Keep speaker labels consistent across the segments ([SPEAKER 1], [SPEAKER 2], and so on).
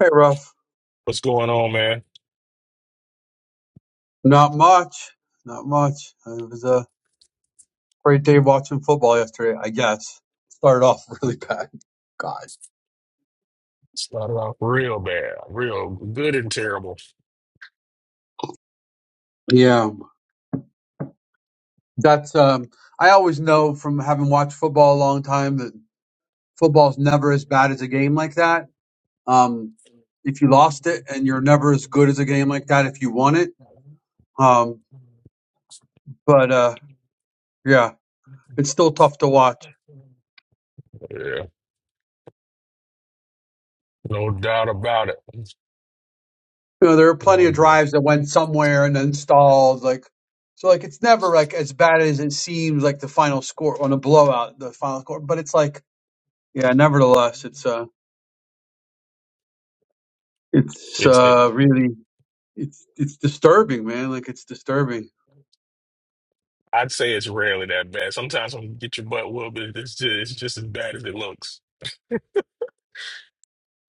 [SPEAKER 1] Hey, Ruff.
[SPEAKER 2] What's going on, man?
[SPEAKER 1] Not much. Not much. It was a great day watching football yesterday, I guess. Started off really bad. God.
[SPEAKER 2] Started off real bad, real good and terrible.
[SPEAKER 1] Yeah. That's, um, I always know from having watched football a long time that football's never as bad as a game like that. Um, if you lost it and you're never as good as a game like that if you won it. Um, but, uh, yeah, it's still tough to watch.
[SPEAKER 2] Yeah, no doubt about it.
[SPEAKER 1] you know, there are
[SPEAKER 2] You
[SPEAKER 1] plenty of
[SPEAKER 2] know,
[SPEAKER 1] drives that went somewhere and then stalled. Like, so like it's never like as bad as it seems. Like the final score on a blowout, the final score, but it's like, yeah, nevertheless, it's uh, it's
[SPEAKER 2] it's it.
[SPEAKER 1] uh, really it's it's disturbing, man. Like it's disturbing.
[SPEAKER 2] I'd say it's rarely that bad. Sometimes when you get your butt whooped, but it's just, it's just as bad as it looks.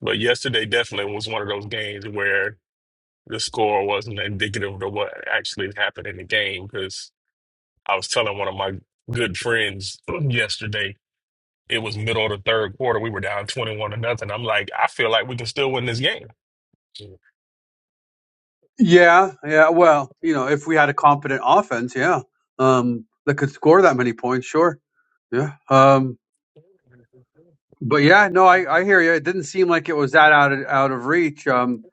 [SPEAKER 2] But yesterday definitely was one of those games where the score wasn't indicative of what actually happened in the game. Because I was telling one of my good friends yesterday, it was middle of the third quarter. We were down twenty-one to nothing. I'm like, I feel like we can still win this game.
[SPEAKER 1] Yeah, yeah. Well, you know, if we had a competent offense, yeah, um, that could score that many points, sure. Yeah. Um, but yeah, no, I I hear you. It didn't seem like it was that out of out of reach. Um,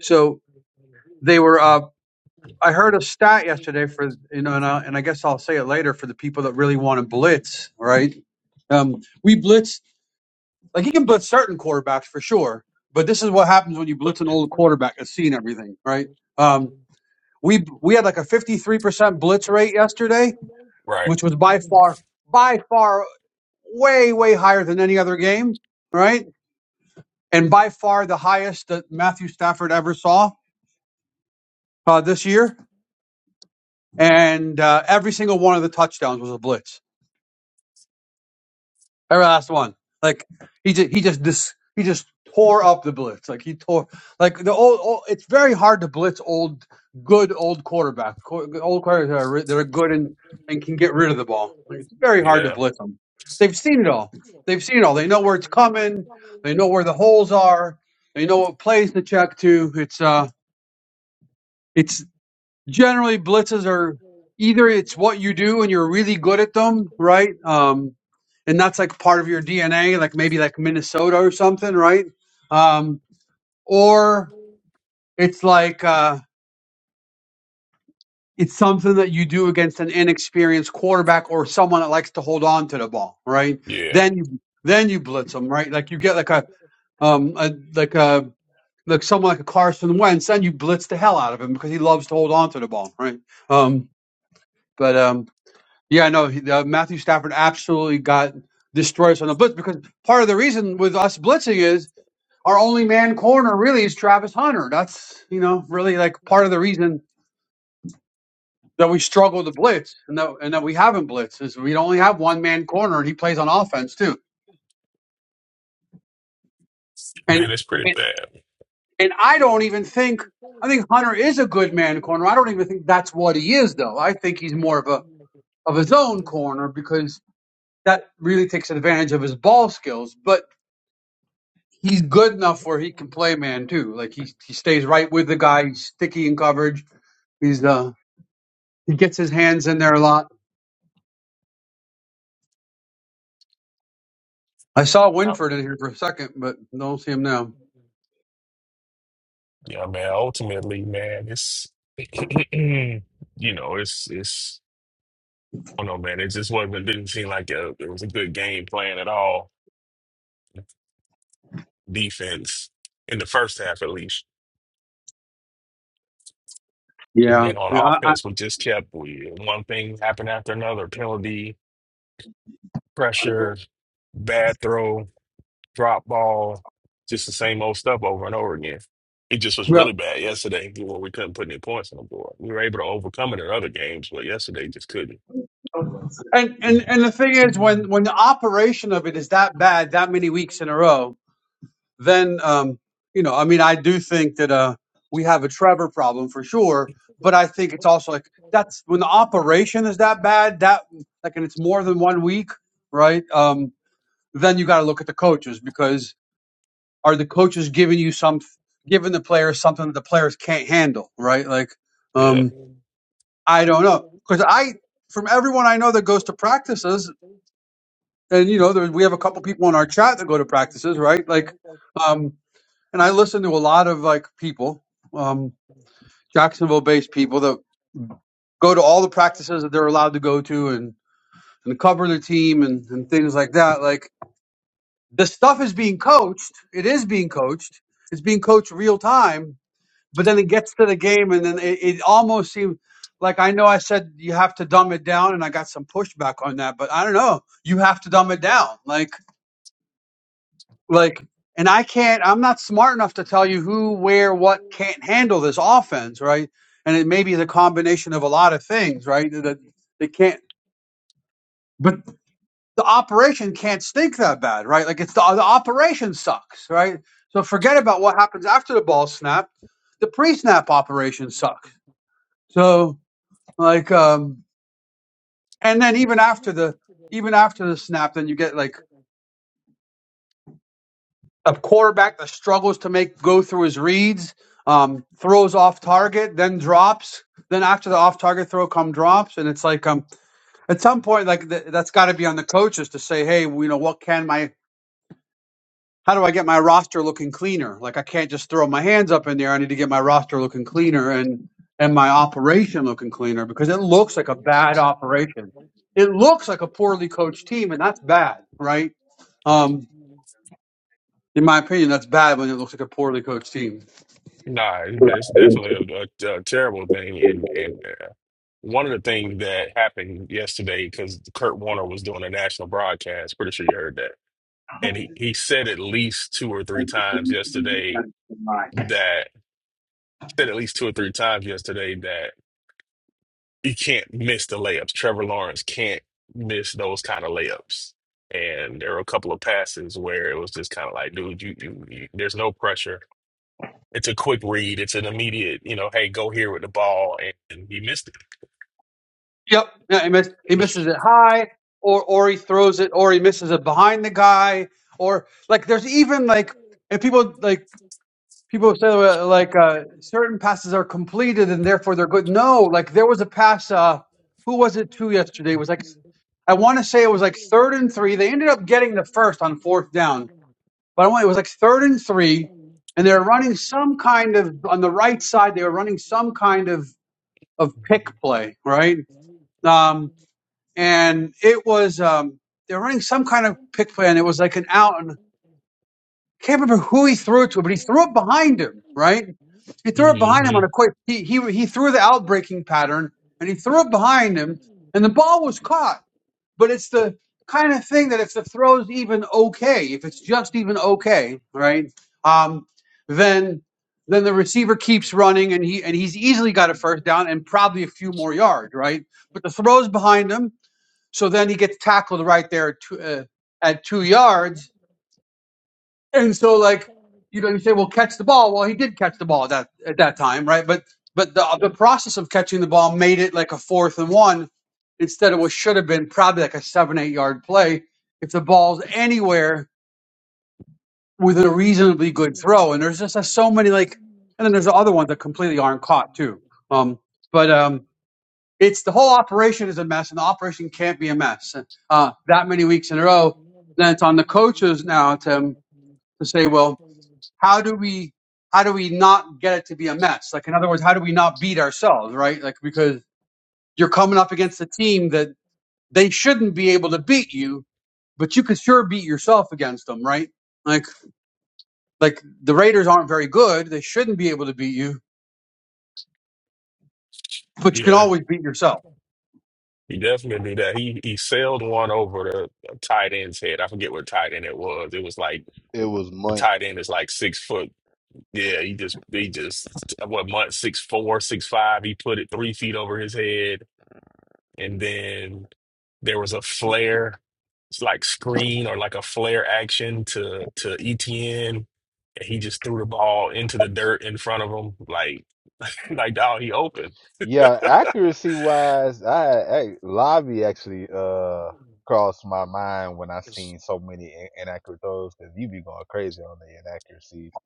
[SPEAKER 1] so they were up I heard a stat yesterday for you know, and I, and I guess I'll say it later for the people that really want to blitz, right? Um, we blitz like you can blitz certain quarterbacks for sure, but this is what happens when you blitz an old quarterback that's seen everything, right? Um, we we had like a fifty three percent blitz rate yesterday,
[SPEAKER 2] Right.
[SPEAKER 1] which was by far by far way way higher than any other game, right? And by far the highest that Matthew Stafford ever saw uh, this year. And uh, every single one of the touchdowns was a blitz Every last one. Like he just he just dis he just tore up the blitz. Like he tore like the old, old. It's very hard to blitz old, good old quarterback. Qu- Old quarterbacks that are re- that are good and and can get rid of the ball. Like it's very hard to
[SPEAKER 2] Yeah.
[SPEAKER 1] blitz them. They've seen it all. They've seen it all. They know where it's coming. They know where the holes are. They know what plays to check to. It's uh. it's generally blitzes are either it's what you do and you're really good at them, right? Um, and that's like part of your DNA, like maybe like Minnesota or something, right? Um, or it's like uh, it's something that you do against an inexperienced quarterback or someone that likes to hold on to the ball, right?
[SPEAKER 2] Yeah.
[SPEAKER 1] Then you then you blitz them, right? Like you get like a um a, like a like someone like a Carson Wentz, then you blitz the hell out of him because he loves to hold on to the ball, right? Um, but um, Yeah, no, he, uh, Matthew Stafford absolutely got destroyed on the blitz because part of the reason with us blitzing is our only man corner really is Travis Hunter. That's you know really like part of the reason that we struggle to blitz and that and that we haven't blitzed is we only have one man corner and he plays on offense too. And
[SPEAKER 2] Man, it's pretty
[SPEAKER 1] and
[SPEAKER 2] bad.
[SPEAKER 1] and I don't even think I think Hunter is a good man corner. I don't even think that's what he is though. I think he's more of a of his own corner because that really takes advantage of his ball skills, but he's good enough where he can play man too. Like he he stays right with the guy. He's sticky in coverage. He's uh he gets his hands in there a lot. I saw
[SPEAKER 2] Oh.
[SPEAKER 1] Winford in here for a second, but don't see him now.
[SPEAKER 2] Yeah, man. Ultimately, man, it's you know, it's it's I don't know, man. It just wasn't. It didn't seem like a, it was a good game plan at all. Defense in the first half, at least, and
[SPEAKER 1] Yeah,
[SPEAKER 2] then on
[SPEAKER 1] yeah, I,
[SPEAKER 2] offense, we just kept we one thing happened after another. Penalty,
[SPEAKER 1] I,
[SPEAKER 2] pressure, bad throw. drop ball, just the same old stuff over and over again. It just was
[SPEAKER 1] yeah.
[SPEAKER 2] really bad yesterday when we couldn't put any points on the board. We were able to overcome it in other games, but yesterday just couldn't.
[SPEAKER 1] And and and the thing is, when
[SPEAKER 2] Mhm.
[SPEAKER 1] when the operation of it is that bad, that many weeks in a row, then um, you know, I mean, I do think that uh, we have a Trevor problem for sure. But I think it's also like that's when the operation is that bad that like, and it's more than one week, right? Um, then you got to look at the coaches because are the coaches giving you some, giving the players something that the players can't handle, right? Like,
[SPEAKER 2] Yeah,
[SPEAKER 1] um, I don't know because I from everyone I know that goes to practices, and you know, there, we have a couple people in our chat that go to practices, right? Like. Um, and I listen to a lot of like people, um, Jacksonville-based people that go to all the practices that they're allowed to go to and and cover the team and and things like that. Like the stuff is being coached. It is being coached. It's being coached real time. But then it gets to the game, and then it, it almost seems like I know I said you have to dumb it down, and I got some pushback on that. But I don't know. You have to dumb it down. Like like and i can't i'm not smart enough to tell you who where what can't handle this offense right and it may be the combination of a lot of things right that they can't but the operation can't stink that bad right like it's the, the operation sucks right so forget about what happens after the ball snap the pre-snap operation sucks so like um and then even after the even after the snap then you get like a quarterback that struggles to make go through his reads, um, throws off target, then drops. Then after the off target throw come drops, and it's like um at some point like th- that's got to be on the coaches to say, hey, you know what can my how do I get my roster looking cleaner? Like I can't just throw my hands up in there. I need to get my roster looking cleaner and and my operation looking cleaner because it looks like a bad operation. It looks like a poorly coached team, and that's bad, right? Um, in my opinion, that's bad when it looks like a poorly coached team.
[SPEAKER 2] nah, it's definitely a, a, a terrible thing, and and uh, one of the things that happened yesterday because Kurt Warner was doing a national broadcast. Pretty sure you heard that, and he he said at least two or three times yesterday
[SPEAKER 1] Right.
[SPEAKER 2] that said at least two or three times yesterday you can't miss the layups. Trevor Lawrence can't miss those kind of layups. And there were a couple of passes where it was just kind of like, dude, you, you, you there's no pressure. It's a quick read. It's an immediate, you know, hey, go here with the ball, and he missed it.
[SPEAKER 1] Yep. Yeah, he, miss, he misses it high, or or he throws it, or he misses it behind the guy, or like there's even like if people like people say uh, like uh, certain passes are completed and therefore they're good. No, like there was a pass. Uh, who was it to yesterday? It was like I want to say it was like third and three. They ended up getting the first on fourth down, but I want it was like third and three, and they were running some kind of on the right side. They were running some kind of of pick play, right? Um, and it was um, they were running some kind of pick play, and it was like an out, and I can't remember who he threw it to, but he threw it behind him, right? He threw it behind him on
[SPEAKER 2] hmm
[SPEAKER 1] a quick. He he he threw the out breaking pattern, and he threw it behind him, and the ball was caught. But it's the kind of thing that if the throw's even okay, if it's just even okay, right? Um, then then the receiver keeps running, and he and he's easily got a first down and probably a few more yards, right? But the throw's behind him so then he gets tackled right there at two, uh, at two yards. And so, like, you know, you say, well, catch the ball. Well, he did catch the ball at that, at that time, right? But but the, the process of catching the ball made it like a fourth and one instead of what should have been probably like a seven, eight yard play if the ball's anywhere with a reasonably good throw. And there's just uh, so many, like, and then there's the other ones that completely aren't caught, too. Um, but, um, It's the whole operation is a mess, and the operation can't be a mess uh, that many weeks in a row. Then it's on the coaches now to to say, well, how do we how do we not get it to be a mess? Like in other words, how do we not beat ourselves, right? Like because you're coming up against a team that they shouldn't be able to beat you, but you could sure beat yourself against them, right? Like like the Raiders aren't very good; they shouldn't be able to beat you, but you can
[SPEAKER 2] Yeah,
[SPEAKER 1] always beat yourself.
[SPEAKER 2] he definitely did that. He he sailed one over the tight end's head. I forget what tight end it was. It was like
[SPEAKER 3] It was
[SPEAKER 2] the
[SPEAKER 3] month.
[SPEAKER 2] tight end is like six foot. Yeah, he just he just what month six four six five. He put it three feet over his head and then there was a flare it's like screen or like a flare action to to ETN, and he just threw the ball into the dirt in front of him, like like dog, he opened.
[SPEAKER 3] Yeah, accuracy wise, I, I Lavi actually uh crossed my mind when I
[SPEAKER 2] It's-
[SPEAKER 3] seen so many in- inaccurate throws because you be going crazy on the inaccuracies.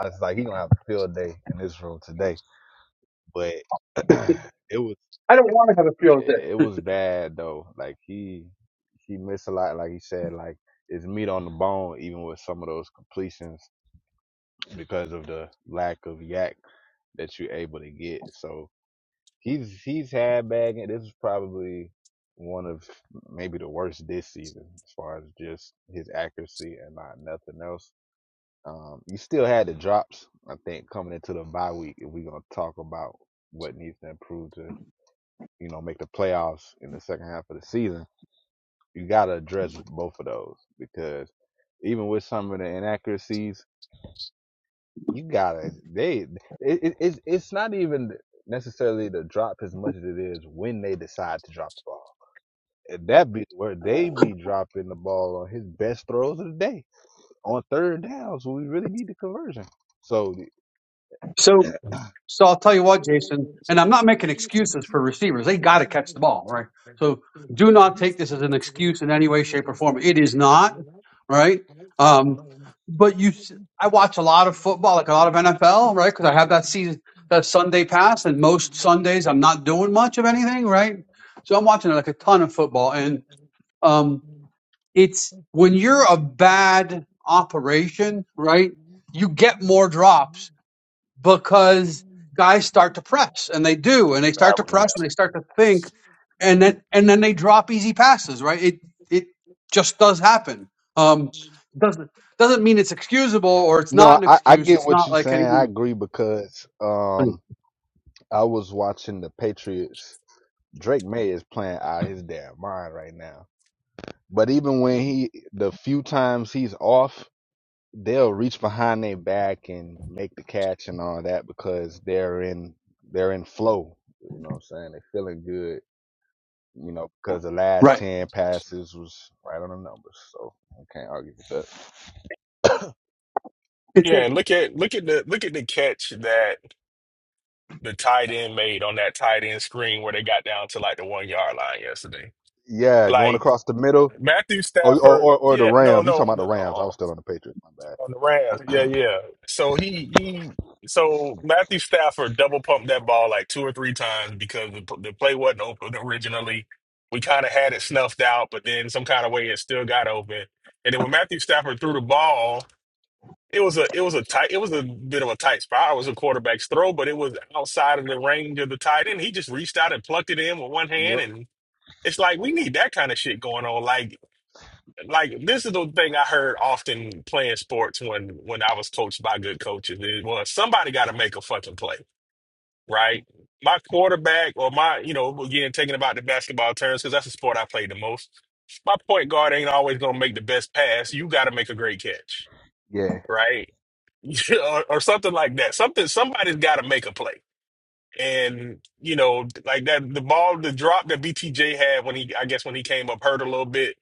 [SPEAKER 3] I was like, he gonna have a field day in this room today, but it was
[SPEAKER 1] I don't feel that.
[SPEAKER 3] it was bad though. Like he he missed a lot. Like he said, like it's meat on the bone, even with some of those completions because of the lack of yak that you're able to get. So He's he's had bad. This is probably one of maybe the worst this season as far as just his accuracy and not nothing else. Um, you still had the drops. I think coming into the bye week, if we're gonna talk about what needs to improve to you know make the playoffs in the second half of the season, you gotta address both of those because even with some of the inaccuracies, you gotta they it, it, it's it's not even necessarily the drop as much as it is when they decide to drop the ball And that be where they be dropping the ball on his best throws of the day on third downs when we really need the conversion. So
[SPEAKER 1] So So I'll tell you what, Jason, and I'm not making excuses for receivers. They got to catch the ball, right? So do not take this as an excuse in any way, shape, or form. It is not, right? Um, but you, s- I watch a lot of football, like a lot of NFL, right? Because I have that season, that Sunday pass, and most Sundays I'm not doing much of anything, right? So I'm watching like a ton of football, and um, it's when you're a bad operation, right? You get more drops because guys start to press and they do and they start to
[SPEAKER 3] yeah,
[SPEAKER 1] press and they start to think and then and then they drop easy passes right it it just does happen um doesn't doesn't mean it's excusable or it's not
[SPEAKER 3] no,
[SPEAKER 1] an
[SPEAKER 3] I, I
[SPEAKER 1] excuse
[SPEAKER 3] get
[SPEAKER 1] it's
[SPEAKER 3] what
[SPEAKER 1] not
[SPEAKER 3] you're
[SPEAKER 1] like
[SPEAKER 3] saying. I
[SPEAKER 1] anything
[SPEAKER 3] agree because um I was watching the Patriots. Drake May is playing out his damn mind right now. But even when he, the few times he's off, they'll reach behind their back and make the catch and all that because they're in they're in flow. You know what I'm saying? They're feeling good you know, because the last
[SPEAKER 1] right
[SPEAKER 3] 10 passes was right on the numbers. So I can't argue with that.
[SPEAKER 1] it's a,
[SPEAKER 2] Yeah, and look at look at the look at the catch that the tight end made on that tight end screen where they got down to like the one yard line yesterday.
[SPEAKER 3] Yeah, going
[SPEAKER 2] Like
[SPEAKER 3] across the middle.
[SPEAKER 2] Matthew
[SPEAKER 3] Or, or,
[SPEAKER 2] Stafford,
[SPEAKER 3] or, or the
[SPEAKER 2] yeah, no,
[SPEAKER 3] Rams. You
[SPEAKER 2] no,
[SPEAKER 3] talking
[SPEAKER 2] on
[SPEAKER 3] about the
[SPEAKER 2] the
[SPEAKER 3] Rams. I
[SPEAKER 2] oh,
[SPEAKER 3] was still on the Patriots. My bad.
[SPEAKER 2] on the Rams. Yeah, yeah. So he he so Matthew Stafford double pumped that ball like two or three times because the, the play wasn't open originally. We kind of had it snuffed out, but then some kind of way it still got open. And then when Matthew Stafford threw the ball, it was a it was a tight it was a bit of a tight spot. It was a quarterback's throw, but it was outside of the range of the tight end. He just reached out and plucked it in with one hand,
[SPEAKER 3] Yep.
[SPEAKER 2] and it's like we need that kind of shit going on. Like like this is the thing I heard often playing sports when when I was coached by good coaches is well somebody got to make a fucking play, right? My quarterback or my you know again thinking about the basketball terms because that's the sport I played the most. My point guard ain't always gonna make the best pass. You got to make a great catch,
[SPEAKER 3] Yeah,
[SPEAKER 2] right? or, or something like that. Something somebody's got to make a play. And you know, like that, the ball, the drop that BTJ had when he, I guess, when he came up hurt a little bit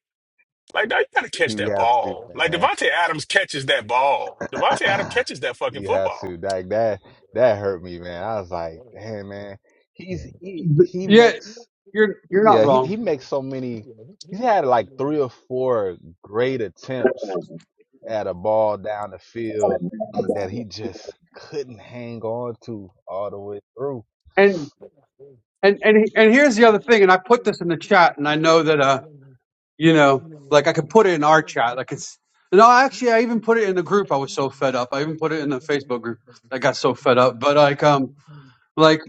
[SPEAKER 2] like, dog, you gotta catch
[SPEAKER 3] you
[SPEAKER 2] that
[SPEAKER 3] have to,
[SPEAKER 2] ball. Like
[SPEAKER 3] man.
[SPEAKER 2] Devontae Adams catches that ball. Devontae Adams catches that fucking
[SPEAKER 3] you have
[SPEAKER 2] football.
[SPEAKER 3] to. Like that, that hurt me, man. I was like, damn, man. He's, he, he
[SPEAKER 1] yeah
[SPEAKER 3] makes,
[SPEAKER 1] you're you're not
[SPEAKER 3] yeah, he, he
[SPEAKER 1] wrong
[SPEAKER 3] makes so many. He's had like three or four great attempts at a ball down the field that he just couldn't hang on to all the way through.
[SPEAKER 1] and and and he- and here's the other thing and i put this in the chat and i know that uh you know like i could put it in our chat like it's no actually i even put it in the group i was so fed up i even put it in the facebook group i got so fed up but like um like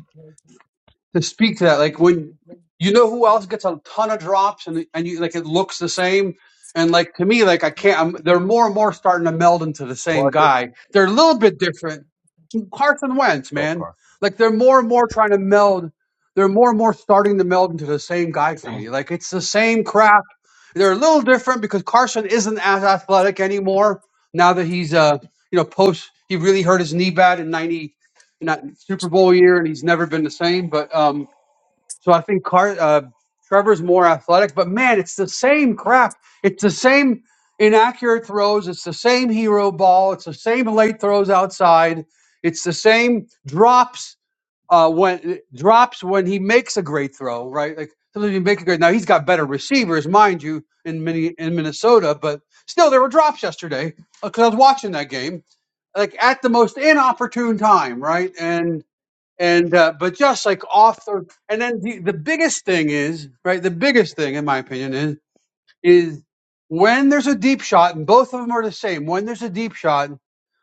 [SPEAKER 1] to speak to that like when you know who else gets a ton of drops and and you like it looks the same and like to me like i can't I'm, they're more and more starting to meld into the same
[SPEAKER 3] Parker,
[SPEAKER 1] guy they're a little bit different Carson Wentz,
[SPEAKER 3] oh
[SPEAKER 1] man.
[SPEAKER 3] Carson,
[SPEAKER 1] Like they're more and more trying to meld. They're more and more starting to meld into the same guy for
[SPEAKER 3] dang,
[SPEAKER 1] me. Like it's the same crap. They're a little different because Carson isn't as athletic anymore now that he's uh you know post he really hurt his knee bad in ninety in that Super Bowl year and he's never been the same. But um so I think Car- uh, Trevor's more athletic, but man, it's the same crap. It's the same inaccurate throws. It's the same hero ball. It's the same late throws outside. It's the same drops uh, when drops when he makes a great throw, right? Like sometimes you make a great. Now he's got better receivers, mind you, in mini in Minnesota, but still there were drops yesterday because I was watching that game, like at the most inopportune time, right? And and uh, but just like off the and then the, the biggest thing is right the biggest thing in my opinion is is when there's a deep shot and both of them are the same when there's a deep shot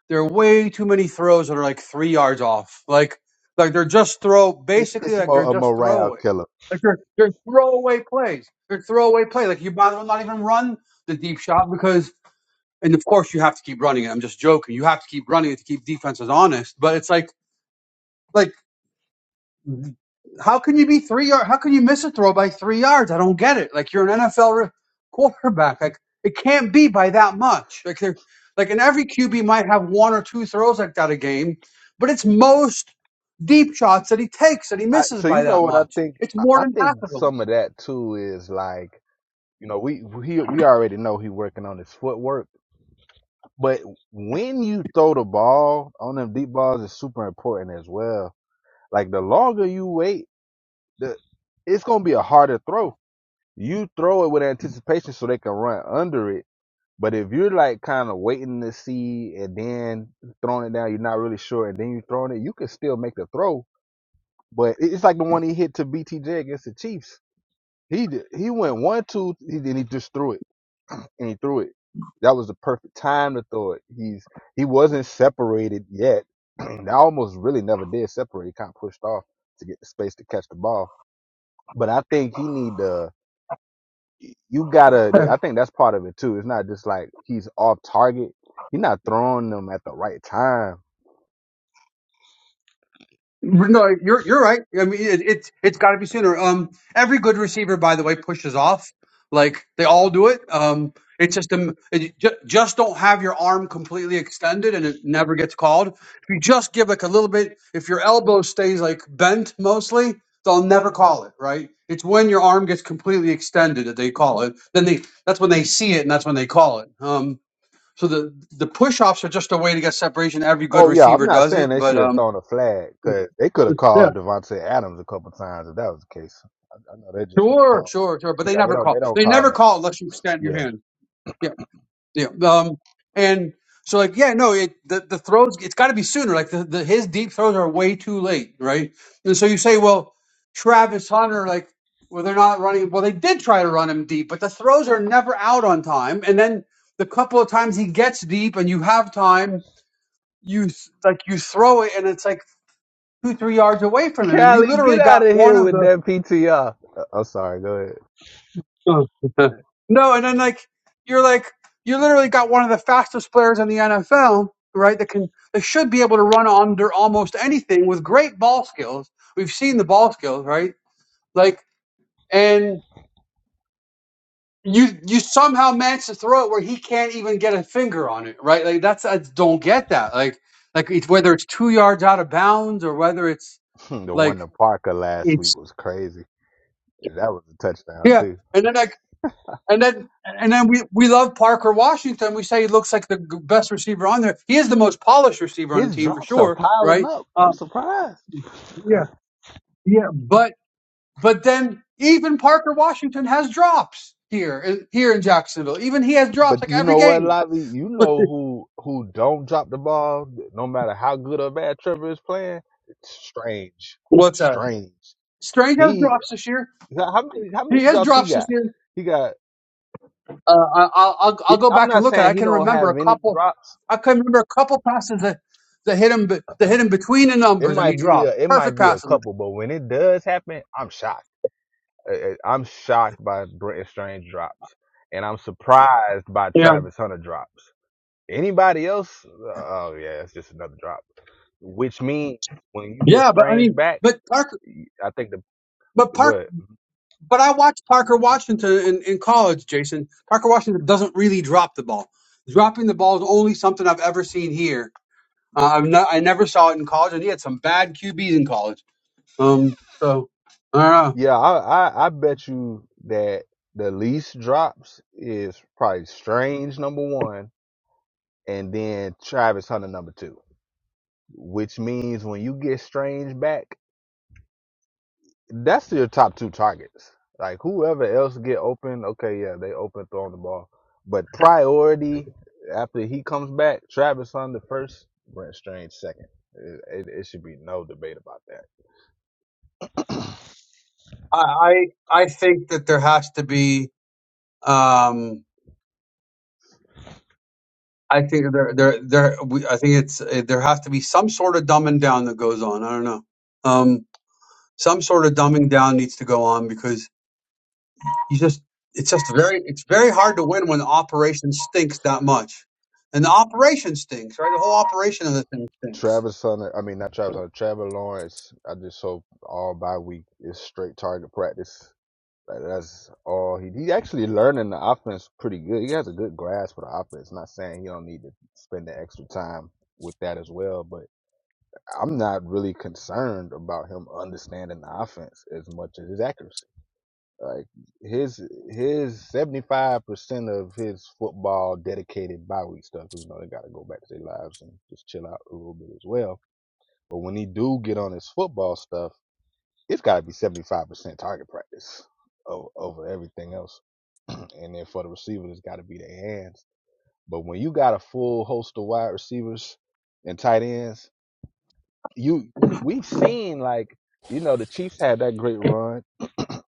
[SPEAKER 1] there are way too many throws that are like three yards off like like they're just throw
[SPEAKER 3] it's
[SPEAKER 1] basically
[SPEAKER 3] it's
[SPEAKER 1] like they're
[SPEAKER 3] more a
[SPEAKER 1] just
[SPEAKER 3] morale
[SPEAKER 1] throwaway
[SPEAKER 3] killer.
[SPEAKER 1] like they're, they're throwaway plays they're throwaway play like you might as well not even run the deep shot because and of course you have to keep running it i'm just joking you have to keep running it to keep defenses honest but it's like like how can you be three yard? How can you miss a throw by three yards? I don't get it. Like you're an NFL re- quarterback. Like it can't be by that much. Like they're like, and every QB might have one or two throws like that a game, but it's most deep shots that he takes that he
[SPEAKER 3] I,
[SPEAKER 1] misses
[SPEAKER 3] so you
[SPEAKER 1] by
[SPEAKER 3] know
[SPEAKER 1] that
[SPEAKER 3] what I
[SPEAKER 1] much.
[SPEAKER 3] think?
[SPEAKER 1] It's
[SPEAKER 3] I
[SPEAKER 1] more
[SPEAKER 3] I
[SPEAKER 1] than half
[SPEAKER 3] think
[SPEAKER 1] of them.
[SPEAKER 3] some of that too is like you know we he, we already know he's working on his footwork, but when you throw the ball on them deep balls is super important as well. Like the longer you wait, the it's gonna be a harder throw. You throw it with anticipation so they can run under it But if you're like kind of waiting to see and then throwing it down, you're not really sure, and then you're throwing it, you can still make the throw. But it- it's like the one he hit to BTJ against the Chiefs. He d- he went one two, he, then he just threw it and he threw it. That was the perfect time to throw it. He's he wasn't separated yet. I almost really never did separate. He kind of pushed off to get the space to catch the ball. But I think he need to. you gotta. I think that's part of it too. It's not just like he's off target. He's not throwing them at the right time.
[SPEAKER 1] No, you're you're right. I mean, it, it's it's got to be sooner. Um, every good receiver, by the way, pushes off. Like they all
[SPEAKER 3] Yeah.
[SPEAKER 1] do it. Um, it's just um, it, ju- just don't have your arm completely extended, and it never gets called. If you just give like a little bit, if your elbow stays like bent mostly, they'll never call it. Right? It's when your arm gets completely extended that they call it. Then they that's when they see it, and that's when they call it. Um, so the the push offs are just a way to get separation. Every good
[SPEAKER 3] Oh yeah. I'm
[SPEAKER 1] receiver
[SPEAKER 3] not
[SPEAKER 1] does
[SPEAKER 3] saying
[SPEAKER 1] it,
[SPEAKER 3] they should
[SPEAKER 1] but
[SPEAKER 3] have
[SPEAKER 1] um.
[SPEAKER 3] thrown a flag because they could have called Devontae Adams a couple times if that was the case. I, I know they just don't
[SPEAKER 1] Sure,
[SPEAKER 3] call.
[SPEAKER 1] sure, sure. But they
[SPEAKER 3] Yeah, they
[SPEAKER 1] never
[SPEAKER 3] don't. They
[SPEAKER 1] call.
[SPEAKER 3] don't
[SPEAKER 1] They
[SPEAKER 3] call
[SPEAKER 1] never
[SPEAKER 3] that.
[SPEAKER 1] call unless you extend your
[SPEAKER 3] Yeah.
[SPEAKER 1] hand. Yeah, yeah. Um, and so like, yeah, no, it the, the throws. It's got to be sooner. Like the, the his deep throws are way too late, right? And so you say, well, Travis Hunter, like, well, they're not running. Well, they did try to run him deep, but the throws are never out on time. And then the couple of times he gets deep and you have time, you th- like you throw it, and it's like two, three yards away from him, and you
[SPEAKER 3] Callie,
[SPEAKER 1] literally
[SPEAKER 3] get out
[SPEAKER 1] got
[SPEAKER 3] of
[SPEAKER 1] one
[SPEAKER 3] here
[SPEAKER 1] of
[SPEAKER 3] with
[SPEAKER 1] those
[SPEAKER 3] that PTR. I- I'm sorry. Go ahead.
[SPEAKER 1] Oh. no, and then like you're like you literally got one of the fastest players in the NFL, right? That can that should be able to run under almost anything with great ball skills. We've seen the ball skills, right? Like and you you somehow manage to throw it where he can't even get a finger on it, right? Like that's I don't get that. Like like it's whether it's two yards out of bounds or whether it's
[SPEAKER 3] the
[SPEAKER 1] like
[SPEAKER 3] one to Parker last week was crazy. That was a touchdown
[SPEAKER 1] yeah.
[SPEAKER 3] too.
[SPEAKER 1] And then I And then, and then we, we love Parker Washington. We say he looks like the g- best receiver on there. He is the most polished receiver on the
[SPEAKER 3] His
[SPEAKER 1] team for
[SPEAKER 3] drops are
[SPEAKER 1] sure,
[SPEAKER 3] piling
[SPEAKER 1] right?
[SPEAKER 3] up. I'm
[SPEAKER 1] Um,
[SPEAKER 3] surprised.
[SPEAKER 1] yeah, yeah. But but then even Parker Washington has drops here in- here in Jacksonville. Even he has drops
[SPEAKER 3] But
[SPEAKER 1] like
[SPEAKER 3] you
[SPEAKER 1] every
[SPEAKER 3] know what,
[SPEAKER 1] game.
[SPEAKER 3] Lobby? You know who who don't drop the ball, no matter how good or bad Trevor is playing. strange,
[SPEAKER 1] What's that?
[SPEAKER 3] strange.
[SPEAKER 1] Strange has
[SPEAKER 3] He
[SPEAKER 1] drops this year.
[SPEAKER 3] how many how many
[SPEAKER 1] He has
[SPEAKER 3] drops he
[SPEAKER 1] drops this
[SPEAKER 3] got?
[SPEAKER 1] year.
[SPEAKER 3] He got.
[SPEAKER 1] Uh, I, I'll, I'll I'll
[SPEAKER 3] It,
[SPEAKER 1] go
[SPEAKER 3] I'm
[SPEAKER 1] back and
[SPEAKER 3] not
[SPEAKER 1] look at. it.
[SPEAKER 3] saying
[SPEAKER 1] I
[SPEAKER 3] he
[SPEAKER 1] can
[SPEAKER 3] don't
[SPEAKER 1] remember
[SPEAKER 3] have
[SPEAKER 1] a
[SPEAKER 3] any
[SPEAKER 1] couple.
[SPEAKER 3] drops.
[SPEAKER 1] I can remember a couple passes that that hit him be- that hit him between the
[SPEAKER 3] It
[SPEAKER 1] numbers and he
[SPEAKER 3] might be
[SPEAKER 1] dropped.
[SPEAKER 3] a it
[SPEAKER 1] Perfect
[SPEAKER 3] might be a
[SPEAKER 1] passes.
[SPEAKER 3] couple, but when it does happen, I'm shocked. Uh, uh, I'm shocked by Brent Strange drops, and I'm surprised by Travis Hunter drops. Anybody else? Oh yeah, it's just another drop. which means when you get
[SPEAKER 1] Yeah, but I
[SPEAKER 3] Strange
[SPEAKER 1] mean,
[SPEAKER 3] back,
[SPEAKER 1] but Parker,
[SPEAKER 3] I think the
[SPEAKER 1] but
[SPEAKER 3] go
[SPEAKER 1] Park,
[SPEAKER 3] ahead.
[SPEAKER 1] but I watched Parker Washington in, in college, Jason. Parker Washington doesn't really drop the ball. Dropping the ball is only something I've ever seen here. Uh, I've not, I never saw it in college, and he had some bad QBs in college. Um, so I don't know.
[SPEAKER 3] Yeah, I, I I bet you that the least drops is probably Strange number one, and then Travis Hunter number two. Which means when you get Strange back, that's your top two targets. Like whoever else get open, okay, yeah, they open throwing the ball, but priority after he comes back, Travis Hunter first, Brent Strange second. It, it, it should be no debate about that.
[SPEAKER 1] I I, I think that there has to be. Um, I think that there there there. We, I think it's uh, there has to be some sort of dumbing down that goes on. I don't know. Um, some sort of dumbing down needs to go on because you just it's just very it's very hard to win when the operation stinks that much and the operation stinks right the whole operation of the thing stinks
[SPEAKER 3] Travis Hunter, I mean not Travis Hunter, Trevor Lawrence. I just hope all bye week is straight target practice. Like that's all he he actually learning the offense pretty good. He has a good grasp for the offense. Not saying he don't need to spend the extra time with that as well, but I'm not really concerned about him understanding the offense as much as his accuracy. Like his his seventy five percent of his football dedicated bye week stuff because you know they got to go back to their lives and just chill out a little bit as well. But when he do get on his football stuff, it's got to be seventy five percent target practice o- over everything else, and then for the receiver, it's got to be their hands. But when you got a full host of wide receivers and tight ends, you, you we've seen like you know the Chiefs had that great run.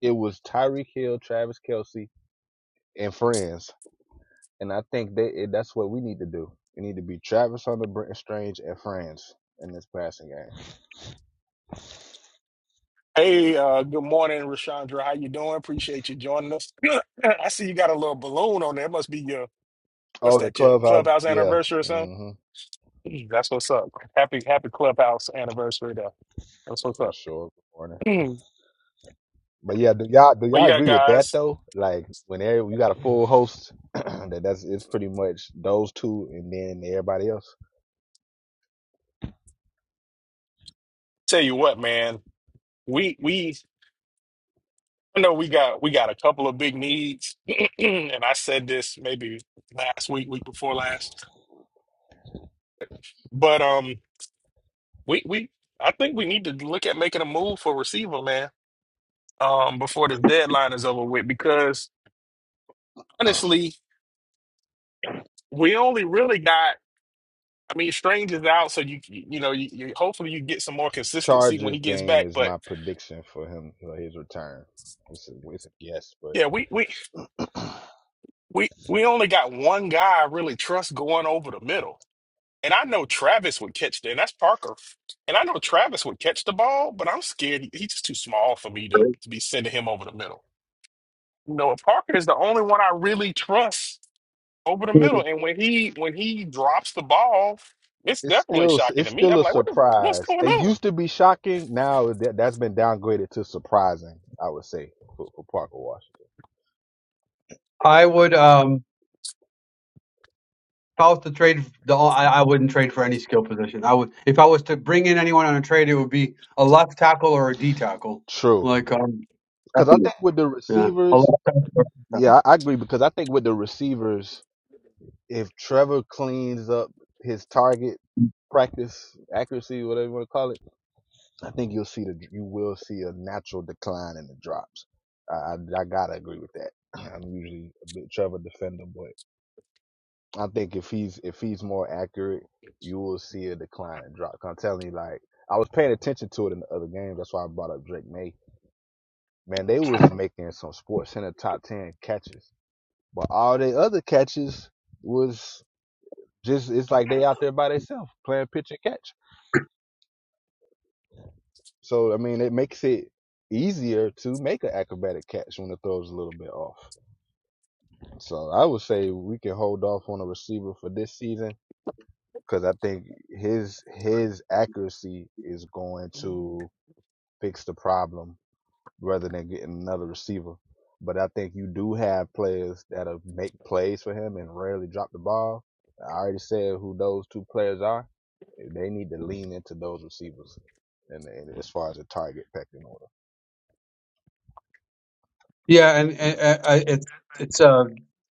[SPEAKER 3] It was Tyreek Hill, Travis Kelsey, and friends And I think that it, that's what we need to do. We need to be Travis Hunter, Brenton Strange and friends in this passing game.
[SPEAKER 2] Hey, uh, good morning, Rashandra. How you doing? Appreciate you joining us. I see you got a little balloon on there. It must be your what's
[SPEAKER 3] Oh, the
[SPEAKER 2] that? Your
[SPEAKER 3] clubhouse,
[SPEAKER 2] clubhouse
[SPEAKER 3] yeah,
[SPEAKER 2] anniversary or something?
[SPEAKER 3] hmm
[SPEAKER 2] Mm, That's what's up. Happy happy clubhouse anniversary though. That's what's
[SPEAKER 3] for
[SPEAKER 2] up.
[SPEAKER 3] sure.
[SPEAKER 2] Mm.
[SPEAKER 3] But yeah, do y'all do
[SPEAKER 2] But
[SPEAKER 3] y'all
[SPEAKER 2] yeah,
[SPEAKER 3] agree with that
[SPEAKER 2] guys,
[SPEAKER 3] though? Like when every, you got a full host, that that's it's pretty much those two and then everybody else.
[SPEAKER 2] tell you what, man. We we I know we got we got a couple of big needs, and I said this maybe last week, week before last, but um. We we I think we need to look at making a move for receiver, man, um, before the deadline is over with. Because honestly, we only really got. I mean, Strange is out, so you you know, you, you hopefully you get some more consistency when
[SPEAKER 3] Chargers
[SPEAKER 2] he gets
[SPEAKER 3] game
[SPEAKER 2] back.
[SPEAKER 3] is
[SPEAKER 2] But
[SPEAKER 3] my prediction for him for his return. It's a, it's a guess, but
[SPEAKER 2] yeah, we we we we only got one guy I really trust going over the middle. And I know Travis would catch that, and that's Parker. And I know Travis would catch the ball, but I'm scared he's just too small for me to, to be sending him over the middle. You know, Parker is the only one I really trust over the middle. And when he when he drops the ball, it's
[SPEAKER 3] It's
[SPEAKER 2] definitely
[SPEAKER 3] still
[SPEAKER 2] shocking
[SPEAKER 3] it's
[SPEAKER 2] to me.
[SPEAKER 3] still
[SPEAKER 2] I'm
[SPEAKER 3] a
[SPEAKER 2] like, what the, what's
[SPEAKER 3] surprise.
[SPEAKER 2] going
[SPEAKER 3] It
[SPEAKER 2] on?
[SPEAKER 3] used to be shocking. Now that that's been downgraded to surprising. I would say for, for Parker Washington.
[SPEAKER 1] i would um if i was to trade the i, I wouldn't trade for any skill position i would if i was to bring in anyone on a trade it would be a left tackle or a d tackle
[SPEAKER 3] True,
[SPEAKER 1] like um
[SPEAKER 3] because I think with the
[SPEAKER 1] yeah a
[SPEAKER 3] receivers,
[SPEAKER 1] left tackle or a D tackle.
[SPEAKER 3] yeah, I, I agree. Because I think with the receivers, if Trevor cleans up his target practice accuracy, whatever you want to call it, I think you'll see the you will see a natural decline in the drops. I I, I gotta agree with that. I'm usually a bit Trevor defender, but I think if he's if he's more accurate, you will see a decline and drop. 'Cause I'm telling you, like I was paying attention to it in the other game. That's why I brought up Drake May. Man, they was making some sports center top ten catches, but all the other catches was just it's like they out there by themselves playing pitch and catch. So I mean, it makes it easier to make an acrobatic catch when the throw's a little bit off. So I would say we can hold off on a receiver for this season because I think his his accuracy is going to fix the problem rather than getting another receiver. But I think you do have players that'll make plays for him and rarely drop the ball. I already said who those two players are. They need to lean into those receivers, and, and as far as the target pecking order.
[SPEAKER 1] yeah and, and, and I- it's it's uh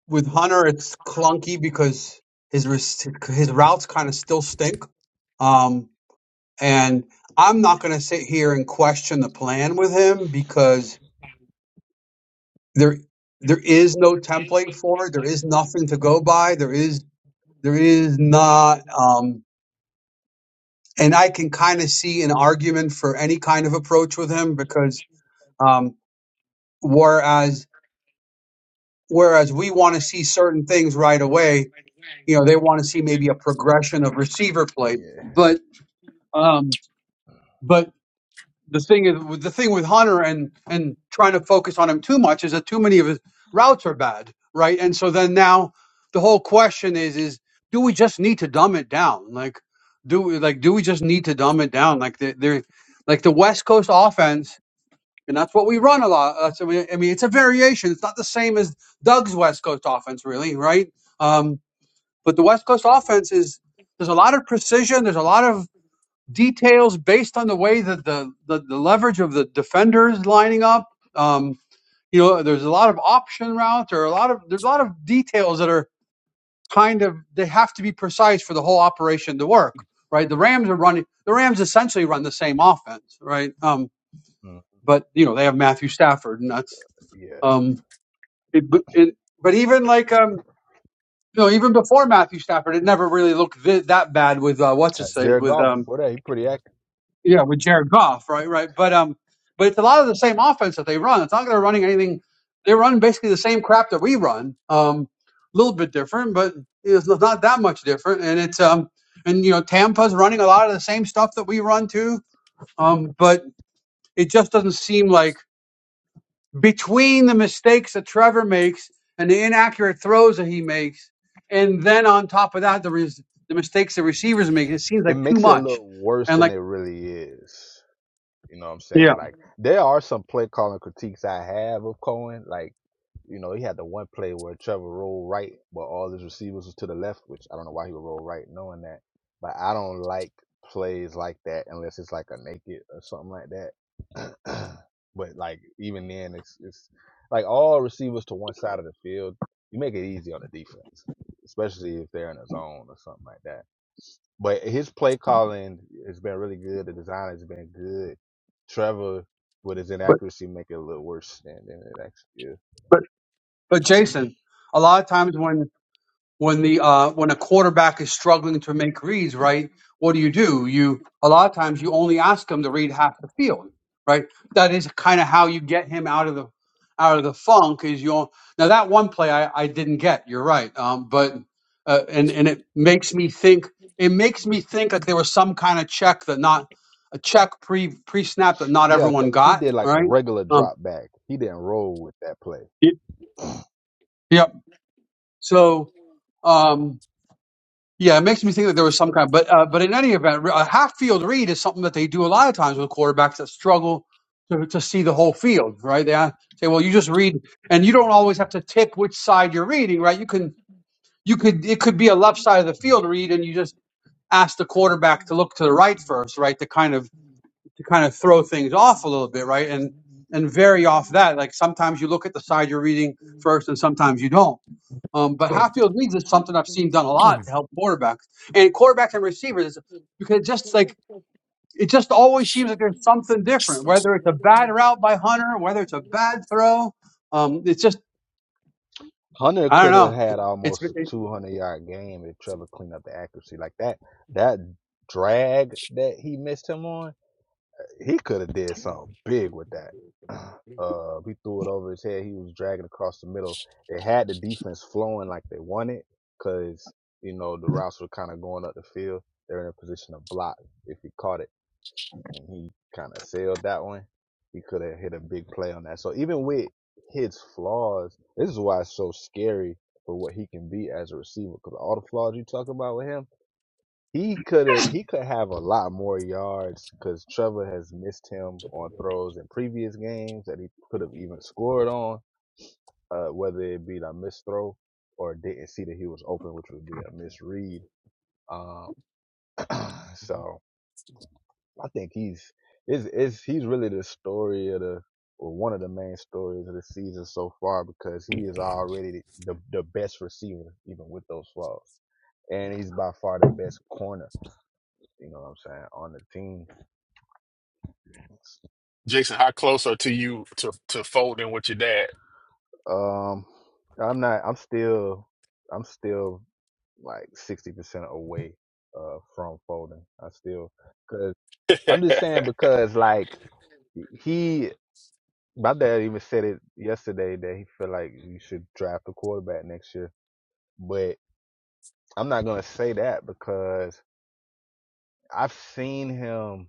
[SPEAKER 1] with hunter it's clunky because his res- his routes kind of still stink um. And I'm not going to sit here and question the plan with him because there there is no template for it. There is nothing to go by. There is there is not um and I can kind of see an argument for any kind of approach with him because um whereas whereas we want to see certain things right away, you know, they want to see maybe a progression of receiver play.
[SPEAKER 3] Yeah.
[SPEAKER 1] But um but the thing is the thing with Hunter and and trying to focus on him too much is that too many of his routes are bad, right? And so then now the whole question is is do we just need to dumb it down? Like do we like do we just need to dumb it down? Like the they like the West Coast offense, and that's what we run a lot. That's, I mean, I mean it's a variation. It's not the same as Doug's West Coast offense, really, right? Um, but the West Coast offense is there's a lot of precision. There's a lot of details based on the way that the, the, the leverage of the defenders lining up. Um, you know, there's a lot of option routes or a lot of there's a lot of details that are kind of they have to be precise for the whole operation to work, right? The Rams are running the Rams essentially run the same offense, right? Um,
[SPEAKER 3] Mm.
[SPEAKER 1] but you know they have Matthew Stafford, and that's
[SPEAKER 3] Yeah.
[SPEAKER 1] um, it, but it, but even like um, you know even before Matthew Stafford, it never really looked th- that bad with uh, what's
[SPEAKER 3] Uh,
[SPEAKER 1] his say
[SPEAKER 3] Jared
[SPEAKER 1] with
[SPEAKER 3] Goff
[SPEAKER 1] um
[SPEAKER 3] before that, he pretty active.
[SPEAKER 1] Yeah, with Jared Goff, right, right. But um, but it's a lot of the same offense that they run. It's not like they're running anything. They run basically the same crap that we run. Um, a little bit different, but it's not that much different. And it's um, and you know, Tampa's running a lot of the same stuff that we run too. Um, but it just doesn't seem like between the mistakes that Trevor makes and the inaccurate throws that he makes, and then on top of that, the res- the mistakes the receivers make, it seems
[SPEAKER 3] It
[SPEAKER 1] like too
[SPEAKER 3] makes it look
[SPEAKER 1] much.
[SPEAKER 3] worse
[SPEAKER 1] And
[SPEAKER 3] than
[SPEAKER 1] like,
[SPEAKER 3] it really is. You know what I'm
[SPEAKER 1] yeah.
[SPEAKER 3] saying? Like there are some play calling critiques I have of Cohen. Like, you know, he had the one play where Trevor rolled right, but all his receivers was to the left, which I don't know why he would roll right knowing that. But I don't like plays like that unless it's like a naked or something like that. but like even then it's it's like all receivers to one side of the field, you make it easy on the defense, especially if they're in a zone or something like that. But his play calling has been really good. The design has been good. Trevor, with his inaccuracy, make it a little worse than, than it actually is.
[SPEAKER 1] But Jason, a lot of times when when the uh, when a quarterback is struggling to make reads, right? What do you do? You a lot of times you only ask him to read half the field, right? That is kind of how you get him out of the out of the funk. Is you on- now that one play I, I didn't get. You're right, um, but uh, and and it makes me think. It makes me think that there was some kind of check that not a check pre pre snap that not
[SPEAKER 3] Yeah,
[SPEAKER 1] everyone
[SPEAKER 3] because he
[SPEAKER 1] got.
[SPEAKER 3] did
[SPEAKER 1] All
[SPEAKER 3] like a
[SPEAKER 1] right.
[SPEAKER 3] regular
[SPEAKER 1] Um,
[SPEAKER 3] drop back. He didn't roll with that play.
[SPEAKER 1] y- yep. So. Um, Yeah, it makes me think that there was some kind. But uh, but in any event, a half field read is something that they do a lot of times with quarterbacks that struggle to, to see the whole field. Right? They uh, say, well, you just read, and you don't always have to tick which side you're reading. Right? You can you could it could be a left side of the field read, and you just ask the quarterback to look to the right first, right? To kind of to kind of throw things off a little bit, right? And and vary off that. Like sometimes you look at the side you're reading first, and sometimes you don't um, but half-field reads is something I've seen done a lot to help quarterbacks and quarterbacks and receivers because just like it just always seems like there's something different, whether it's a bad route by Hunter, whether it's a bad throw. Um, it's just
[SPEAKER 3] Hunter
[SPEAKER 1] I don't
[SPEAKER 3] could have
[SPEAKER 1] know.
[SPEAKER 3] had
[SPEAKER 1] It's
[SPEAKER 3] almost a
[SPEAKER 1] it-
[SPEAKER 3] 200 yard game if Trevor cleaned up the accuracy. Like that, that drag that he missed him on he could have did something big with that. Uh, he threw it over his head. He was dragging across the middle. It had the defense flowing like they wanted because you know the routes were kind of going up the field. They're in a position to block if he caught it, and he kind of sailed that one. He could have hit a big play on that. So even with his flaws, this is why it's so scary for what he can be as a receiver. Because all the flaws you talk about with him he could have he could have a lot more yards because Trevor has missed him on throws in previous games that he could have even scored on, uh, whether it be a missed throw or didn't see that he was open, which would be a misread. Um, so I think he's is is he's really the story of the or one of the main stories of the season so far because he is already the the best receiver even with those flaws, and he's by far the best corner. You know what I'm saying on the team.
[SPEAKER 2] Jason, how close are to you to to folding with your dad?
[SPEAKER 3] Um, I'm not. I'm still. I'm still like sixty percent away uh from folding. I still because I'm just saying because like he my dad even said it yesterday that he feel like you should draft a quarterback next year. But I'm not gonna say that because I've seen him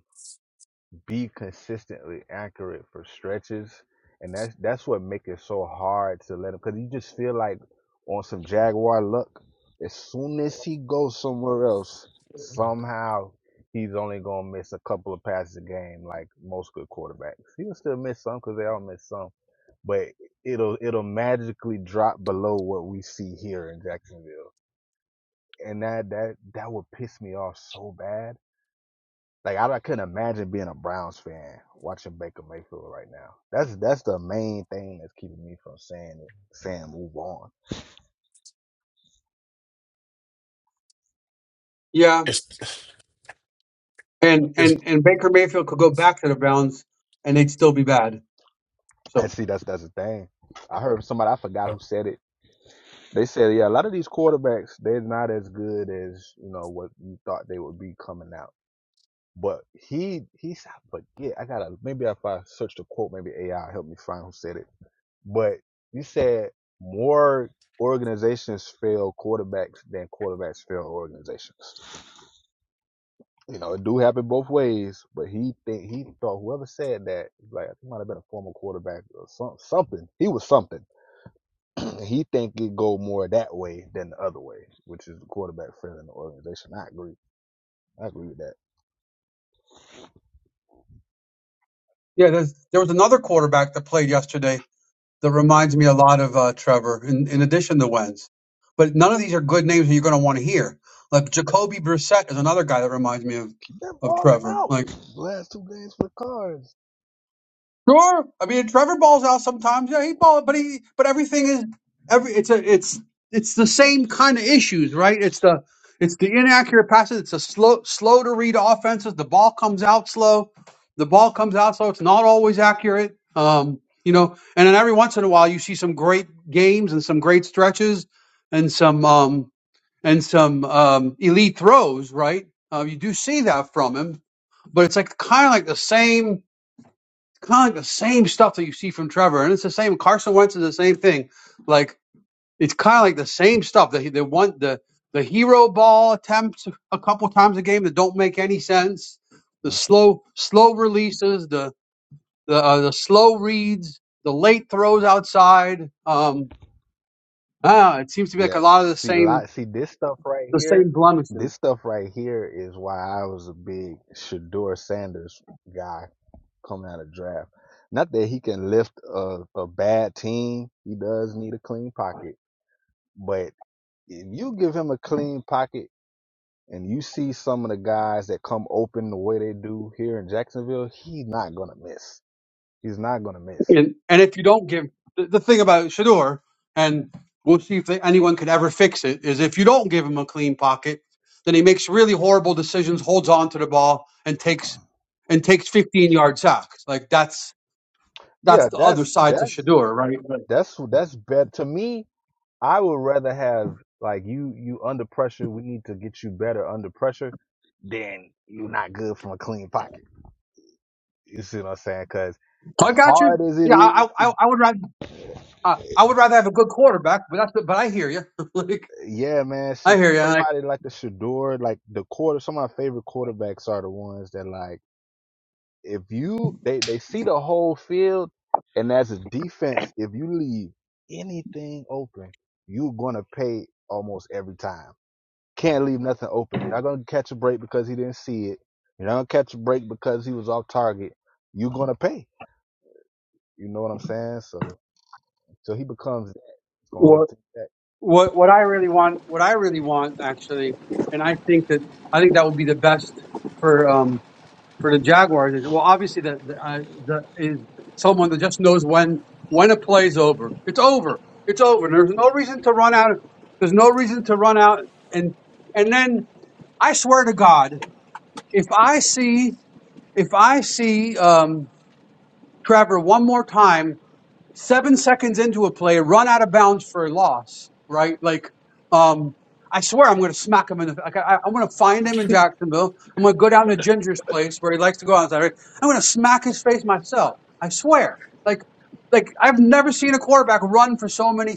[SPEAKER 3] be consistently accurate for stretches, and that's that's what makes it so hard to let him because you just feel like on some Jaguar luck. As soon as he goes somewhere else, somehow he's only gonna miss a couple of passes a game, like most good quarterbacks. He'll still miss some because they all miss some, but it'll it'll magically drop below what we see here in Jacksonville, and that that that would piss me off so bad like I, I couldn't imagine being a Browns fan watching Baker Mayfield right now. That's that's the main thing that's keeping me from saying it, saying move on.
[SPEAKER 1] yeah,
[SPEAKER 2] it's,
[SPEAKER 1] and
[SPEAKER 2] it's,
[SPEAKER 1] and and Baker Mayfield could go back to the Browns and they'd still be bad.
[SPEAKER 3] And
[SPEAKER 1] So
[SPEAKER 3] see, that's that's the thing. I heard somebody I forgot who said it. They said, yeah, a lot of these quarterbacks they're not as good as you know what you thought they would be coming out. But he he said, I forget. I gotta maybe if I search the quote, maybe AI help me find who said it. But he said more organizations fail quarterbacks than quarterbacks fail organizations. You know, it do happen both ways, but he think he thought whoever said that, like I think it might have been a former quarterback or some, something. He was something. he think it go more that way than the other way, which is the quarterback failing the organization. I agree. I agree with that.
[SPEAKER 1] yeah, there's, there was another quarterback that played yesterday that reminds me a lot of uh, Trevor, in, in addition to Wentz. But none of these are good names that you're going to want to hear. Like Jacoby Brissett is another guy that reminds me of,
[SPEAKER 3] Been
[SPEAKER 1] of
[SPEAKER 3] balling
[SPEAKER 1] Trevor.
[SPEAKER 3] out
[SPEAKER 1] Like
[SPEAKER 3] last two games for Cards.
[SPEAKER 1] Sure. I mean, Trevor balls out sometimes. Yeah, he ball, but he, but everything is every. It's a, it's, it's the same kind of issues, right? It's the, it's the inaccurate passes. It's a slow, slow to read offenses. The ball comes out slow. The ball comes out slow. It's not always accurate. Um, you know, and then every once in a while you see some great games and some great stretches and some, um, and some um, elite throws, right? Uh, you do see that from him, but it's like kind of like the same kind of like the same stuff that you see from Trevor, and it's the same. Carson Wentz is the same thing. Like it's kind of like the same stuff. The the one the the hero ball attempts a couple times a game that don't make any sense. The
[SPEAKER 3] Mm.
[SPEAKER 1] slow slow releases, the the uh, the slow reads, the late throws outside. Um, ah, it seems to be like
[SPEAKER 3] Yeah,
[SPEAKER 1] a lot of the
[SPEAKER 3] see
[SPEAKER 1] same
[SPEAKER 3] lot see this stuff right
[SPEAKER 1] the
[SPEAKER 3] here.
[SPEAKER 1] same blemishes.
[SPEAKER 3] This stuff right here is why I was a big Shador Sanders guy coming out of draft. Not that he can lift a, a bad team. He does need a clean pocket. But if you give him a clean pocket and you see some of the guys that come open the way they do here in Jacksonville, he's not gonna miss. He's not gonna miss.
[SPEAKER 1] And and if you don't give the, the thing about Shador, and we'll see if they, anyone could ever fix it, is if you don't give him a clean pocket, then he makes really horrible decisions, holds on to the ball, and takes and takes 15 yard sacks. Like that's
[SPEAKER 3] Yeah,
[SPEAKER 1] that's the other
[SPEAKER 3] that's
[SPEAKER 1] side to
[SPEAKER 3] that's
[SPEAKER 1] Shador, right? But
[SPEAKER 3] That's that's better to me. I would rather have like you you under pressure. We need to get you better under pressure than you not good from a clean pocket. You see what I'm saying? Because as
[SPEAKER 1] I got you.
[SPEAKER 3] hard as it
[SPEAKER 1] Yeah, I
[SPEAKER 3] is,
[SPEAKER 1] I, I
[SPEAKER 3] to-
[SPEAKER 1] I would rather uh, I would rather have a good quarterback, but that's but I hear you. like
[SPEAKER 3] yeah, man.
[SPEAKER 1] I
[SPEAKER 3] Should,
[SPEAKER 1] hear you. Like
[SPEAKER 3] somebody like the Shador, like the quarter. Some of my favorite quarterbacks are the ones that like if you they they see the whole field, and as a defense, if you leave anything open, you're gonna pay almost every time. Can't leave nothing open. You're not gonna catch a break because he didn't see it. You're not gonna catch a break because he was off target. You're gonna pay. You know what I'm saying? So until he becomes, it's gonna hold
[SPEAKER 1] what
[SPEAKER 3] the team back.
[SPEAKER 1] what what I really want, what I really want actually, and I think that I think that would be the best for. um. for the Jaguars is well, obviously the, the, uh, the is someone that just knows when when a play's over. It's over. It's over. There's no reason to run out. There's no reason to run out. And and then I swear to God, if I see if I see um, Trevor one more time seven seconds into a play, run out of bounds for a loss, right? Like, um, I swear I'm going to smack him in the, like, I, I'm going to find him in Jacksonville. I'm going to go down to Ginger's place where he likes to go outside. Right? I'm going to smack his face myself. I swear. Like, like I've never seen a quarterback run for so many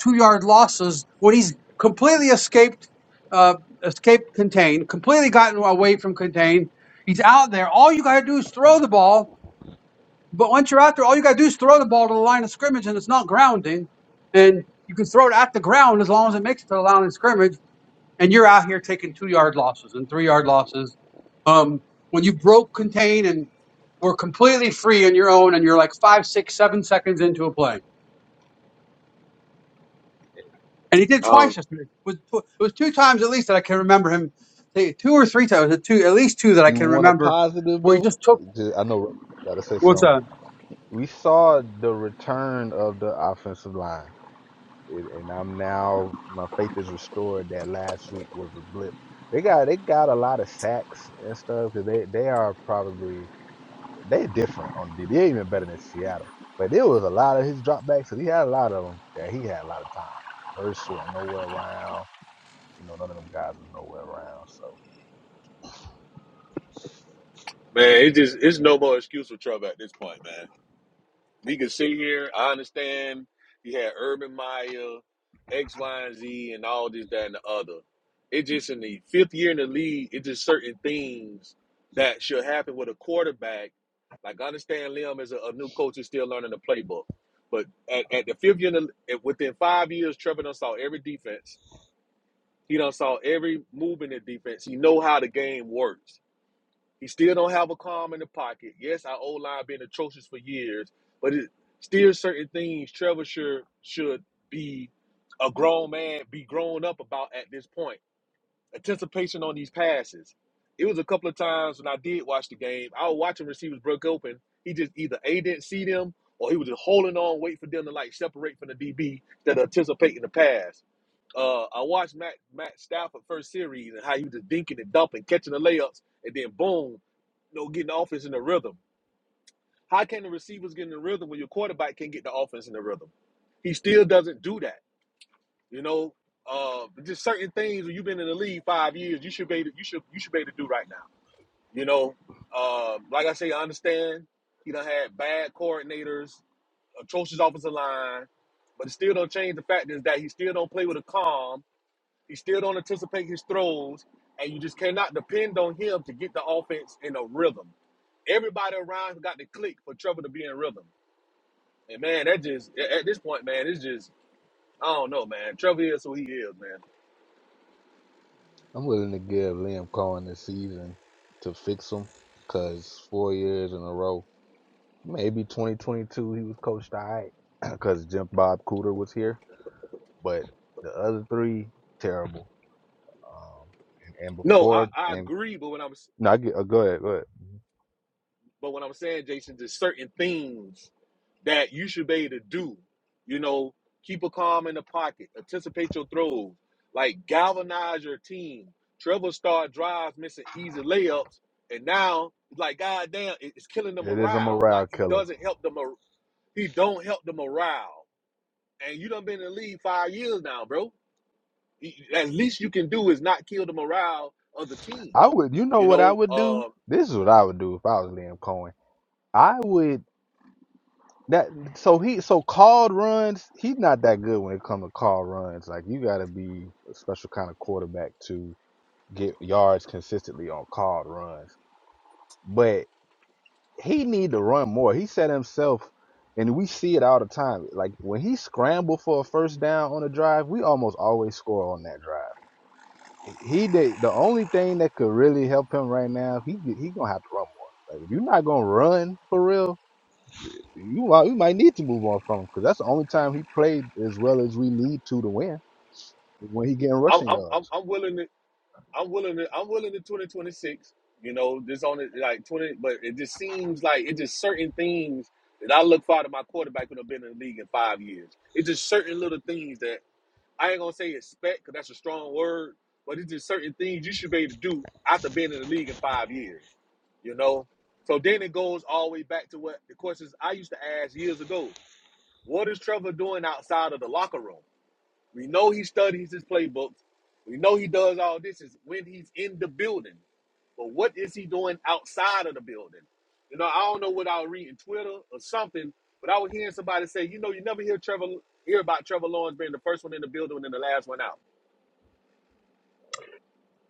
[SPEAKER 1] two yard losses when he's completely escaped, uh, escaped contain, completely gotten away from contain. He's out there. All you got to do is throw the ball but once you're out there, all you got to do is throw the ball to the line of scrimmage, and it's not grounding. And you can throw it at the ground as long as it makes it to the line of scrimmage. And you're out here taking two yard losses and three yard losses. Um, when you broke contain and were completely free on your own, and you're like five, six, seven seconds into a play. And he did twice
[SPEAKER 4] Um,
[SPEAKER 1] yesterday. It was, tw- it was two times at least that I can remember him. ta- Two or three times, uh, two at least two that I
[SPEAKER 3] You
[SPEAKER 1] can
[SPEAKER 3] want a
[SPEAKER 1] remember,
[SPEAKER 3] positive
[SPEAKER 1] where he
[SPEAKER 3] though?
[SPEAKER 1] just took.
[SPEAKER 3] Just, I know Russ was about to say
[SPEAKER 1] What's
[SPEAKER 3] something.
[SPEAKER 1] that?
[SPEAKER 3] We saw the return of the offensive line, It- and I'm now my faith is restored that last week was a blip. They got they got a lot of sacks and stuff. They they are probably They're different on D. They're even better than Seattle. But there was a lot of his dropbacks, and he had a lot of them that he had a lot of time. Verse was nowhere around. You know, none of them guys was nowhere around. So
[SPEAKER 4] man, it just it's no more excuse for Trump at this point, man. We can sit here. I understand he had Urban Meyer, X, Y, and Z, and all this, that, and the other. It just in the fifth year in the league, it's just certain things that should happen with a quarterback. Like I understand Liam is a, a new coach is still learning the playbook, but at, at the fifth year, in the, within five years, Trevor done saw every defense. He done saw every move in the defense. He know how the game works He still don't have a calm in the pocket. Yes, our O line been atrocious for years, but it still certain things Trevor should should be a grown man, be grown up about at this point anticipation on these passes. It was a couple of times when I did watch the game. I was watching receivers broke open. He just either A didn't see them or he was just holding on, wait for them to like separate from the DB that are anticipating the pass. Uh, I watched Matt Matt Stafford first series and how he was just dinking and dumping, catching the layups, and then boom, you know, getting the offense in the rhythm. How can the receivers get in the rhythm when your quarterback can't get the offense in the rhythm? He still doesn't do that. You know, uh, just certain things when you've been in the league five years, you should be able to, you should you should be able to do right now. You know, um, like I say, I understand he done had bad coordinators, atrocious offensive line, but it still don't change the fact is that he still don't play with a calm. He still don't anticipate his throws, and you just cannot depend on him to get the offense in a rhythm. Everybody around him got to click for Trevor to be in rhythm. And man, that just at at this point, man, it's just I don't know, man. Trevor is who he is, man.
[SPEAKER 3] I'm willing to give Liam Cohen this season to fix him, because four years in a row, maybe 2022 he was coached all right, because Jim Bob Cooter was here. But the other three, terrible. Um, and, and
[SPEAKER 4] No, I,
[SPEAKER 3] before,
[SPEAKER 4] I
[SPEAKER 3] and
[SPEAKER 4] agree, but when I'm
[SPEAKER 3] no, I get, uh, go ahead, go ahead.
[SPEAKER 4] but what I'm saying, Jason, there's certain things that you should be able to do. You know, keep a calm in the pocket, anticipate your throws, like galvanize your team. Trevor started drives missing easy layups, and now it's like God damn, it- it's killing the
[SPEAKER 3] It is a
[SPEAKER 4] morale.
[SPEAKER 3] morale
[SPEAKER 4] Like he
[SPEAKER 3] killer.
[SPEAKER 4] doesn't help the mor- he don't help the morale. And you done been in the league five years now, bro. He- At least you can do is not kill the morale of the team.
[SPEAKER 3] I would, you know
[SPEAKER 4] You
[SPEAKER 3] what I
[SPEAKER 4] know,
[SPEAKER 3] would do?
[SPEAKER 4] um,
[SPEAKER 3] This is what I would do if I was Liam Cohen. I would that so he so called runs. He's not that good when it comes to call runs. Like you got to be a special kind of quarterback to get yards consistently on called runs. But he need to run more. He set himself, and we see it all the time. Like when he scrambled for a first down on a drive, we almost always score on that drive he did, the only thing that could really help him right now, he he gonna have to run more. Like if you're not gonna run for real, you might you might need to move on from him because that's the only time he played as well as we need to to win is when he getting
[SPEAKER 4] I'm,
[SPEAKER 3] rushing
[SPEAKER 4] I'm I'm
[SPEAKER 3] yards.
[SPEAKER 4] I'm willing I'm willing to I'm willing to 2026. You know, this only like 20, but it just seems like it's just certain things that I look for out of my quarterback who have been in the league in five years. It's just certain little things that I ain't gonna say expect because that's a strong word, but it's just certain things you should be able to do after being in the league in five years. You know, so then it goes all the way back to what the questions I used to ask years ago. What is Trevor doing outside of the locker room? We know he studies his playbooks. We know he does all this is when he's in the building. But what is he doing outside of the building? You know, I don't know what I was reading Twitter or something, but I was hearing somebody say, you know, you never hear Trevor hear about Trevor Lawrence being the first one in the building and then the last one out.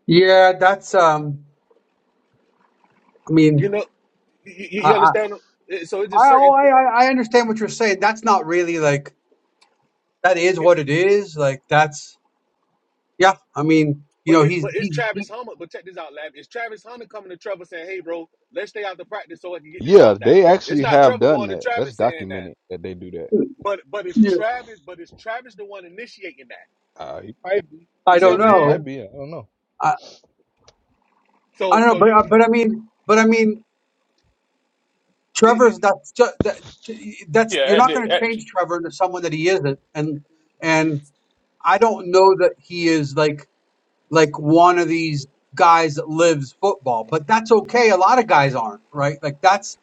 [SPEAKER 1] Yeah, that's. um I
[SPEAKER 4] You
[SPEAKER 1] mean,
[SPEAKER 4] know, you, you
[SPEAKER 1] I.
[SPEAKER 4] you
[SPEAKER 1] I-
[SPEAKER 4] understand? It- So it's
[SPEAKER 1] I,
[SPEAKER 4] just
[SPEAKER 1] oh,
[SPEAKER 4] certain things.
[SPEAKER 1] I, I I understand what you're saying. That's not really like that is what it is. Like that's yeah. I mean, you
[SPEAKER 4] But
[SPEAKER 1] know,
[SPEAKER 4] it,
[SPEAKER 1] he's
[SPEAKER 4] but it's
[SPEAKER 1] he,
[SPEAKER 4] Travis
[SPEAKER 1] he
[SPEAKER 4] Hunter. But check this out, Lab. It's Travis Hunter coming to Trevor saying, "Hey, bro, let's stay out the practice so I can get this
[SPEAKER 3] Yeah,
[SPEAKER 4] route down."
[SPEAKER 3] they
[SPEAKER 4] It's
[SPEAKER 3] actually
[SPEAKER 4] not
[SPEAKER 3] have
[SPEAKER 4] Trevor
[SPEAKER 3] done
[SPEAKER 4] going to
[SPEAKER 3] that. That's
[SPEAKER 4] Travis saying that.
[SPEAKER 3] documented that they do that.
[SPEAKER 4] But but it's
[SPEAKER 1] yeah,
[SPEAKER 4] Travis, but it's Travis the one initiating that.
[SPEAKER 3] Uh, he might be,
[SPEAKER 1] I
[SPEAKER 4] You see
[SPEAKER 3] he,
[SPEAKER 4] what
[SPEAKER 1] don't
[SPEAKER 4] I'm
[SPEAKER 3] he might
[SPEAKER 4] saying?
[SPEAKER 1] know.
[SPEAKER 3] be. I don't know.
[SPEAKER 1] I, I
[SPEAKER 4] So
[SPEAKER 1] don't know,
[SPEAKER 4] so
[SPEAKER 1] but
[SPEAKER 4] you
[SPEAKER 1] uh, but I mean, but I mean,
[SPEAKER 4] it, it,
[SPEAKER 1] Trevor's that's ju- that that's you're
[SPEAKER 2] yeah, at
[SPEAKER 1] not
[SPEAKER 2] the-
[SPEAKER 1] going to
[SPEAKER 2] at-
[SPEAKER 1] change Trevor into someone that he isn't, and and I don't know that he is like like one of these guys that lives football, but that's okay. A lot of guys aren't right. Like that's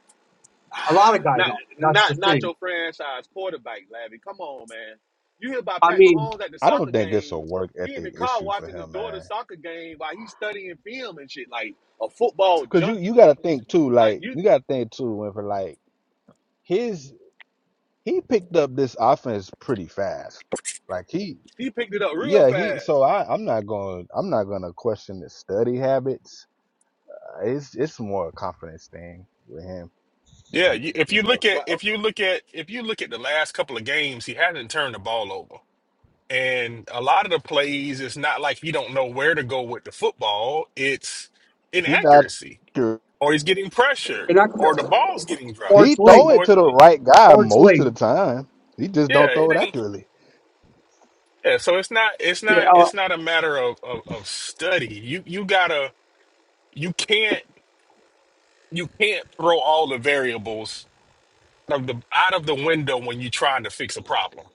[SPEAKER 1] a lot of guys
[SPEAKER 4] not
[SPEAKER 1] aren't. That's the
[SPEAKER 4] not not
[SPEAKER 1] thing.
[SPEAKER 4] your franchise quarterback, Lavi. Come on, man. You hear about
[SPEAKER 1] I
[SPEAKER 4] Pat
[SPEAKER 1] mean,
[SPEAKER 4] Mahomes at the
[SPEAKER 3] I don't
[SPEAKER 4] soccer
[SPEAKER 3] think it's a
[SPEAKER 4] game.
[SPEAKER 3] work
[SPEAKER 4] He in
[SPEAKER 3] ethic
[SPEAKER 4] the car
[SPEAKER 3] issue for
[SPEAKER 4] watching his
[SPEAKER 3] him, man.
[SPEAKER 4] daughter's soccer game while he's studying film and shit, like a football
[SPEAKER 3] Because you you
[SPEAKER 4] junkie.
[SPEAKER 3] gotta think too.
[SPEAKER 4] Like
[SPEAKER 3] Like
[SPEAKER 4] you
[SPEAKER 3] you gotta think too. When like his. he picked up this offense pretty fast. Like he,
[SPEAKER 4] he picked it up real
[SPEAKER 3] yeah, he. So
[SPEAKER 4] fast.
[SPEAKER 3] I, I'm not going. I'm not going to question the study habits. Uh, it's it's more a confidence thing with him.
[SPEAKER 2] yeah. you- If
[SPEAKER 3] than
[SPEAKER 2] you look
[SPEAKER 3] else.
[SPEAKER 2] at
[SPEAKER 4] Right
[SPEAKER 2] if
[SPEAKER 4] oh,
[SPEAKER 2] you look at if you look at the last couple of games, he hasn't turned the ball over, and a lot of the plays, it's not like he don't know where to go with the football. It's
[SPEAKER 3] He not.
[SPEAKER 2] inaccuracy
[SPEAKER 3] sure,
[SPEAKER 2] or he's getting pressured,
[SPEAKER 1] and that's
[SPEAKER 2] or the ball's getting
[SPEAKER 1] Or
[SPEAKER 2] dropped,
[SPEAKER 3] He
[SPEAKER 1] it's
[SPEAKER 3] throw
[SPEAKER 1] late.
[SPEAKER 3] it
[SPEAKER 2] or
[SPEAKER 3] to the right guy
[SPEAKER 1] Or it's
[SPEAKER 3] most of
[SPEAKER 1] late.
[SPEAKER 3] the time. He just
[SPEAKER 2] yeah,
[SPEAKER 3] don't
[SPEAKER 2] it
[SPEAKER 3] throw it
[SPEAKER 2] ain't
[SPEAKER 3] accurately.
[SPEAKER 2] yeah. So it's not it's
[SPEAKER 1] Yeah.
[SPEAKER 2] not
[SPEAKER 1] Uh,
[SPEAKER 2] it's not a matter of of, of study. You you gotta you can't you can't throw all the variables out of the out of the window when you're trying to fix a problem.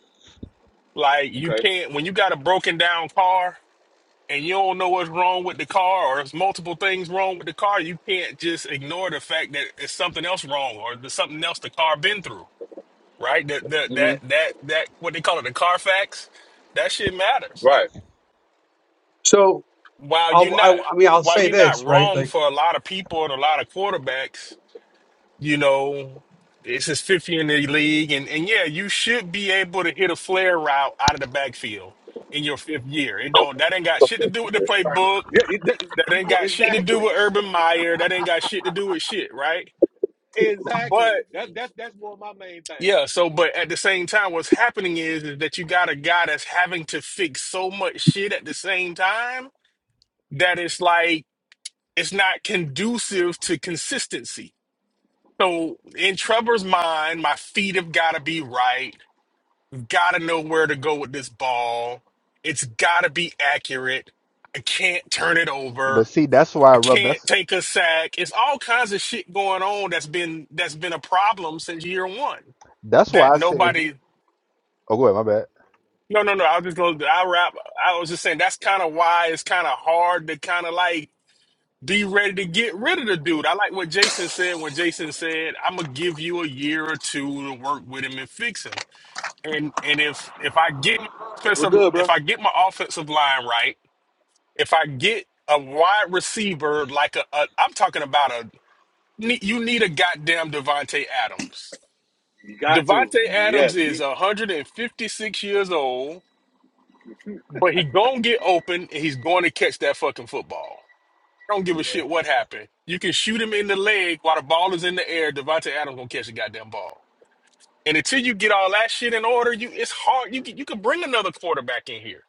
[SPEAKER 2] Like you
[SPEAKER 4] okay.
[SPEAKER 2] can't when you got a broken down car and you don't know what's wrong with the car or there's multiple things wrong with the car, you can't just ignore the fact that it's something else wrong or there's something else the car been through right? That that that
[SPEAKER 4] hmm
[SPEAKER 2] that that what they call it, the Carfax, that shit matters.
[SPEAKER 4] Right.
[SPEAKER 1] so
[SPEAKER 2] While you're
[SPEAKER 1] I'll, I,
[SPEAKER 2] not
[SPEAKER 1] I mean, I'll
[SPEAKER 2] while
[SPEAKER 1] say
[SPEAKER 2] you're not
[SPEAKER 1] this, right?
[SPEAKER 2] wrong
[SPEAKER 1] Like,
[SPEAKER 2] for a lot of people and a lot of quarterbacks, you know, it's his fifth year in the league, and and yeah, you should be able to hit a flare route out of the backfield in your fifth year. It don't that ain't got shit to do with the playbook.
[SPEAKER 4] Yeah, it- that-
[SPEAKER 2] That ain't
[SPEAKER 4] yeah,
[SPEAKER 2] got shit to do
[SPEAKER 4] exactly.
[SPEAKER 2] with Urban Meyer. That ain't got shit to do with shit, right? but.
[SPEAKER 4] Exactly. That that's that's more my main things.
[SPEAKER 2] Yeah, so but at the same time, what's happening is, is that you got a guy that's having to fix so much shit at the same time that it's like it's not conducive to consistency. So in Trevor's mind, my feet have got to be right. Got to know where to go with this ball. It's got to be accurate. I can't turn it over.
[SPEAKER 3] But see, that's why
[SPEAKER 2] I
[SPEAKER 3] I rub.
[SPEAKER 2] can't
[SPEAKER 3] That's
[SPEAKER 2] take a sack. It's all kinds of shit going on that's been that's been a problem since year one
[SPEAKER 3] that's
[SPEAKER 2] that
[SPEAKER 3] why I said he.
[SPEAKER 2] nobody
[SPEAKER 3] Oh, go ahead. My bad.
[SPEAKER 2] No, no, no. I was just gonna. I wrap. I was just saying that's kind of why it's kind of hard to kind of like be ready to get rid of the dude. I like what Jason said when Jason said, "I'm gonna give you a year or two to work with him and fix him." And and if if I get my
[SPEAKER 4] Well
[SPEAKER 2] offensive,
[SPEAKER 4] good,
[SPEAKER 2] if
[SPEAKER 4] bro.
[SPEAKER 2] I get my offensive line right, if I get a wide receiver like a, a I'm talking about a ne- you need a goddamn Devonte Adams.
[SPEAKER 4] You got to.
[SPEAKER 2] Devonte Adams
[SPEAKER 4] Yes.
[SPEAKER 2] is
[SPEAKER 4] He,
[SPEAKER 2] 156 years old.
[SPEAKER 4] hey,
[SPEAKER 2] But he gonna get open and he's going to catch that fucking football. I don't give a
[SPEAKER 3] Yeah,
[SPEAKER 2] shit what happened. You can shoot him in the leg while the ball is in the air. Devontae Adams gonna catch the goddamn ball. And until you get all that shit in order, you it's hard. You can, you can bring another quarterback in here,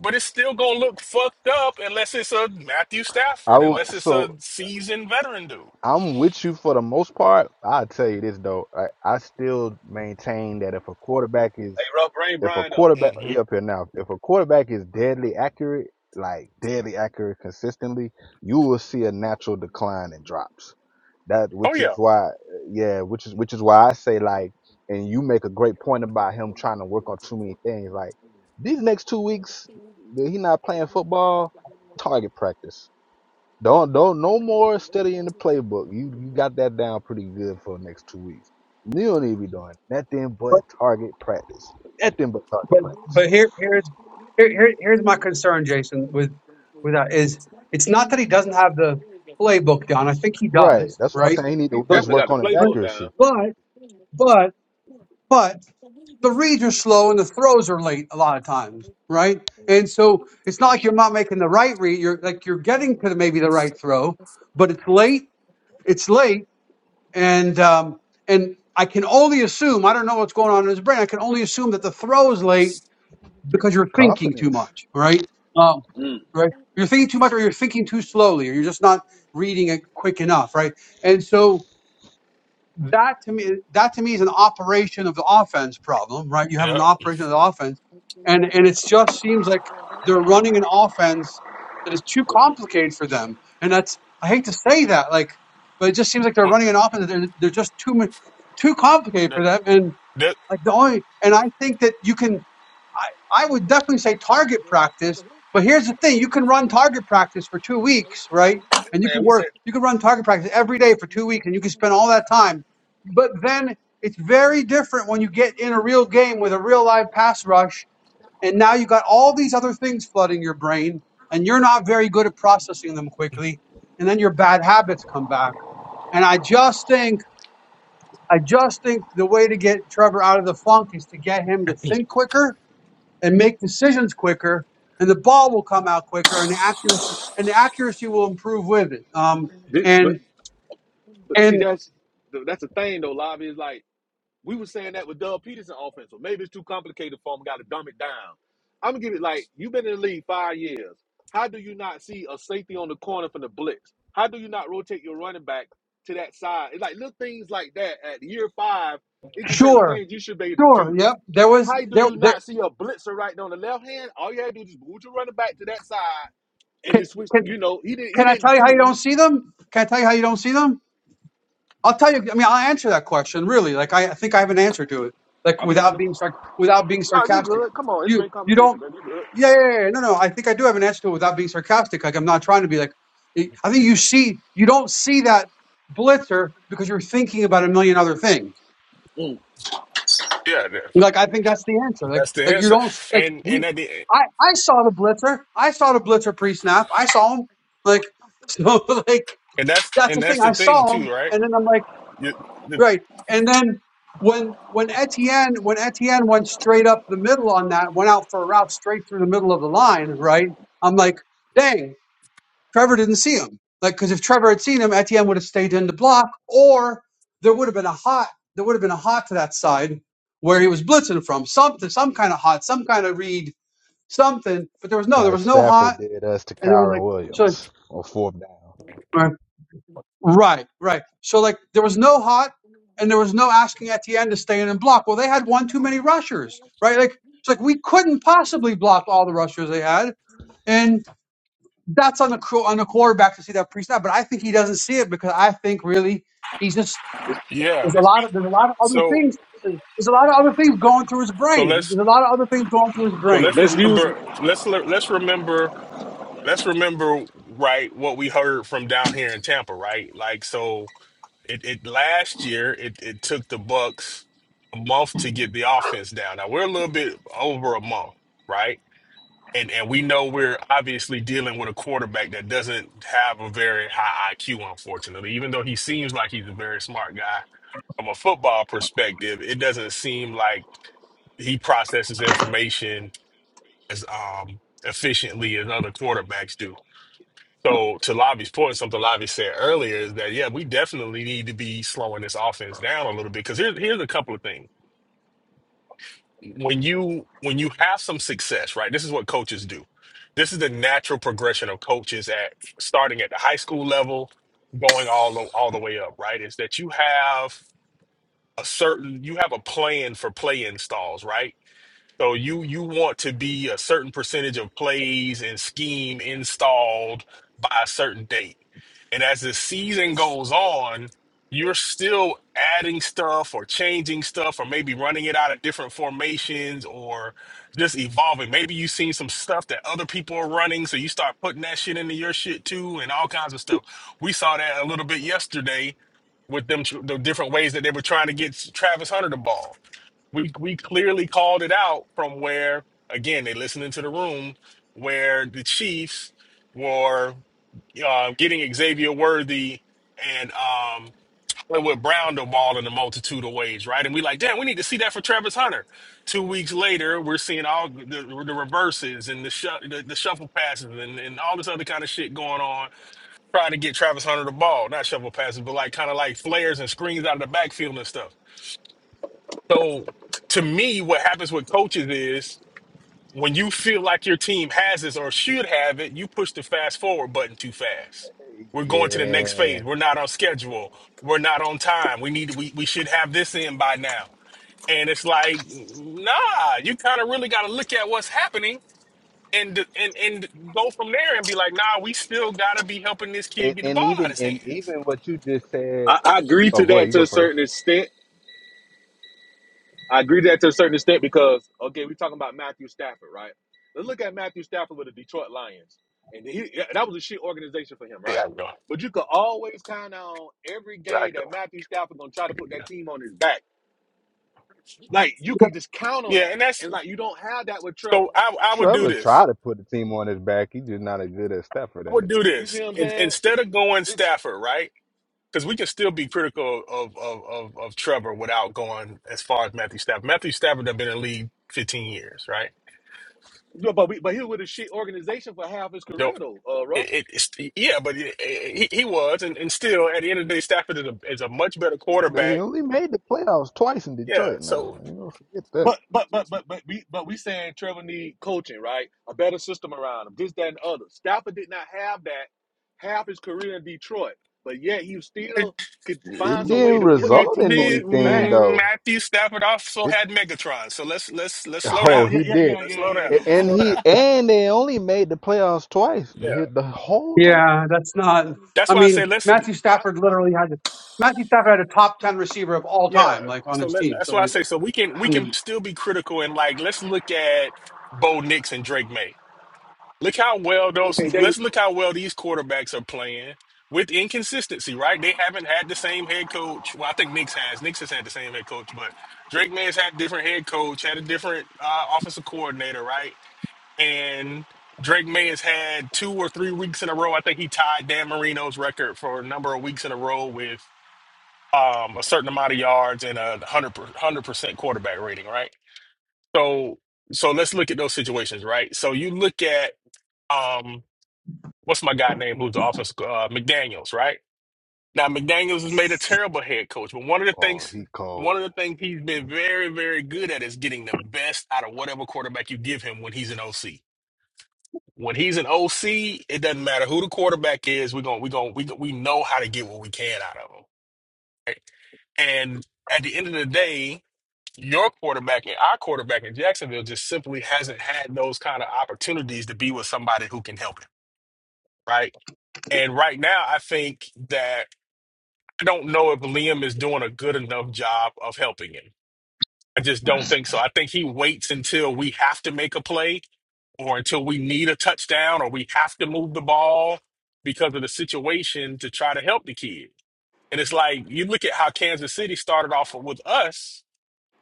[SPEAKER 2] but it's still gonna look fucked up unless it's a Matthew
[SPEAKER 3] I
[SPEAKER 2] Stafford, unless
[SPEAKER 3] would.
[SPEAKER 2] it's a
[SPEAKER 3] So
[SPEAKER 2] seasoned veteran dude.
[SPEAKER 3] I'm with you for the most part. I'll tell you this though. I, I still maintain that if a quarterback is
[SPEAKER 4] rough brain
[SPEAKER 3] if a
[SPEAKER 4] Brian up.
[SPEAKER 3] quarterback
[SPEAKER 2] hmm
[SPEAKER 3] he up here now, if a quarterback is deadly accurate, like deadly accurate consistently, you will see a natural decline in drops. That
[SPEAKER 2] Oh
[SPEAKER 3] which is
[SPEAKER 2] yeah,
[SPEAKER 3] why yeah, which is which is why I say like and you make a great point about him trying to work on too many things. Like these next two weeks that he not playing football, target practice don't don't no more studying the playbook. You you got that down pretty good for the next two weeks. You don't need to be doing nothing but
[SPEAKER 1] but
[SPEAKER 3] target practice. Nothing but target
[SPEAKER 1] but,
[SPEAKER 3] practice.
[SPEAKER 1] but here here's here, here here's my concern, Jason, with with that is it's not that he doesn't have the playbook down. I think he
[SPEAKER 3] Right.
[SPEAKER 1] does,
[SPEAKER 3] That's why I'm
[SPEAKER 1] right?
[SPEAKER 3] saying he need
[SPEAKER 4] He
[SPEAKER 3] to
[SPEAKER 1] But
[SPEAKER 3] just
[SPEAKER 4] definitely
[SPEAKER 3] work
[SPEAKER 4] got the
[SPEAKER 3] on his
[SPEAKER 1] but
[SPEAKER 4] playbook down.
[SPEAKER 3] accuracy,
[SPEAKER 1] but but but the reads are slow and the throws are late a lot of times, right? And so it's not like you're not making the right read. You're like you're getting to the, maybe the right throw, but it's late. It's late and um, and I can only assume I don't know what's going on in his brain. I can only assume that the throw is late because you're thinking too
[SPEAKER 3] confidence,
[SPEAKER 1] much. All right, um,
[SPEAKER 4] Mm.
[SPEAKER 1] right? You're thinking too much, or you're thinking too slowly, or you're just not reading it quick enough, right? And so that to me that to me is an operation of the offense problem, right? You have
[SPEAKER 2] yeah.
[SPEAKER 1] an operation of the offense, and and it just seems like they're running an offense that is too complicated for them, and that's I hate to say that, like, but it just seems like they're
[SPEAKER 2] Well,
[SPEAKER 1] running an offense that they're, they're just too mu- too complicated
[SPEAKER 2] that,
[SPEAKER 1] for them, and
[SPEAKER 2] that,
[SPEAKER 1] like the only and I think that you can. I, I would definitely say target practice. But here's the thing: you can run target practice for two weeks, right? And you
[SPEAKER 4] Man,
[SPEAKER 1] can
[SPEAKER 4] we said,
[SPEAKER 1] work, you can run target practice every day for two weeks, and you can spend all that time. But then it's very different when you get in a real game with a real live pass rush, and now you got all these other things flooding your brain, and you're not very good at processing them quickly, and then your bad habits come back. And I just think, I just think the way to get Trevor out of the funk is to get him to think quicker and make decisions quicker, and the ball will come out quicker, and the accuracy and the accuracy will improve with it. Um,
[SPEAKER 4] this, but
[SPEAKER 1] and
[SPEAKER 4] but see,
[SPEAKER 1] and
[SPEAKER 4] that's that's the thing though. Lobby is like we were saying that with Doug Peterson offense. So maybe it's too complicated for him. Got to dumb it down. I'm gonna give it like you've been in the league five years. How do you not see a safety on the corner from the blitz? How do you not rotate your running back to that side? It's like little things like that. At year five, it's just certain
[SPEAKER 1] sure,
[SPEAKER 4] things you should be able to do
[SPEAKER 1] sure, yep. There was
[SPEAKER 4] How do
[SPEAKER 1] there
[SPEAKER 4] you
[SPEAKER 1] there.
[SPEAKER 4] not see a blitzer right there on the left hand? All you had to do is just move your running back to that side and
[SPEAKER 1] Can,
[SPEAKER 4] just switch.
[SPEAKER 1] can
[SPEAKER 4] You know, he didn't. He
[SPEAKER 1] can I tell
[SPEAKER 4] didn't
[SPEAKER 1] you how you don't
[SPEAKER 4] do.
[SPEAKER 1] see them? Can I tell you how you don't see them? I'll tell you. I mean, I'll answer that question really. Like I, I think I have an answer to it.
[SPEAKER 4] i
[SPEAKER 1] Like
[SPEAKER 4] I'm
[SPEAKER 1] without
[SPEAKER 4] listening.
[SPEAKER 1] being sarc- without being
[SPEAKER 4] No, you
[SPEAKER 1] sarcastic.
[SPEAKER 4] good. Come on, it's
[SPEAKER 1] You
[SPEAKER 4] great
[SPEAKER 1] you don't
[SPEAKER 4] conversation, baby. You
[SPEAKER 1] Yeah, yeah, yeah. yeah. No, no. I think I do have an answer to it without being sarcastic. Like I'm not trying to be like. I think you see, you don't see that blitzer because you're thinking about a million other things.
[SPEAKER 4] good. Mm.
[SPEAKER 2] yeah, that,
[SPEAKER 1] Like I think that's the answer. Like,
[SPEAKER 2] that's the
[SPEAKER 1] like you
[SPEAKER 2] answer.
[SPEAKER 1] don't like
[SPEAKER 2] And and
[SPEAKER 1] we.
[SPEAKER 2] that
[SPEAKER 1] I I saw the blitzer. I saw the blitzer pre-snap. I saw him. Like so, like
[SPEAKER 2] and that's
[SPEAKER 1] that's
[SPEAKER 2] and
[SPEAKER 1] the thing.
[SPEAKER 2] that's the
[SPEAKER 1] I
[SPEAKER 2] thing
[SPEAKER 1] saw
[SPEAKER 2] too,
[SPEAKER 1] him,
[SPEAKER 2] right?
[SPEAKER 1] and then I'm like,
[SPEAKER 2] You,
[SPEAKER 1] right. And then when when Etienne when Etienne went straight up the middle on that, went out for a route straight through the middle of the line, right? I'm like. Dang, Trevor didn't see him. Like, because if Trevor had seen him, Etienne would have stayed in the block, or there would have been a hot, there would have been a hot to that side where he was blitzing from, something, some kind of hot, some kind of read, something. But there was no, there
[SPEAKER 3] like
[SPEAKER 1] was no
[SPEAKER 3] Stafford
[SPEAKER 1] hot,
[SPEAKER 3] did us to
[SPEAKER 1] and there was like,
[SPEAKER 3] Kyron
[SPEAKER 1] so like,
[SPEAKER 3] Williams on fourth down.
[SPEAKER 1] all right, right. right. So like, there was no hot, and there was no asking Etienne to stay in and block. Well, they had one too many rushers, right? Like, it's like we couldn't possibly block all the rushers they had, and. that's on the qu- on the quarterback to see that pre-snap, but I think he doesn't see it because I think really he's just
[SPEAKER 2] Yeah.
[SPEAKER 1] there's a lot of there's a lot of other
[SPEAKER 2] So
[SPEAKER 1] things there's there's a lot of other things going through his
[SPEAKER 2] so
[SPEAKER 1] brain.
[SPEAKER 2] let's
[SPEAKER 1] There's a lot of other things going through his
[SPEAKER 2] so let's
[SPEAKER 1] brain.
[SPEAKER 4] Let's use.
[SPEAKER 2] remember let's le- let's remember let's remember right what we heard from down here in Tampa, right? Like so it, it last year it, it took the Bucks a month to get the offense down. Now we're a little bit over a month, right? and and we know we're obviously dealing with a quarterback that doesn't have a very high IQ, unfortunately. Even though he seems like he's a very smart guy, from a football perspective, it doesn't seem like he processes information as um efficiently as other quarterbacks do. So to Lavi's point, something Lavi said earlier is that yeah, we definitely need to be slowing this offense down a little bit because here's here's a couple of things when you when you have some success, right? This is what coaches do. This is the natural progression of coaches at starting at the high school level, going all the, all the way up, right? Is that you have a certain you have a plan for play installs, right? So you you want to be a certain percentage of plays and scheme installed by a certain date. And as the season goes on, you're still adding stuff or changing stuff or maybe running it out of different formations or just evolving. Maybe you've seen some stuff that other people are running, so you start putting that shit into your shit too and all kinds of stuff. We saw that a little bit yesterday with them tr- the different ways that they were trying to get Travis Hunter the ball. We we clearly called it out from where again they listened into the room where the Chiefs were uh, getting Xavier Worthy and um Hollywood Brown the ball in a multitude of ways, right? And we like, damn, we need to see that for Travis Hunter. Two weeks later, we're seeing all the, the reverses and the, shu- the the shuffle passes and, and all this other kind of shit going on trying to get Travis Hunter the ball, not shovel passes, but like kind of like flares and screens out of the backfield and stuff. So to me, what happens with coaches is when you feel like your team has this or should have it, you push the fast forward button too fast. We're going to the next phase.
[SPEAKER 3] Yeah.
[SPEAKER 2] We're not on schedule. We're not on time. We need we we should have this in by now. And it's like, nah, you kind of really got to look at what's happening and and and go from there and be like, nah, we still gotta be helping this kid
[SPEAKER 3] And,
[SPEAKER 2] get the ball
[SPEAKER 3] and
[SPEAKER 2] out of
[SPEAKER 3] even
[SPEAKER 2] his
[SPEAKER 3] and
[SPEAKER 2] hands.
[SPEAKER 3] even what you just said.
[SPEAKER 4] I, I agree
[SPEAKER 3] Oh,
[SPEAKER 4] to
[SPEAKER 3] go ahead.
[SPEAKER 4] that
[SPEAKER 3] You
[SPEAKER 4] to
[SPEAKER 3] go
[SPEAKER 4] a
[SPEAKER 3] first.
[SPEAKER 4] certain extent. I agree to that to a certain extent because okay, we're talking about Matthew Stafford, right? Let's look at Matthew Stafford with the Detroit Lions, and he yeah, that was a shit organization for him, right? But you could always count on every game that Matthew Stafford gonna try to put that team on his back. Like you can just count on
[SPEAKER 2] Yeah,
[SPEAKER 4] that,
[SPEAKER 2] and that's
[SPEAKER 4] and like you don't have that with
[SPEAKER 2] so
[SPEAKER 4] Trevor.
[SPEAKER 2] I I would do
[SPEAKER 3] Trevor
[SPEAKER 2] this.
[SPEAKER 3] tried to put the team on his back. He's just not as good as Stafford
[SPEAKER 2] I
[SPEAKER 3] at it.
[SPEAKER 2] would do
[SPEAKER 4] You
[SPEAKER 2] this.
[SPEAKER 4] see what I'm
[SPEAKER 2] In,
[SPEAKER 4] saying?
[SPEAKER 2] instead of going
[SPEAKER 4] It's
[SPEAKER 2] Stafford, right? Because we can still be critical of, of of of Trevor without going as far as Matthew Stafford. Matthew Stafford have been in the league 15 years, right?
[SPEAKER 4] yeah, but we, but he was with a shit organization for half his
[SPEAKER 2] Don't
[SPEAKER 4] career though, uh, rough.
[SPEAKER 2] it, it it's, yeah, but it, it, he he was and, and still at the end of the day Stafford is a is a much better
[SPEAKER 3] They
[SPEAKER 2] quarterback.
[SPEAKER 3] only made the playoffs twice in
[SPEAKER 2] Yeah,
[SPEAKER 3] Detroit now.
[SPEAKER 2] so
[SPEAKER 3] I ain't gonna forget that.
[SPEAKER 4] But but but but but we but we saying Trevor need coaching, right? A better system around him, this that and the other. Stafford did not have that half his career in Detroit, but yet he still could
[SPEAKER 3] It
[SPEAKER 4] find some way
[SPEAKER 3] didn't
[SPEAKER 4] to put that
[SPEAKER 3] result
[SPEAKER 4] team
[SPEAKER 3] in
[SPEAKER 4] on his
[SPEAKER 3] anything
[SPEAKER 4] back.
[SPEAKER 3] though.
[SPEAKER 2] Matthew Stafford also
[SPEAKER 3] It
[SPEAKER 2] had Megatron. So let's let's let's slow
[SPEAKER 4] Oh
[SPEAKER 3] oh
[SPEAKER 2] down.
[SPEAKER 4] yeah
[SPEAKER 3] he
[SPEAKER 4] yeah
[SPEAKER 3] did.
[SPEAKER 4] yeah
[SPEAKER 2] Let's
[SPEAKER 4] yeah
[SPEAKER 2] slow down.
[SPEAKER 4] yeah
[SPEAKER 3] A-
[SPEAKER 4] yeah.
[SPEAKER 2] Let's
[SPEAKER 3] And
[SPEAKER 2] slow down.
[SPEAKER 3] he and they only made the playoffs twice.
[SPEAKER 2] Yeah.
[SPEAKER 3] Hit the whole time.
[SPEAKER 1] Yeah, that's not.
[SPEAKER 2] That's
[SPEAKER 1] I
[SPEAKER 2] why I say
[SPEAKER 1] mean,
[SPEAKER 2] let's
[SPEAKER 1] Matthew
[SPEAKER 4] I-
[SPEAKER 1] Stafford literally had a- Matthew Stafford had a top ten receiver of all
[SPEAKER 2] yeah.
[SPEAKER 1] time, like on
[SPEAKER 2] So
[SPEAKER 1] his
[SPEAKER 2] let,
[SPEAKER 1] team.
[SPEAKER 2] that's
[SPEAKER 1] So
[SPEAKER 2] why I
[SPEAKER 1] like,
[SPEAKER 2] say so we can we
[SPEAKER 1] I
[SPEAKER 2] can
[SPEAKER 1] mean,
[SPEAKER 2] still be critical and like let's look at Bo Nix and Drake May. Look how well those
[SPEAKER 4] okay, there you
[SPEAKER 2] let's
[SPEAKER 4] go.
[SPEAKER 2] look how well these quarterbacks are playing with inconsistency, right? They haven't had the same head coach. Well, I think Nix has. Nix has had the same head coach, but Drake May has had a different head coach, had a different uh, offensive coordinator, right? and Drake May has had two or three weeks in a row. I think he tied Dan Marino's record for a number of weeks in a row with um, a certain amount of yards and a hundred hundred percent quarterback rating, right? So so let's look at those situations, right? So you look at um, what's my guy name who's the offense uh, McDaniel's, right? Now McDaniel's has made a terrible head coach, but one of the
[SPEAKER 3] Oh,
[SPEAKER 2] things
[SPEAKER 3] he
[SPEAKER 2] one of
[SPEAKER 3] cold.
[SPEAKER 2] the things he's been very very good at is getting the best out of whatever quarterback you give him when he's an OC. When he's an OC, it doesn't matter who the quarterback is. We're going, we're going, we, we know how to get what we can out of him. Right? And at the end of the day, your quarterback and our quarterback in Jacksonville just simply hasn't had those kind of opportunities to be with somebody who can help him, right? And right now, I think that I don't know if Liam is doing a good enough job of helping him. I just don't think so. I think he waits until we have to make a play or until we need a touchdown or we have to move the ball because of the situation to try to help the kid. And it's like you look at how Kansas City started off with us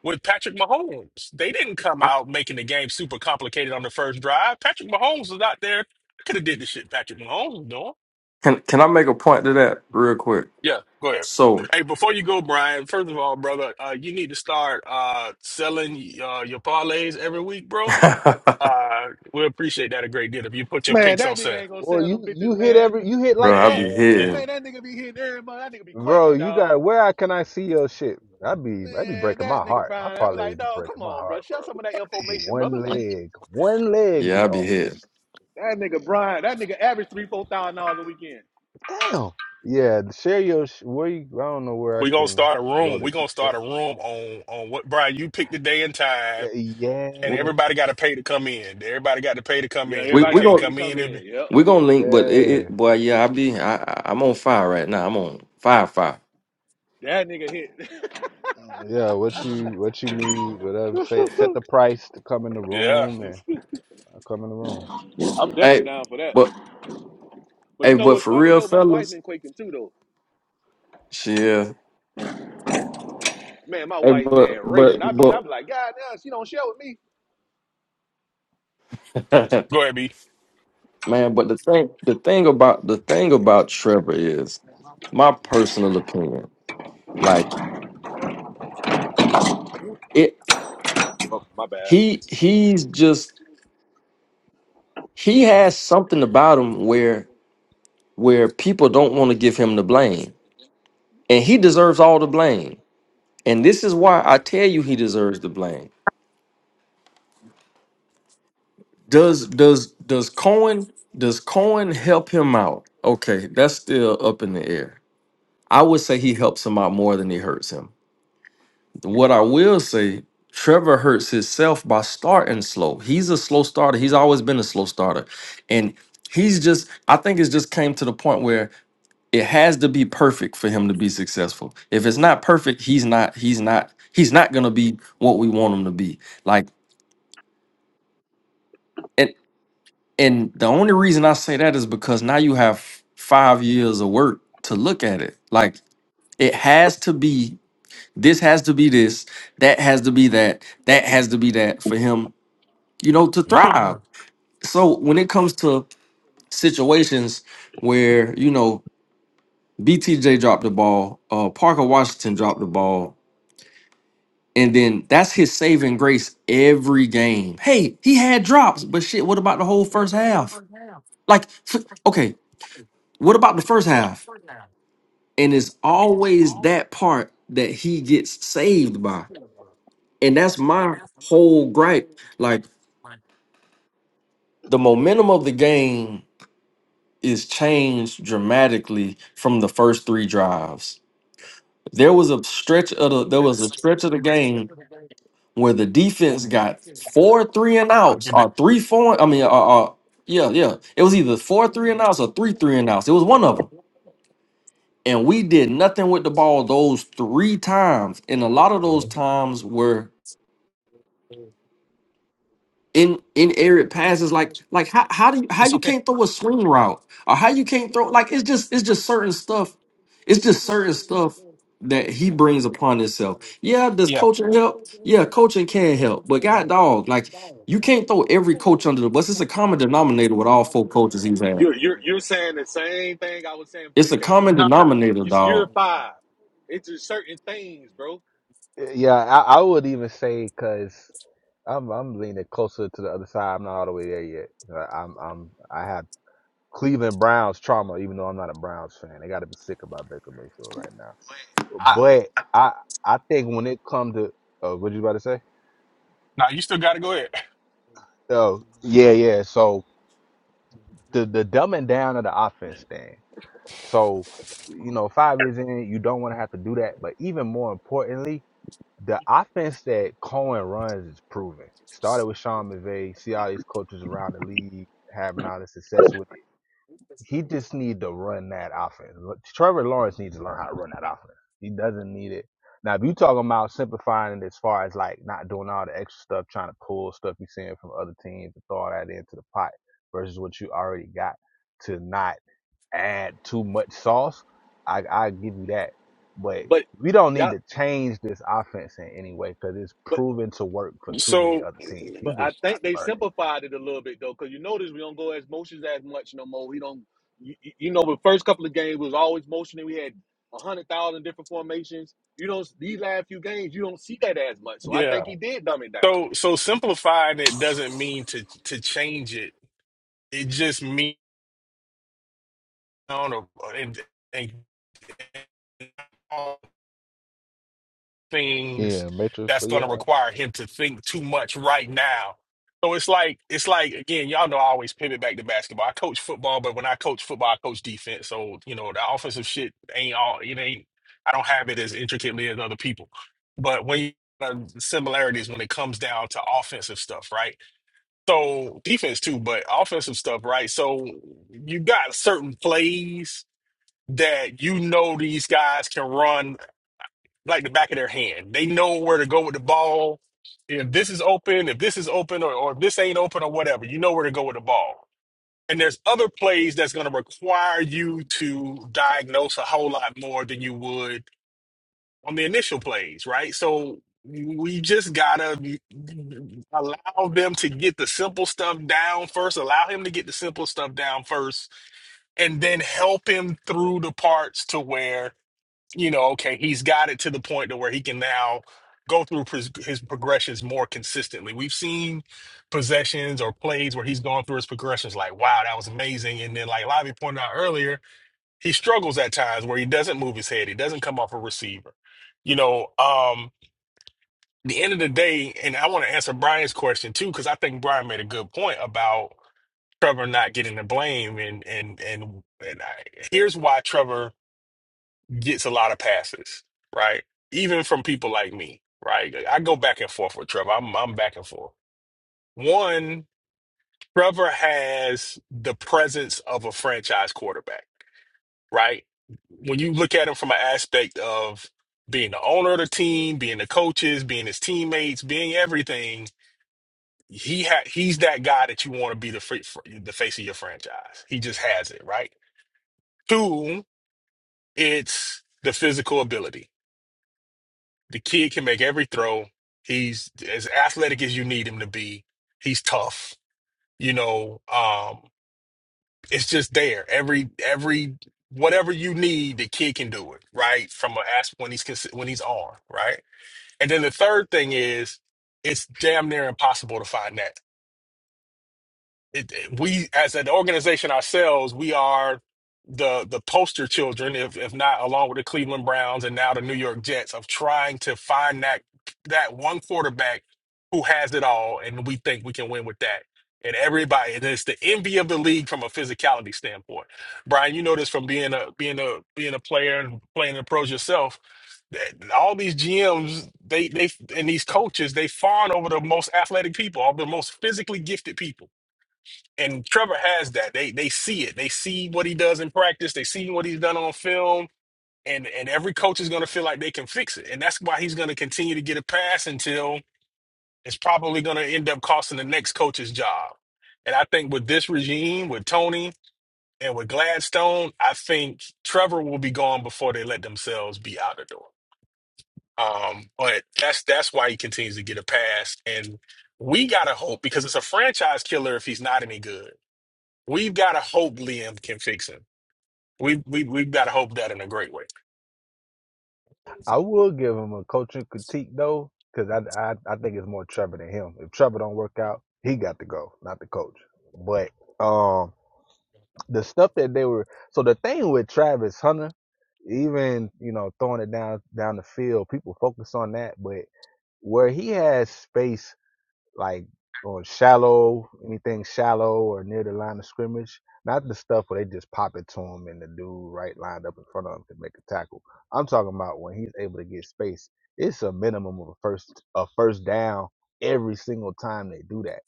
[SPEAKER 2] with Patrick Mahomes. They didn't come
[SPEAKER 5] I,
[SPEAKER 2] out making the game super complicated on the first drive. Patrick Mahomes was out there. I could have did the shit Patrick Mahomes was doing.
[SPEAKER 5] can can I make a point to that real quick?
[SPEAKER 2] Yeah, go ahead.
[SPEAKER 5] So,
[SPEAKER 2] Hey, before you go, Brian, first of all, brother, uh, you need to start uh, selling uh, your parlays every week, bro.
[SPEAKER 5] bro,
[SPEAKER 2] Uh, we appreciate that a great deal if you put your
[SPEAKER 4] Man,
[SPEAKER 2] picks on
[SPEAKER 4] that nigga
[SPEAKER 2] sale.
[SPEAKER 4] ain't gonna
[SPEAKER 3] Well,
[SPEAKER 4] sell
[SPEAKER 3] you
[SPEAKER 4] them
[SPEAKER 3] you
[SPEAKER 4] bitches,
[SPEAKER 3] hit
[SPEAKER 4] man.
[SPEAKER 3] every you hit like
[SPEAKER 5] I
[SPEAKER 3] that,
[SPEAKER 5] be
[SPEAKER 2] Man,
[SPEAKER 4] Man,
[SPEAKER 5] hitting.
[SPEAKER 4] that nigga be hitting everybody. That nigga be
[SPEAKER 3] bro.
[SPEAKER 4] quaking,
[SPEAKER 3] You
[SPEAKER 4] dog.
[SPEAKER 3] got where I can I see your shit? I be I be
[SPEAKER 4] Man,
[SPEAKER 3] breaking
[SPEAKER 4] that
[SPEAKER 3] my
[SPEAKER 4] nigga
[SPEAKER 3] heart. My
[SPEAKER 4] Brian. I'm like,
[SPEAKER 3] parlays be
[SPEAKER 4] dog, come
[SPEAKER 3] breaking my
[SPEAKER 4] on, bro.
[SPEAKER 3] heart, bro.
[SPEAKER 4] Share some of that
[SPEAKER 3] Be
[SPEAKER 4] information, brother.
[SPEAKER 3] one leg, one leg
[SPEAKER 5] Yeah,
[SPEAKER 3] be
[SPEAKER 5] I
[SPEAKER 3] off.
[SPEAKER 5] be hitting.
[SPEAKER 4] That nigga Brian. That nigga averaged three, four thousand dollars a weekend.
[SPEAKER 3] Damn. Yeah, share your sh- where you. I don't know where I
[SPEAKER 2] we gonna
[SPEAKER 3] can
[SPEAKER 2] start a
[SPEAKER 3] go
[SPEAKER 2] room. We
[SPEAKER 3] that you
[SPEAKER 2] gonna start
[SPEAKER 3] share.
[SPEAKER 2] a room on on what Brian you pick the day and time,
[SPEAKER 3] Uh,
[SPEAKER 2] and
[SPEAKER 5] We
[SPEAKER 3] Yeah.
[SPEAKER 2] everybody got to pay to come in. Everybody got to pay to come
[SPEAKER 4] Yeah,
[SPEAKER 2] in. You
[SPEAKER 4] everybody
[SPEAKER 5] we
[SPEAKER 4] got to
[SPEAKER 2] can't
[SPEAKER 5] gonna
[SPEAKER 4] pay to
[SPEAKER 2] come
[SPEAKER 4] come
[SPEAKER 2] in if
[SPEAKER 4] in. Yep.
[SPEAKER 5] we gonna link, but it, it
[SPEAKER 3] Yeah,
[SPEAKER 5] boy, yeah, I be I I- I'm on fire right now. I'm on fire fire.
[SPEAKER 4] That nigga hit.
[SPEAKER 3] Mm, yeah. What you what you need, whatever. Say set the price to come in the
[SPEAKER 2] Yeah.
[SPEAKER 3] room and I'll come in the room.
[SPEAKER 4] I'm definitely
[SPEAKER 5] Hey,
[SPEAKER 4] down for that.
[SPEAKER 5] but
[SPEAKER 4] But you
[SPEAKER 5] hey,
[SPEAKER 4] know
[SPEAKER 5] but
[SPEAKER 4] what's
[SPEAKER 5] for
[SPEAKER 4] funny
[SPEAKER 5] real,
[SPEAKER 4] though? My wife
[SPEAKER 5] fellas,
[SPEAKER 4] been quaking too though.
[SPEAKER 5] shit.
[SPEAKER 4] Man, my
[SPEAKER 5] Hey,
[SPEAKER 4] wife,
[SPEAKER 5] but
[SPEAKER 4] man,
[SPEAKER 5] but
[SPEAKER 4] raping. I be, I
[SPEAKER 5] but
[SPEAKER 4] be like, God damn, she don't share with me.
[SPEAKER 2] Go ahead, B.
[SPEAKER 5] man, but the thing the thing about the thing about Trevor is my personal opinion. Like it,
[SPEAKER 4] Oh, my bad.
[SPEAKER 5] he he's just he has something about him where where people don't want to give him the blame and he deserves all the blame and this is why i tell you he deserves the blame does does does cohen does cohen help him out okay that's still up in the air i would say he helps him out more than he hurts him what i will say trevor hurts himself by starting slow he's a slow starter he's always been a slow starter and he's just i think it's just came to the point where. it has to be perfect for him to be successful. If it's not perfect, he's not he's not he's not going to be what we want him to be. Like and and the only reason I say that is because now you have f- 5 years of work to look at it. Like it has to be this has to be this, that has to be that, that has to be that for him, you know, to thrive. So when it comes to situations where, you know, BTJ dropped the ball, uh Parker Washington dropped the ball, And then that's his saving grace every game. Hey, he had drops, but shit, what about the whole first half? Like, f- okay, what about the first half? And it's always that part that he gets saved by. And that's my whole gripe. Like, the momentum of the game is changed dramatically from the first three drives. There was a stretch of the there was a stretch of the game where the defense got four three and outs or three four. I mean, uh, uh, yeah, yeah. It was either four three and outs or three three and outs. It was one of them, and we did nothing with the ball those three times. And a lot of those times were in in arid passes like like how, how do you how you can't throw a swing route or how you can't throw like it's just it's just certain stuff it's just certain stuff that he brings upon himself yeah does
[SPEAKER 2] Yeah.
[SPEAKER 5] coaching help yeah coaching can help but god dog like you can't throw every coach under the bus it's a common denominator with all four coaches he's had
[SPEAKER 4] You're you're you're saying the same thing I was saying before
[SPEAKER 5] it's
[SPEAKER 4] you
[SPEAKER 5] a
[SPEAKER 4] came in the
[SPEAKER 5] common
[SPEAKER 4] room, Brian.
[SPEAKER 5] denominator
[SPEAKER 4] It's year
[SPEAKER 5] dog
[SPEAKER 4] five. It's just certain things, bro.
[SPEAKER 3] Yeah, I, I would even say because I'm I'm leaning closer to the other side. I'm not all the way there yet. Uh, I'm I'm I have Cleveland Browns trauma, even though I'm not a Browns fan. They got to be sick about Baker Mayfield right now. But I I think when it comes to uh, what you about to say?
[SPEAKER 2] Now you still got to go ahead.
[SPEAKER 3] Oh, yeah, yeah. So the the dumbing down of the offense thing. So you know, five years in, you don't want to have to do that. But even more importantly, the offense that Cohen runs is proven. Started with Sean McVay. See all these coaches around the league having all the success with it. He just need to run that offense. Trevor Lawrence needs to learn how to run that offense. He doesn't need it. Now, if you talking about simplifying it as far as like not doing all the extra stuff, trying to pull stuff you're seeing from other teams and throw all that into the pot versus what you already got to not add too much sauce, I, I give you that. But
[SPEAKER 4] But
[SPEAKER 3] we don't need
[SPEAKER 4] yeah,
[SPEAKER 3] to change this offense in any way because it's
[SPEAKER 4] but
[SPEAKER 3] proven to work for too many
[SPEAKER 2] So,
[SPEAKER 3] other teams. He
[SPEAKER 4] but
[SPEAKER 3] just
[SPEAKER 4] I
[SPEAKER 3] gonna have
[SPEAKER 4] think
[SPEAKER 3] to
[SPEAKER 4] they
[SPEAKER 3] learn
[SPEAKER 4] simplified it a little bit though, because you notice we don't go as motions as much no more. We don't. You, you you know, the first couple of games was always motioning. We had a hundred thousand different formations. You don't these last few games, you don't see that as much. So I
[SPEAKER 2] yeah.
[SPEAKER 4] think he did dumb it down.
[SPEAKER 2] So, so simplifying it doesn't mean to to change it. It just means on a and and
[SPEAKER 3] it.
[SPEAKER 2] things
[SPEAKER 3] Yeah, Matrix
[SPEAKER 2] that's
[SPEAKER 3] for
[SPEAKER 2] going
[SPEAKER 3] you.
[SPEAKER 2] to require him to think too much right now. So it's like it's like again, y'all know I always pivot back to basketball. I coach football, but when I coach football, I coach defense. So you know the offensive shit ain't all it ain't. I don't have it as intricately as other people, but when you uh, similarities when it comes down to offensive stuff, right? So defense too, but offensive stuff, right? So you got certain plays that you know these guys can run like the back of their hand. They know where to go with the ball. If this is open, if this is open, or, or if this ain't open, or whatever, you know where to go with the ball. And there's other plays that's going to require you to diagnose a whole lot more than you would on the initial plays, right? So we just gotta allow them to get the simple stuff down first. Allow him to get the simple stuff down first, and then help him through the parts to where you know, okay, he's got it to the point to where he can now go through pres- his progressions more consistently. We've seen possessions or plays where he's gone through his progressions like, wow, that was amazing. And then, like Lavi pointed out earlier, he struggles at times where he doesn't move his head, he doesn't come off a receiver. You know, um, the end of the day, and I want to answer Brian's question too, because I think Brian made a good point about Trevor not getting the blame, and and and, and I, here's why Trevor gets a lot of passes, right? Even from people like me, right? Like, I go back and forth with Trevor. I'm I'm back and forth. One, Trevor has the presence of a franchise quarterback, right? When you look at him from an aspect of being the owner of the team, being the coaches, being his teammates, being everything, he ha- he's that guy that you want to be the free- fr- the face of your franchise. He just has it, right? Two, it's the physical ability The kid can make every throw. He's as athletic as you need him to be. He's tough. You know, um, it's just there. Every every whatever you need, the kid can do it. Right from an ask when he's consi- when he's on. Right, and then the third thing is it's damn near impossible to find that. it, it- we as an organization ourselves, we are the the poster children, if if not along with the Cleveland Browns and now the New York Jets, of trying to find that that one quarterback who has it all, and we think we can win with that. And everybody, and it's the envy of the league from a physicality standpoint. Brian, you know this from being a being a being a player and playing in the pros yourself that- all these GMs, they they and these coaches, they fawn over the most athletic people, all the most physically gifted people and Trevor has that. They they see it. They see what he does in practice. They see what he's done on film. And and every coach is going to feel like they can fix it. And that's why he's going to continue to get a pass until it's probably going to end up costing the next coach's job. And I think with this regime, with Tony and with Gladstone, I think Trevor will be gone before they let themselves be out the door. Um, but that's that's why he continues to get a pass. And we gotta hope because it's a franchise killer if he's not any good. We've got to hope Liam can fix him. We we we've got to hope that in a great way.
[SPEAKER 3] I will give him a coaching critique though, because I, I I think it's more Trevor than him. If Trevor don't work out, he got to go, not the coach. But um, the stuff that they were so the thing with Travis Hunter, even you know throwing it down down the field, people focus on that, but where he has space like on shallow, anything shallow or near the line of scrimmage. Not the stuff where they just pop it to him and the dude right lined up in front of him can make a tackle. I'm talking about when he's able to get space. It's a minimum of a first a first down every single time they do that.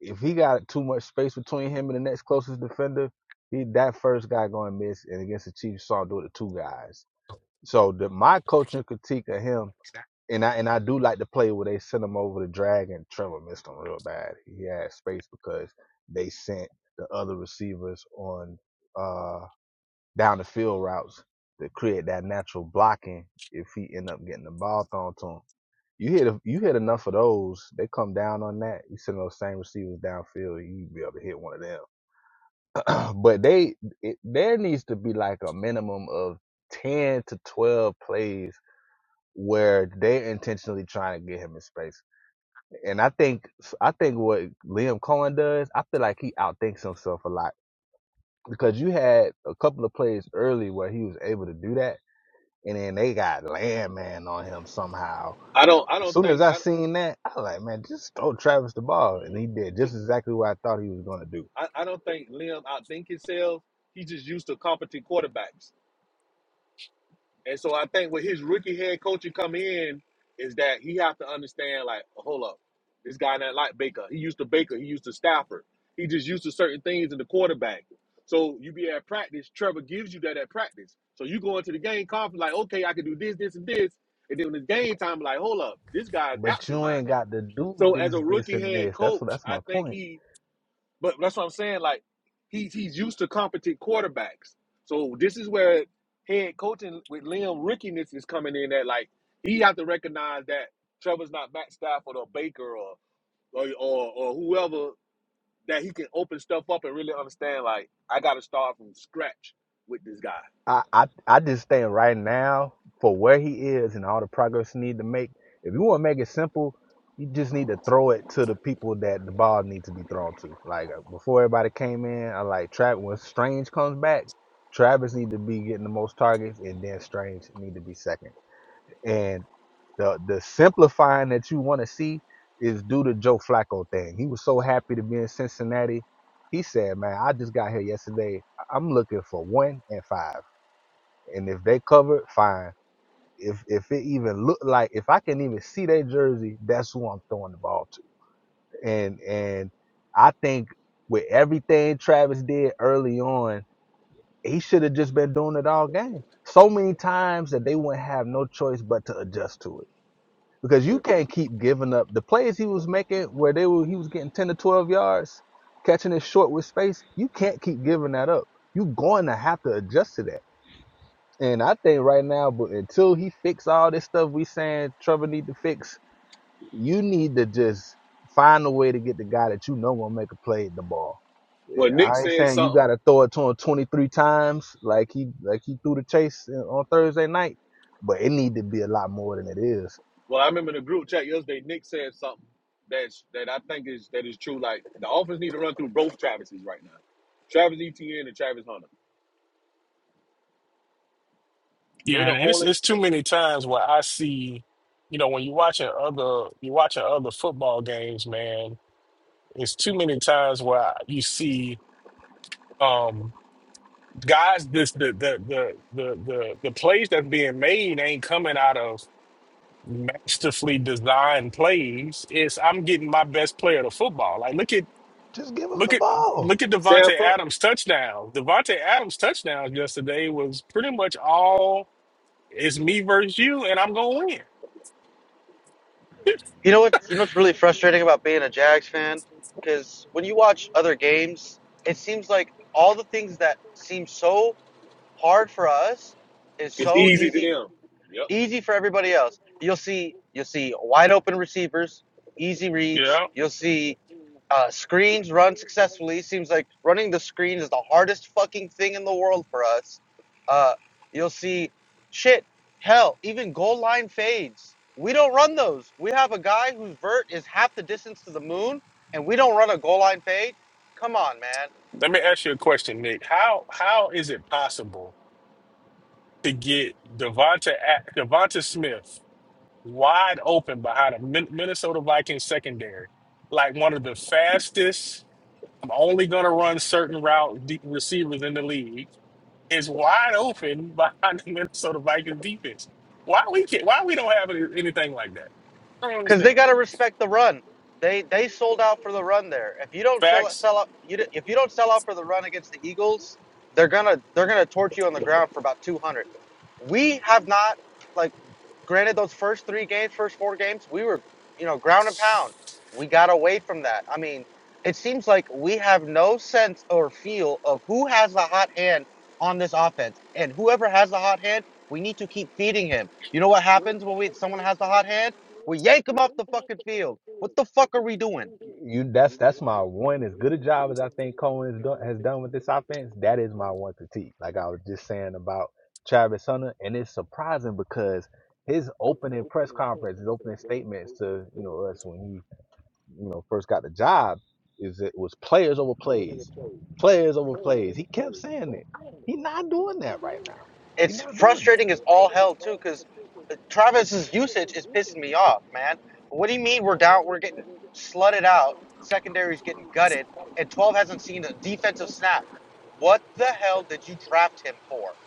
[SPEAKER 3] If he got too much space between him and the next closest defender, he that first guy going to miss. And against the Chiefs, saw him do it to two guys. So the, my coaching critique of him and I and I do like the play where they sent him over to drag and Trevor missed him real bad. He had space because they sent the other receivers on uh down the field routes to create that natural blocking if he end up getting the ball thrown to him. You hit you hit enough of those, they come down on that. You send those same receivers downfield, you be able to hit one of them. But they it, there needs to be like a minimum of ten to twelve plays where they're intentionally trying to get him in space and I think I think what Liam Cohen does, I feel like he outthinks himself a lot because you had a couple of plays early where he was able to do that, and then they got Landman on him somehow.
[SPEAKER 4] I don't. I
[SPEAKER 3] As
[SPEAKER 4] don't
[SPEAKER 3] soon as
[SPEAKER 4] think.
[SPEAKER 3] I
[SPEAKER 4] I, don't-
[SPEAKER 3] seen that, I was like, man, just throw Travis the ball, and he did just exactly what I thought he was gonna do.
[SPEAKER 4] I, I don't think Liam outthink himself. He's just used to competent quarterbacks And so I think with his rookie head coaching come in is that he have to understand like, hold up, this guy not like Baker. He used to Baker. He used to Stafford. He just used to certain things in the quarterback. So you be at practice. Trevor gives you that at practice. So you go into the game confident like, okay, I can do this, this, and this. And then when it's game time, like, hold up, this guy's
[SPEAKER 3] But
[SPEAKER 4] absent
[SPEAKER 3] you ain't
[SPEAKER 4] minded.
[SPEAKER 3] got to do
[SPEAKER 4] So as a
[SPEAKER 3] this, this,
[SPEAKER 4] rookie
[SPEAKER 3] and
[SPEAKER 4] head
[SPEAKER 3] this. That's what
[SPEAKER 4] coach,
[SPEAKER 3] that's
[SPEAKER 4] I
[SPEAKER 3] my
[SPEAKER 4] think
[SPEAKER 3] point
[SPEAKER 4] he but that's what I'm saying. Like he's he's used to competent quarterbacks. So this is where head coaching with Liam rickiness is coming in. That like he have to recognize that Trevor's not Matt Stafford or Baker or or or, or whoever that he can open stuff up and really understand. Like I got to start from scratch with this guy.
[SPEAKER 3] I, I I just think right now for where he is and all the progress he need to make. If you want to make it simple, you just need to throw it to the people that the ball needs to be thrown to. Like uh, before everybody came in, I like Trav. When Strange comes back, Travis need to be getting the most targets, and then Strange need to be second. And the the simplifying that you want to see is due to Joe Flacco thing. He was so happy to be in Cincinnati. He said, "Man, I just got here yesterday. I- I'm looking for one and five." And if they covered, fine. If if it even look like if I can even see their jersey, that's who I'm throwing the ball to. And and I think with everything Travis did early on, he should have just been doing it all game. So many times that they wouldn't have no choice but to adjust to it. Because you
[SPEAKER 4] Mm.
[SPEAKER 3] can't keep giving up the plays he was making where they were he was getting ten to twelve yards, catching it short with space, you can't keep giving that up. You're going to have to adjust to that and I think right now, but until he fix all this stuff we saying Trevor need to fix, you need to just find a way to get the guy that you know gonna make a play at the ball.
[SPEAKER 4] Well,
[SPEAKER 3] Yeah,
[SPEAKER 4] Nick
[SPEAKER 3] I ain't
[SPEAKER 4] said
[SPEAKER 3] saying you
[SPEAKER 4] something.
[SPEAKER 3] gotta throw it to him 23 times like he like he threw the chase on Thursday night, but it need to be a lot more than it is.
[SPEAKER 4] Well, I remember in the group chat yesterday. Nick said something that's that I think is that is true. Like the offense need to run through both Travises right now, Travis Etienne and Travis Hunter. They
[SPEAKER 2] Yeah,
[SPEAKER 4] the
[SPEAKER 2] and and it's
[SPEAKER 4] only
[SPEAKER 2] it's too many times where I see, you know, when you're watching other you're watching other football games, man. It's too many times where I- you see um guys this the the the the the, the plays that's being made ain't coming out of masterfully designed plays. It's I'm getting my best player to football. Like look at
[SPEAKER 3] Just give him
[SPEAKER 2] Look
[SPEAKER 3] the
[SPEAKER 2] at
[SPEAKER 3] ball.
[SPEAKER 2] look at Devontae
[SPEAKER 4] Sanford.
[SPEAKER 2] Adams' touchdown. Devontae Adams' touchdown yesterday was pretty much all it's me versus you, and I'm gonna win.
[SPEAKER 6] You know what? You know what's really frustrating about being a Jags fan? Because when you watch other games, it seems like all the things that seem so hard for us is
[SPEAKER 4] It's
[SPEAKER 6] so
[SPEAKER 4] easy to
[SPEAKER 6] easy,
[SPEAKER 4] them. Yep.
[SPEAKER 6] easy for everybody else. You'll see, you'll see wide open receivers, easy reads.
[SPEAKER 2] yeah.
[SPEAKER 6] You'll see uh, screens run successfully. Seems like running the screens is the hardest fucking thing in the world for us. Uh, you'll see, shit, hell, even goal line fades. We don't run those. We have a guy whose vert is half the distance to the moon, and we don't run a goal line fade. Come on, man.
[SPEAKER 2] Let me ask you a question, Nick. How how is it possible to get Devonta A- Devonta Smith wide open behind a Min- Minnesota Vikings secondary, like one of the fastest? I'm only gonna run certain route de- receivers in the league. is wide open behind the Minnesota Vikings defense. Why we can't, why we don't have any- anything like that? I don't
[SPEAKER 6] Because they
[SPEAKER 2] understand.
[SPEAKER 6] gotta respect the run. They they sold out for the run there. If you don't sell,
[SPEAKER 2] Facts
[SPEAKER 6] sell out, you d- if you don't sell out for the run against the Eagles, they're gonna they're gonna torch you on the ground for about 200. We have not like granted those first three games first four games we were you know ground and pound we got away from that i mean it seems like we have no sense or feel of who has the hot hand on this offense and whoever has the hot hand we need to keep feeding him you know what happens when we someone has the hot hand we yank him off the fucking field what the fuck are we doing
[SPEAKER 3] You that's that's my one. As good a job as I think Cohen has done, with this offense, that is my one critique. Like I was just saying about Travis Hunter, and it's surprising because his opening press conference, his opening statements to you know us when he you know first got the job, is it was players over plays, players over plays. He kept saying it. He's not doing that right now. He's
[SPEAKER 6] it's
[SPEAKER 3] not doing it.
[SPEAKER 6] frustrating as all hell too because Travis's usage is pissing me off, man. What do you mean we're down? We're getting slutted out. Secondary's getting gutted, and 12 hasn't seen a defensive snap. What the hell did you draft him for?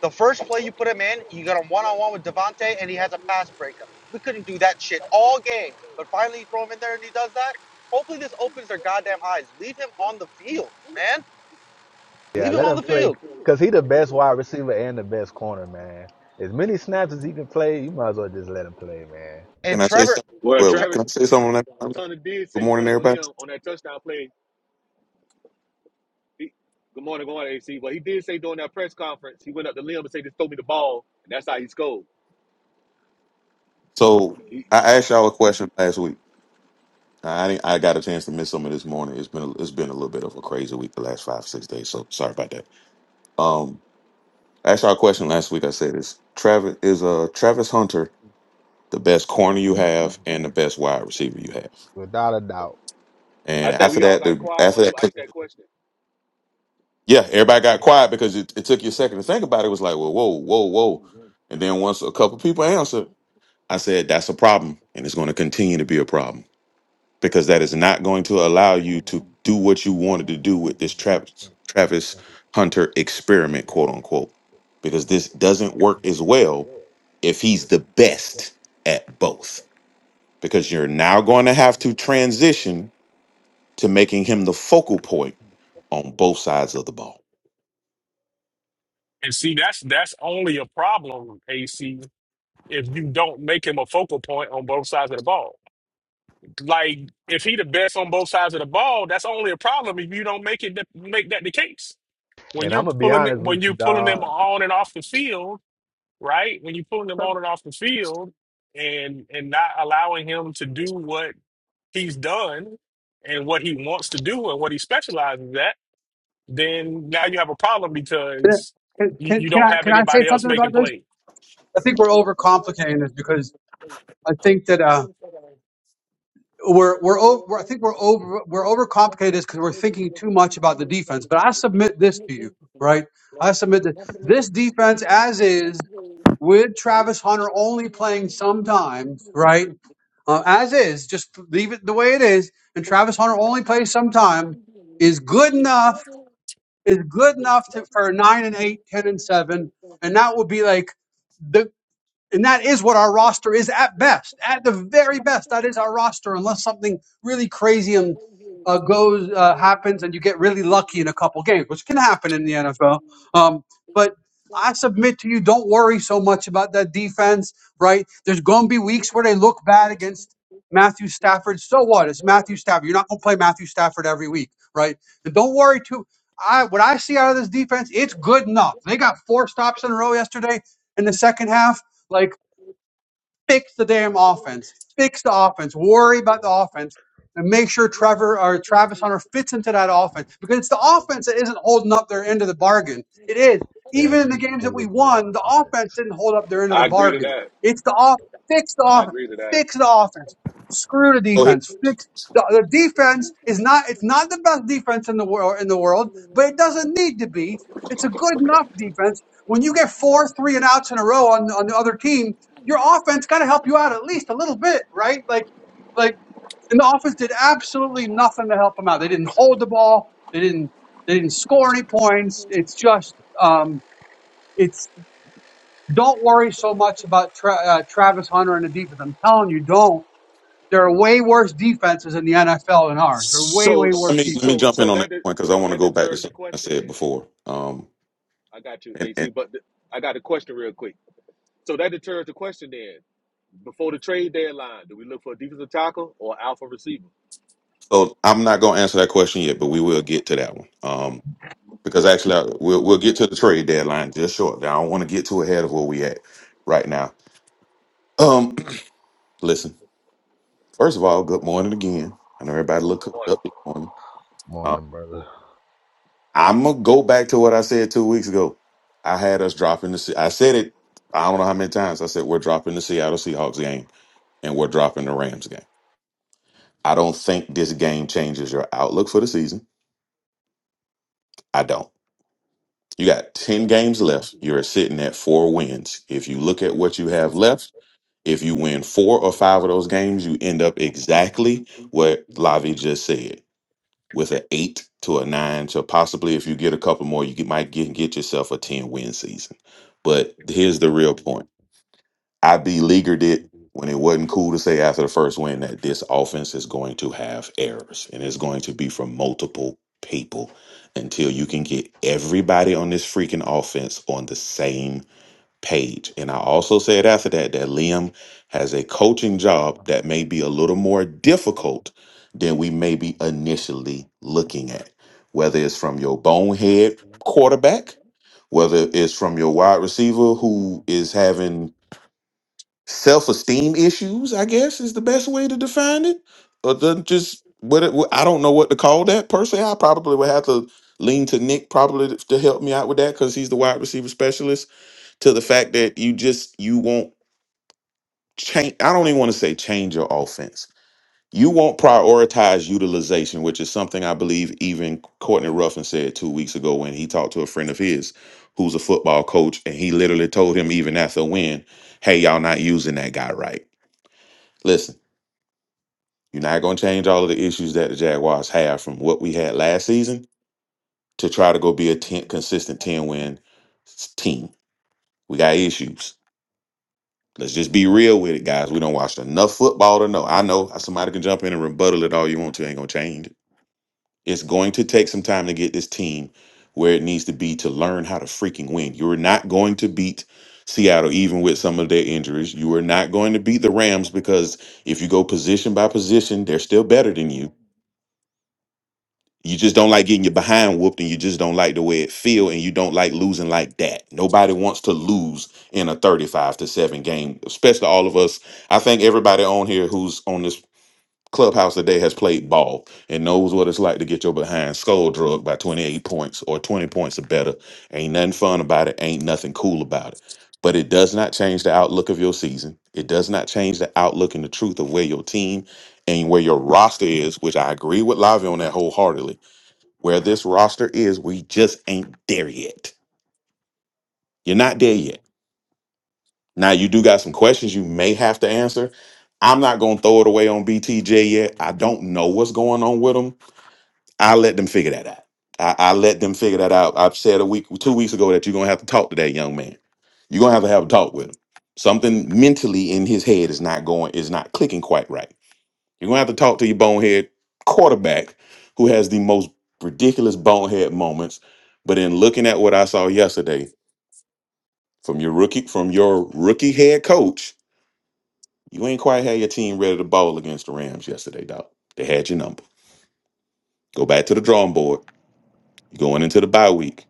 [SPEAKER 6] The first play you put him in, you got him one on one with Devontae, and he has a pass breakup. We couldn't do that shit all game, but finally you throw him in there and he does that. Hopefully this opens their goddamn eyes. Leave him on the field, man.
[SPEAKER 3] Yeah,
[SPEAKER 6] Leave him
[SPEAKER 3] let
[SPEAKER 6] on
[SPEAKER 3] him
[SPEAKER 6] the
[SPEAKER 3] play
[SPEAKER 6] field.
[SPEAKER 3] because he the best wide receiver and the best corner, man. As many snaps as he can play, you might as well just let him play, man.
[SPEAKER 6] And
[SPEAKER 7] Can I say
[SPEAKER 6] Trevor,
[SPEAKER 7] something?
[SPEAKER 4] Well,
[SPEAKER 7] Well,
[SPEAKER 6] Tre-
[SPEAKER 7] can
[SPEAKER 4] Travis
[SPEAKER 7] I say something? on that?
[SPEAKER 4] Hunter did
[SPEAKER 7] Good
[SPEAKER 4] say he
[SPEAKER 7] morning,
[SPEAKER 4] went up the
[SPEAKER 7] everybody.
[SPEAKER 4] limb on that touchdown play. He, good morning, good morning, AC. But he did say during that press conference, he went up the limb and said, "Just throw me the ball," and that's how he scored.
[SPEAKER 7] So
[SPEAKER 4] He,
[SPEAKER 7] I asked y'all a question last week. I didn't- I got a chance to miss some of this morning. It's been a, it's been a little bit of a crazy week the last five six days. So sorry about that. Um, I asked y'all a question last week. I said is Travis is uh Travis Hunter the best corner you have and the best wide receiver you have.
[SPEAKER 3] Without a doubt.
[SPEAKER 7] And
[SPEAKER 4] I think
[SPEAKER 7] after
[SPEAKER 4] we all
[SPEAKER 7] that,
[SPEAKER 4] got
[SPEAKER 7] the
[SPEAKER 4] quiet
[SPEAKER 7] after
[SPEAKER 4] when you
[SPEAKER 7] that,
[SPEAKER 4] asked that question.
[SPEAKER 7] yeah, everybody got quiet because it, it took you a second to think about it. It was like, well, whoa, whoa, whoa. And then once a couple people answered, I said, that's a problem, and it's going to continue to be a problem because that is not going to allow you to do what you wanted to do with this Travis, Travis Hunter experiment, quote unquote, because this doesn't work as well if he's the best at both. Because you're now going to have to transition to making him the focal point on both sides of the ball.
[SPEAKER 2] and see that's that's only a problem, AC, if you don't make him a focal point on both sides of the ball. Like if he the best on both sides of the ball, that's only a problem if you don't make it the, make that the case. When
[SPEAKER 3] And
[SPEAKER 2] you're
[SPEAKER 3] I'm gonna be
[SPEAKER 2] pulling it-
[SPEAKER 3] honest
[SPEAKER 2] when
[SPEAKER 3] with you,
[SPEAKER 2] you're pulling
[SPEAKER 3] dog.
[SPEAKER 2] them on and off the field, right? When you're pulling them on and off the field, and and not allowing him to do what he's done and what he wants to do and what he specializes at, then now you have a problem
[SPEAKER 1] can
[SPEAKER 2] because you,
[SPEAKER 1] can
[SPEAKER 2] you
[SPEAKER 1] can
[SPEAKER 2] don't
[SPEAKER 1] I
[SPEAKER 2] have
[SPEAKER 1] can I say
[SPEAKER 2] anybody else
[SPEAKER 1] something
[SPEAKER 2] making
[SPEAKER 1] about this?
[SPEAKER 2] plays.
[SPEAKER 1] I think we're overcomplicating this because I think that. uh we're we're over. We're, I think we're over. We're overcomplicated this because we're thinking too much about the defense. But I submit this to you, right? I submit that this defense, as is, with Travis Hunter only playing sometimes, right? Uh, as is, just leave it the way it is, and Travis Hunter only plays sometimes is good enough. Is good enough to, for nine and eight, ten and seven, and that would be like. the. And that is what our roster is at best. At the very best, that is our roster, unless something really crazy and uh, goes uh, happens, and you get really lucky in a couple games, which can happen in the NFL. Um, but I submit to you, don't worry so much about that defense, right? There's going to be weeks where they look bad against Matthew Stafford. So what? It's Matthew Stafford. You're not going to play Matthew Stafford every week, right? And don't worry too. I what I see out of this defense, it's good enough. They got four stops in a row yesterday in the second half like, fix the damn offense. Fix the offense. Worry about the offense and make sure Trevor or Travis Hunter fits into that offense because it's the offense that isn't holding up their end of the bargain. It is.
[SPEAKER 3] Yeah,
[SPEAKER 1] Even in the
[SPEAKER 3] he's
[SPEAKER 1] games that we
[SPEAKER 3] needed more
[SPEAKER 1] won, the
[SPEAKER 3] on
[SPEAKER 1] offense
[SPEAKER 3] offense.
[SPEAKER 1] didn't hold up their end of the
[SPEAKER 4] I agree to
[SPEAKER 1] bargain.
[SPEAKER 4] that.
[SPEAKER 1] It's the off. Fix the
[SPEAKER 4] I
[SPEAKER 1] offense.
[SPEAKER 4] agree to that.
[SPEAKER 1] Fix the offense. Screw the
[SPEAKER 7] So hey,
[SPEAKER 1] defense. Fix the, the defense is not. It's not the best defense in the world in the world, but it doesn't need to be. It's a good enough defense when you get four three and outs in a row on, on the other team your offense got to help you out at least a little bit, right? Like, like, and the offense did absolutely nothing to help them out. They didn't hold the ball. They didn't. They didn't score any points. It's just, um, it's don't worry so much about tra- uh, Travis Hunter and the defense. I'm telling you, don't. There are way worse defenses in the NFL than ours. They're way,
[SPEAKER 4] So,
[SPEAKER 1] way worse
[SPEAKER 7] let me let me
[SPEAKER 1] defenses.
[SPEAKER 4] so,
[SPEAKER 7] jump in
[SPEAKER 4] so
[SPEAKER 7] on
[SPEAKER 4] that
[SPEAKER 7] that
[SPEAKER 4] de-
[SPEAKER 7] point because I
[SPEAKER 4] so
[SPEAKER 7] want to
[SPEAKER 4] that
[SPEAKER 7] go back to
[SPEAKER 4] deters the
[SPEAKER 7] something I
[SPEAKER 4] question. Then
[SPEAKER 7] said before. Um,
[SPEAKER 4] I got you, AC. But th- I got a question real quick. So that deters the question then. Before the trade deadline, do we look for a defensive tackle or alpha receiver?
[SPEAKER 7] So I'm not going to answer that question yet, but we will get to that one. Um, because actually, I, we'll we'll get to the trade deadline just shortly. I don't want to get too ahead of where we at right now. Um, listen. First of all, good morning again. I know everybody look up this morning.
[SPEAKER 3] More on
[SPEAKER 7] Uh,
[SPEAKER 3] them, brother.
[SPEAKER 7] I'm gonna go back to what I said two weeks ago. I had us dropping the. Se- I said it. I don't know how many times I said we're dropping the Seattle Seahawks game and we're dropping the Rams game. I don't think this game changes your outlook for the season. I don't. You got 10 games left. You're sitting at four wins. If you look at what you have left, if you win four or five of those games, you end up exactly what Lavi just said with an eight to a nine. So possibly if you get a couple more, you get, might get, get yourself a 10 win season. But here's the real point. I beleaguered it when it wasn't cool to say after the first win that this offense is going to have errors and it's going to be from multiple people until you can get everybody on this freaking offense on the same page. And I also said after that that Liam has a coaching job that may be a little more difficult than we may be initially looking at, whether it's from your bonehead quarterback, whether it's from your wide receiver who is having self-esteem issues i guess is the best way to define it or the, just what it, what- i don't know what to call that personally i probably would have to lean to nick probably to, to help me out with that because he's the wide receiver specialist to the fact that you just you won't change i don't even want to say change your offense you won't prioritize utilization which is something i believe even courtney ruffin said two weeks ago when he talked to a friend of his who's a football coach and he literally told him even after a win hey y'all not using that guy right You're not going to change all of the issues that the Jaguars have from what we had last season to try to go be a 10, consistent 10 win s- team. We got issues. Let's just be real with it, guys. We don't watch enough football to know. I know somebody can jump in and rebuttal it all you want to. Ain't going to change it. It's going to take some time to get this team where it needs to be to learn how to freaking win. You're not going to beat Seattle, even with some of their injuries. You are not going to beat the Rams because if you go position by position, they're still better than you you just don't like getting your behind whooped and you just don't like the way it feel and you don't like losing like that nobody wants to lose in a 35 to 7 game especially all of us i think everybody on here who's on this clubhouse today has played ball and knows what it's like to get your behind skull drugged by 28 points or 20 points or better ain't nothing fun about it ain't nothing cool about it but it does not change the outlook of your season it does not change the outlook and the truth of where your team and where your roster is which i agree with lavi on that wholeheartedly where this roster is, we just ain't there yet. You're not there yet. Now you do got some questions you may have to answer. I'm not gonna throw it away on BTJ yet. I don't know what's going on with them. I let them figure that out. I, I let them figure that out. I've said a week, two weeks ago that you're gonna have to talk to that young man. You're gonna have to have a talk with him. Something mentally in his head is not going, is not clicking quite right You're gonna have to talk to your bonehead quarterback who has the most ridiculous bonehead moments. But in looking at what I saw yesterday from your rookie from your rookie head coach, you ain't quite had your team ready to ball against the Rams yesterday, dog. They had your number. Go back to the drawing board. You're going into the bye week.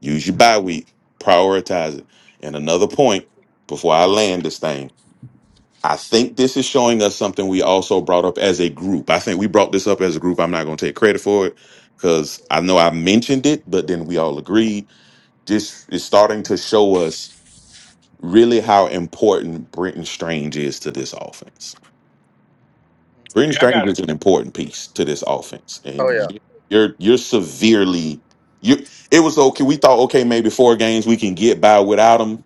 [SPEAKER 7] Use your bye week. Prioritize it. And another point before I land this thing. I think this is showing us something we also brought up as a group. I think we brought this up as a group. I'm not going to take credit for it because I know I mentioned it, but then we all agreed. This is starting to show us really how important Brenton Strange is to this offense. Brenton
[SPEAKER 2] Yeah, I
[SPEAKER 7] Strange
[SPEAKER 2] got it.
[SPEAKER 7] is an important piece to this offense,
[SPEAKER 6] oh
[SPEAKER 7] and
[SPEAKER 6] yeah.
[SPEAKER 7] you- you're you're severely you. It was okay. We thought okay, maybe four games we can get by without him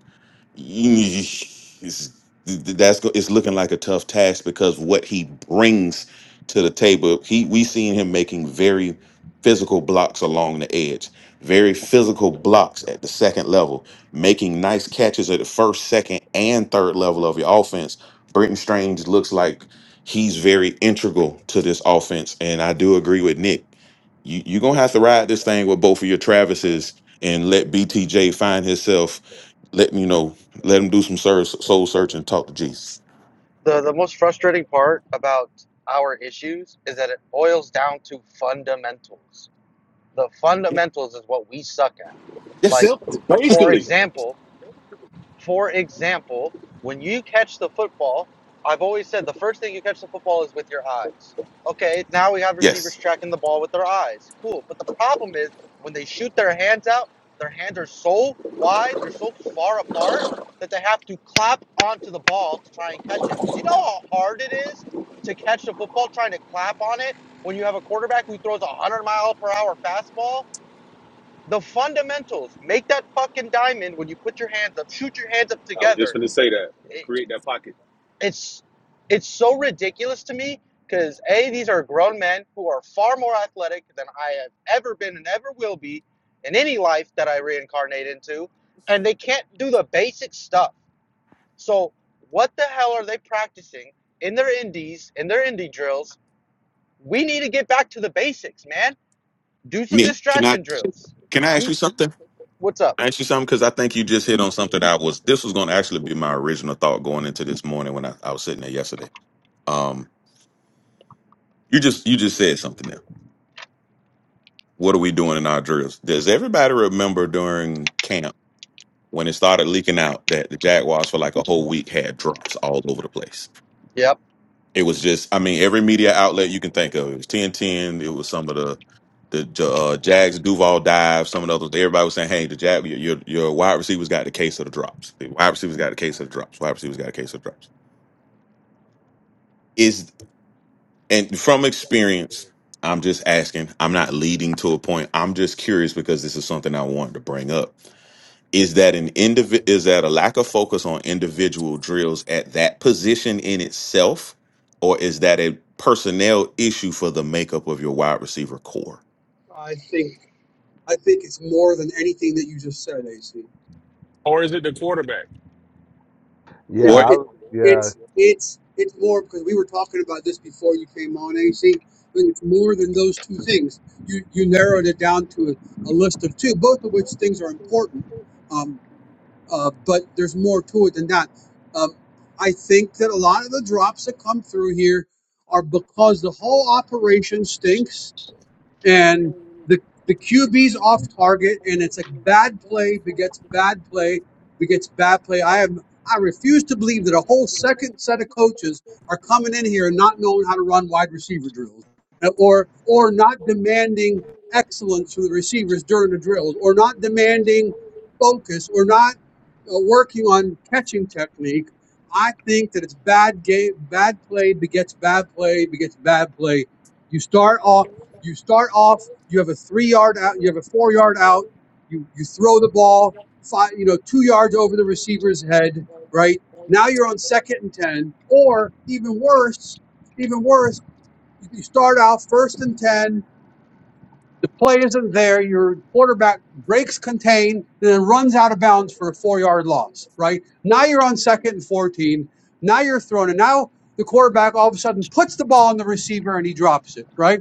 [SPEAKER 7] it's, that's go- it's looking like a tough task because what he brings to the table, he we seen him making very physical blocks along the edge, very physical blocks at the second level, making nice catches at the first, second, and third level of your offense. Britton Strange looks like he's very integral to this offense, and I do agree with Nick. You you're gonna have to ride this thing with both of your Travises and let BTJ find himself let you know, let them do some soul soul search and talk to Jesus.
[SPEAKER 6] The the most frustrating part about our issues is that it boils down to fundamentals. The
[SPEAKER 7] Yeah.
[SPEAKER 6] fundamentals is what we suck at. Like,
[SPEAKER 7] Yes,
[SPEAKER 4] Simple,
[SPEAKER 6] for
[SPEAKER 4] basically.
[SPEAKER 6] example, for example, when you catch the football, I've always said the first thing you catch the football is with your eyes. Okay, now we have receivers
[SPEAKER 7] yes.
[SPEAKER 6] tracking the ball with their eyes. Cool. But the problem is when they shoot their hands out, their hands are so wide, they're so far apart that they have to clap onto the ball to try and catch it. Do you know how hard it is to catch the football trying to clap on it when you have a quarterback who throws a 100 mile per hour fastball? The fundamentals. Make that fucking diamond when you put your hands up. Shoot your hands up
[SPEAKER 4] I was just
[SPEAKER 6] together.
[SPEAKER 4] going to say that.
[SPEAKER 6] It-
[SPEAKER 4] Create that pocket.
[SPEAKER 6] it's it's so ridiculous to me because a these are grown men who are far more athletic than I have ever been and ever will be in any life that I reincarnate into, and they can't do the basic stuff. So what the hell are they practicing in their indies in their indie drills? We need to get back to the basics, man. Do some
[SPEAKER 7] Me, can I
[SPEAKER 6] distraction drills.
[SPEAKER 7] can I
[SPEAKER 6] Do
[SPEAKER 7] ask you something?
[SPEAKER 6] what's up?
[SPEAKER 7] Can I ask you something because I think you just hit on something that I was. This was going to actually be my original thought going into this morning when I, I was sitting there yesterday. Um, you just you just said something there. What are we doing in our drills? Does everybody remember during camp when it started leaking out that the Jaguars for like a whole week had drops all over the place?
[SPEAKER 6] Yep.
[SPEAKER 7] It was just, I mean, every media outlet you can think of. It was TNT. It was some of the the Ja, uh, Jags Duval dive. Some of the others. Everybody was saying, "Hey, the Jag, your your your wide receivers got the case of the drops. The wide receivers got the case of the drops. Wide receivers got a case of the drops." Is and from experience, I'm just asking. I'm not leading to a point. I'm just curious because this is something I wanted to bring up. is that an individ is that a lack of focus on individual drills at that position in itself or is that a personnel issue for the makeup of your wide receiver core
[SPEAKER 1] I think I think it's more than anything that you just said, AC.
[SPEAKER 2] Or is it the quarterback?
[SPEAKER 3] Yeah,
[SPEAKER 1] It,
[SPEAKER 7] or
[SPEAKER 3] I,
[SPEAKER 7] is
[SPEAKER 1] it,
[SPEAKER 3] was- yeah.
[SPEAKER 1] it's it's it's more because we were talking about this before you came on, AC. I think it's more than those two things. You you narrowed it down to a, a list of two, both of which things are important. Um, uh, but there's more to it than that. Um, I think that a lot of the drops that come through here are because the whole operation stinks and the the QB's off target, and it's like bad play begets bad play begets bad play. I am I refuse to believe that a whole second set of coaches are coming in here and not knowing how to run wide receiver drills, uh, or or not demanding excellence from the receivers during the drills, or not demanding focus, or not uh, working on catching technique. I think that it's bad game, bad play begets bad play begets bad play. You start off. You start off, you have a three yard out, you have a four yard out, you you throw the ball five, you know, two yards over the receiver's head, right? Now you're on second and ten, or even worse, even worse, you you start out first and ten. The play isn't there. Your quarterback breaks contain, and then runs out of bounds for a four-yard loss. Right now, you're on second and fourteen. Now you're thrown, and now the quarterback all of a sudden puts the ball on the receiver and he drops it. Right?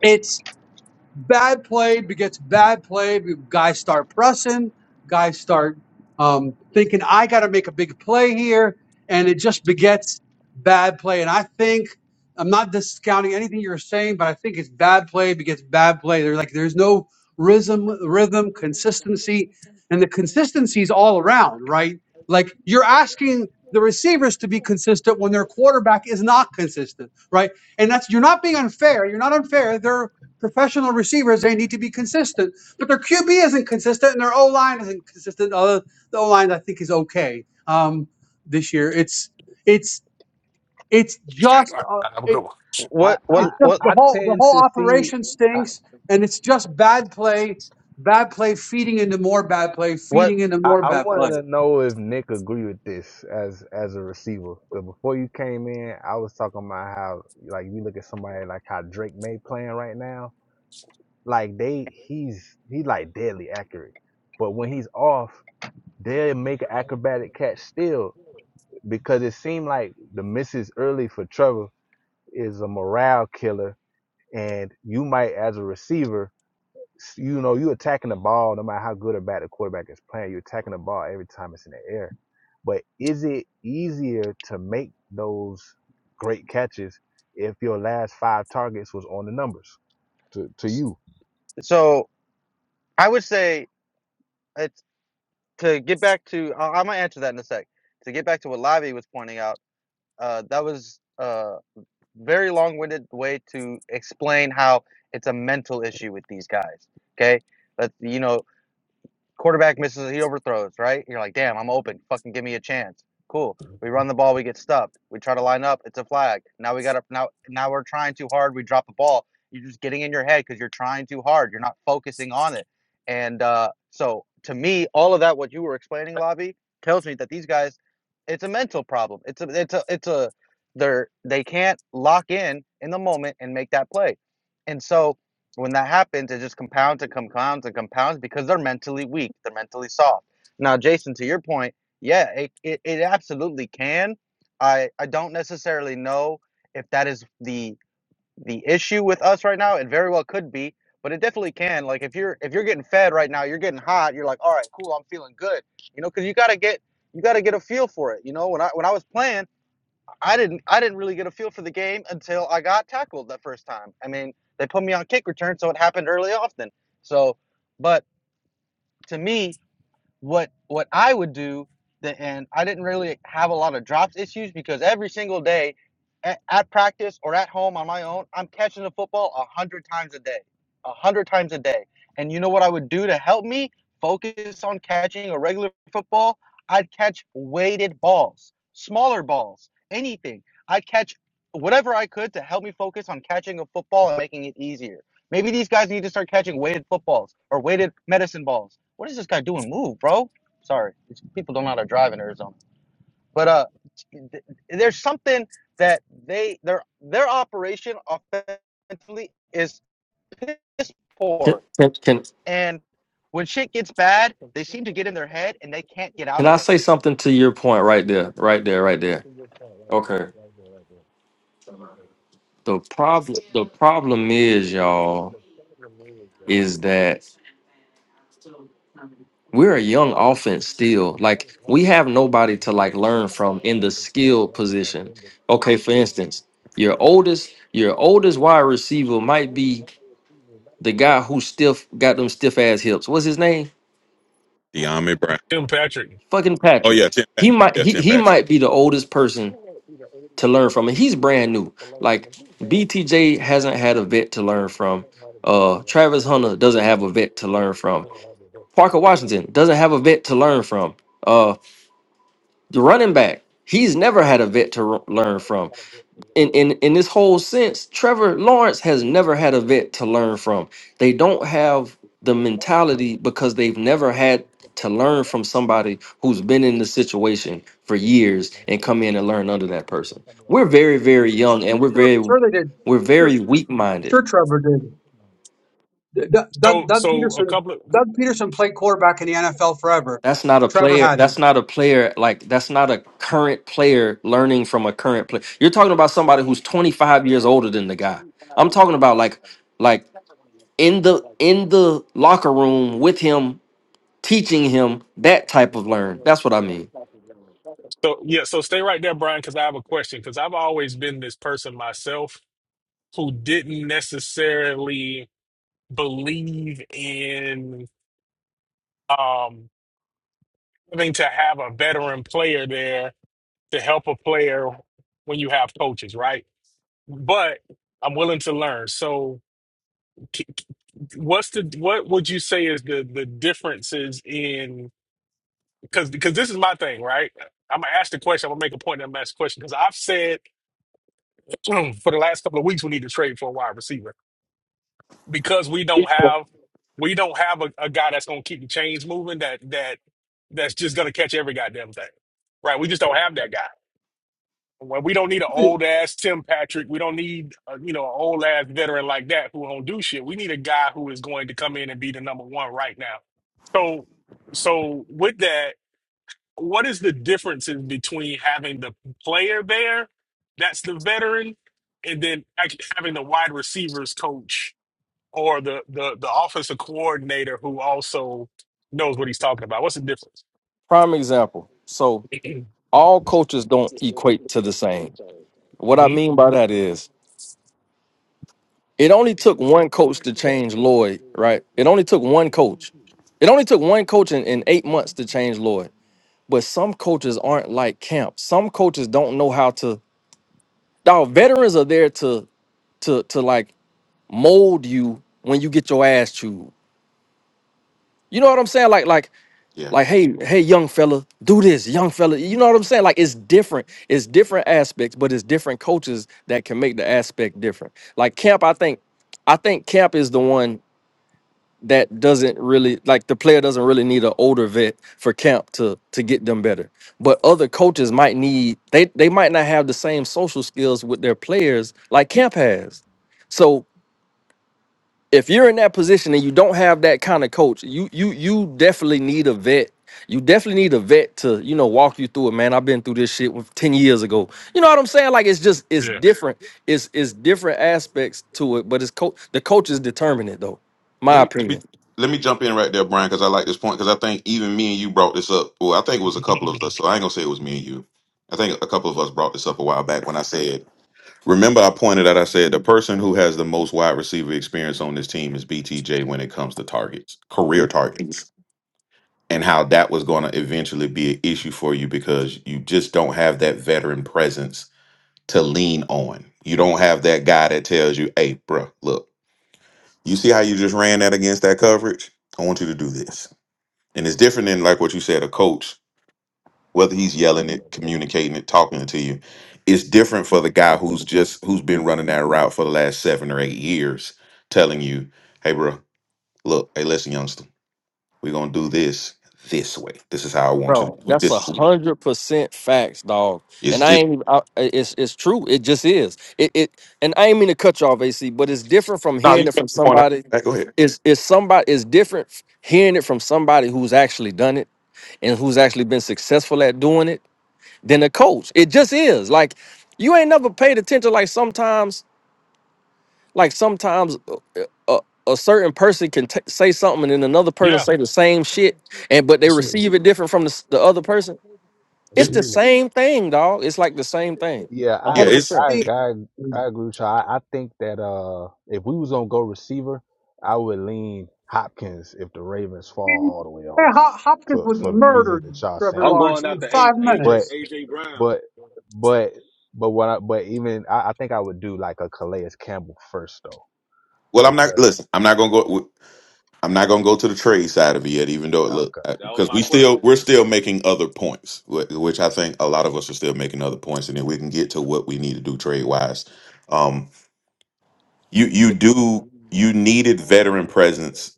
[SPEAKER 1] It's bad play begets bad play. Guys start pressing. Guys start um, thinking, I got to make a big play here. And it just begets bad play. And I think, I'm not discounting anything you're saying, but I think it's bad play begets bad play. There's like, there's no rhythm, rhythm, consistency. And the consistency is all around, right? Like you're asking the receivers to be consistent when their quarterback is not consistent, right? And that's, you're not being unfair. You're not unfair. They're professional receivers, they need to be consistent. But their QB isn't consistent, and their O line isn't consistent. Although the O line, I think, is okay um, this year. It's it's it's just uh,
[SPEAKER 2] I'm a
[SPEAKER 1] it,
[SPEAKER 2] good one.
[SPEAKER 3] I,
[SPEAKER 6] what
[SPEAKER 3] I
[SPEAKER 1] it's
[SPEAKER 6] what
[SPEAKER 1] just
[SPEAKER 6] what
[SPEAKER 1] the
[SPEAKER 3] I
[SPEAKER 1] whole the
[SPEAKER 3] tend
[SPEAKER 1] whole
[SPEAKER 3] to see.
[SPEAKER 1] operation
[SPEAKER 3] I
[SPEAKER 1] stinks, and it's just bad play, bad play feeding into more bad play,
[SPEAKER 6] what
[SPEAKER 1] feeding into
[SPEAKER 3] I,
[SPEAKER 1] more
[SPEAKER 3] I
[SPEAKER 1] bad play.
[SPEAKER 3] wanted to know if Nick agree with this as as a receiver. Because before you came in, I was talking about how like you look at somebody like how Drake May playing right now Like they, he's he like deadly accurate. But when he's off, they'll make an acrobatic catch still because it seemed like the misses early for Trevor is a morale killer, and you might as a receiver. You know, you attacking the ball no matter how good or bad the quarterback is playing. You're attacking the ball every time it's in the air. But is it easier to make those great catches if your last five targets was on the numbers to, to you.
[SPEAKER 6] so i would say it's to get back to I- i'm gonna answer that in a sec to get back to what lavi was pointing out uh, that was a very long-winded way to explain how it's a mental issue with these guys okay but you know Quarterback misses, he overthrows, right? You're like, damn, I'm open. Fucking give me a chance. Cool. We run the ball, we get stuffed. We try to line up, it's a flag. Now we got up. now now we're trying too hard. We drop the ball. You're just getting in your head because you're trying too hard. You're not focusing on it. And uh, so to me, all of that what you were explaining, Lobby, tells me that these guys, it's a mental problem. It's a it's a it's a they're they can't lock in in the moment and make that play. And so when that happens, it just compounds and compounds and compounds because they're mentally weak, they're mentally soft. Now, Jason, to your point, yeah, it, it, it absolutely can. I, I don't necessarily know if that is the the issue with us right now. It very well could be, but it definitely can. Like if you're if you're getting fed right now, you're getting hot. You're like, all right, cool, I'm feeling good. You know, because you gotta get you gotta get a feel for it. You know, when I when I was playing. I didn't I didn't really get a feel for the game until I got tackled that first time. I mean, they put me on kick return, so it happened early often. So, but to me, what what I would do that and I didn't really have a lot of drops issues because every single day at, at practice or at home on my own, I'm catching the football a hundred times a day. A hundred times a day. And you know what I would do to help me focus on catching a regular football? I'd catch weighted balls, smaller balls, anything. I'd catch whatever I could to help me focus on catching a football and making it easier. Maybe these guys need to start catching weighted footballs or weighted medicine balls. What is this guy doing? Move, bro. Sorry, it's, people don't know how to drive in Arizona. But uh, th- there's something that they their their operation offensively is piss
[SPEAKER 5] can
[SPEAKER 6] poor,
[SPEAKER 5] can can,
[SPEAKER 6] and when shit gets bad, they seem to get in their head and they can't get out
[SPEAKER 5] can i
[SPEAKER 6] of it.
[SPEAKER 5] say something to your point right there right there right there okay the problem the problem is y'all is that we're a young offense still. Like we have nobody to like learn from in the skill position. Okay, for instance, your oldest your oldest wide receiver might be the guy who stiff got them stiff ass hips. What's his name?
[SPEAKER 7] De'Ami Brown
[SPEAKER 2] Tim Patrick.
[SPEAKER 5] Fucking
[SPEAKER 7] oh
[SPEAKER 5] Patrick.
[SPEAKER 7] yeah 10 pack
[SPEAKER 5] He might
[SPEAKER 7] yeah
[SPEAKER 5] he,
[SPEAKER 7] 10
[SPEAKER 5] he
[SPEAKER 7] pack
[SPEAKER 5] might be the oldest person to learn from, and he's brand new. Like BTJ hasn't had a vet to learn from. Uh, Travis Hunter doesn't have a vet to learn from. Parker Washington doesn't have a vet to learn from. Uh, The running back, he's never had a vet to r- learn from. In in in this whole sense, Trevor Lawrence has never had a vet to learn from. They don't have the mentality because they've never had to learn from somebody who's been in the situation for years and come in and learn under that person. We're very very young and we're
[SPEAKER 1] Sure,
[SPEAKER 5] very
[SPEAKER 1] sure they did.
[SPEAKER 5] we're
[SPEAKER 1] Sure,
[SPEAKER 5] very weak-minded
[SPEAKER 1] sure Trevor did. Doug, Doug
[SPEAKER 2] So,
[SPEAKER 1] Doug
[SPEAKER 2] so a
[SPEAKER 1] Peterson
[SPEAKER 2] couple of,
[SPEAKER 1] Doug Peterson played quarterback in the NFL forever.
[SPEAKER 5] That's not a
[SPEAKER 1] Trevor
[SPEAKER 5] player.
[SPEAKER 1] had
[SPEAKER 5] That's not a player. Like that's not a current player learning from a current player. You're talking about somebody who's 25 years older than the guy. I'm talking about like like in the in the locker room with him, teaching him that type of learn. That's what I mean.
[SPEAKER 2] so yeah, so stay right there, Brian, because I have a question. Because I've always been this person myself who didn't necessarily believe in um having to have a veteran player there to help a player when you have coaches, right? But I'm willing to learn. So, c- c- what's the what would you say is the the differences in because because this is my thing, right? I'm gonna ask the question. I'm gonna make a point. And I'm gonna ask the question because I've said for the last couple of weeks we need to trade for a wide receiver because we don't have we don't have a, a guy that's gonna keep the chains moving that that that's just gonna catch every goddamn thing, right? We just don't have that guy. Well, we don't need an old ass Tim Patrick. We don't need, uh, you know, an old ass veteran like that who don't do shit. We need a guy who is going to come in and be the number one right now. So, so with that, what is the differences between having the player there, that's the veteran, and then act- having the wide receivers coach or the the the offensive coordinator who also knows what he's talking about? What's the difference?
[SPEAKER 5] Prime example. So all coaches don't equate to the same. What I
[SPEAKER 2] hmm
[SPEAKER 5] mean by that is it only took one coach to change Lloyd, right? It only took one coach. It only took one coach in, in eight months to change Lloyd. but some coaches aren't like camp. Some coaches don't know how to. Dog, veterans are there to to to like mold you when you get your ass chewed. You know what I'm saying? Like like
[SPEAKER 7] yeah
[SPEAKER 5] like hey hey young fella, do this, young fella. You know what I'm saying? Like it's different. It's different aspects, but it's different coaches that can make the aspect different. Like camp, I think I think camp is the one. that doesn't really like the player doesn't really need an older vet for camp to to get them better. But other coaches might need they they might not have the same social skills with their players like camp has. So if you're in that position and you don't have that kind of coach, you you you definitely need a vet. You definitely need a vet to, you know, walk you through it, man. I've been through this shit with 10 years ago. You know what I'm saying? Like it's just it's
[SPEAKER 2] Yeah,
[SPEAKER 5] different. It's it's different aspects to it, but it's coach the coaches determine it though.
[SPEAKER 7] let
[SPEAKER 5] My
[SPEAKER 7] me, let
[SPEAKER 5] opinion.
[SPEAKER 7] me let me jump in right there Brian because I like this point because I think even me and you brought this up well I think it was a couple of us so I ain't gonna say it was me and you I think a couple of us brought this up a while back when I said Remember, I pointed out, I said the person who has the most wide receiver experience on this team is BTJ when it comes to targets, career targets, and how that was going to eventually be an issue for you because you just don't have that veteran presence to lean on. You don't have that guy that tells you, hey, bro, look, you see how you just ran that against that coverage? I want you to do this. And it's different than like what you said, a coach whether he's yelling it, communicating it, talking it to you, it's different for the guy who's just who's been running that route for the last seven or eight years, telling you, "Hey, bro, look, hey, listen, youngster, we're gonna do this this way. This is how I want you to
[SPEAKER 5] Bro,
[SPEAKER 7] do it.
[SPEAKER 5] that's a
[SPEAKER 7] This is
[SPEAKER 5] hundred percent facts, dog.
[SPEAKER 7] it's
[SPEAKER 5] And I
[SPEAKER 7] just
[SPEAKER 5] ain't. even- I, it's it's true. It just is. It it. And I ain't mean to cut you off, AC, but it's different from
[SPEAKER 7] no. You
[SPEAKER 5] hearing it
[SPEAKER 7] can make
[SPEAKER 5] from
[SPEAKER 7] your point. out.
[SPEAKER 5] somebody.
[SPEAKER 7] Hey, Go ahead.
[SPEAKER 5] It's it's somebody. It's different f- hearing it from somebody who's actually done it and who's actually been successful at doing it than a coach. It just is. Like you ain't never paid attention. Like sometimes, like sometimes, uh, uh, a, certain person can t- say something and then another person
[SPEAKER 2] yeah,
[SPEAKER 5] say the same shit, and but they
[SPEAKER 2] absolutely,
[SPEAKER 5] receive it different from the, s- the other person.
[SPEAKER 7] Yeah,
[SPEAKER 5] It's the
[SPEAKER 2] absolutely.
[SPEAKER 5] same thing, dog. It's like the same thing.
[SPEAKER 3] Yeah,
[SPEAKER 5] A
[SPEAKER 3] I
[SPEAKER 7] yeah.
[SPEAKER 5] hundred
[SPEAKER 7] It's
[SPEAKER 5] percent.
[SPEAKER 3] I
[SPEAKER 1] him.
[SPEAKER 3] I I agree with you. I, I think that uh if we was gonna go receiver, I would lean Hopkins if the Ravens fall
[SPEAKER 1] Man,
[SPEAKER 3] all the way off
[SPEAKER 1] Hop- Hopkins
[SPEAKER 3] for
[SPEAKER 1] would
[SPEAKER 3] for the reasons
[SPEAKER 1] murder
[SPEAKER 3] that y'all
[SPEAKER 1] Trevor
[SPEAKER 3] saying.
[SPEAKER 4] I'm
[SPEAKER 1] Lawrence
[SPEAKER 4] going
[SPEAKER 1] in
[SPEAKER 4] after AJ,
[SPEAKER 1] five
[SPEAKER 4] AJ,
[SPEAKER 3] But
[SPEAKER 1] minutes.
[SPEAKER 4] Brown.
[SPEAKER 3] but but but what I but even I, I think I would do like a Calais Campbell first though
[SPEAKER 7] well, I'm not.
[SPEAKER 3] because of,
[SPEAKER 7] Listen, I'm not gonna go. I'm not gonna go to the trade side of it yet, even though it look
[SPEAKER 3] okay.
[SPEAKER 4] That
[SPEAKER 3] All
[SPEAKER 4] was
[SPEAKER 3] right.
[SPEAKER 7] because
[SPEAKER 4] my
[SPEAKER 7] we still
[SPEAKER 4] question.
[SPEAKER 7] we're still making other points, wh- which I think a lot of us are still making other points, and then we can get to what we need to do trade wise. Um, you you do you needed veteran presence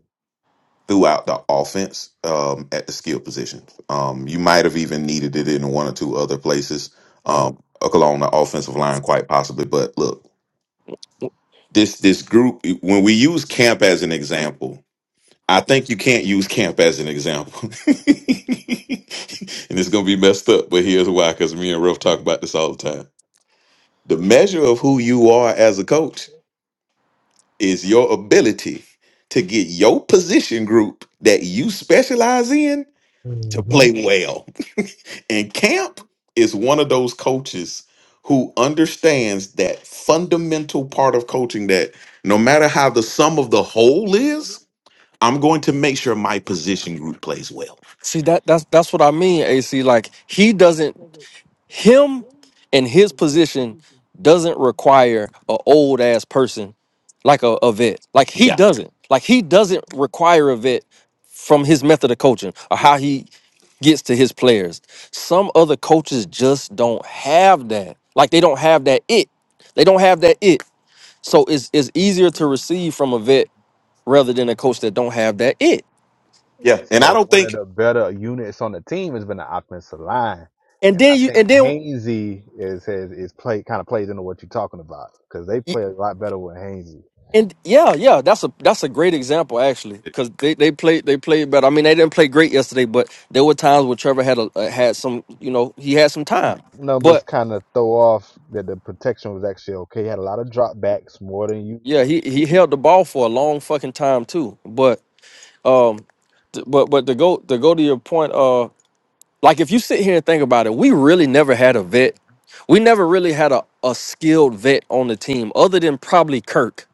[SPEAKER 7] throughout the offense um, at the skill position. Um, you might have even needed it in one or two other places
[SPEAKER 5] Bro.
[SPEAKER 7] um, along the offensive line, quite possibly. But look, this this group when we use camp as an example I think you can't use camp as an example. and it's going to be messed up, but here's why because me and Ruff talk about this all the time. The measure of who you are as a coach is your ability to get your position group that you specialize in to play well. And camp is one of those coaches who understands that fundamental part of coaching that no matter how the sum of the whole is, I'm going to make sure my position group plays well.
[SPEAKER 5] See that that's that's what I mean, AC. Like he doesn't him and his position doesn't require a old ass person like a, a vet. Like he
[SPEAKER 7] Yeah,
[SPEAKER 5] doesn't. Like he doesn't require a vet from his method of coaching or how he gets to his players. Some other coaches just don't have that. Like they don't have that it. They don't have that it. So it's it's easier to receive from a vet rather than a coach that don't have that it.
[SPEAKER 7] yeah, and I
[SPEAKER 3] So
[SPEAKER 7] don't
[SPEAKER 3] one of
[SPEAKER 7] think
[SPEAKER 3] the better units on the team has been the offensive line,
[SPEAKER 5] And
[SPEAKER 3] and I
[SPEAKER 5] then you
[SPEAKER 3] think
[SPEAKER 5] and then
[SPEAKER 3] Hainsey is has is play kind of plays into what you're talking about because they play a lot better with Hainsey.
[SPEAKER 5] and yeah, yeah, that's a that's a great example actually because they, they played they played better. I mean, they didn't play great yesterday, but there were times where Trevor had a uh, had some you know he had some time,
[SPEAKER 3] Numbers
[SPEAKER 5] but
[SPEAKER 3] kind of throw off that the protection was actually okay. He Had a lot of dropbacks more than you.
[SPEAKER 5] yeah, he he held the ball for a long fucking time too. But um, t- but but to go to go to your point, uh, like if you sit here and think about it, we really never had a vet. We never really had a, a skilled vet on the team other than probably Kirk.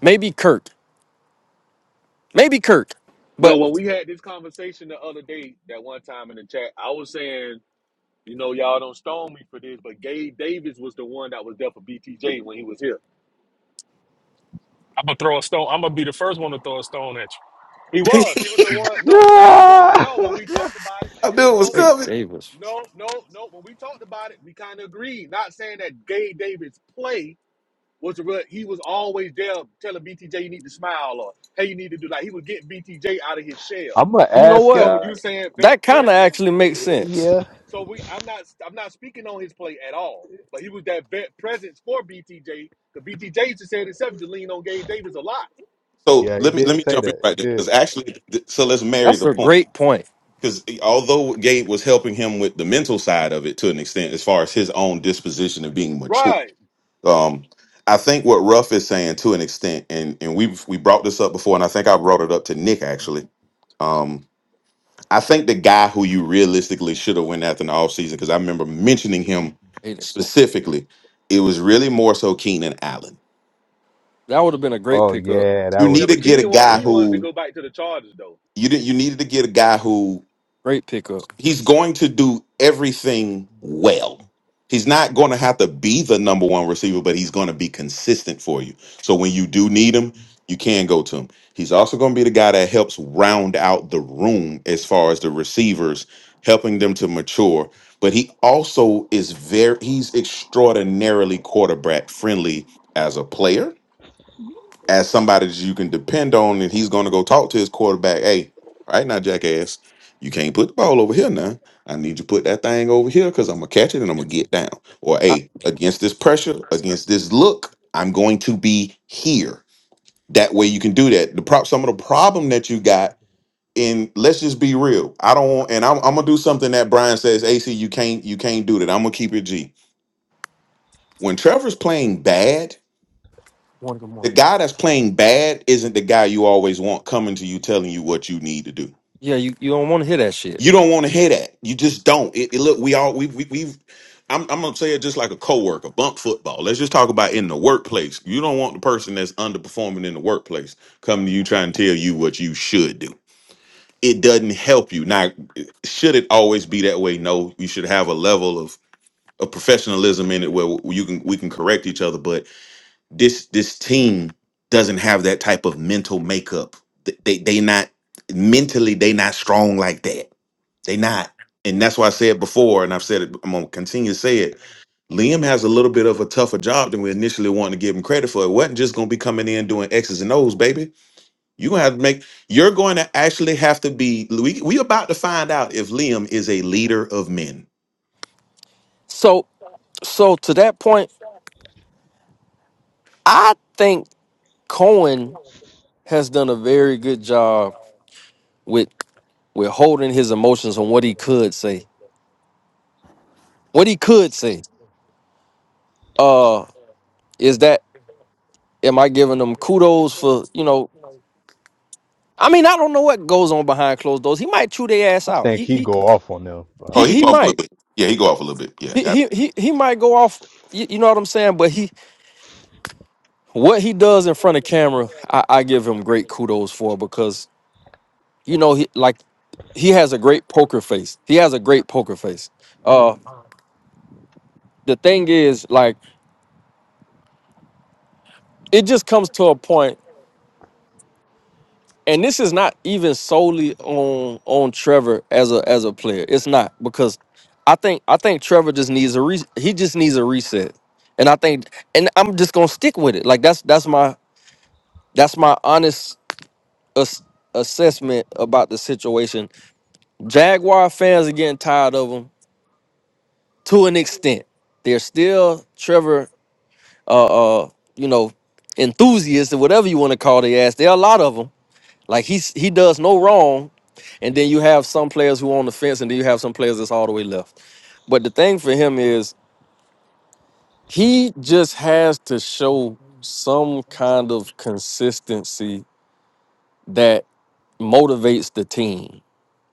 [SPEAKER 5] Maybe Kirk. Maybe Kirk,
[SPEAKER 4] No,
[SPEAKER 5] but
[SPEAKER 4] when we had this conversation the other day, that one time in the chat, I was saying, you know, y'all don't stone me for this, but Gabe Davis was the one that was there for BTJ when he was here.
[SPEAKER 2] I'm gonna throw a stone. I'm gonna be the first one to throw a stone at you.
[SPEAKER 4] He
[SPEAKER 7] I
[SPEAKER 4] was. He was the one. No, seriously, Ruff.
[SPEAKER 3] Yeah!
[SPEAKER 4] No, when we talked about it, there was
[SPEAKER 7] knew it was
[SPEAKER 4] no
[SPEAKER 5] hey,
[SPEAKER 7] coming.
[SPEAKER 5] Davis.
[SPEAKER 4] No, no, no. When we talked about it, we kind of agreed. Not saying that Gay Davis' play was what he was always there telling BTJ you need to smile or hey you need to do like he would get BTJ out of his shell.
[SPEAKER 3] I'm gonna
[SPEAKER 5] You know
[SPEAKER 3] ask
[SPEAKER 4] So
[SPEAKER 5] what?
[SPEAKER 4] when you
[SPEAKER 3] y'all.
[SPEAKER 4] were saying vet
[SPEAKER 5] That kind of
[SPEAKER 4] presence,
[SPEAKER 5] actually makes sense.
[SPEAKER 3] Yeah,
[SPEAKER 4] so we I'm not I'm not speaking on his play at all, but he was that vet presence for BTJ because BTJ used to say said himself to lean on Gay Davis a lot.
[SPEAKER 7] So
[SPEAKER 3] yeah, he
[SPEAKER 7] let me let
[SPEAKER 3] did
[SPEAKER 7] me
[SPEAKER 3] say
[SPEAKER 7] jump in
[SPEAKER 3] that. He
[SPEAKER 7] right there
[SPEAKER 3] did.
[SPEAKER 7] because actually, th- so let's marry
[SPEAKER 5] That's
[SPEAKER 7] the
[SPEAKER 5] a
[SPEAKER 7] point
[SPEAKER 5] great point,
[SPEAKER 7] because although Gabe was helping him with the mental side of it to an extent, as far as his own disposition of being mature,
[SPEAKER 4] Right.
[SPEAKER 7] um, I think what Ruff is saying to an extent, and and we we brought this up before, and I think I brought it up to Nick actually. Um, I think the guy who you realistically should have went after in the offseason, because I remember mentioning him
[SPEAKER 5] Aiden.
[SPEAKER 7] specifically, it was really more so Keenan Allen
[SPEAKER 5] That would have been a great
[SPEAKER 3] Oh
[SPEAKER 5] pickup.
[SPEAKER 3] yeah, that
[SPEAKER 7] you
[SPEAKER 3] would
[SPEAKER 4] Yeah,
[SPEAKER 7] need
[SPEAKER 3] have
[SPEAKER 7] to
[SPEAKER 4] but
[SPEAKER 7] get a
[SPEAKER 4] Keenan
[SPEAKER 3] been.
[SPEAKER 4] wanted
[SPEAKER 7] guy
[SPEAKER 3] Yeah,
[SPEAKER 4] he wanted to
[SPEAKER 7] who
[SPEAKER 4] go back to the Chargers though.
[SPEAKER 7] you did, you needed to get a guy who
[SPEAKER 5] Great pickup.
[SPEAKER 7] he's going to do everything well. He's not going to have to be the number one receiver, but he's going to be consistent for you. So when you do need him, you can go to him. He's also going to be the guy that helps round out the room as far as the receivers, helping them to mature. But he also is very he's extraordinarily quarterback friendly as a player as somebody that you can depend on, and he's going to go talk to his quarterback. Hey, all right now, jackass, you can't put the ball over here now. I need you to put that thing over here because I'm gonna catch it and I'm gonna get down. Or
[SPEAKER 5] I,
[SPEAKER 7] hey, against this pressure, against this look, I'm going to be here. That way you can do that. The prop, some of the problem that you got. And let's just be real. I don't want, and I'm, I'm gonna do something that Brian says, AC, you can't, you can't do that. I'm gonna keep it G. When Trevor's playing bad,
[SPEAKER 5] morning, good
[SPEAKER 7] the
[SPEAKER 5] morning.
[SPEAKER 7] guy that's playing bad isn't the guy you always want coming to you telling you what you need to do.
[SPEAKER 5] Yeah, you, you don't want to hear that shit.
[SPEAKER 7] You don't want to hear that. You just don't. It, it- look, we all we we we've. I'm, I'm gonna say it just like a coworker. Bump football. Let's just talk about in the workplace. You don't want the person that's underperforming in the workplace coming to you trying to tell you what you should do. It doesn't help you. Now, should it always be that way? No. You should have a level of, of professionalism in it where you can we can correct each other. But this this team doesn't have that type of mental makeup. Th- They they not mentally they not strong like that. They not, and that's why I said before, and I've said it. I'm gonna continue to say it. Liam has a little bit of a tougher job than we initially wanted to give him credit for. It wasn't just gonna be coming in doing X's and O's, baby. You gonna have to make. You're going to actually have to be. We we about to find out if Liam is a leader of men.
[SPEAKER 5] So, so to that point, I think Cohen has done a very good job with with holding his emotions on what he could say. What he could say. Uh, is that am I giving him kudos for you know I mean, I don't know what goes on behind closed doors. He might chew their ass
[SPEAKER 3] I
[SPEAKER 5] out.
[SPEAKER 3] think
[SPEAKER 5] He
[SPEAKER 3] he
[SPEAKER 5] he
[SPEAKER 3] go off on them.
[SPEAKER 7] Oh,
[SPEAKER 3] Uh,
[SPEAKER 5] he,
[SPEAKER 7] he
[SPEAKER 5] he
[SPEAKER 7] go off a little
[SPEAKER 5] might.
[SPEAKER 7] bit. Yeah, he go off a little bit. Yeah.
[SPEAKER 5] He,
[SPEAKER 7] that-
[SPEAKER 5] he he he might go off. You, you know what I'm saying? But he what he does in front of camera, I, I give him great kudos for because you know he like he has a great poker face. He has a great poker face. Uh, the thing is, like, it just comes to a point. and this is not even solely on on Trevor as a as a player. It's not because I think I think Trevor just needs a re- he just needs a reset, and I think and I'm just gonna stick with it. Like that's that's my that's my honest ass- assessment about the situation. Jaguar fans are getting tired of him to an extent. They're still Trevor, uh, uh you know, enthusiasts or whatever you want to call the ass. There are a lot of them. Like he's he does no wrong And then you have some players who are on the fence, and then you have some players that's all the way left. But the thing for him is he just has to show some kind of consistency that motivates the team.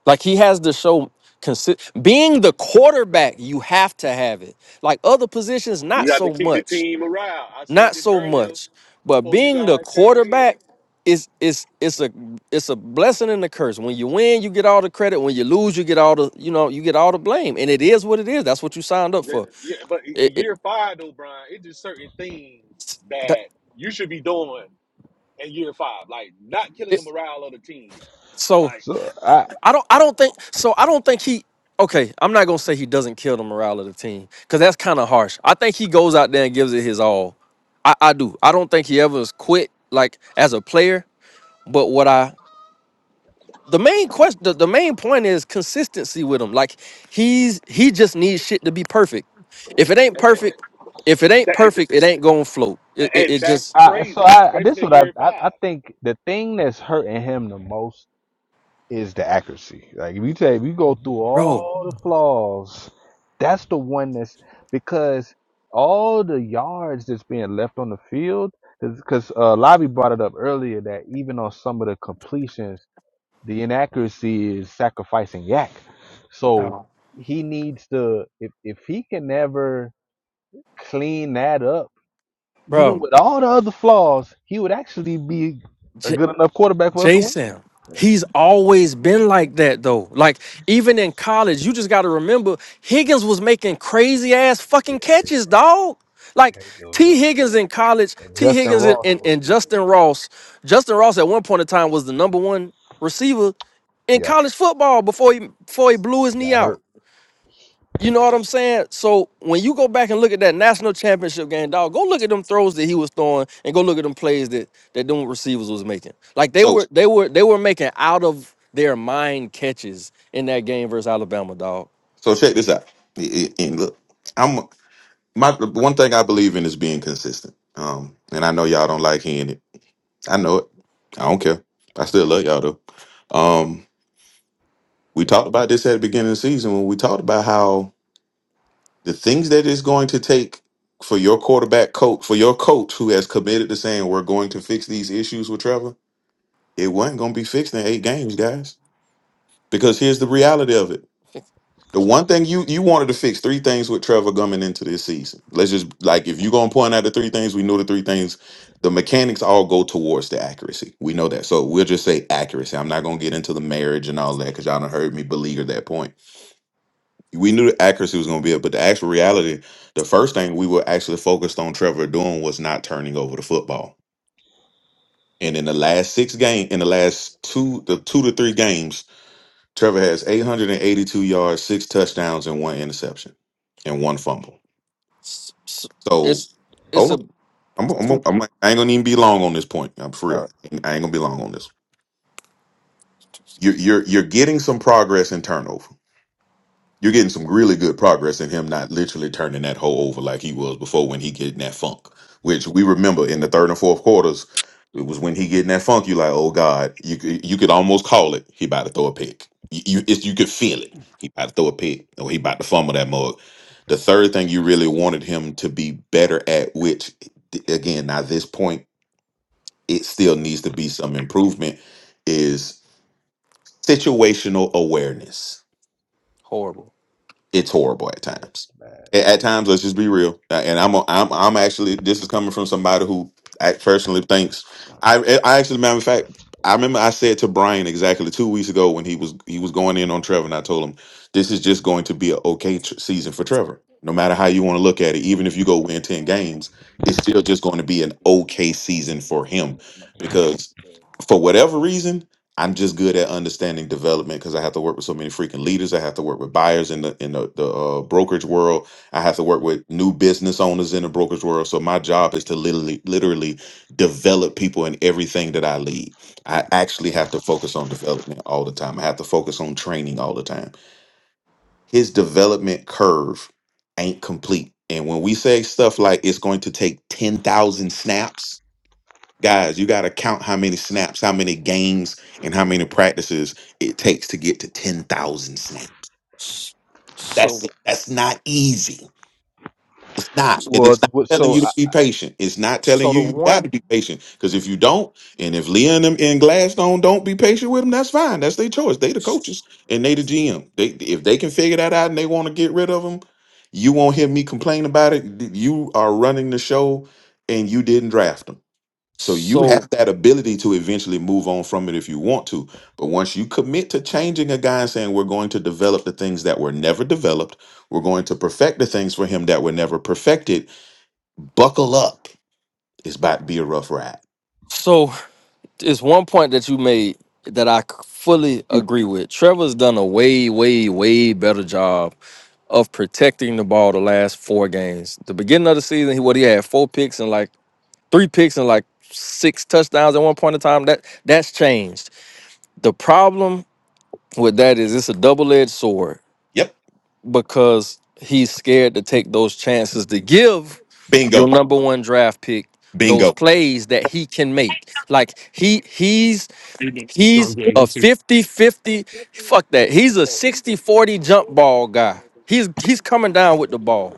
[SPEAKER 5] Like he has to show consi- being the quarterback, you have to have it. Like other positions, not
[SPEAKER 4] You have to
[SPEAKER 5] so
[SPEAKER 4] keep the
[SPEAKER 5] much.
[SPEAKER 4] team around. I said
[SPEAKER 5] Not
[SPEAKER 4] this
[SPEAKER 5] so
[SPEAKER 4] earlier
[SPEAKER 5] much, but
[SPEAKER 4] before you
[SPEAKER 5] being the
[SPEAKER 4] guys came in.
[SPEAKER 5] quarterback is is it's a it's a blessing and a curse. When you win, you get all the credit. When you lose, you get all the you know you get all the blame. And it is what it is. That's what you signed up for.
[SPEAKER 4] That- Yeah, but i-
[SPEAKER 5] It,
[SPEAKER 4] in
[SPEAKER 5] it,
[SPEAKER 4] year five though, Brian, it's just certain things
[SPEAKER 5] that,
[SPEAKER 4] that you should be doing in year five, like not killing the
[SPEAKER 5] it,
[SPEAKER 4] morale of the team,
[SPEAKER 5] so
[SPEAKER 4] like
[SPEAKER 3] so I,
[SPEAKER 5] I don't I don't think so. I don't think he. Okay, I'm not gonna say he doesn't kill the morale of the team because that's kind of harsh. I think he goes out there and gives it his all. I, I do. I don't think he ever has quit like as a player. But what I the main question the, the main point is consistency with him like he's he just needs shit to be perfect if it ain't perfect if it ain't
[SPEAKER 4] that,
[SPEAKER 5] perfect it ain't gonna float it, it,
[SPEAKER 4] and
[SPEAKER 5] it
[SPEAKER 4] that's
[SPEAKER 5] just
[SPEAKER 3] I, so
[SPEAKER 4] crazy,
[SPEAKER 3] I this
[SPEAKER 4] especially in
[SPEAKER 3] what I,
[SPEAKER 4] year
[SPEAKER 3] I I
[SPEAKER 4] five.
[SPEAKER 3] think the thing that's hurting him the most is the accuracy. Like if you take if you go through
[SPEAKER 5] bro
[SPEAKER 3] all the flaws, that's the one that's because all the yards that's being left on the field because uh, Lobby brought it up earlier that even on some of the completions, the inaccuracy is sacrificing Yak. So he needs to if if he can never clean that up even
[SPEAKER 5] bro
[SPEAKER 3] with all the other flaws, he would actually be a good enough quarterback for us to win.
[SPEAKER 5] Jason, he's always been like that though. Like even in college, you just got to remember Higgins was making crazy ass
[SPEAKER 3] Yeah,
[SPEAKER 5] fucking
[SPEAKER 3] it
[SPEAKER 5] catches,
[SPEAKER 3] was.
[SPEAKER 5] dog.
[SPEAKER 3] Yeah,
[SPEAKER 5] Like
[SPEAKER 3] it was
[SPEAKER 5] T.
[SPEAKER 3] going crazy.
[SPEAKER 5] Higgins in college,
[SPEAKER 3] And
[SPEAKER 5] T.
[SPEAKER 3] Justin
[SPEAKER 5] Higgins and,
[SPEAKER 3] Ross
[SPEAKER 5] and,
[SPEAKER 3] was
[SPEAKER 5] and
[SPEAKER 3] too.
[SPEAKER 5] Justin Ross. Justin Ross at one point in time was the number one receiver in
[SPEAKER 3] Yo,
[SPEAKER 5] college football before he before he blew his
[SPEAKER 3] he
[SPEAKER 5] knee
[SPEAKER 3] got
[SPEAKER 5] out.
[SPEAKER 3] hurt.
[SPEAKER 5] You know what I'm saying? So when you go back and look at that national championship game, dog, go look at them throws that he was throwing, and go look at them plays that that them receivers was making. Like they
[SPEAKER 7] So
[SPEAKER 5] were, they were, they were making out of their mind catches in that game versus Alabama, dog.
[SPEAKER 7] so check this out. And and look, I'm my one thing I believe in is being consistent. Um, and I know y'all don't like hearing it. I know it. I don't care. I still love y'all though. Um, we talked about this at the beginning of the season when we talked about how the things that it's going to take for your quarterback coach, for your coach who has committed to saying we're going to fix these issues with Trevor, it wasn't going to be fixed in eight games, guys. Because here's the reality of it. The one thing you you wanted to fix three things with Trevor coming into this season. Let's just like if you're gonna point out the three things, we know the three things. The mechanics all go towards the accuracy. We know that. So we'll just say accuracy. I'm not gonna get into the marriage and all that because y'all done heard me beleaguer that point. We knew the accuracy was gonna be it, but the actual reality, the first thing we were actually focused on Trevor doing was not turning over the football. And in the last six game, in the last two, the two to three games, Trevor has 882 yards, six touchdowns, and one interception, and one fumble.
[SPEAKER 5] S- s-
[SPEAKER 7] So
[SPEAKER 5] It's it's
[SPEAKER 7] hold
[SPEAKER 5] a
[SPEAKER 7] on, I'm, I'm,
[SPEAKER 5] two
[SPEAKER 7] I'm, I ain't gonna even be long on this point. I'm for real.
[SPEAKER 5] uh,
[SPEAKER 7] I ain't gonna be long on this. You're you're you're getting some progress in turnover. You're getting some really good progress in him not literally turning that hole over like he was before when he getting that funk, which we remember in the third and fourth quarters. It was when he getting that funk. You like, oh God, you could- you could almost call it. He about to throw a pick. You you, it's, you could feel it. He about to throw a pick, or he about to fumble that mug. The third thing you really wanted him to be better at, which again, now this point, it still needs to be some improvement, is situational awareness
[SPEAKER 5] horrible.
[SPEAKER 7] it's horrible at times. A- At, times, let's just be real. Uh, And I'm, i I'm, I'm actually. This is coming from somebody who I personally thinks. I, I actually, matter of fact, I remember I said to Brian exactly two weeks ago when he was he was going in on Trevor, and I told him this is just going to be an okay tr- season for Trevor. No matter how you want to look at it, even if you go win ten games, it's still just going to be an okay season for him because for whatever reason I'm just good at understanding development because I have to work with so many freaking leaders. I have to work with buyers in the in the, the uh, brokerage world. I have to work with new business owners in the brokerage world. So my job is to literally literally develop people in everything that I lead. I actually have to focus on development all the time. I have to focus on training all the time. His development curve ain't complete. And when we say stuff like it's going to take 10,000 snaps, Guys, you got to count how many snaps, how many games, and how many practices it takes to get to 10,000 snaps.
[SPEAKER 5] S-
[SPEAKER 7] That's
[SPEAKER 5] So
[SPEAKER 7] it. That's not easy. It's not.
[SPEAKER 5] so
[SPEAKER 7] And
[SPEAKER 3] Well,
[SPEAKER 7] it's not
[SPEAKER 3] what-
[SPEAKER 7] telling you
[SPEAKER 3] so
[SPEAKER 7] to
[SPEAKER 3] I
[SPEAKER 5] so
[SPEAKER 7] be patient. It's not telling
[SPEAKER 5] so the
[SPEAKER 7] you you got
[SPEAKER 5] one
[SPEAKER 7] to be patient. Because if you don't, and if Leon and them and Gladstone don't be patient with them, that's fine. That's their choice. They the coaches and they the GM. They If they can figure that out and they want to get rid of them, you won't hear me complain about it. You are running the show and you didn't draft them. So you
[SPEAKER 5] so
[SPEAKER 7] have that ability to eventually move on from it if you want to. But once you commit to changing a guy and saying we're going to develop the things that were never developed, we're going to perfect the things for him that were never perfected, buckle up. It's about to be a rough ride.
[SPEAKER 5] so it's one point that you made that I c- fully agree with. Trevor's done a way, way, way better job of protecting the ball the last four games. The beginning of the season, he what he had four picks and like three picks and like six touchdowns at one point in time. That that's changed. The problem with that is it's a double-edged sword
[SPEAKER 7] Yep.
[SPEAKER 5] because he's scared to take those chances to give your
[SPEAKER 7] Bingo.
[SPEAKER 5] number one draft pick those
[SPEAKER 7] Bingo.
[SPEAKER 5] plays that he can make. Like he he's
[SPEAKER 2] You do. You know,
[SPEAKER 5] He's
[SPEAKER 2] yeah, you
[SPEAKER 5] a
[SPEAKER 2] too.
[SPEAKER 5] fifty-fifty. Fuck that. He's a sixty-forty jump ball guy. He's he's coming down with the ball.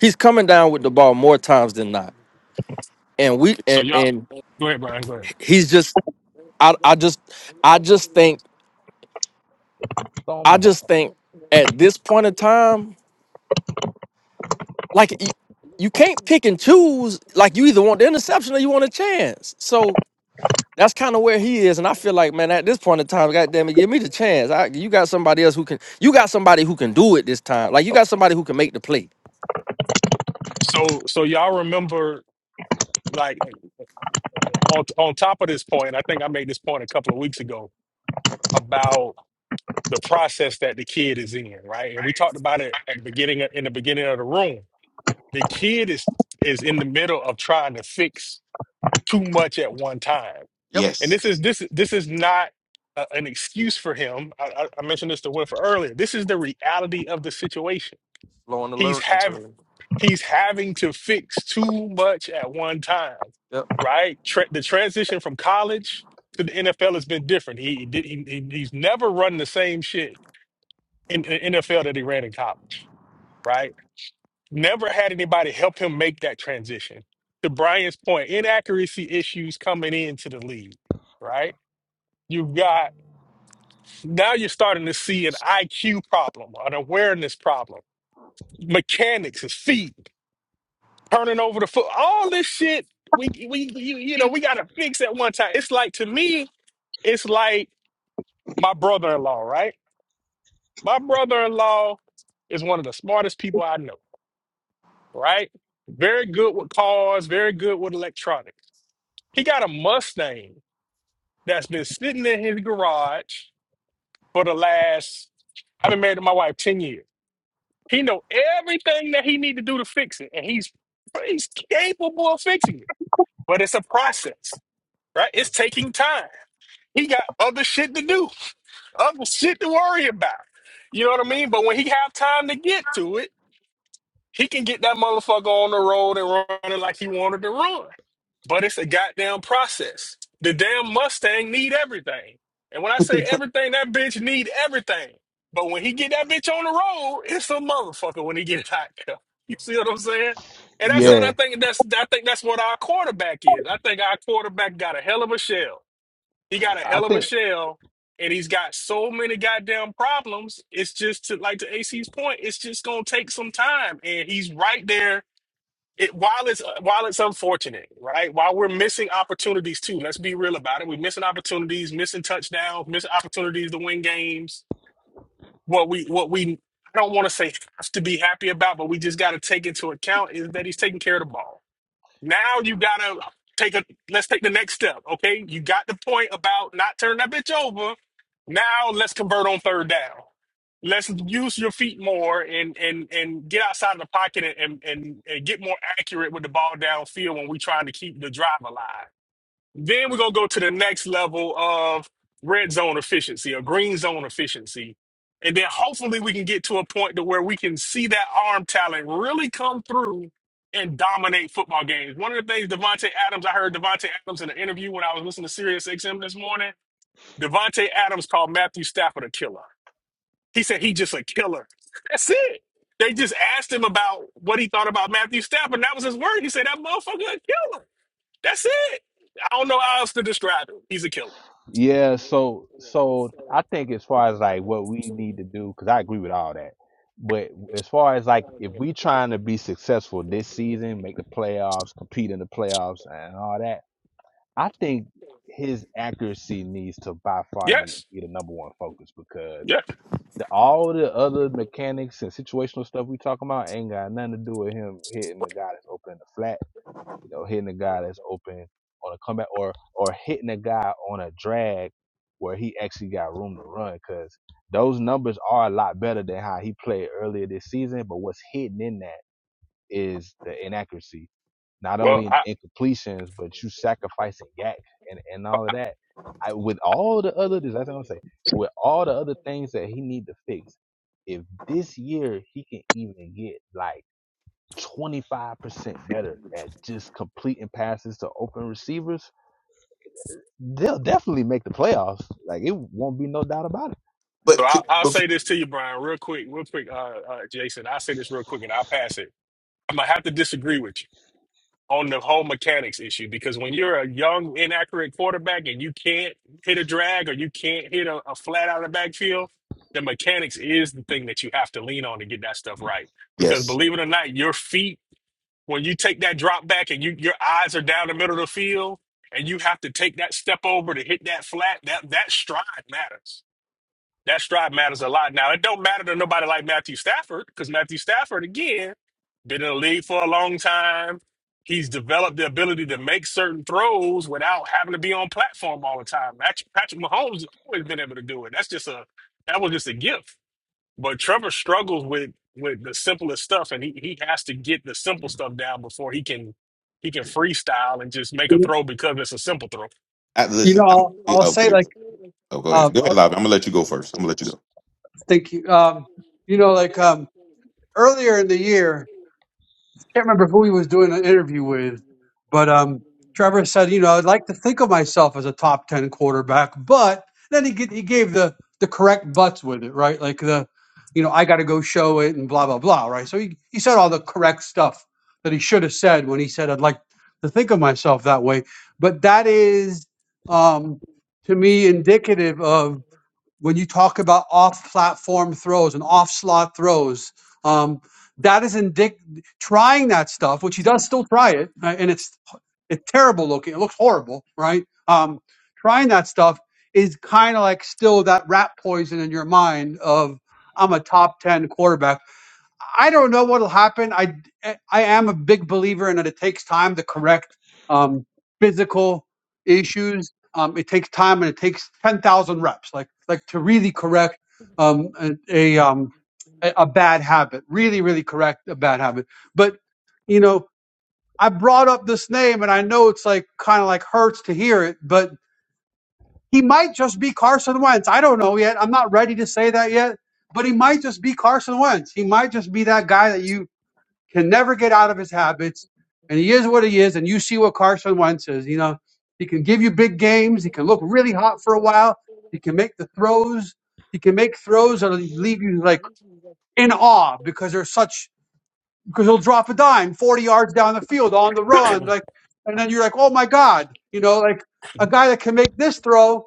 [SPEAKER 5] He's coming down with the ball more times than not. And we
[SPEAKER 2] So
[SPEAKER 5] and,
[SPEAKER 2] y'all,
[SPEAKER 5] and
[SPEAKER 2] go ahead, Brian. Go ahead.
[SPEAKER 5] he's just I, I just I just think
[SPEAKER 3] saw him
[SPEAKER 5] I
[SPEAKER 3] the
[SPEAKER 5] just
[SPEAKER 3] ball.
[SPEAKER 5] think at this point in time, like y- you can't pick and choose. Like you either want the interception or you want a chance. So that's kind of where he is, and I feel like, man, at this point in time, God damn it, give me the chance. I, you got somebody else who can. You got somebody who can do it this time. Like you got somebody who can make the play.
[SPEAKER 2] So, so y'all remember, like, on on top of this point, I think I made this point a couple of weeks ago about the process that the kid is in, right? And we talked about it at the beginning of, in the beginning of the room. The kid is is in the middle of trying to fix too much at one time
[SPEAKER 5] Yep,
[SPEAKER 2] And
[SPEAKER 7] Yes.
[SPEAKER 2] this is this this is not a, an excuse for him. I, I I mentioned this to Winfrey earlier. This is the reality of the situation.
[SPEAKER 5] blowing the
[SPEAKER 2] He's
[SPEAKER 5] lyric.
[SPEAKER 2] have he's having to fix too much at one time,
[SPEAKER 5] Yep,
[SPEAKER 2] right? Tra- the transition from college to the NFL has been different. He did he, he- he's never run the same shit in the NFL that he ran in college, right? Never had anybody help him make that transition. To Brian's point, inaccuracy issues coming into the league, right? You've got Now you're starting to see an IQ problem, an awareness problem, mechanics, his feet, turning over the foot, all this shit. We we you, you know we gotta fix at one time. It's like to me, it's like my brother-in-law, right? My brother-in-law is one of the smartest people I know, right? Very good with cars, very good with electronics. He got a Mustang that's been sitting in his garage for the last, I've been married to my wife 10 years. He know everything that he need to do to fix it, and he's he's capable of fixing it. But it's a process, right? It's taking time. He got other shit to do, other shit to worry about. You know what I mean? But when he have time to get to it. He can get that motherfucker on the road and run it like he wanted to run. But it's a goddamn process. The damn Mustang need everything. And when I say everything, that bitch need everything. But when he get that bitch on the road, it's a motherfucker when he get it out there. You see what I'm saying? And I said
[SPEAKER 7] Yep.
[SPEAKER 2] I
[SPEAKER 3] Yeah,
[SPEAKER 2] think that's I think that's what our quarterback is. I think our quarterback got a hell of a shell. He got a
[SPEAKER 3] I
[SPEAKER 2] hell of a
[SPEAKER 3] think
[SPEAKER 2] shell, and he's got so many goddamn problems. It's just to like to AC's point, it's just gonna take some time, and he's right there. It while it's uh, while it's unfortunate, right? While we're missing opportunities too. Let's be real about it. We're missing opportunities, missing touchdowns, missing opportunities to win games. What we what we I don't want to say have to be happy about, but we just got to take into account is that he's taking care of the ball now you gotta take a let's take the next step. Okay. You got the point about not turning that bitch over. Now let's convert on third down. Let's use your feet more and and and get outside of the pocket and and, and, and get more accurate with the ball downfield when we're trying to keep the drive alive. Then we're gonna go to the next level of red zone efficiency or green zone efficiency. And then hopefully we can get to a point to where we can see that arm talent really come through and dominate football games. One of the things Devontae Adams, I heard Devontae Adams in an interview when I was listening to Sirius XM this morning. Devontae Adams called Matthew Stafford a killer. He said he just a killer. That's it. They just asked him about what he thought about Matthew Stafford, and that was his word. He said that motherfucker a killer. That's it. I don't know how else to describe him. He's a killer.
[SPEAKER 3] Yeah, so so I think as far as like what we need to do, because I agree with all that. But as far as like if we trying to be successful this season, make the playoffs, compete in the playoffs, and all that, I think his accuracy needs to by far need
[SPEAKER 2] Yes.
[SPEAKER 3] be the number one focus because
[SPEAKER 2] Yes.
[SPEAKER 3] the, all the other mechanics and situational stuff we talking about ain't got nothing to do with him hitting the guy that's opening the flat you know, hitting a guy that's open on a comeback or or hitting a guy on a drag where he actually got room to run because those numbers are a lot better than how he played earlier this season. But what's hidden in that is the inaccuracy, not
[SPEAKER 2] Well,
[SPEAKER 3] only in
[SPEAKER 2] I,
[SPEAKER 3] the incompletions, but you sacrificing yak and, and all of that. I, with all the other, that's what I'm saying, with all the other things that he need to fix, if this year he can even get like 25% better at just completing passes to open receivers, they'll definitely make the playoffs. Like it won't be no doubt about
[SPEAKER 2] so
[SPEAKER 7] But,
[SPEAKER 2] I,
[SPEAKER 7] c-
[SPEAKER 2] I'll
[SPEAKER 7] but f-
[SPEAKER 2] say this to you, Brian, real quick, real quick, uh, uh, Jason. I'll say this real quick and I'll pass it. I'm going to have to disagree with you on the whole mechanics issue because when you're a young, inaccurate quarterback and you can't hit a drag or you can't hit a, a flat out of the backfield, the mechanics is the thing that you have to lean on to get that stuff
[SPEAKER 3] it.
[SPEAKER 2] right. Because
[SPEAKER 7] yes.
[SPEAKER 2] believe it or not, your feet when you take that drop back and you your eyes are down the middle of the field and you have to take that step over to hit that flat, that that stride matters. That stride matters a lot. Now it don't matter to nobody like Matthew Stafford because Matthew Stafford again been in the league for a long time. He's developed the ability to make certain throws without having to be on platform all the time. Pat- Patrick Mahomes has always been able to do it. That's just a that was just a gift but Trevor struggles with with the simplest stuff, and he he has to get the simple stuff down before he can he can freestyle and just make a
[SPEAKER 1] You
[SPEAKER 2] throw because it's a simple throw.
[SPEAKER 7] I,
[SPEAKER 1] know,
[SPEAKER 7] listen, I'm,
[SPEAKER 1] I'll, I'll
[SPEAKER 7] oh,
[SPEAKER 1] say
[SPEAKER 7] wait.
[SPEAKER 1] like,
[SPEAKER 7] oh, go
[SPEAKER 1] uh,
[SPEAKER 7] ahead. Go ahead,
[SPEAKER 1] I'll-
[SPEAKER 7] Lobby. I'm going to let you go first. I'm going to let you go.
[SPEAKER 1] thank you. Um, you know, like um, earlier in the year. can't remember who he was doing an interview with, but um, Trevor said, you know, I'd like to think of myself as a top ten quarterback, but then he g- he gave the the correct buts with it, right? Like the, you know, I got to go show it and blah blah blah, right? So he he said all the correct stuff that he should have said when he said I'd like to think of myself that way, but that is um to me indicative of when you talk about off-platform throws and off-slot throws, um, that is indic- trying that stuff, which he does still try it, right? and it's it's terrible looking. It looks horrible, right? Um, trying that stuff is kind of like still that rat poison in your mind of I'm a top ten quarterback I don't know what'll happen. I I am a big believer in that it takes time to correct um, physical issues. Um, it takes time and it takes ten thousand reps, like like to really correct um, a a, um, a a bad habit, really really correct a bad habit. But you know, I brought up this name, and I know it's like kind of like hurts to hear it, but he might just be Carson Wentz. I don't know yet. I'm not ready to say that yet, but he might just be Carson Wentz. He might just be that guy that you can never get out of his habits, and he is what he is. And you see what Carson Wentz is. You know, he can give you big games. He can look really hot for a while. He can make the throws. He can make throws that leave you like in awe because they're such because he'll drop a dime 40 yards down the field on the run. Like, and then you're like, oh my God, you know, like a guy that can make this throw,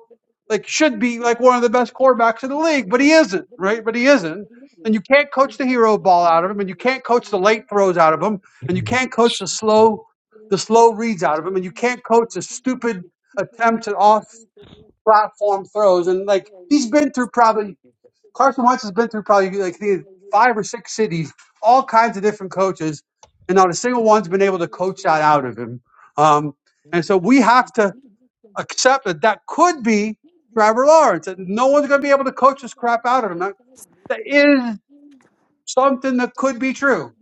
[SPEAKER 1] like should be like one of the best quarterbacks in the league, but he isn't, right? But he isn't. And you can't coach the hero ball out of him, and you can't coach the late throws out of him, and you can't coach the slow, the slow reads out of him, and you can't coach the stupid attempts at off platform throws. And like he's been through probably Carson Wentz has been through probably like the five or six cities, all kinds of different coaches, and not a single one's been able to coach that out of him. Um, and so we have to accept that that could be Trevor Lawrence, and no one's going to be able to coach this crap out of him. That, that is something that could be true.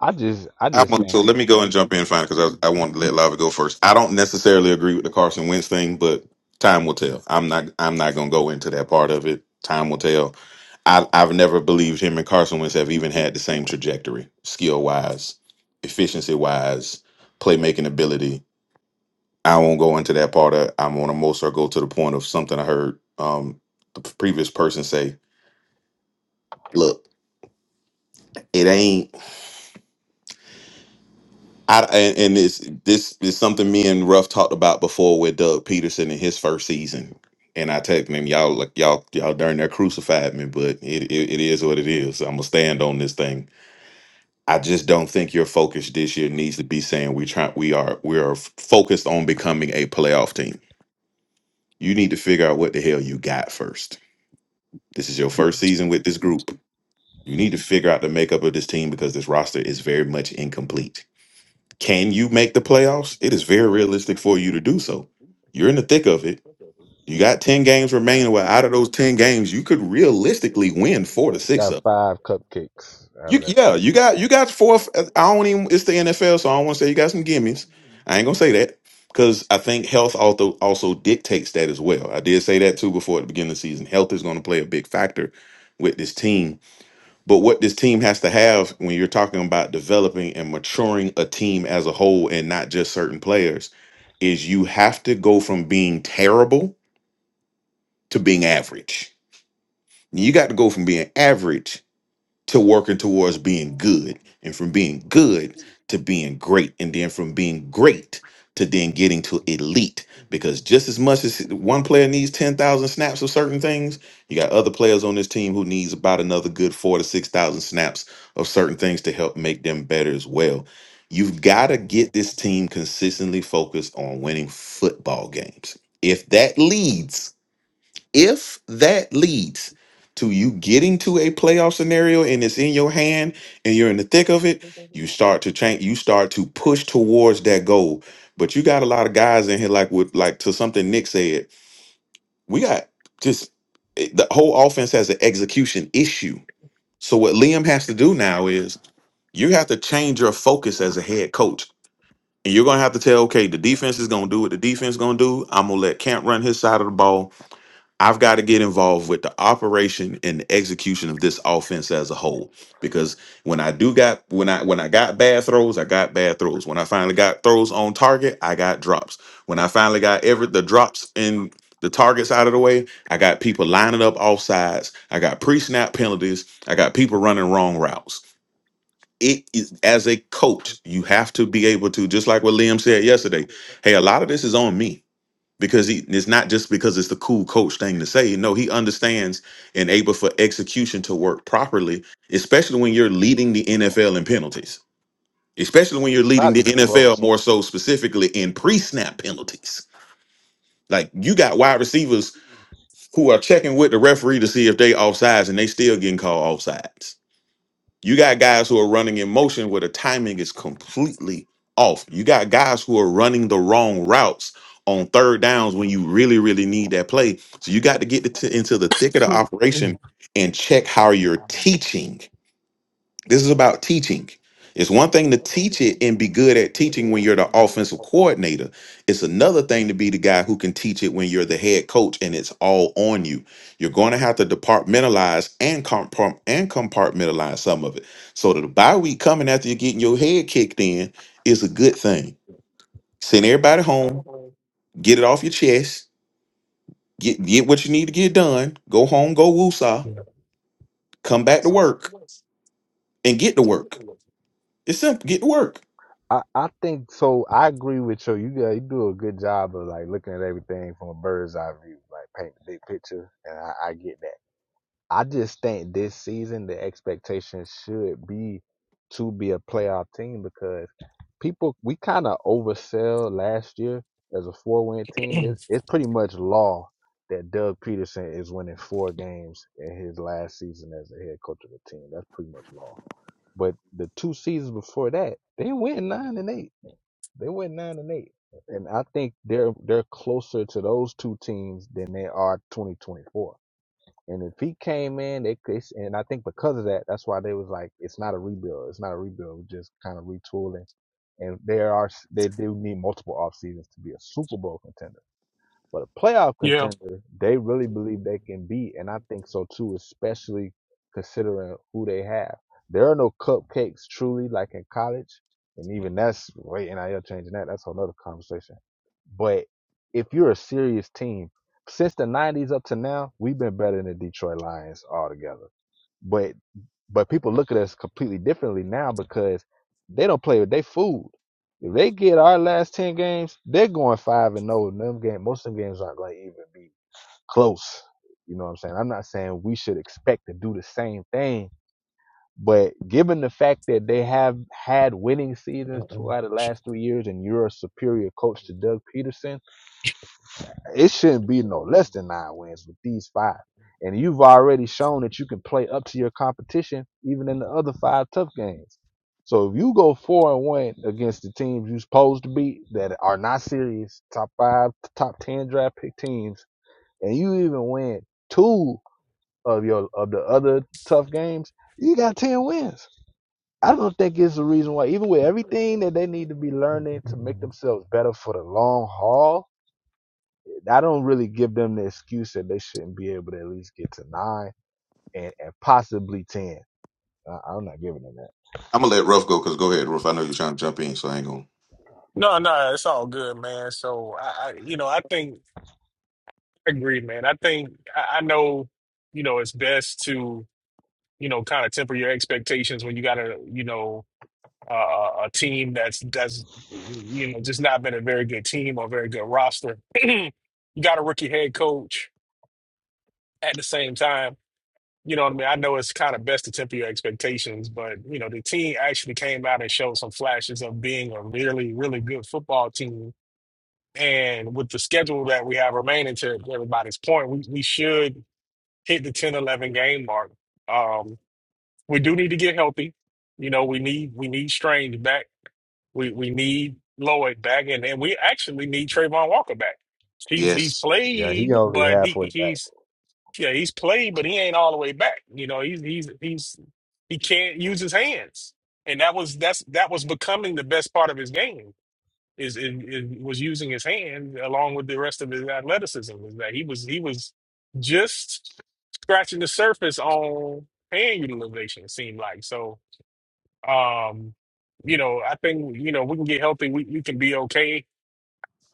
[SPEAKER 3] I just I
[SPEAKER 7] I
[SPEAKER 3] just
[SPEAKER 7] want,
[SPEAKER 3] think
[SPEAKER 7] so let
[SPEAKER 3] man,
[SPEAKER 7] me go and
[SPEAKER 3] even
[SPEAKER 7] jump in fine because I, I want to let Lava go first. I don't necessarily agree with the Carson Wentz thing, but time will tell. I'm not I'm not gonna go into that part of it. Time will tell. I, I've never believed him and Carson Wentz have even had the same trajectory, skill wise, efficiency wise, playmaking ability. I won't go into that part of. I'm on a most or go to the point of something I heard um, the previous person say. Look, it ain't. I and, and this this is something me and Ruff talked about before with Doug Peterson in his first season. And I texted him, y'all like y'all y'all darn near crucified me, but it, it it is what it is. I'm gonna stand on this thing. I just don't think your focus this year needs to be saying we try we are we are focused on becoming a playoff team. You need to figure out what the hell you got first. This is your first season with this group. You need to figure out the makeup of this team because this roster is very much incomplete Can you make the playoffs? It is very realistic for you to do so. You're in the thick of it. You got 10 games remaining. Well, out of those 10 games, you could realistically win four to
[SPEAKER 3] if you
[SPEAKER 7] six
[SPEAKER 3] got
[SPEAKER 7] of. them.
[SPEAKER 3] five cupcakes out
[SPEAKER 7] You
[SPEAKER 3] of that
[SPEAKER 7] yeah,
[SPEAKER 3] thing.
[SPEAKER 7] you got you got four. f- uh, I don't even it's the NFL, so I don't want to say you got some gimmies. I ain't gonna say that. Because I think health also also dictates that as well. I did say that too before at the beginning of the season. Health is gonna play a big factor with this team but what this team has to have when you're talking about developing and maturing a team as a whole and not just certain players is you have to go from being terrible to being average. You got to go from being average to working towards being good and from being good to being great and then from being great to then getting to elite because just as much as one player needs 10,000 snaps of certain things you got other players on this team who needs about another good 4 to 6,000 snaps of certain things to help make them better as well you've got to get this team consistently focused on winning football games if that leads if that leads to you getting to a playoff scenario and it's in your hand and you're in the thick of it, you start to change, you start to push towards that goal. But you got a lot of guys in here, like with like to something Nick said, we got just it- the whole offense has an execution issue. So what Liam has to do now is you have to change your focus as a head coach. And you're gonna have to tell, okay, the defense is gonna do what the defense is gonna do. I'm gonna let Camp run his side of the ball I've got to get involved with the operation and the execution of this offense as a whole. Because when I do got when I when I got bad throws, I got bad throws. When I finally got throws on target, I got drops. When I finally got every the drops and the targets out of the way, I got people lining up off sides. I got pre-snap penalties. I got people running wrong routes. It is as a coach, you have to be able to, just like what Liam said yesterday. Hey, a lot of this is on me because he it's not just because it's the cool coach thing to say. No, he understands and able for execution to work properly, especially when you're leading the NFL in penalties. Especially when you're
[SPEAKER 3] It's
[SPEAKER 7] leading
[SPEAKER 3] not
[SPEAKER 7] the
[SPEAKER 3] even
[SPEAKER 7] NFL
[SPEAKER 3] close.
[SPEAKER 7] more so specifically in pre-snap penalties. Like you got wide receivers who are checking with the referee to see if they offsides and they still getting called offsides you got guys who are running in motion where the timing is completely off. You got guys who are running the wrong routes on third downs when you really, really need that play. So you got to get into into the thick of the operation and check how you're teaching this is about teaching. It's one thing to teach it and be good at teaching when you're the offensive coordinator. It's another thing to be the guy who can teach it when you're the head coach and it's all on you. You're going to have to departmentalize and comprom- and compartmentalize some of it. So that the bye week coming after you're getting your head kicked in is a good thing. Send everybody home, get it off your chest, get get what you need to get done, go home, go woosah, come back to work and get to work. It's simple, get to work.
[SPEAKER 3] I, I think so. I agree with you. You got you do a good job of like looking at everything from a bird's eye view, like paint the big picture, and I, I get that. I just think this season the expectation should be to be a playoff team because people we kind of oversell last year as a four win team. It's it's pretty much law that Doug Peterson is winning four games in his last season as the head coach of the team. That's pretty much law. But the two seasons before that, they went nine and eight. They went nine and eight. And I think they're they're closer to those two teams than they are twenty twenty four. And if he came in, they, they and I think because of that, that's why they was like, it's not a rebuild. It's not a rebuild. We're just kind of retooling. And there are they do need multiple off seasons to be a Super Bowl contender. But a playoff
[SPEAKER 2] yeah.
[SPEAKER 3] contender, they really believe they can be, and I think so too, especially considering who they have. There are no cupcakes truly like in college, and even that's way NIL changing that. That's another conversation. But if you're a serious team, since the '90s up to now, we've been better than the Detroit Lions altogether. But but people look at us completely differently now because they don't play with their food. If they get our last ten games, they're going five and no. Them game, most of them games aren't going to even be close. You know what I'm saying? I'm not saying we should expect to do the same thing, but given the fact that they have had winning seasons two out of the last three years, and you're a superior coach to Doug Peterson, it shouldn't be no less than nine wins with these five. And you've already shown that you can play up to your competition, even in the other five tough games. So if you go four and one against the teams you're supposed to beat that are not serious, top five, top ten draft pick teams, and you even win two of your of the other tough games, you got ten wins. I don't think it's the reason why, even with everything that they need to be learning to make themselves better for the long haul, I don't really give them the excuse that they shouldn't be able to at least get to nine and, and possibly ten. I, I'm not giving them that.
[SPEAKER 7] I'm gonna let Ruff go because go ahead, Ruff. I know you're trying to jump in, so I ain't gonna.
[SPEAKER 2] No, no, it's all good, man. So I, I you know, I think I agree, man. I think I, I know, you know, it's best to you know kind of temper your expectations when you gotta, you know. uh, a a team that's that's you know just not been a very good team or very good roster. you got a rookie head coach at the same time. You know what I mean? I know it's kind of best to temper your expectations, but you know the team actually came out and showed some flashes of being a really really good football team. And with the schedule that we have remaining, to everybody's point, we, we should hit the 10 11 game mark. Um, we do need to get healthy. You know, we need we need Strange back. We we need Lloyd back, and, and we actually need Trayvon Walker back. He's he's
[SPEAKER 7] Yes.
[SPEAKER 3] Yeah, he
[SPEAKER 2] played,
[SPEAKER 3] only
[SPEAKER 2] but
[SPEAKER 3] had
[SPEAKER 2] he
[SPEAKER 3] forty back.
[SPEAKER 2] he's yeah he's played, but he ain't all the way back. You know he's he's he's he can't use his hands, and that was that's that was becoming the best part of his game is, is, is was using his hand along with the rest of his athleticism. Is that he was he was just scratching the surface on hand utilization. It seemed like so um, you know, I think you know we can get healthy. We we can be okay.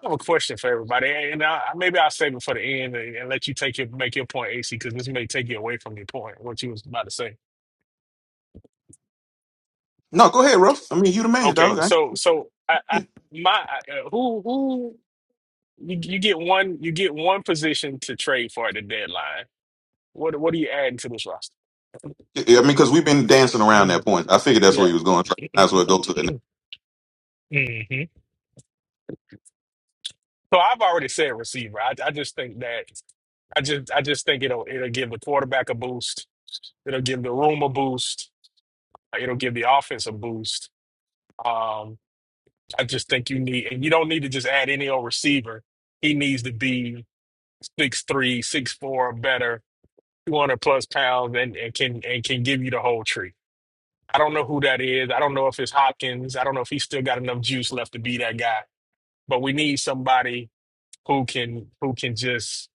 [SPEAKER 2] I have a question for everybody, and I, I- maybe I'll save it for the end and, and let you take your make your point, AC, because this may take you away from your point, what you was about to say.
[SPEAKER 7] No, go ahead, Ruff. I mean, you the man, dog.
[SPEAKER 2] Okay,
[SPEAKER 7] I,
[SPEAKER 2] so so I, I my uh, who you, you get one you get one position to trade for at the deadline. What what are you adding to this roster?
[SPEAKER 7] I mean, because we've been dancing around
[SPEAKER 2] Mm,
[SPEAKER 7] that point. I figured that's where
[SPEAKER 2] Yeah.
[SPEAKER 7] he was going. So I might as well go to it.
[SPEAKER 2] hmm So I've already said receiver. I, I just think that I just I just think it'll it'll give the quarterback a boost It'll give the room a boost. It'll give the offense a boost. Um, I just think you need, and you don't need to just add any old receiver. He needs to be six three, six four or better, 200 plus pounds, and, and can and can give you the whole tree. I don't know who that is. I don't know if it's Hopkins. I don't know if he's still got enough juice left to be that guy. But we need somebody who can who can just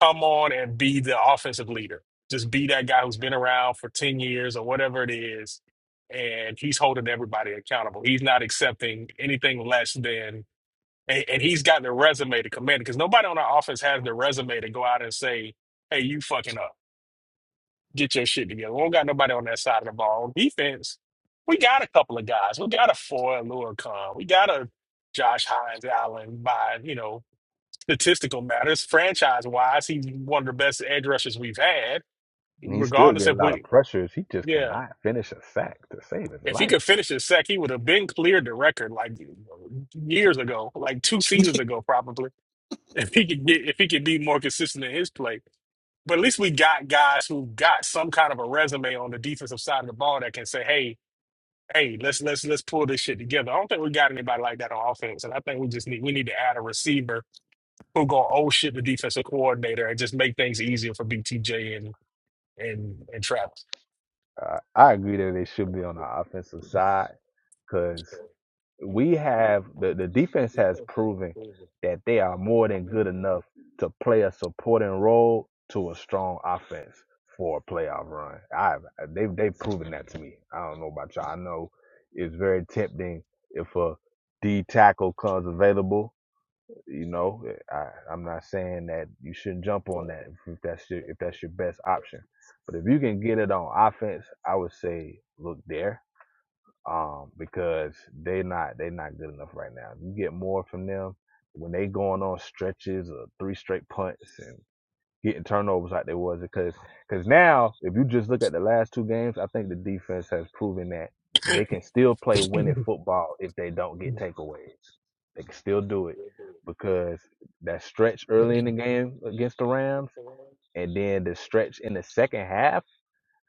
[SPEAKER 2] come on and be the offensive leader. Just be that guy who's been around for 10 years or whatever it is. And he's holding everybody accountable. He's not accepting anything less than, and, and he's got the resume to command because nobody on our offense has the resume to go out and say, hey, you fucking up. Get your shit together. We don't got nobody on that side of the ball. On defense, we got a couple of guys. We got a Foy, Lure We got a Josh Hines, Allen, by, you know, statistical matters, franchise wise, he's one of the best edge rushers we've had,
[SPEAKER 3] And he still
[SPEAKER 2] regardless
[SPEAKER 3] get a
[SPEAKER 2] if
[SPEAKER 3] lot of
[SPEAKER 2] we,
[SPEAKER 3] pressures. He just
[SPEAKER 2] yeah.
[SPEAKER 3] cannot finish a sack to save his
[SPEAKER 2] If he
[SPEAKER 3] life.
[SPEAKER 2] could finish his sack, he would have been cleared the record like years ago, like two seasons ago, probably. If he could get, if he could be more consistent in his play, but at least we got guys who got some kind of a resume on the defensive side of the ball that can say, "Hey, hey, let's let's let's pull this shit together." I don't think we got anybody like that on offense, and I think we just need we need to add a receiver who gonna oh shit the defensive coordinator and just make things easier for BTJ and and and Travis.
[SPEAKER 3] Uh, I agree that they should be on the offensive side because. we have the, the defense has proven that they are more than good enough to play a supporting role to a strong offense for a playoff run. I've they've they've proven that to me. I don't know about y'all. I know it's very tempting if a D tackle comes available. You know, I, I'm not saying that you shouldn't jump on that if that's your if that's your best option. But if you can get it on offense, I would say look there um, because they're not they're not good enough right now. You get more from them when they going on stretches or three straight punts and getting turnovers like they was because because now if you just look at the last two games, I think the defense has proven that they can still play winning football if they don't get takeaways. They can still do it because that stretch early in the game against the Rams and then the stretch in the second half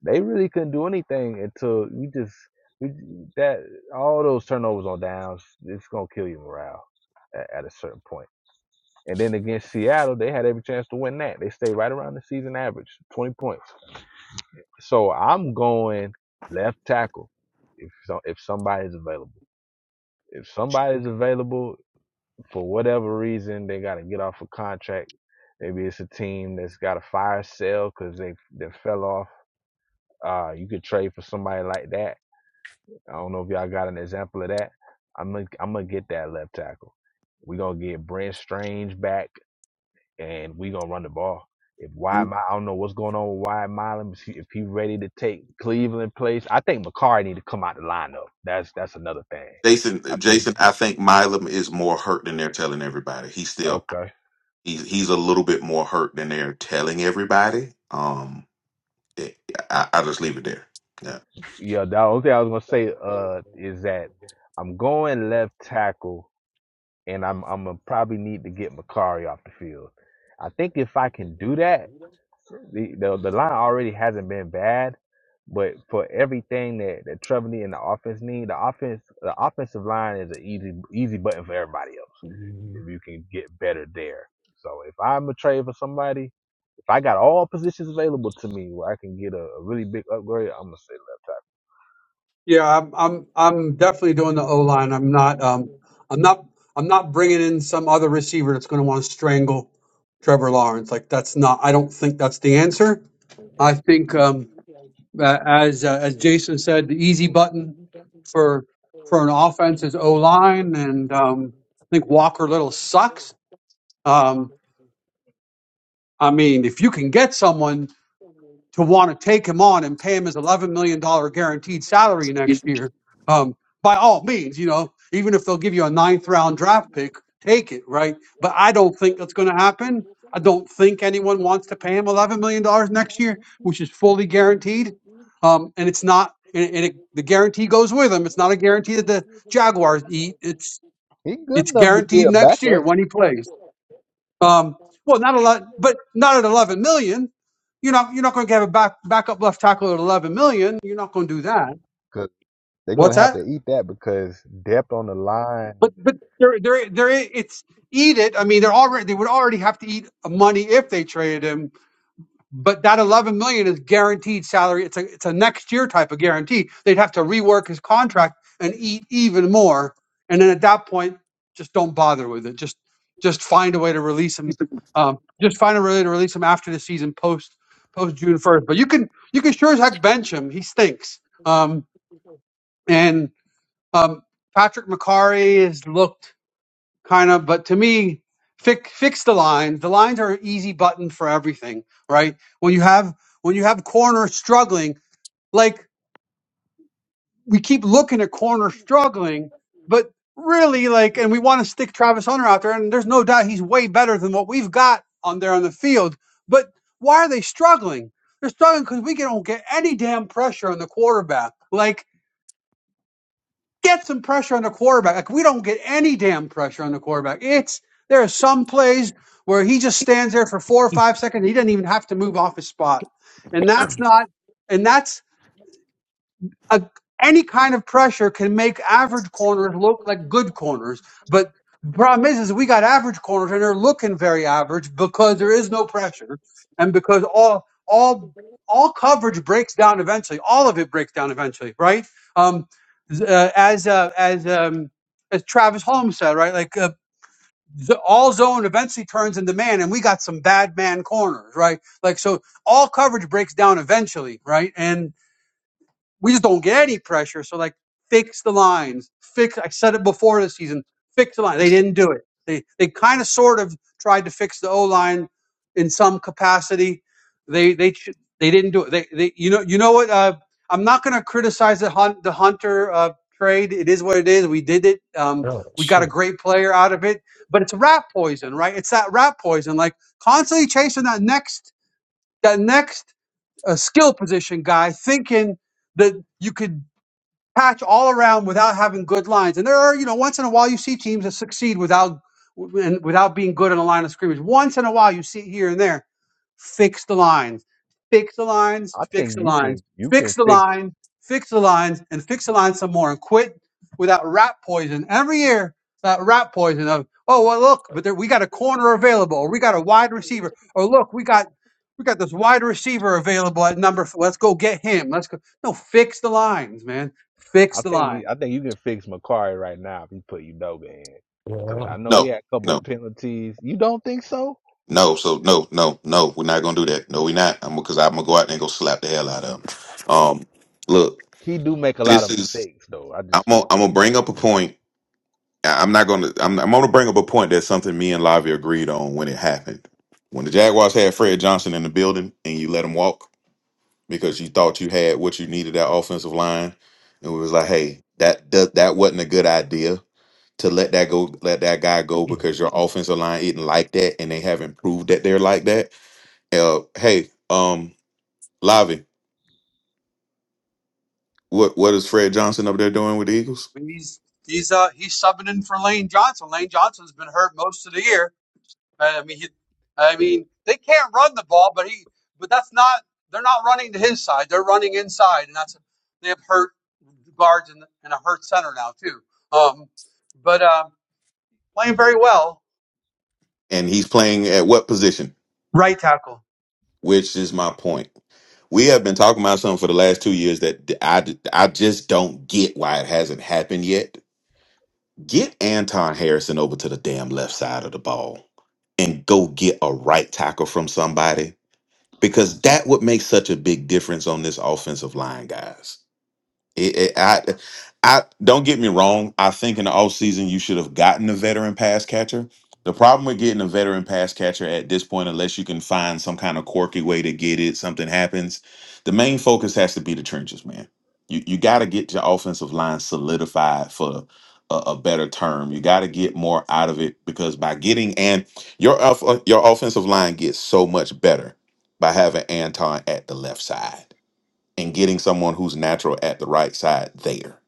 [SPEAKER 3] they really couldn't do anything until you just we that all those turnovers on downs. It's gonna kill your morale at, at a certain point. And then against Seattle, they had every chance to win that. They stayed right around the season average, twenty points. So I'm going left tackle if so, if somebody's available. If somebody's available for whatever reason, they got to get off a contract. Maybe it's a team that's got a fire sale because they they fell off. Uh, you could trade for somebody like that I don't know if y'all got an example of that. I'm gonna, I'm gonna get that left tackle. We're gonna get Brent Strange back and we're gonna run the ball. If Wide
[SPEAKER 7] now.
[SPEAKER 3] Mi- I don't know what's going on with Wide Milam. If he, if he ready to take Cleveland place, I think McCarr need to come out the lineup. That's that's another thing.
[SPEAKER 7] Jason,
[SPEAKER 3] I think
[SPEAKER 7] Jason, I think Milam is more hurt than they're telling everybody. He's still
[SPEAKER 3] okay.
[SPEAKER 7] he's he's a little bit more hurt than they're telling everybody. Um, it, I, I just leave it there. Yeah.
[SPEAKER 3] Yeah, the only thing I was gonna say uh is that I'm going left tackle and I'm I'm gonna probably need to get Macari off the field. I think if I can do that, The, the the line already hasn't been bad, but for everything that that Trevor need and the offense need, the offense the offensive line is an easy easy button for everybody else. If you can get better there, so if I'm a trade for somebody, if I got all positions available to me where I can get a, a really big upgrade, I'm gonna say left.
[SPEAKER 1] Yeah, I'm, I'm, I'm definitely doing the O line. I'm not, um, I'm not, I'm not bringing in some other receiver that's going to want to strangle Trevor Lawrence. Like that's not. I don't think that's the answer. I think. um Uh, as uh, as Jason said, the easy button for for an offense is O line, and um, I think Walker Little sucks. Um, I mean, if you can get someone to want to take him on and pay him his $11 million dollars guaranteed salary next year, um, by all means, you know, even if they'll give you a ninth round draft pick, take it, right? But I don't think that's going to happen. I don't think anyone wants to pay him $11 million dollars next year, which is fully guaranteed. Um, and it's not, and, and it, the guarantee goes with him. It's not a guarantee that the Jaguars eat. It's,
[SPEAKER 3] He good
[SPEAKER 1] it's
[SPEAKER 3] enough to be
[SPEAKER 1] guaranteed
[SPEAKER 3] a
[SPEAKER 1] next year
[SPEAKER 3] backup
[SPEAKER 1] when he plays. Um, well, not a lot, but not at 11 million. You're not you're not going to have a back backup left tackle at 11 million. You're not going to do that.
[SPEAKER 3] because they're gonna
[SPEAKER 1] What's
[SPEAKER 3] have to
[SPEAKER 1] that?
[SPEAKER 3] eat that because depth on the line.
[SPEAKER 1] But but they're they're they're it's eat it. I mean, they're already they would already have to eat money if they traded him but that 11 million is guaranteed salary it's a it's a next year type of guarantee they'd have to rework his contract and eat even more and then at that point just don't bother with it just just find a way to release him um, just find a way to release him after the season post post june 1st but you can you can sure as heck bench him he stinks um, and um, patrick mccary has looked kind of. But to me, fix fix the lines. The lines are an easy button for everything, right? When you have when you have corners struggling, like we keep looking at corners struggling, but really like, and we want to stick Travis Hunter out there, and there's no doubt he's way better than what we've got on there on the field. But why are they struggling? They're struggling because we don't get any damn pressure on the quarterback. Like get some pressure on the quarterback. Like we don't get any damn pressure on the quarterback. It's there are some plays where he just stands there for four or five seconds. He doesn't even have to move off his spot, and that's not. And that's a, any kind of pressure can make average corners look like good corners. But the problem is, is we got average corners and they're looking very average because there is no pressure, and because all all all coverage breaks down eventually. All of it breaks down eventually, right? Um, uh, as uh, as um, as Travis Holmes said, right? Like uh, the, all zone eventually turns into man, and we got some bad man corners, right? Like so, all coverage breaks down eventually, right? And we just don't get any pressure. So like fix the lines. Fix I said it before the season, fix the line. They
[SPEAKER 7] It's-
[SPEAKER 1] didn't do it. They they kind of sort of tried to fix the O line in some capacity. They they they didn't do it. They they you know you know what uh, I'm not going to criticize the hunt the Hunter uh, trade. It is what it is. We did it. Um,
[SPEAKER 2] Oh
[SPEAKER 1] we got a
[SPEAKER 2] shit!
[SPEAKER 1] great player out of it, but it's rat poison, right? It's that rat poison like constantly chasing that next that next a skill position guy thinking that you could patch all around without having good lines. And there are, you know, once in a while you see teams that succeed without and without being good in a line of scrimmage. Once in a while you see here and there, fix the lines, fix the lines,
[SPEAKER 3] I
[SPEAKER 1] fix
[SPEAKER 3] think
[SPEAKER 1] the
[SPEAKER 3] you
[SPEAKER 1] lines,
[SPEAKER 3] can you can
[SPEAKER 1] fix the
[SPEAKER 3] fix.
[SPEAKER 1] line, fix the lines, and fix the line some more, and quit with that rat poison every year. That rat poison of oh well look, but there, we got a corner available, or we got a wide receiver, or look we got we got this wide receiver available at number. f- Let's go get him. Let's go. No, fix the lines, man
[SPEAKER 3] I
[SPEAKER 1] Fix the
[SPEAKER 3] think
[SPEAKER 1] line.
[SPEAKER 3] I think you can fix Macari right now if you put Udoga in. Cause I know he
[SPEAKER 7] no,
[SPEAKER 3] had a couple
[SPEAKER 7] no,
[SPEAKER 3] penalties. You don't think so?
[SPEAKER 7] no. So no, no, no. We're not gonna do that. No, we're not. I'm because I'm gonna go out there and go slap the hell out of him. Um, look.
[SPEAKER 3] He do make a lot
[SPEAKER 7] this
[SPEAKER 3] of
[SPEAKER 7] is
[SPEAKER 3] mistakes though. I
[SPEAKER 7] I'm
[SPEAKER 3] just
[SPEAKER 7] gonna, I'm gonna bring up a point. I- I'm not gonna I'm, I'm gonna bring up a point that's something me and Lavi agreed on when it happened. When the Jaguars had Fred Johnson in the building and you let him walk because you thought you had what you needed that offensive line, and we was like, hey, that that, that wasn't a good idea to let that go, let that guy go
[SPEAKER 2] Yeah.
[SPEAKER 7] because your offensive line isn't like that and they haven't proved that they're like that. Uh, hey, um, Lavi, what what is Fred Johnson up there doing with the Eagles?
[SPEAKER 1] I mean, He's he's uh he's subbing in for Lane Johnson. Lane Johnson's been hurt most of the year. Uh, I mean, he, I mean they can't run the ball, but he but that's not they're not running to his side. They're running inside, and that's they have hurt guards and, and a hurt center now too. Um, but uh, playing very well.
[SPEAKER 7] And he's playing at what position?
[SPEAKER 1] Right tackle.
[SPEAKER 7] which is my point. We have been talking about something for the last two years that I, I just don't get why it hasn't happened yet. Get Anton Harrison over to the damn left side of the ball and go get a right tackle from somebody because that would make such a big difference on this offensive line, guys. It, it- I, I don't get me wrong. I think in the off season you should have gotten a veteran pass catcher. The problem with getting a veteran pass catcher at this point, unless you can find some kind of quirky way to get it, something happens. The main focus has to be the trenches, man. You you got to get your offensive line solidified for a, a better term. You got to get more out of it because by getting and your off- your offensive line gets so much better by having Anton at the left side and getting someone who's natural at the right side there.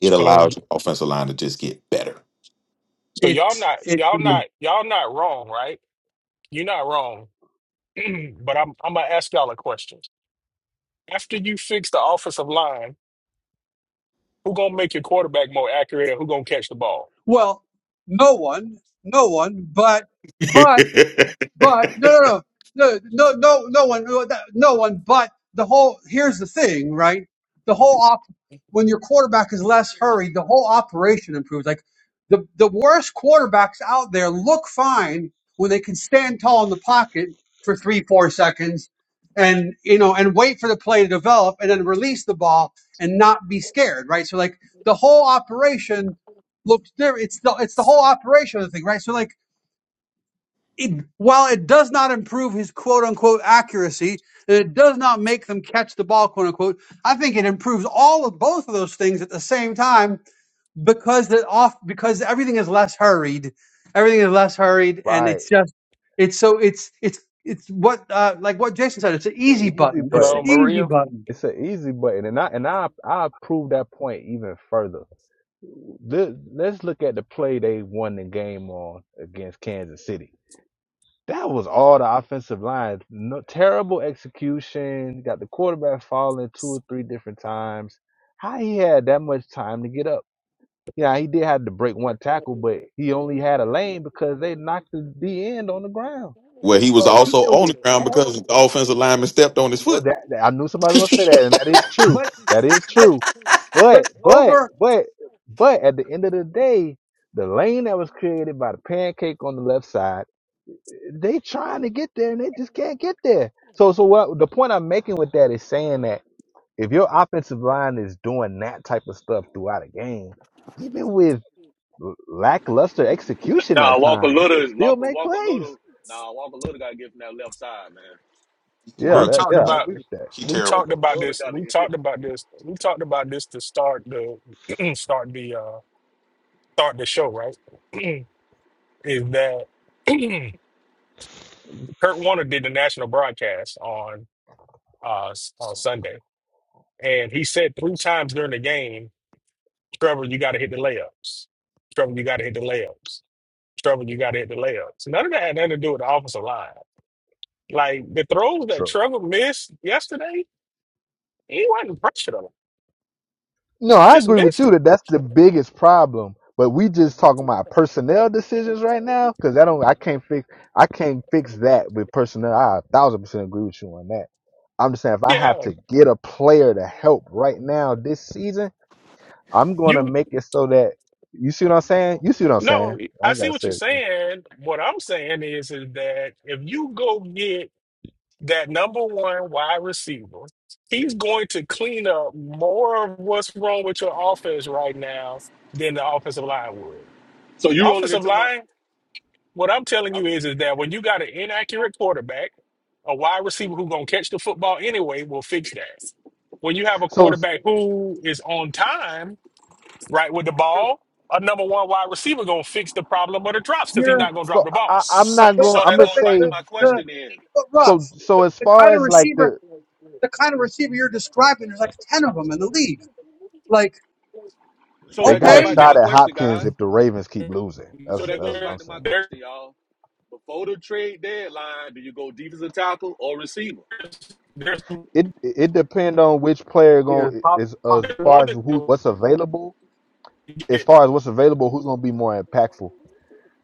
[SPEAKER 7] It
[SPEAKER 2] So y-
[SPEAKER 7] allows your offensive line to just get better.
[SPEAKER 2] so y'all
[SPEAKER 1] It's
[SPEAKER 2] not
[SPEAKER 1] it's
[SPEAKER 2] y'all not y'all not wrong, right? You're not wrong. but I'm I'm gonna ask y'all a question. After you fix the offensive line, who gonna make your quarterback more accurate and who gonna catch the ball?
[SPEAKER 1] well, no one, no one, but but. But no, no, no, no, no, no no one, no that- no one. But the whole here's the thing, right? The whole op when your quarterback is less hurried, the whole operation improves. Like the the worst quarterbacks out there look fine when they can stand tall in the pocket for three, four seconds, and you know, and wait for the play to develop, and then release the ball and not be scared, right? So like the whole operation looks different. It's the it's the whole operation of the thing, right? So like it, while it does not improve his quote unquote accuracy, and it does not make them catch the ball, quote unquote, I think it improves all of both of those things at the same time because the off because everything is less hurried. Everything is less hurried and
[SPEAKER 3] right.
[SPEAKER 1] it's just it's so it's it's it's what uh, like what Jason said, it's an
[SPEAKER 3] It's
[SPEAKER 1] easy
[SPEAKER 3] an easy
[SPEAKER 1] button. It's the
[SPEAKER 3] button.
[SPEAKER 2] Hello,
[SPEAKER 1] easy
[SPEAKER 2] Maria.
[SPEAKER 1] button.
[SPEAKER 3] It's an easy button, and I and I I prove that point even further. Let- Let's look at the play they won the game on against Kansas City That was all the offensive line. No, terrible execution. Got the quarterback falling two or three different times. How he had that much time to get up? Yeah, he did have to break one tackle, but he only had a lane because they knocked the D end on the ground.
[SPEAKER 7] Where he was
[SPEAKER 3] So
[SPEAKER 7] also
[SPEAKER 3] even
[SPEAKER 7] on
[SPEAKER 3] with
[SPEAKER 7] the ground because
[SPEAKER 3] terrible,
[SPEAKER 7] the offensive lineman stepped on his
[SPEAKER 3] well,
[SPEAKER 7] foot.
[SPEAKER 3] that, that- I knew somebody was gonna say that, and that is true.
[SPEAKER 1] But
[SPEAKER 3] That is
[SPEAKER 1] but
[SPEAKER 3] true.
[SPEAKER 1] but
[SPEAKER 3] But but
[SPEAKER 1] over
[SPEAKER 3] but but at the end of the day, the lane that was created by the pancake on the left side they trying to get there and they just can't get there. So so what the point I'm making with that is saying that if your offensive line is doing that type of stuff throughout a game, even with l- lackluster execution
[SPEAKER 4] Nah,
[SPEAKER 3] at
[SPEAKER 4] Walker
[SPEAKER 3] times, you will
[SPEAKER 4] Little,
[SPEAKER 3] still
[SPEAKER 4] Walker,
[SPEAKER 3] make
[SPEAKER 4] Walker
[SPEAKER 3] plays.
[SPEAKER 4] Little, nah, Walker Little got to get from that left side, man.
[SPEAKER 3] Yeah,
[SPEAKER 7] Bro,
[SPEAKER 2] We
[SPEAKER 3] that
[SPEAKER 7] he,
[SPEAKER 2] talked
[SPEAKER 3] yeah, I
[SPEAKER 7] he,
[SPEAKER 2] about
[SPEAKER 3] agree with
[SPEAKER 7] he
[SPEAKER 2] we
[SPEAKER 7] terrible.
[SPEAKER 2] talked
[SPEAKER 4] Walker
[SPEAKER 2] about
[SPEAKER 4] Little
[SPEAKER 2] this.
[SPEAKER 4] got to
[SPEAKER 2] We
[SPEAKER 4] get.
[SPEAKER 2] talked about this. We talked about this to start the start the uh start the show, right? Is that Kurt Warner did the national broadcast on uh s- on Sunday. And he said three times during the game, Trevor, you gotta hit the layups. Trevor, you gotta hit the layups. Trevor, you gotta hit the layups. None of that had nothing to do with the offensive line. Like the throws that
[SPEAKER 3] that.
[SPEAKER 2] Trevor missed yesterday, he wasn't pressured on. them;
[SPEAKER 3] No, I
[SPEAKER 2] Just
[SPEAKER 3] agree with
[SPEAKER 2] missed
[SPEAKER 3] you that that's the biggest problem. But we just talking about personnel decisions right now because I don't, I
[SPEAKER 2] them.
[SPEAKER 3] can't fix, I can't fix that with personnel. I a thousand percent agree with you on that. I'm just saying if I have
[SPEAKER 2] Yeah,
[SPEAKER 3] to get a player to help right now this season, I'm gonna
[SPEAKER 2] you
[SPEAKER 3] make it so that you see what I'm saying. You see what I'm
[SPEAKER 2] no,
[SPEAKER 3] saying. I
[SPEAKER 2] I
[SPEAKER 3] don't
[SPEAKER 2] see
[SPEAKER 3] gotta
[SPEAKER 2] what you're
[SPEAKER 3] say it. Again.
[SPEAKER 2] saying. What I'm saying is, is that if you go get that number one wide receiver, he's going to clean up more of what's wrong with your offense right now than the offensive line would.
[SPEAKER 4] So you rolling
[SPEAKER 2] Offensive
[SPEAKER 4] into my,
[SPEAKER 2] line, what I'm telling you
[SPEAKER 4] I'm,
[SPEAKER 2] is, is that when you got an inaccurate quarterback, a wide receiver who's gonna catch the football anyway will fix that. When you have a
[SPEAKER 3] So,
[SPEAKER 2] quarterback who is on time right with the
[SPEAKER 1] the-
[SPEAKER 2] ball, a number one wide receiver gonna fix the problem of the drops because he's not gonna drop
[SPEAKER 3] so
[SPEAKER 2] the
[SPEAKER 3] I,
[SPEAKER 2] ball.
[SPEAKER 3] I'm
[SPEAKER 4] so
[SPEAKER 3] not
[SPEAKER 1] but
[SPEAKER 3] going.
[SPEAKER 4] so
[SPEAKER 3] I'm
[SPEAKER 4] that
[SPEAKER 1] but
[SPEAKER 3] gonna
[SPEAKER 4] goes
[SPEAKER 1] the
[SPEAKER 4] back to
[SPEAKER 1] the,
[SPEAKER 3] say
[SPEAKER 4] my
[SPEAKER 1] the
[SPEAKER 4] question then.
[SPEAKER 1] but Ruff,
[SPEAKER 3] so. So
[SPEAKER 1] the,
[SPEAKER 3] as
[SPEAKER 1] the
[SPEAKER 3] far
[SPEAKER 1] kind of
[SPEAKER 3] as like
[SPEAKER 1] receiver
[SPEAKER 3] the,
[SPEAKER 1] the kind of receiver you're describing, there's like 10 of them in the league. Like,
[SPEAKER 4] So
[SPEAKER 3] they
[SPEAKER 4] that
[SPEAKER 3] got
[SPEAKER 1] okay,
[SPEAKER 4] goes
[SPEAKER 3] a
[SPEAKER 2] There-
[SPEAKER 4] back to my
[SPEAKER 3] shot at
[SPEAKER 2] there-
[SPEAKER 4] question,
[SPEAKER 3] Hopkins
[SPEAKER 4] guys.
[SPEAKER 3] if the Ravens keep losing.
[SPEAKER 4] So
[SPEAKER 3] That's
[SPEAKER 4] that goes
[SPEAKER 3] that's what I'm
[SPEAKER 4] back to my
[SPEAKER 3] saying.
[SPEAKER 2] there-
[SPEAKER 4] question, y'all. Before the trade deadline, do you go defensive tackle or receiver?
[SPEAKER 2] there's there's
[SPEAKER 3] it it depend on which player
[SPEAKER 1] Yeah,
[SPEAKER 3] going
[SPEAKER 1] Pop,
[SPEAKER 3] is
[SPEAKER 1] Pop,
[SPEAKER 3] as
[SPEAKER 2] there's more
[SPEAKER 3] far as
[SPEAKER 2] than
[SPEAKER 3] who
[SPEAKER 2] you
[SPEAKER 3] what's available. As
[SPEAKER 2] get.
[SPEAKER 3] far as what's available, who's gonna be more impactful?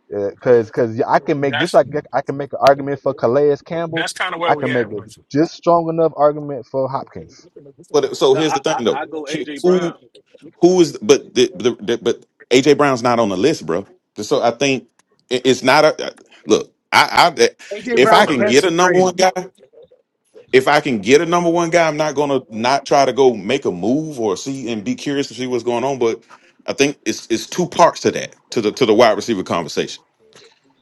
[SPEAKER 3] Because because I can make this
[SPEAKER 2] That's
[SPEAKER 3] I can, I can make an argument for Calais Campbell.
[SPEAKER 2] that's kind of where
[SPEAKER 3] I
[SPEAKER 2] we
[SPEAKER 3] can
[SPEAKER 2] at
[SPEAKER 3] make a
[SPEAKER 2] with-
[SPEAKER 3] just strong enough argument for Hopkins.
[SPEAKER 7] But uh, so
[SPEAKER 4] No,
[SPEAKER 7] here's
[SPEAKER 4] I
[SPEAKER 7] the
[SPEAKER 4] I,
[SPEAKER 7] thing though.
[SPEAKER 4] I go AJ
[SPEAKER 7] Who
[SPEAKER 4] Brown.
[SPEAKER 7] who is but the, the, the but AJ Brown's not on the list, bro. So I think it- it's not a uh, look. I, I
[SPEAKER 1] AJ
[SPEAKER 7] if
[SPEAKER 1] Brown
[SPEAKER 7] I
[SPEAKER 2] on the
[SPEAKER 7] can
[SPEAKER 1] can't
[SPEAKER 7] get
[SPEAKER 2] list.
[SPEAKER 1] be
[SPEAKER 7] a number
[SPEAKER 1] traded.
[SPEAKER 7] one guy. if I can get a number one guy, I'm not gonna not try to go make a move or see and be curious to see what's going on. But I think it's it's two parts to that to the to the wide receiver conversation.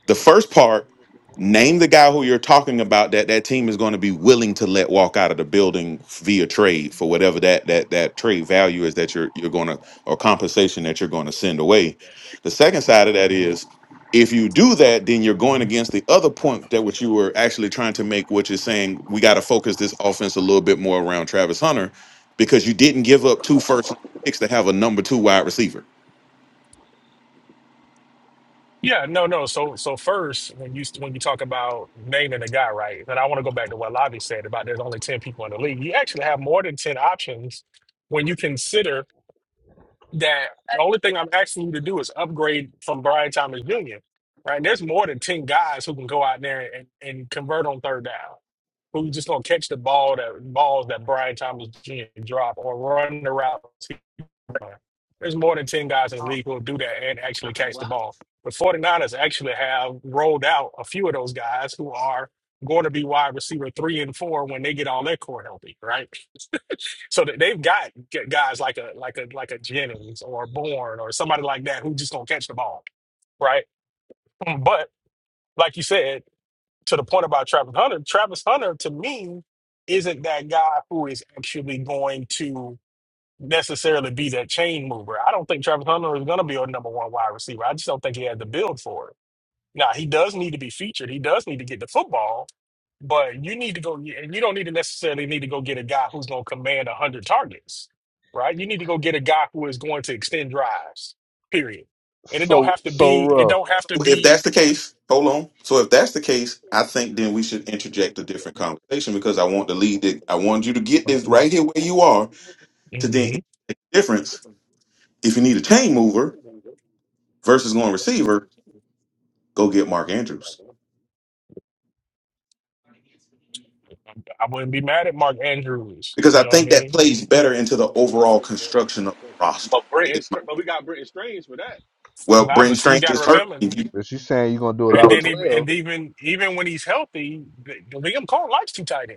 [SPEAKER 7] The first part, name the guy who you're talking about that that team is going to be willing to let walk out of the building via trade for whatever that that that trade value is that you're you're going to or compensation that you're going to send away. The second side of that is if you do that, then you're going against the other point that which you were actually trying to make, which is saying we got to focus this offense a little bit more around Travis Hunter because you didn't give up two first round picks to have a number two wide receiver.
[SPEAKER 2] Yeah, no, no. So so first, when you when you talk about naming a guy, right? And I want to go back to what Lavi said about there's only ten people in the league. You actually have more than ten options when you consider that the only thing I'm asking you to do is upgrade from Brian Thomas Jr. Right? There's more than 10 guys who can go out there and, and convert on third down. Who just gonna catch the ball that balls that Brian Thomas Jr. drop or run the route. There's more than 10 guys in the league who'll do that and actually catch the ball. The 49ers actually have rolled out a few of those guys who are going to be wide receiver three and four when they get all their core healthy, right? So th- they've got g- guys like a like a like a Jennings or Bourne or somebody like that who just gonna catch the ball, right? Mm, But like you said, to the point about Travis Hunter, Travis Hunter to me isn't that guy who is actually going to necessarily be that chain mover. I don't think Travis Hunter is gonna be a number one wide receiver. I just don't think he had the build for it now he does need to be featured. He does need to get the football, but you need to go get- and you don't need to necessarily need to go get a guy who's going to command a hundred targets, right? You need to go get a guy who is going to extend drives. Period. And it don't
[SPEAKER 3] So
[SPEAKER 2] have to
[SPEAKER 3] so
[SPEAKER 2] be. It
[SPEAKER 3] rough.
[SPEAKER 2] don't have to
[SPEAKER 7] if
[SPEAKER 2] be.
[SPEAKER 7] that's the case, hold on. So if that's the case, I think then we should interject a different conversation because I want to lead it. I want you to get this right here where you are to then
[SPEAKER 2] hmm
[SPEAKER 7] interject the difference. If you need a chain mover versus going receiver, go get Mark Andrews
[SPEAKER 2] I wouldn't be mad at Mark Andrews.
[SPEAKER 7] because
[SPEAKER 2] You
[SPEAKER 7] I
[SPEAKER 2] know what I
[SPEAKER 7] think that
[SPEAKER 2] mean?
[SPEAKER 7] plays better into the overall construction of the roster.
[SPEAKER 4] But Brenton, but we got Brenton Strange for that.
[SPEAKER 7] Well,
[SPEAKER 2] Nah,
[SPEAKER 7] Brent
[SPEAKER 2] but see, you
[SPEAKER 7] Strange
[SPEAKER 2] got to
[SPEAKER 7] is hurt.
[SPEAKER 2] remember,
[SPEAKER 7] and you-
[SPEAKER 3] If you saying you're gonna do a lot
[SPEAKER 2] and
[SPEAKER 3] of
[SPEAKER 2] then even
[SPEAKER 3] twelve,
[SPEAKER 2] and even even when he's healthy, Liam Cole likes two tight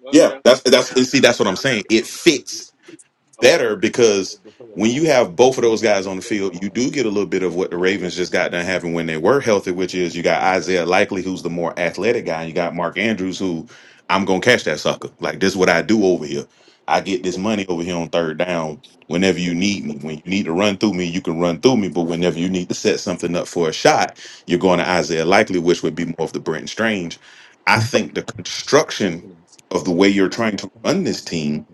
[SPEAKER 4] Well, yeah,
[SPEAKER 7] Yeah,
[SPEAKER 4] yeah,
[SPEAKER 7] that's that's see, that's what I'm saying. It
[SPEAKER 4] yeah.
[SPEAKER 7] fits
[SPEAKER 4] Okay, okay.
[SPEAKER 7] better because when you have both of those guys on the field, you do get a little bit of what the Ravens just got done having when they were healthy, which is you got Isaiah Likely, who's the more athletic guy, and you got Mark Andrews, who I'm gonna catch that sucker. Like this is what I do over here. I get this money over here on third down whenever you need me. When you need to run through me, you can run through me. But whenever you need to set something up for a shot, you're going to Isaiah Likely, which would be more of the Brenton Strange. I think the construction of the way you're trying to run this team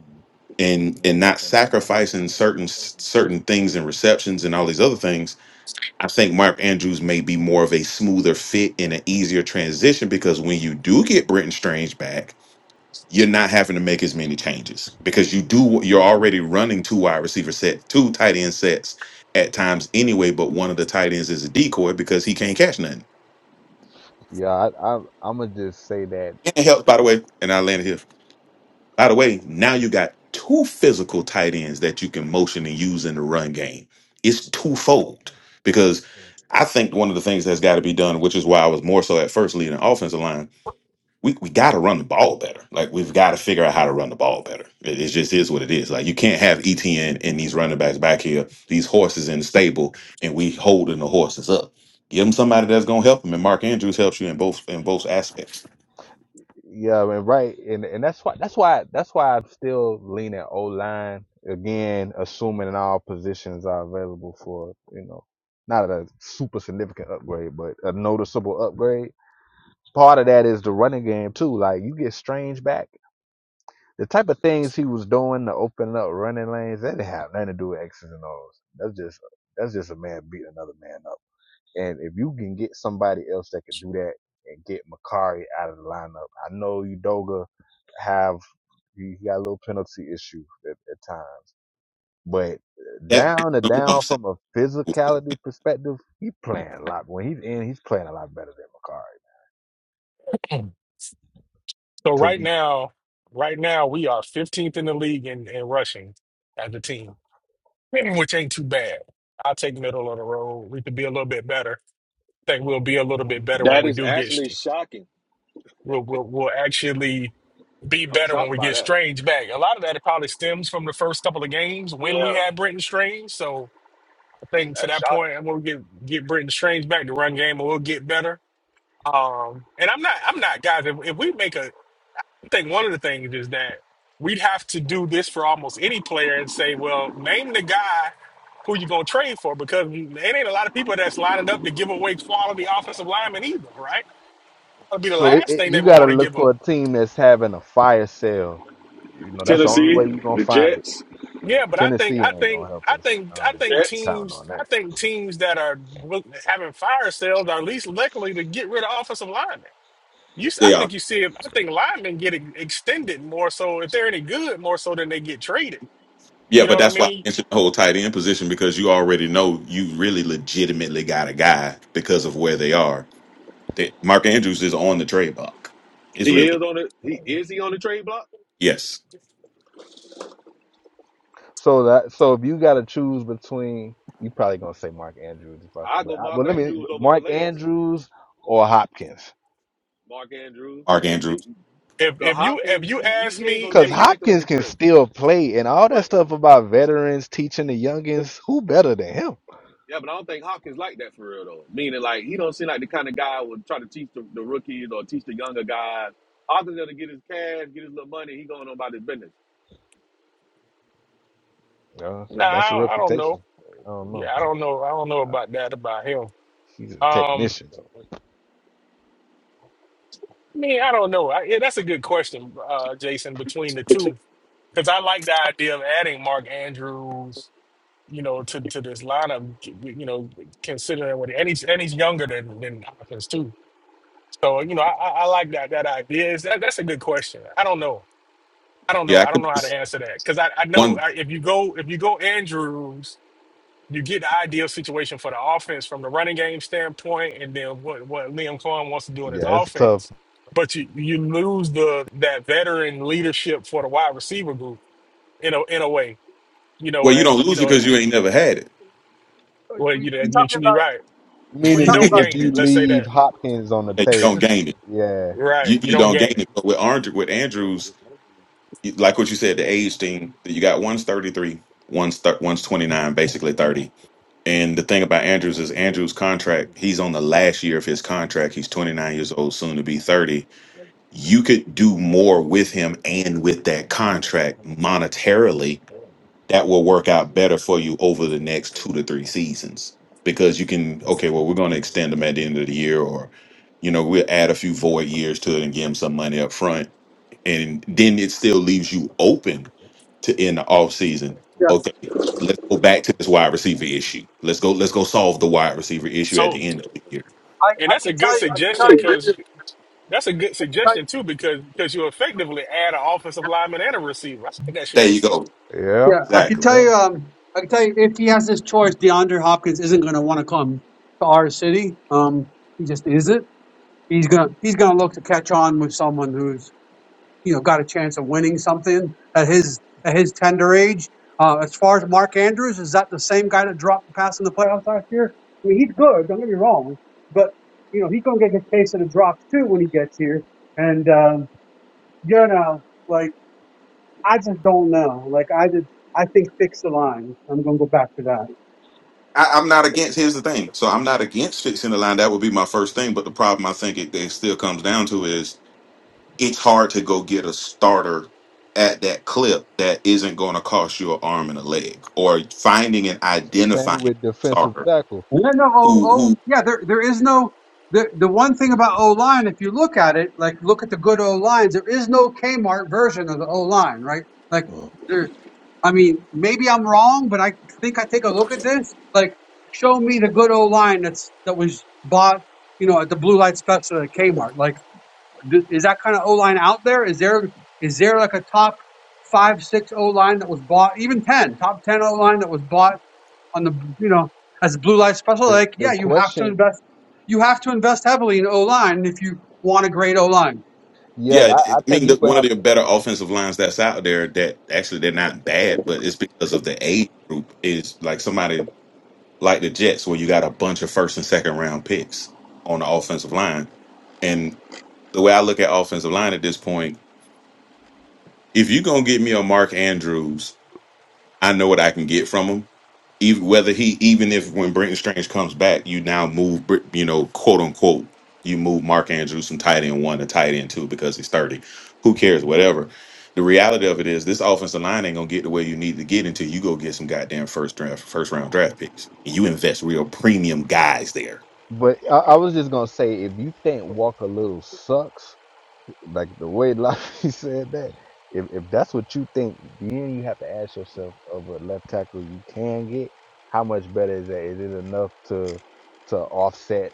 [SPEAKER 7] and and not sacrificing certain certain things and receptions and all these other things i think mark andrews may be more of a smoother fit and an easier transition because when you do get britton strange back you're not having to make as many changes because you do you're already running two wide receiver set two tight end sets at times anyway but one of the tight ends is a decoy because he can't catch nothing
[SPEAKER 3] yeah, I, I I'm gonna just say that
[SPEAKER 7] and it helps by the way and i landed here By the way, now you got two physical tight ends that you can motion and use in the run game. It's twofold because I think one of the things that's got to be done, which is why I was more so at first leading the offensive line, we, we got to run the ball better. Like we've got to figure out how to run the ball better. It, it just is what it is. Like you can't have ETN and these running backs back here, these horses in the stable, and we holding the horses up. Give them somebody that's gonna help them, and Mark Andrews helps you in both in both aspects.
[SPEAKER 3] Yeah, and right, and and that's why that's why that's why I'm still leaning O line again, assuming that all positions are available for you know not a super significant upgrade, but a noticeable upgrade. Part of that is the running game too. Like you get Strange back, the type of things he was doing to open up running lanes that didn't have nothing to do with X's and O's. That's just that's just a man beating another man up. And if you can get somebody else that can do that and get Makari out of the lineup, I know Udoga have he got a little penalty issue at, at times, but
[SPEAKER 7] That
[SPEAKER 3] down and down from a physicality perspective, he playing a lot. When he's in, he's playing a lot better than Makari
[SPEAKER 2] ends. So
[SPEAKER 3] to
[SPEAKER 2] right
[SPEAKER 3] me.
[SPEAKER 2] now, right now we are 15th in the league in, in rushing as a team, which ain't too bad. I'll take middle of the road. We could be a little bit better. I think we'll be a little bit better when
[SPEAKER 4] That
[SPEAKER 2] we
[SPEAKER 4] is
[SPEAKER 2] do get.
[SPEAKER 4] actually
[SPEAKER 2] st-
[SPEAKER 4] shocking.
[SPEAKER 2] We'll we'll, we'll actually be
[SPEAKER 4] I'm
[SPEAKER 2] better when
[SPEAKER 4] shocked
[SPEAKER 2] we
[SPEAKER 4] by
[SPEAKER 2] get
[SPEAKER 4] that.
[SPEAKER 2] Strange back. A lot of that it probably stems from the first couple of games when we
[SPEAKER 4] Yeah,
[SPEAKER 2] had Brenton Strange. So I think to
[SPEAKER 4] that's
[SPEAKER 2] that point,
[SPEAKER 4] shocking.
[SPEAKER 2] I'm gonna get get Brenton Strange back. The run game will get better. Um, and I'm not, I'm not, guys. If, if we make a I think one of the things is that we'd have to do this for almost any player and say, well, name the guy who you're going to trade for because it ain't a lot of people that's lining up to give away quality offensive linemen either, right? That'll be the
[SPEAKER 3] So it,
[SPEAKER 2] last
[SPEAKER 3] it,
[SPEAKER 2] thing they
[SPEAKER 3] you
[SPEAKER 2] would
[SPEAKER 3] got to
[SPEAKER 2] want to
[SPEAKER 3] look
[SPEAKER 2] give
[SPEAKER 3] for
[SPEAKER 2] up.
[SPEAKER 3] a team that's having a fire sale. You know, that's the only
[SPEAKER 4] Tennessee,
[SPEAKER 3] way you're gonna
[SPEAKER 4] the
[SPEAKER 3] find it.
[SPEAKER 4] Jets,
[SPEAKER 2] Yeah, but I think
[SPEAKER 3] Tennessee
[SPEAKER 2] I
[SPEAKER 3] ain't gonna
[SPEAKER 2] think
[SPEAKER 3] help
[SPEAKER 2] I
[SPEAKER 3] us.
[SPEAKER 2] think I
[SPEAKER 4] the
[SPEAKER 3] Um,
[SPEAKER 2] think
[SPEAKER 4] Jets.
[SPEAKER 3] counting
[SPEAKER 2] teams
[SPEAKER 3] on that.
[SPEAKER 2] I think teams that are wi- having fire sales are least likely to get rid of offensive linemen. You, s- I think you see I think linemen get ex- extended more so if they're any good more so than they get traded. You
[SPEAKER 7] Yeah,
[SPEAKER 2] know
[SPEAKER 7] but
[SPEAKER 2] what I
[SPEAKER 7] that's why I
[SPEAKER 2] mean?
[SPEAKER 7] mentioned the whole tight end position because you already know you really legitimately got a guy because of where they are. That Mark Andrews is on the trade block. It's
[SPEAKER 4] He
[SPEAKER 7] really
[SPEAKER 4] is on the. He is he on the trade block?
[SPEAKER 7] yes,
[SPEAKER 3] So that so if you got to choose between, you probably gonna say Mark Andrews, if
[SPEAKER 4] I
[SPEAKER 3] but
[SPEAKER 4] go
[SPEAKER 3] I,
[SPEAKER 4] Mark
[SPEAKER 3] but let me
[SPEAKER 4] Andrews over
[SPEAKER 3] Mark
[SPEAKER 4] Calais.
[SPEAKER 3] Andrews or Hopkins,
[SPEAKER 4] Mark Andrews,
[SPEAKER 7] Mark
[SPEAKER 4] the,
[SPEAKER 7] Andrews.
[SPEAKER 2] If if you if
[SPEAKER 4] Hopkins.
[SPEAKER 2] you
[SPEAKER 4] He, he
[SPEAKER 2] ask
[SPEAKER 4] he ain't
[SPEAKER 2] me
[SPEAKER 4] gonna
[SPEAKER 3] because
[SPEAKER 2] if
[SPEAKER 4] take
[SPEAKER 2] you
[SPEAKER 4] likely
[SPEAKER 3] Hopkins
[SPEAKER 4] to
[SPEAKER 3] can
[SPEAKER 4] trip,
[SPEAKER 3] still play and all
[SPEAKER 4] but.
[SPEAKER 3] that stuff about veterans teaching the youngins. Who better than him?
[SPEAKER 4] Yeah, but I don't think Hawkins like that for real though. Meaning like he don't seem like the kind of guy who would try to teach the, the rookies or teach the younger guys. Hawkins gonna get his cash, get his little money. He going on about his business.
[SPEAKER 3] Uh,
[SPEAKER 2] nah
[SPEAKER 3] if that's a
[SPEAKER 2] I, I don't know
[SPEAKER 3] reputation, I don't
[SPEAKER 2] yeah
[SPEAKER 3] know.
[SPEAKER 2] I don't know I don't know about that about him
[SPEAKER 3] He's a
[SPEAKER 2] um
[SPEAKER 3] technician. though.
[SPEAKER 2] I mean I don't know I, yeah that's a good question uh Jason between the two because I like the idea of adding Mark Andrews you know to to this lineup you know considering what and he's and he's younger than than Hopkins too so you know I I I like that that idea is that that's a good question I don't know I don't know
[SPEAKER 7] Yeah, I
[SPEAKER 2] I don't
[SPEAKER 7] could
[SPEAKER 2] know how to
[SPEAKER 7] just
[SPEAKER 2] answer that because I I know
[SPEAKER 7] one.
[SPEAKER 2] I, if you go if you go Andrews you get the ideal situation for the offense from the running game standpoint, and then what what Liam Cohen wants to do in his
[SPEAKER 3] Yeah, it's tough.
[SPEAKER 2] offense. But you you lose the that veteran leadership for the wide receiver group in a in a way. You know,
[SPEAKER 7] Well, you
[SPEAKER 2] as
[SPEAKER 7] don't
[SPEAKER 2] you
[SPEAKER 7] lose it
[SPEAKER 2] know,
[SPEAKER 7] because you ain't never had it.
[SPEAKER 2] well, you
[SPEAKER 1] we
[SPEAKER 2] know,
[SPEAKER 1] we
[SPEAKER 2] you-
[SPEAKER 1] talking
[SPEAKER 2] you're
[SPEAKER 1] about
[SPEAKER 2] right.
[SPEAKER 1] we
[SPEAKER 2] You
[SPEAKER 3] Meaning
[SPEAKER 1] talking
[SPEAKER 3] that
[SPEAKER 2] don't
[SPEAKER 1] about
[SPEAKER 3] if
[SPEAKER 2] gain
[SPEAKER 3] you
[SPEAKER 2] it. Let's say that.
[SPEAKER 3] leave Hopkins on the
[SPEAKER 7] yeah, you don't
[SPEAKER 3] table.
[SPEAKER 7] gain it.
[SPEAKER 3] Yeah.
[SPEAKER 2] Right,
[SPEAKER 7] You
[SPEAKER 2] you
[SPEAKER 7] you
[SPEAKER 2] don't
[SPEAKER 7] don't gain
[SPEAKER 2] gain it.
[SPEAKER 7] it. But with Andrew, with Andrews, you- like what you said, the age thing. You got one's thirty three, one's thir- one's twenty nine, basically thirty. And the thing about Andrews is Andrews' contract, he's on the last year of his contract. He's 29 years old, soon to be 30. You could do more with him and with that contract monetarily that will work out better for you over the next two to three seasons because you can, okay, well, we're going to extend him at the end of the year or, you know, we'll add a few void years to it and give him some money up front. And then it still leaves you open to end the offseason.
[SPEAKER 1] yeah.
[SPEAKER 7] Okay, let's go back to this wide receiver issue. Let's go, let's go solve the wide receiver issue at
[SPEAKER 2] So,
[SPEAKER 7] the end of the year.
[SPEAKER 1] I,
[SPEAKER 2] and
[SPEAKER 1] I
[SPEAKER 2] that's a
[SPEAKER 1] can
[SPEAKER 2] good
[SPEAKER 1] tell you I can
[SPEAKER 2] suggestion
[SPEAKER 1] tell you
[SPEAKER 2] because that's a good
[SPEAKER 1] I can tell
[SPEAKER 2] suggestion
[SPEAKER 1] you
[SPEAKER 2] too because because you effectively add an offensive lineman and a receiver. I think that should
[SPEAKER 7] There you
[SPEAKER 2] AC.
[SPEAKER 7] go.
[SPEAKER 3] Yeah.
[SPEAKER 1] yeah I can
[SPEAKER 7] Exactly.
[SPEAKER 1] tell
[SPEAKER 3] Yeah.
[SPEAKER 1] you um I can tell you if he has this choice, DeAndre Hopkins isn't going to want to come to our city. Um, he just isn't. He's gonna he's gonna look to catch on with someone who's you know got a chance of winning something at his at his tender age. Uh, as far as Mark Andrews, is that the same guy that dropped the pass in the playoffs last year? I mean, he's good. Don't get me wrong, but you know he's gonna get a case of the drops too when he gets here. And um, you know, like I just don't know. Like I did, I think fix the line. I'm gonna go back to that.
[SPEAKER 7] I, I'm not against here's the thing. So I'm not against fixing the line. That would be my first thing. But the problem I think it, it still comes down to is it's hard to go get a starter at that clip that isn't going to cost you an arm and a leg or finding and
[SPEAKER 3] Same
[SPEAKER 7] identifying a
[SPEAKER 3] with defensive
[SPEAKER 7] starter
[SPEAKER 3] tackle.
[SPEAKER 1] Yeah, no, oh,
[SPEAKER 7] who who
[SPEAKER 1] oh, yeah. There, there is no the the one thing about O line. If you look at it, like look at the good O lines, there is no Kmart version of the O line, right? Like there, I mean, maybe I'm wrong, but I think I take a look at this. Like, show me the good O line that's that was bought, you know, at the blue light special at Kmart. Like, d is that kind of O line out there? Is there is there like a top five, six O line that was bought, even ten, top ten O line that was bought? on the you know as a blue light special
[SPEAKER 3] The
[SPEAKER 1] like yeah
[SPEAKER 3] the
[SPEAKER 1] you have to
[SPEAKER 3] question,
[SPEAKER 1] invest you have to invest heavily in O line if you want a great O line.
[SPEAKER 3] yeah,
[SPEAKER 7] Yeah, it-
[SPEAKER 3] I, I
[SPEAKER 7] it- I
[SPEAKER 3] think
[SPEAKER 7] mean,
[SPEAKER 3] you
[SPEAKER 7] the,
[SPEAKER 3] would
[SPEAKER 7] one of
[SPEAKER 3] have
[SPEAKER 7] the
[SPEAKER 3] to.
[SPEAKER 7] better offensive lines that's out there that actually they're not bad, but it's because of the age group is like somebody like the Jets where you got a bunch of first and second round picks on the offensive line. And the way I look at offensive line at this point, if you're gonna get me a Mark Andrews, I know what I can get from him even whether he even if when Brenton Strange comes back, you now move Br- you know quote unquote you move Mark Andrews from tight end one to tight end two because he's thirty. Who cares? Whatever. The reality of it is this offensive line ain't gonna get the way you need to get until you go get some goddamn first draft first round draft picks and you invest real premium guys there.
[SPEAKER 3] But I, I was just gonna say, if you think Walker Little sucks, Like the way Lobby said that, if if that's what you think, then you have to ask yourself of a left tackle you can get, how much better is that? Is it enough to to offset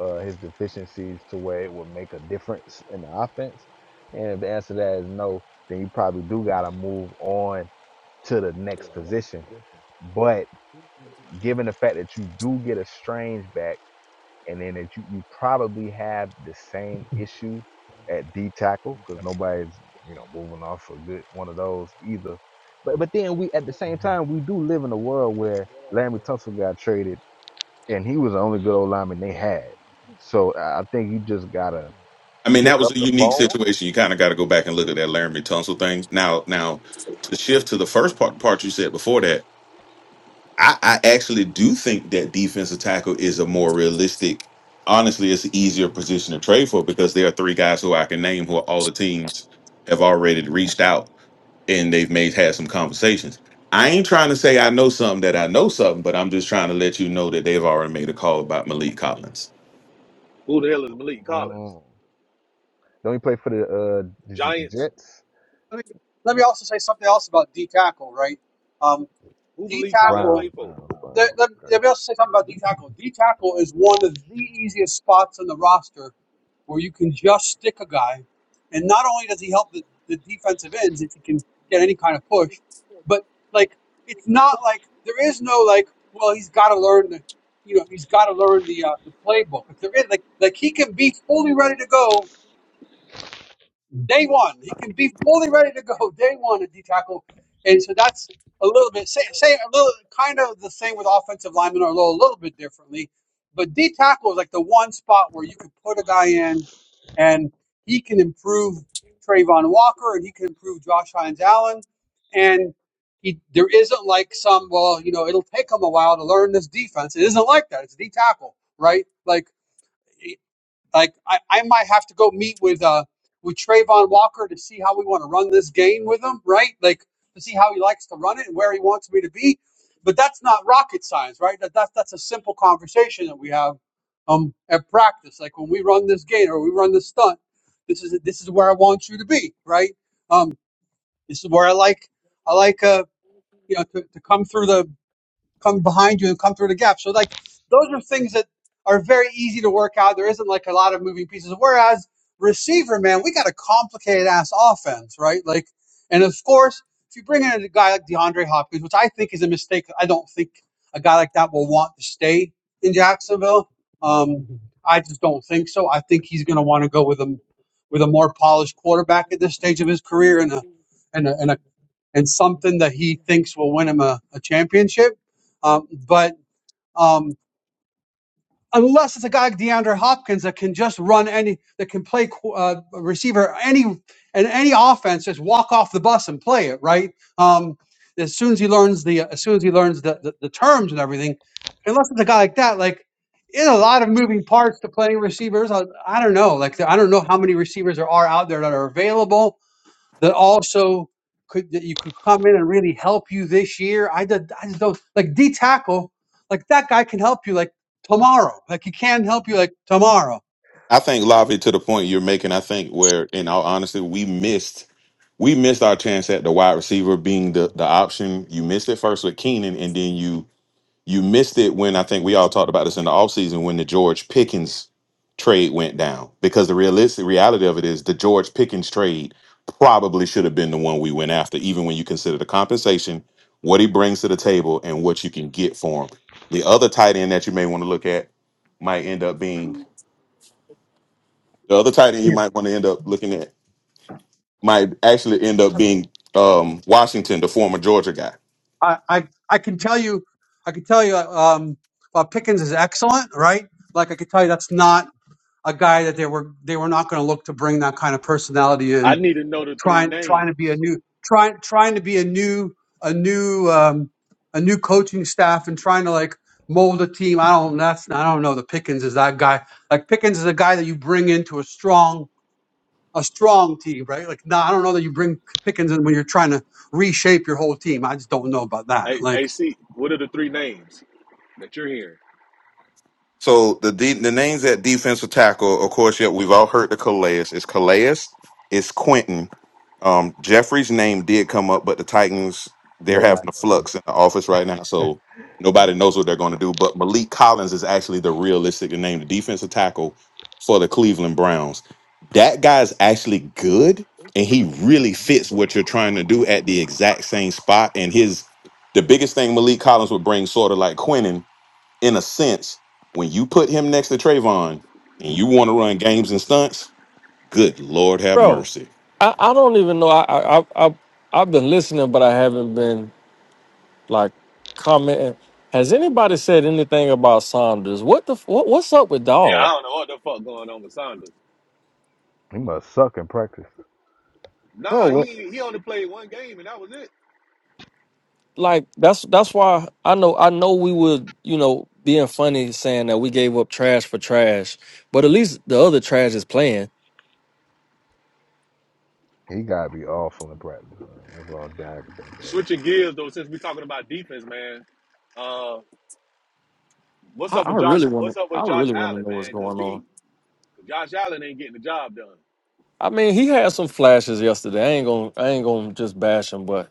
[SPEAKER 3] uh, his deficiencies to where it would make a difference in the offense? And if the answer to that is no, then you probably do got to move on to the next position. But given the fact that you do get a strange back and then that you, you probably have the same issue at D tackle because nobody's you know moving off a good one of those either. But but then we at the same time we do live in a world where Larry Tunsil got traded and he was the only good old lineman they had. So I I think you just gotta
[SPEAKER 7] I mean, that
[SPEAKER 3] pick
[SPEAKER 7] was
[SPEAKER 3] up
[SPEAKER 7] a
[SPEAKER 3] the
[SPEAKER 7] unique
[SPEAKER 3] phone.
[SPEAKER 7] situation. You kind of got to go back and look at that Laramie Tunsil thing. Now, now to shift to the first part, part you said before that, I, I actually do think that defensive tackle is a more realistic. Honestly, it's an easier position to trade for because there are three guys who I can name who all the teams have already reached out and they've made had some conversations. I ain't trying to say I know something that I know something, but I'm just trying to let you know that they've already made a call about Malik Collins.
[SPEAKER 4] Who the hell is Malik Collins?
[SPEAKER 3] Oh. Don't he play for the uh is it the
[SPEAKER 4] Giants.
[SPEAKER 3] Jets?
[SPEAKER 1] Let me let me also say something else about D tackle right. Um,
[SPEAKER 4] Who
[SPEAKER 1] D
[SPEAKER 4] Malik Collins
[SPEAKER 1] tackle
[SPEAKER 4] play
[SPEAKER 3] Browns,
[SPEAKER 4] for?
[SPEAKER 3] Browns,
[SPEAKER 1] let,
[SPEAKER 3] Browns.
[SPEAKER 1] let,
[SPEAKER 3] Okay,
[SPEAKER 1] let me also say something about D tackle. D tackle is one of the easiest spots on the roster where you can just stick a guy, and not only does he help the, the defensive ends if he can get any kind of push, but like it's not like there is no like well he's got to learn the you know he's got to learn the uh, the playbook. If there is like like he can be fully ready to go day one. He can be fully ready to go day one at D tackle, and so that's a little bit say, say a little kind of the same with offensive linemen, although a little a little bit differently. But D tackle is like the one spot where you can put a guy in, and he can improve Trayvon Walker, and he can improve Josh Hines Allen, and he there isn't like some well you know it'll take him a while to learn this defense. It isn't like that. It's D tackle, right? Like. Like I, I might have to go meet with uh with Trayvon Walker to see how we want to run this game with him, right? Like to see how he likes to run it and where he wants me to be. But that's not rocket science, right? That that's that's a simple conversation that we have um at practice. Like when we run this game or we run this stunt, this is this is where I want you to be, right? Um, this is where I like I like uh you know to, to come through the come behind you and come through the gap. So like those are things that are very easy to work out. There isn't like a lot of moving pieces. Whereas receiver, man, we got a complicated ass offense, right? Like, and of course, if you bring in a guy like DeAndre Hopkins, which I think is a mistake, I don't think a guy like that will want to stay in Jacksonville. Um, I just don't think so. I think he's going to want to go with a with a more polished quarterback at this stage of his career and a and a, and a and something that he thinks will win him a, a championship. Um, but um, unless it's a guy like DeAndre Hopkins that can just run any, that can play uh, receiver any and any offense, just walk off the bus and play it right. Um, as soon as he learns the, as soon as he learns the, the, the terms and everything, unless it's a guy like that, like in a lot of moving parts to playing receivers. I, I don't know, like I don't know how many receivers there are out there that are available that also could that you could come in and really help you this year. I did I just don't like D tackle, like that guy can help you like tomorrow. Like he can help you like tomorrow.
[SPEAKER 7] I think Lavi to the point you're making, I think where in all honesty, we missed we missed our chance at the wide receiver being the, the option. You missed it first with Keenan, and then you you missed it when I think we all talked about this in the offseason when the George Pickens trade went down. Because the realistic reality of it is the George Pickens trade probably should have been the one we went after, even when you consider the compensation, what he brings to the table, and what you can get for him. The other tight end that you may want to look at might end up being the other tight end you
[SPEAKER 1] Yeah.
[SPEAKER 7] might want to end up looking at might actually end up being um, Washington, the former Georgia guy.
[SPEAKER 1] I, I I can tell you I can tell you um while Pickens is excellent, right? Like I could tell you that's not a guy that they were they were not gonna look to bring that kind of personality in
[SPEAKER 4] I need to know the three
[SPEAKER 1] trying trying to be a
[SPEAKER 4] names.
[SPEAKER 1] new trying trying to be a new a new um, a new coaching staff and trying to like mold a team. I don't that's I don't know. The Pickens is that guy. Like Pickens is a guy that you bring into a strong a strong team, right? Like no, I don't know that you bring Pickens in when you're trying to reshape your whole team. I just don't know about that.
[SPEAKER 4] Hey,
[SPEAKER 1] Like
[SPEAKER 4] AC, what are the three names that you're hearing?
[SPEAKER 7] So the de- the names at defensive tackle, of course, yeah, we've all heard the Calais. It's Calais. It's Quentin. Um, Jeffrey's name did come up, but the Titans they're
[SPEAKER 3] they're not
[SPEAKER 7] having a
[SPEAKER 3] gonna do
[SPEAKER 7] flux in the office right now,
[SPEAKER 3] that.
[SPEAKER 7] so nobody knows what they're going to do. But Malik Collins is actually the realistic name, the defensive tackle for the Cleveland Browns. That guy's actually good, and he really fits what you're trying to do at the exact same spot. And his the biggest thing Malik Collins would bring, sort of like Quentin in a sense, when you put him next to Trayvon and you want to run games and stunts, good Lord have
[SPEAKER 5] Bro,
[SPEAKER 7] mercy.
[SPEAKER 5] I, I don't even know. I, I I I I've been listening, but I haven't been like commenting. Has anybody said anything about Saunders? What the f- what, what's up with
[SPEAKER 4] Yeah, I
[SPEAKER 5] Dawg?
[SPEAKER 4] don't know what the fuck going on with Saunders.
[SPEAKER 3] He must suck in practice.
[SPEAKER 4] Nah,
[SPEAKER 5] Bro,
[SPEAKER 4] he he only played one game and that was it.
[SPEAKER 5] like that's that's why I know I know we would you know being funny saying that we gave up trash for trash, but at least the other trash is playing.
[SPEAKER 3] He gotta be awful in practice, man. That's all Dak can think of.
[SPEAKER 4] Switching gears though, since we talking about defense, man. Uh, What's
[SPEAKER 5] I,
[SPEAKER 4] up
[SPEAKER 5] I
[SPEAKER 4] with Josh?
[SPEAKER 5] really want to
[SPEAKER 4] What's up with
[SPEAKER 5] I
[SPEAKER 4] Josh
[SPEAKER 5] really want to
[SPEAKER 4] Allen,
[SPEAKER 5] know what's
[SPEAKER 4] man? Because
[SPEAKER 5] going
[SPEAKER 4] he,
[SPEAKER 5] on.
[SPEAKER 4] Josh Allen ain't getting the job done.
[SPEAKER 5] I mean, he had some flashes yesterday. I ain't gonna I ain't gonna just bash him, but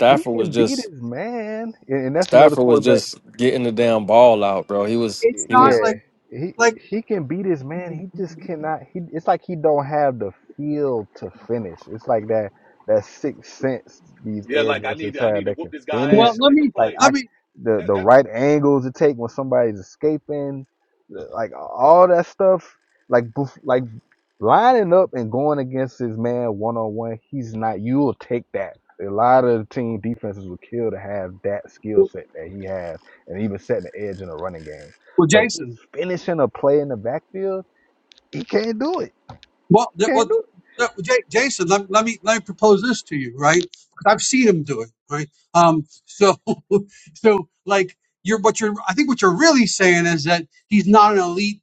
[SPEAKER 3] He
[SPEAKER 5] was
[SPEAKER 3] can beat
[SPEAKER 5] just
[SPEAKER 3] his man, and, and that's another
[SPEAKER 5] Stafford was
[SPEAKER 3] quarterback.
[SPEAKER 5] just getting the damn ball out, bro. He was
[SPEAKER 1] it's
[SPEAKER 5] he
[SPEAKER 1] not
[SPEAKER 3] yeah,
[SPEAKER 5] was
[SPEAKER 1] like
[SPEAKER 3] he
[SPEAKER 1] like
[SPEAKER 3] he can beat his man. He just cannot. He it's like he don't have the feel to finish. It's like that that sixth sense these
[SPEAKER 4] Yeah,
[SPEAKER 3] edge
[SPEAKER 4] like I need
[SPEAKER 3] rushers
[SPEAKER 4] to, I need
[SPEAKER 3] have
[SPEAKER 4] to
[SPEAKER 3] that
[SPEAKER 4] whoop
[SPEAKER 3] can
[SPEAKER 4] this guy
[SPEAKER 1] well
[SPEAKER 3] finish.
[SPEAKER 4] ass and
[SPEAKER 1] let
[SPEAKER 4] make a
[SPEAKER 1] me
[SPEAKER 3] Like
[SPEAKER 4] play.
[SPEAKER 3] I
[SPEAKER 1] let me
[SPEAKER 3] the
[SPEAKER 4] That,
[SPEAKER 3] the
[SPEAKER 4] that
[SPEAKER 3] right angles to take when somebody's escaping, the- like all that stuff. Like bef- like lining up and going against his man one on one, he's not. You will take that. A lot of the team defenses will kill to have that skill set that he has, and even setting the edge in a running game.
[SPEAKER 1] well
[SPEAKER 3] But
[SPEAKER 1] Jason
[SPEAKER 3] just finishing a play in the backfield, he can't do it.
[SPEAKER 1] Well, that,
[SPEAKER 3] Can't
[SPEAKER 1] well,
[SPEAKER 3] do it.
[SPEAKER 1] that, Ja- Jason, let, let me let me propose this to you, right? 'Cause I've seen him do it, right? Um, so, so like you're what you're. I think what you're really saying is that he's not an elite,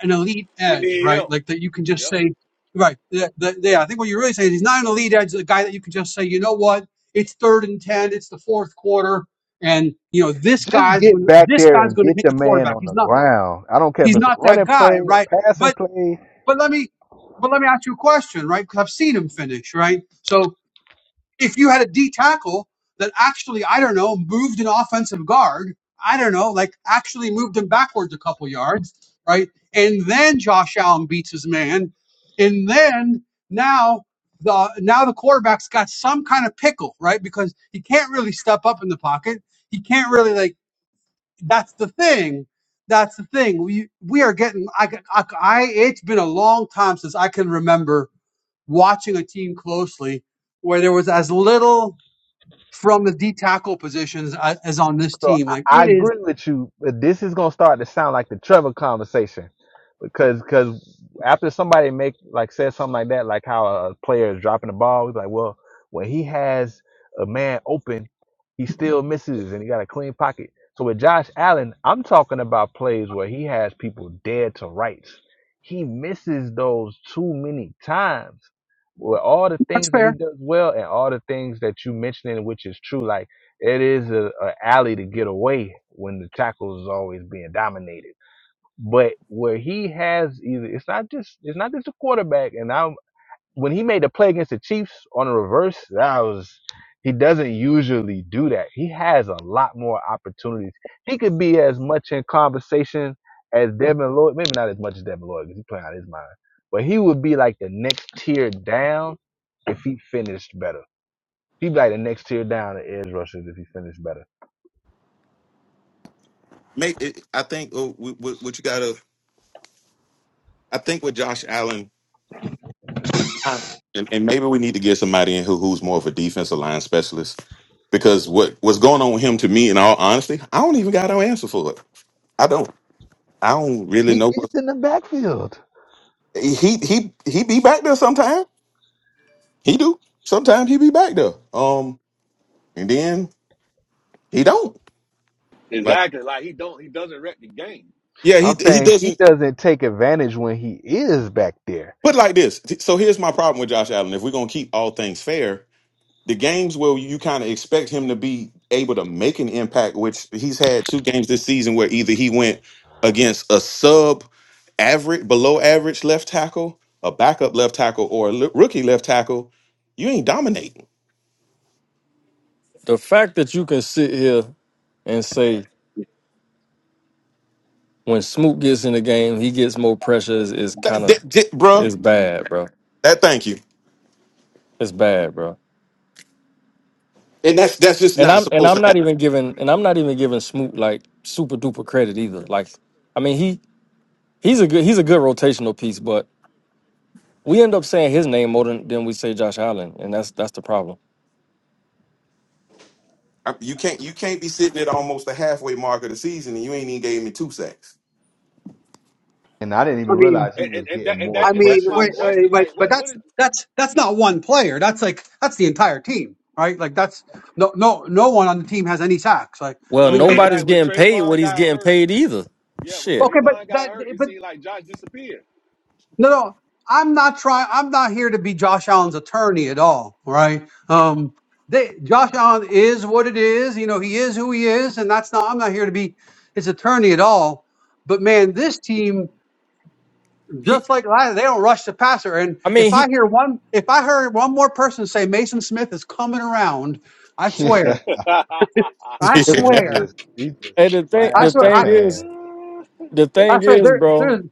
[SPEAKER 1] an elite
[SPEAKER 4] he
[SPEAKER 1] edge,
[SPEAKER 4] need
[SPEAKER 1] right?
[SPEAKER 4] help.
[SPEAKER 1] Like that you can just
[SPEAKER 4] Yep,
[SPEAKER 1] say, right? That, that, yeah, I think what you're really saying is he's not an elite edge, a guy that you can just say, you know what? It's third and ten. It's the fourth quarter, and you know this
[SPEAKER 3] Just
[SPEAKER 1] guy's
[SPEAKER 3] get
[SPEAKER 1] going. to
[SPEAKER 3] back
[SPEAKER 1] This
[SPEAKER 3] there
[SPEAKER 1] guy's
[SPEAKER 3] and
[SPEAKER 1] going to
[SPEAKER 3] get
[SPEAKER 1] hit
[SPEAKER 3] the
[SPEAKER 1] the
[SPEAKER 3] man
[SPEAKER 1] quarterback.
[SPEAKER 3] on
[SPEAKER 1] He's
[SPEAKER 3] the
[SPEAKER 1] not.
[SPEAKER 3] ground. I don't care if
[SPEAKER 1] He's
[SPEAKER 3] it's a
[SPEAKER 1] not that
[SPEAKER 3] running play,
[SPEAKER 1] guy, right?
[SPEAKER 3] a passing
[SPEAKER 1] But.
[SPEAKER 3] play.
[SPEAKER 1] But let me, but let me ask you a question, right? Because I've seen him finish, right? So if you had a D tackle that actually, I don't know, moved an offensive guard, I don't know, like actually moved him backwards a couple yards, right? And then Josh Allen beats his man, and then now the now the quarterback's got some kind of pickle, right? Because he can't really step up in the pocket. He can't really like that's the thing. That's the thing. We we are getting. I I I c- I- It's been a long time since I can remember watching a team closely where there was as little from the D tackle positions a- as on this
[SPEAKER 3] So
[SPEAKER 1] team. Like
[SPEAKER 3] I, I
[SPEAKER 1] it is.
[SPEAKER 3] agree with you, but this is gonna start to sound like the Trevor conversation, because because after somebody make like says something like that, like how a player is dropping the ball, he's like, well, when he has a man open, he still misses, and he got a clean pocket. So with Josh Allen, I'm talking about plays where he has people dead to rights. He misses those too many times. With all the things that he does well, and all the things that you mentioning, which is true, like it is a, a alley to get away when the tackle is always being dominated. But where he has either it's not just it's not just a quarterback. And I am when he made the play against the Chiefs on a reverse, that was he doesn't usually do that. He has a lot more opportunities. He could be as much in conversation as Devin Lloyd, maybe not as much as Devin Lloyd because he's playing out of his mind. But he would be like the next tier down if he finished better. He'd be like the next tier down in edge rushers if he finished better.
[SPEAKER 7] May think uh, what what- what you got. I think with Josh Allen, I, and, and maybe we need to get somebody in who, who's more of a defensive line specialist because what what's going on with him to me, in all honesty, I don't even got no answer for it. I don't. I don't really
[SPEAKER 3] He
[SPEAKER 7] know
[SPEAKER 3] gets
[SPEAKER 7] what
[SPEAKER 3] in the backfield.
[SPEAKER 7] he he he be back there sometime. He do sometimes he be back there. Um, and then he don't like.
[SPEAKER 4] exactly. Like he don't, he doesn't wreck the game.
[SPEAKER 7] Yeah, he
[SPEAKER 3] I'm
[SPEAKER 7] he
[SPEAKER 3] saying he
[SPEAKER 7] doesn't.
[SPEAKER 3] doesn't take advantage when he is back there.
[SPEAKER 7] But like this, so here's my problem with Josh Allen. If we're gonna keep all things fair, the games where you kind of expect him to be able to make an impact, which he's had two games this season where either he went against a sub average, below average left tackle, a backup left tackle, or a l- rookie left tackle, you ain't dominating,
[SPEAKER 5] the fact that you can sit here and say when Smoot gets in the game, he gets more pressure is, is
[SPEAKER 7] that,
[SPEAKER 5] kind of
[SPEAKER 7] that, that- bruh.
[SPEAKER 5] is bad, bro.
[SPEAKER 7] That thank you,
[SPEAKER 5] It's bad, bro.
[SPEAKER 7] and that's that's just
[SPEAKER 5] And
[SPEAKER 7] not
[SPEAKER 5] I'm and
[SPEAKER 7] supposed
[SPEAKER 5] I'm
[SPEAKER 7] to
[SPEAKER 5] not
[SPEAKER 7] happen.
[SPEAKER 5] even giving and I'm not even giving Smoot like super duper credit either. Like, I mean he he's a good he's a good rotational piece, but we end up saying his name more than, than we say Josh Allen, and that's that's the problem.
[SPEAKER 7] I- You can't you can't be sitting at almost the halfway mark of the season and you ain't even gave me two sacks.
[SPEAKER 3] And I didn't even
[SPEAKER 1] I mean,
[SPEAKER 3] realize he
[SPEAKER 4] And,
[SPEAKER 3] was
[SPEAKER 4] and, and
[SPEAKER 3] getting
[SPEAKER 4] that, and
[SPEAKER 3] more
[SPEAKER 1] I
[SPEAKER 4] that, and that's my
[SPEAKER 3] pressures.
[SPEAKER 4] question.
[SPEAKER 1] mean, like
[SPEAKER 4] Like, what, what is,
[SPEAKER 1] that's that's not one player. That's like that's the entire team, right? Like that's no no no one on the team has any sacks. Like
[SPEAKER 4] you
[SPEAKER 5] Well,
[SPEAKER 1] I
[SPEAKER 4] know,
[SPEAKER 1] think
[SPEAKER 4] is
[SPEAKER 1] they
[SPEAKER 4] he
[SPEAKER 5] nobody's
[SPEAKER 4] like when
[SPEAKER 5] getting paid what
[SPEAKER 4] Trayvon
[SPEAKER 5] he's
[SPEAKER 4] got
[SPEAKER 5] getting
[SPEAKER 4] hurt?
[SPEAKER 5] paid either.
[SPEAKER 4] Yeah, when
[SPEAKER 5] Shit,
[SPEAKER 1] okay, but
[SPEAKER 4] Trayvon got
[SPEAKER 1] that
[SPEAKER 4] hurt, it
[SPEAKER 1] but
[SPEAKER 4] seemed like Josh disappeared.
[SPEAKER 1] No, no, I'm not trying. I'm not here to be Josh Allen's attorney at all. all Right? Um, they, Josh Allen is what it is. You know, he is who he is, and that's not. I'm not here to be his attorney at all. But man, this team,
[SPEAKER 5] he.
[SPEAKER 1] just like last, they don't rush the passer. And
[SPEAKER 5] I mean
[SPEAKER 1] if I
[SPEAKER 5] he.
[SPEAKER 1] hear one, if I heard one more person say Mason Smith is coming around, I
[SPEAKER 3] Yeah.
[SPEAKER 1] swear,
[SPEAKER 4] the
[SPEAKER 1] I
[SPEAKER 5] The,
[SPEAKER 3] And he
[SPEAKER 1] swear,
[SPEAKER 3] just he just
[SPEAKER 5] and the thing
[SPEAKER 1] I
[SPEAKER 5] the
[SPEAKER 3] flashed in
[SPEAKER 1] swear,
[SPEAKER 3] the
[SPEAKER 1] I,
[SPEAKER 5] thing is
[SPEAKER 3] pan.
[SPEAKER 5] the
[SPEAKER 1] I
[SPEAKER 5] thing
[SPEAKER 1] swear,
[SPEAKER 5] is,
[SPEAKER 1] there, there's
[SPEAKER 5] bro.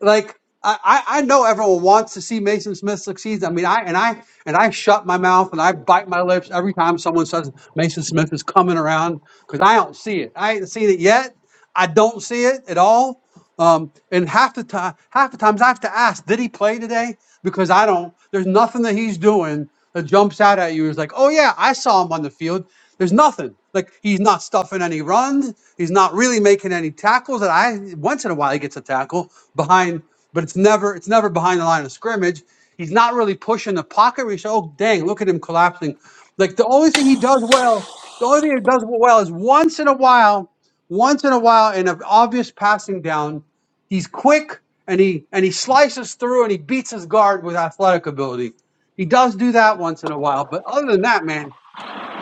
[SPEAKER 1] like I, I I know everyone wants to see Mason Smith succeed. I mean, I and I and I shut my mouth and I bite my lips every time someone says Mason Smith is coming around because I don't see it. I ain't seen it yet. I don't see it at all. Um, and half the time, half the times I have to ask, did he play today? Because I don't. There's nothing that he's doing that jumps out at you. Is like, oh yeah, I saw him on the field. There's nothing. Like he's not stuffing any runs. He's not really making any tackles. That I once in a while he gets a tackle behind, but it's never it's never behind the line of scrimmage. He's not really pushing the pocket where you say, oh dang, look at him collapsing. Like the only thing he does well, the only thing he does well is once in a while, once in a while in an obvious passing down, he's quick and he and he slices through and he beats his guard with athletic ability. He does do that once in a while, but other than that, man,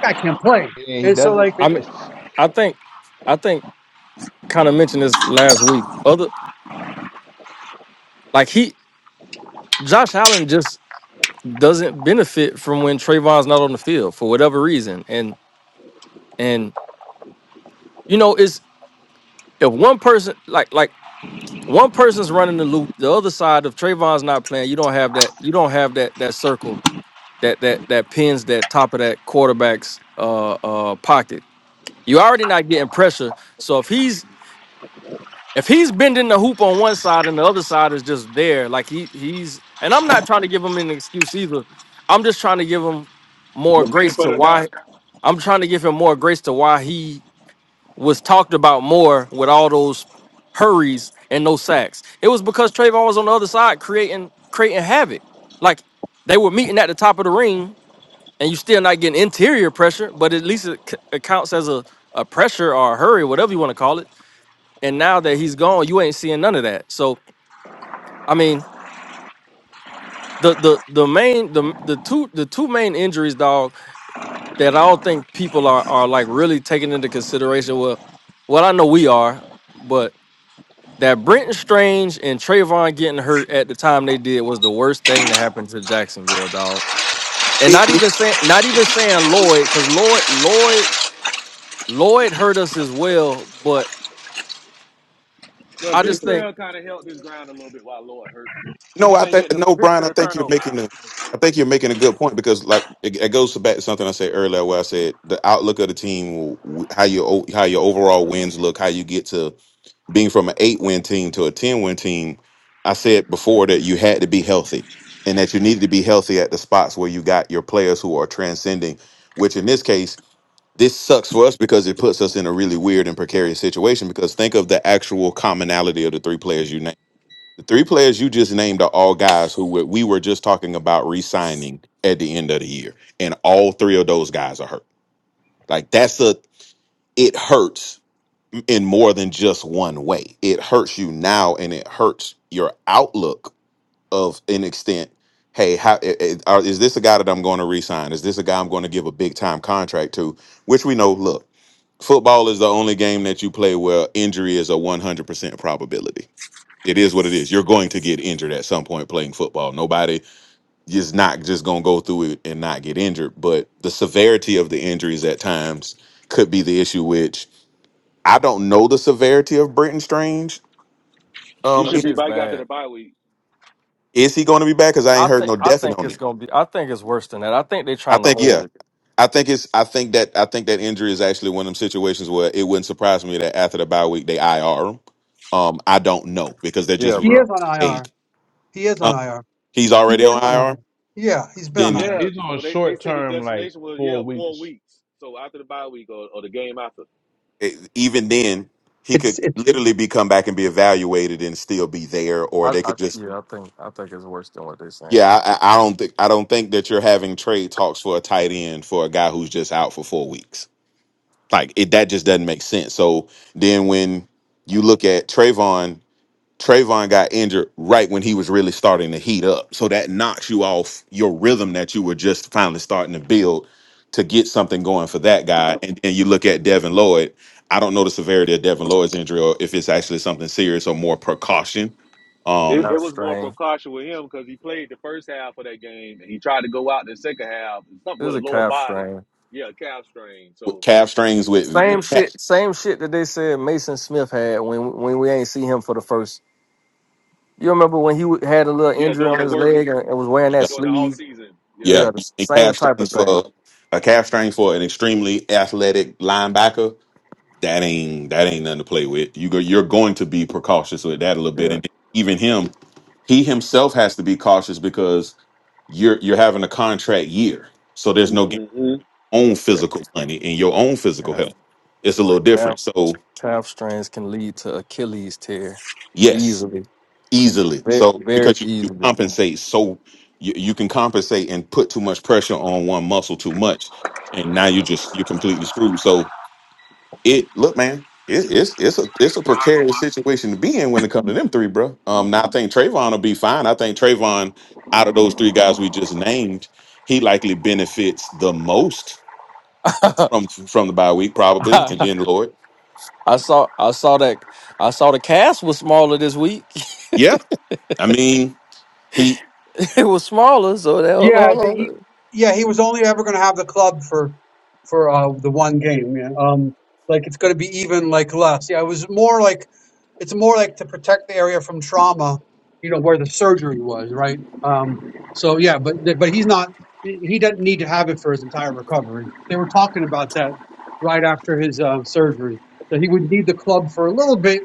[SPEAKER 1] guy can't play.
[SPEAKER 3] And he
[SPEAKER 1] And so
[SPEAKER 3] doesn't
[SPEAKER 1] like
[SPEAKER 5] I mean
[SPEAKER 3] finish.
[SPEAKER 5] I think I think kind of mentioned this last week. Other like he Josh Allen just doesn't benefit from when Trayvon's not on the field for whatever reason. And and you know, it's if one person like like one person's running the loop, the other side of Trayvon's not playing, you don't have that you don't have that that circle that that that pins that top of that quarterback's uh uh pocket. You already not getting pressure. So if he's If he's bending the hoop on one side and the other side is just there, like he he's and I'm not trying to give him an excuse either. I'm just trying to give him more grace
[SPEAKER 4] benefit
[SPEAKER 5] to
[SPEAKER 4] of doubt.
[SPEAKER 5] why I'm trying to give him more grace to why he was talked about more with all those hurries and no sacks. It was because Trayvon was on the other side creating creating havoc. Like they were meeting at the top of the ring, and you still not getting interior pressure, but at least it, c- it counts as a, a pressure or a hurry, whatever you want to call it and now that he's gone, you ain't seeing none of that. So I mean, the the the main the the two the two main injuries, dog, that I don't think people are are like really taking into consideration. Well, well, I know we are, but that Brenton Strange and Trayvon getting hurt at the time they did was the worst thing that happened to Jacksonville, dog. And not even saying not even saying Lloyd, because Lloyd Lloyd Lloyd hurt us as well. But
[SPEAKER 4] Well,
[SPEAKER 5] I
[SPEAKER 4] Big
[SPEAKER 5] just think
[SPEAKER 4] kind of held his ground a little bit while Lloyd hurt. We
[SPEAKER 7] No,
[SPEAKER 4] just
[SPEAKER 7] I
[SPEAKER 4] ain't
[SPEAKER 7] think
[SPEAKER 4] getting the
[SPEAKER 7] no,
[SPEAKER 4] picks
[SPEAKER 7] Brian.
[SPEAKER 4] and
[SPEAKER 7] I
[SPEAKER 4] the
[SPEAKER 7] think you're
[SPEAKER 4] turnovers.
[SPEAKER 7] making a, I think you're making a good point because like it, it goes back to something I said earlier where I said the outlook of the team, w- how your o- how your overall wins look, how you get to being from an eight win team to a ten win team. I said before that you had to be healthy and that you needed to be healthy at the spots where you got your players who are transcending. Which in this case, this sucks for us because it puts us in a really weird and precarious situation. Because think of the actual commonality of the three players you named the three players you just named are all guys who were, we were just talking about re-signing at the end of the year, and all three of those guys are hurt. Like that's a it hurts in more than just one way. It hurts you now, and it hurts your outlook of an extent. Hey, how i- i- are- is this a guy that I'm going to re-sign? Is this a guy I'm going to give a big time contract to? Which we know. Look football is the only game that you play where injury is a 100% probability. It is what it is. You're going to get injured at some point playing football. Nobody is not just going to go through it and not get injured, but the severity of the injuries at times could be the issue which I don't know the severity of Brenton Strange.
[SPEAKER 4] He
[SPEAKER 7] Um
[SPEAKER 5] that
[SPEAKER 4] should
[SPEAKER 7] i-
[SPEAKER 4] be
[SPEAKER 5] shit's
[SPEAKER 4] back after
[SPEAKER 5] bad.
[SPEAKER 4] the bye week.
[SPEAKER 7] is he going to be back cuz I ain't
[SPEAKER 5] I
[SPEAKER 7] heard
[SPEAKER 5] think
[SPEAKER 7] no
[SPEAKER 5] I
[SPEAKER 7] definite
[SPEAKER 5] think
[SPEAKER 7] on
[SPEAKER 5] it's
[SPEAKER 7] that.
[SPEAKER 5] gonna be. I think it's worse than that. I think they're
[SPEAKER 7] I
[SPEAKER 5] trying to
[SPEAKER 7] think
[SPEAKER 5] hold
[SPEAKER 7] yeah.
[SPEAKER 5] it.
[SPEAKER 7] I think it's. I think that. I think that injury is actually one of them situations where it wouldn't surprise me that after the bye week they IR him. Um, I don't know because they're
[SPEAKER 5] Yeah,
[SPEAKER 7] just
[SPEAKER 1] he
[SPEAKER 5] bro.
[SPEAKER 1] is on
[SPEAKER 7] vague.
[SPEAKER 1] IR. He is on
[SPEAKER 7] Um,
[SPEAKER 1] IR.
[SPEAKER 7] he's
[SPEAKER 1] He
[SPEAKER 7] already
[SPEAKER 1] is
[SPEAKER 7] on
[SPEAKER 1] on IR.
[SPEAKER 7] IR.
[SPEAKER 1] Yeah, he's been on
[SPEAKER 7] Then
[SPEAKER 1] IR.
[SPEAKER 4] Yeah,
[SPEAKER 3] He's on
[SPEAKER 4] but they, they
[SPEAKER 3] short
[SPEAKER 4] said the
[SPEAKER 3] term, like
[SPEAKER 4] destination was,
[SPEAKER 3] four
[SPEAKER 4] yeah, four
[SPEAKER 3] weeks.
[SPEAKER 4] weeks. So after the bye week or, or the game after.
[SPEAKER 7] eh, even then, he could
[SPEAKER 1] It's
[SPEAKER 7] literally be come back and be evaluated and still be there, or
[SPEAKER 5] I,
[SPEAKER 7] they
[SPEAKER 5] I
[SPEAKER 7] could just.
[SPEAKER 5] yeah. I think I think it's worse than what they're saying.
[SPEAKER 7] Yeah, I,
[SPEAKER 5] The
[SPEAKER 7] I I don't think. I don't think that you're having trade talks for a tight end for a guy who's just out for four weeks. Like it, that just doesn't make sense. So then when you look at Trayvon. Trayvon got injured right when he was really starting to heat up. So that knocks you off your rhythm that you were just finally starting to build to get something going for that guy. And then you look at Devin Lloyd. I don't know the severity of Devin Lloyd's injury or if it's actually something serious or more precaution.
[SPEAKER 4] It,
[SPEAKER 7] Um,
[SPEAKER 4] it
[SPEAKER 5] calf
[SPEAKER 4] was more
[SPEAKER 5] strain.
[SPEAKER 4] precaution with him because he played the first half of that game and he tried to go out in the second half. Something
[SPEAKER 5] This
[SPEAKER 4] with
[SPEAKER 5] is
[SPEAKER 4] a
[SPEAKER 5] a
[SPEAKER 4] lower
[SPEAKER 5] calf
[SPEAKER 4] body.
[SPEAKER 5] strain.
[SPEAKER 4] Yeah, calf strain.
[SPEAKER 7] with
[SPEAKER 4] So,
[SPEAKER 7] calf strains with,
[SPEAKER 5] Same
[SPEAKER 4] yeah,
[SPEAKER 7] with calf,
[SPEAKER 5] shit. Same shit that they said Mason Smith had when when we ain't see him for the first. You remember when he had a little
[SPEAKER 4] yeah,
[SPEAKER 5] injury
[SPEAKER 4] doing
[SPEAKER 5] on
[SPEAKER 4] the
[SPEAKER 5] his
[SPEAKER 4] work,
[SPEAKER 5] leg and, and was wearing that
[SPEAKER 7] yeah,
[SPEAKER 4] during the off
[SPEAKER 5] sleeve?
[SPEAKER 4] season. Yeah.
[SPEAKER 7] yeah,
[SPEAKER 5] Yeah, the
[SPEAKER 7] and
[SPEAKER 5] same
[SPEAKER 7] calf
[SPEAKER 5] type of
[SPEAKER 7] strains
[SPEAKER 5] thing.
[SPEAKER 7] for a calf strain for an extremely athletic linebacker that ain't that ain't nothing to play with. You go, you're going to be precautious with that a little bit,
[SPEAKER 5] Yeah,
[SPEAKER 7] and even him, he himself has to be cautious because you're you're having a contract year, so there's no gu-
[SPEAKER 4] hmm
[SPEAKER 7] own
[SPEAKER 5] yeah.
[SPEAKER 7] physical money and your own physical
[SPEAKER 5] Calf,
[SPEAKER 7] health. It's a little
[SPEAKER 5] calf,
[SPEAKER 7] different. So
[SPEAKER 5] calf strains can lead to Achilles tear
[SPEAKER 7] yes,
[SPEAKER 5] easily,
[SPEAKER 7] easily.
[SPEAKER 5] very,
[SPEAKER 7] So
[SPEAKER 5] very
[SPEAKER 7] because you, you
[SPEAKER 5] easily.
[SPEAKER 7] compensate, so you, you can compensate and put too much pressure on one muscle too much, and now you just you're completely screwed. So it look, man, it, it's it's a it's a precarious situation to be in when it comes to them three, bro. Um, now I think Trayvon will be fine. I think Trayvon, out of those three guys we just named, he likely benefits the most from from the bye week, probably, and then Lord.
[SPEAKER 5] I saw I saw that I saw the cast was smaller this week.
[SPEAKER 7] Yeah, I mean, he
[SPEAKER 5] it was smaller, so that hold
[SPEAKER 1] Yeah,
[SPEAKER 5] on.
[SPEAKER 1] the,
[SPEAKER 5] hold
[SPEAKER 1] he
[SPEAKER 5] on.
[SPEAKER 1] yeah he was only ever going to have the club for for uh, the one game. Yeah. Um, like it's going to be even like less. Yeah, it was more like it's more like to protect the area from trauma. You know where the surgery was, right? Um, so yeah, but but he's not. He he doesn't need to have it for his entire recovery. They were talking about that right after his uh, surgery that he would need the club for a little bit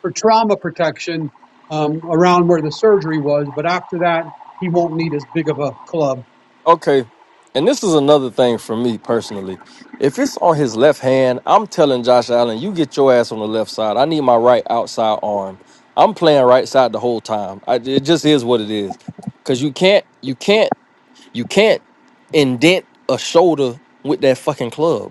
[SPEAKER 1] for trauma protection um, around where the surgery was, but after that he won't need as big of a club.
[SPEAKER 5] Okay. And this is another thing for me personally. If it's on his left hand, I'm telling Josh Allen, you get your ass on the left side. I need my right outside arm. I'm playing right side the whole time. I, it just is what it is. Cause you can't you can't you can't indent a shoulder with that fucking club.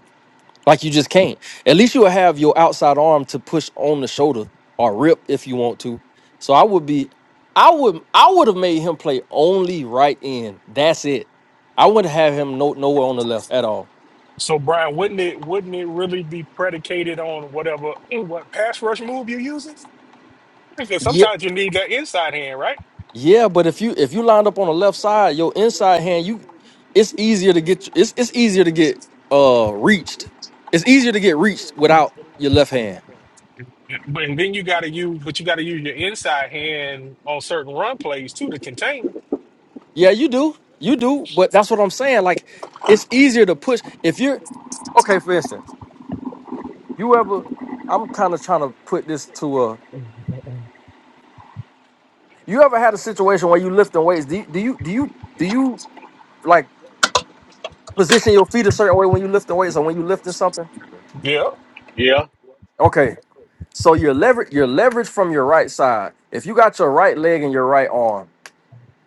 [SPEAKER 5] Like you just can't. At least you'll have your outside arm to push on the shoulder or rip if you want to. So I would be, I would, I would have made him play only right end. That's it. I wouldn't have him no nowhere on the left at all.
[SPEAKER 2] So Brian, wouldn't it wouldn't it really be predicated on whatever eh, what pass rush move you're using? Because
[SPEAKER 5] Yeah,
[SPEAKER 2] sometimes you need that inside hand, right?
[SPEAKER 5] yeah. But if you if you lined up on the left side, your inside hand, you, it's easier to get. It's it's easier to get uh reached. It's easier to get reached without your left hand.
[SPEAKER 2] But and then you got to use, but you got to use your inside hand on certain run plays too to contain.
[SPEAKER 5] Yeah, you do. You do. But that's what I'm saying. Like, it's easier to push if you're okay. For instance, you ever? I'm kind of trying to put this to a. You ever had a situation where you lifting weights? Do you, do you do you do you like position your feet a certain way when you lifting weights or when you lifting something?
[SPEAKER 2] Yeah,
[SPEAKER 4] Yeah.
[SPEAKER 5] Okay, so your leverage your leverage from your right side. If you got your right leg and your right arm,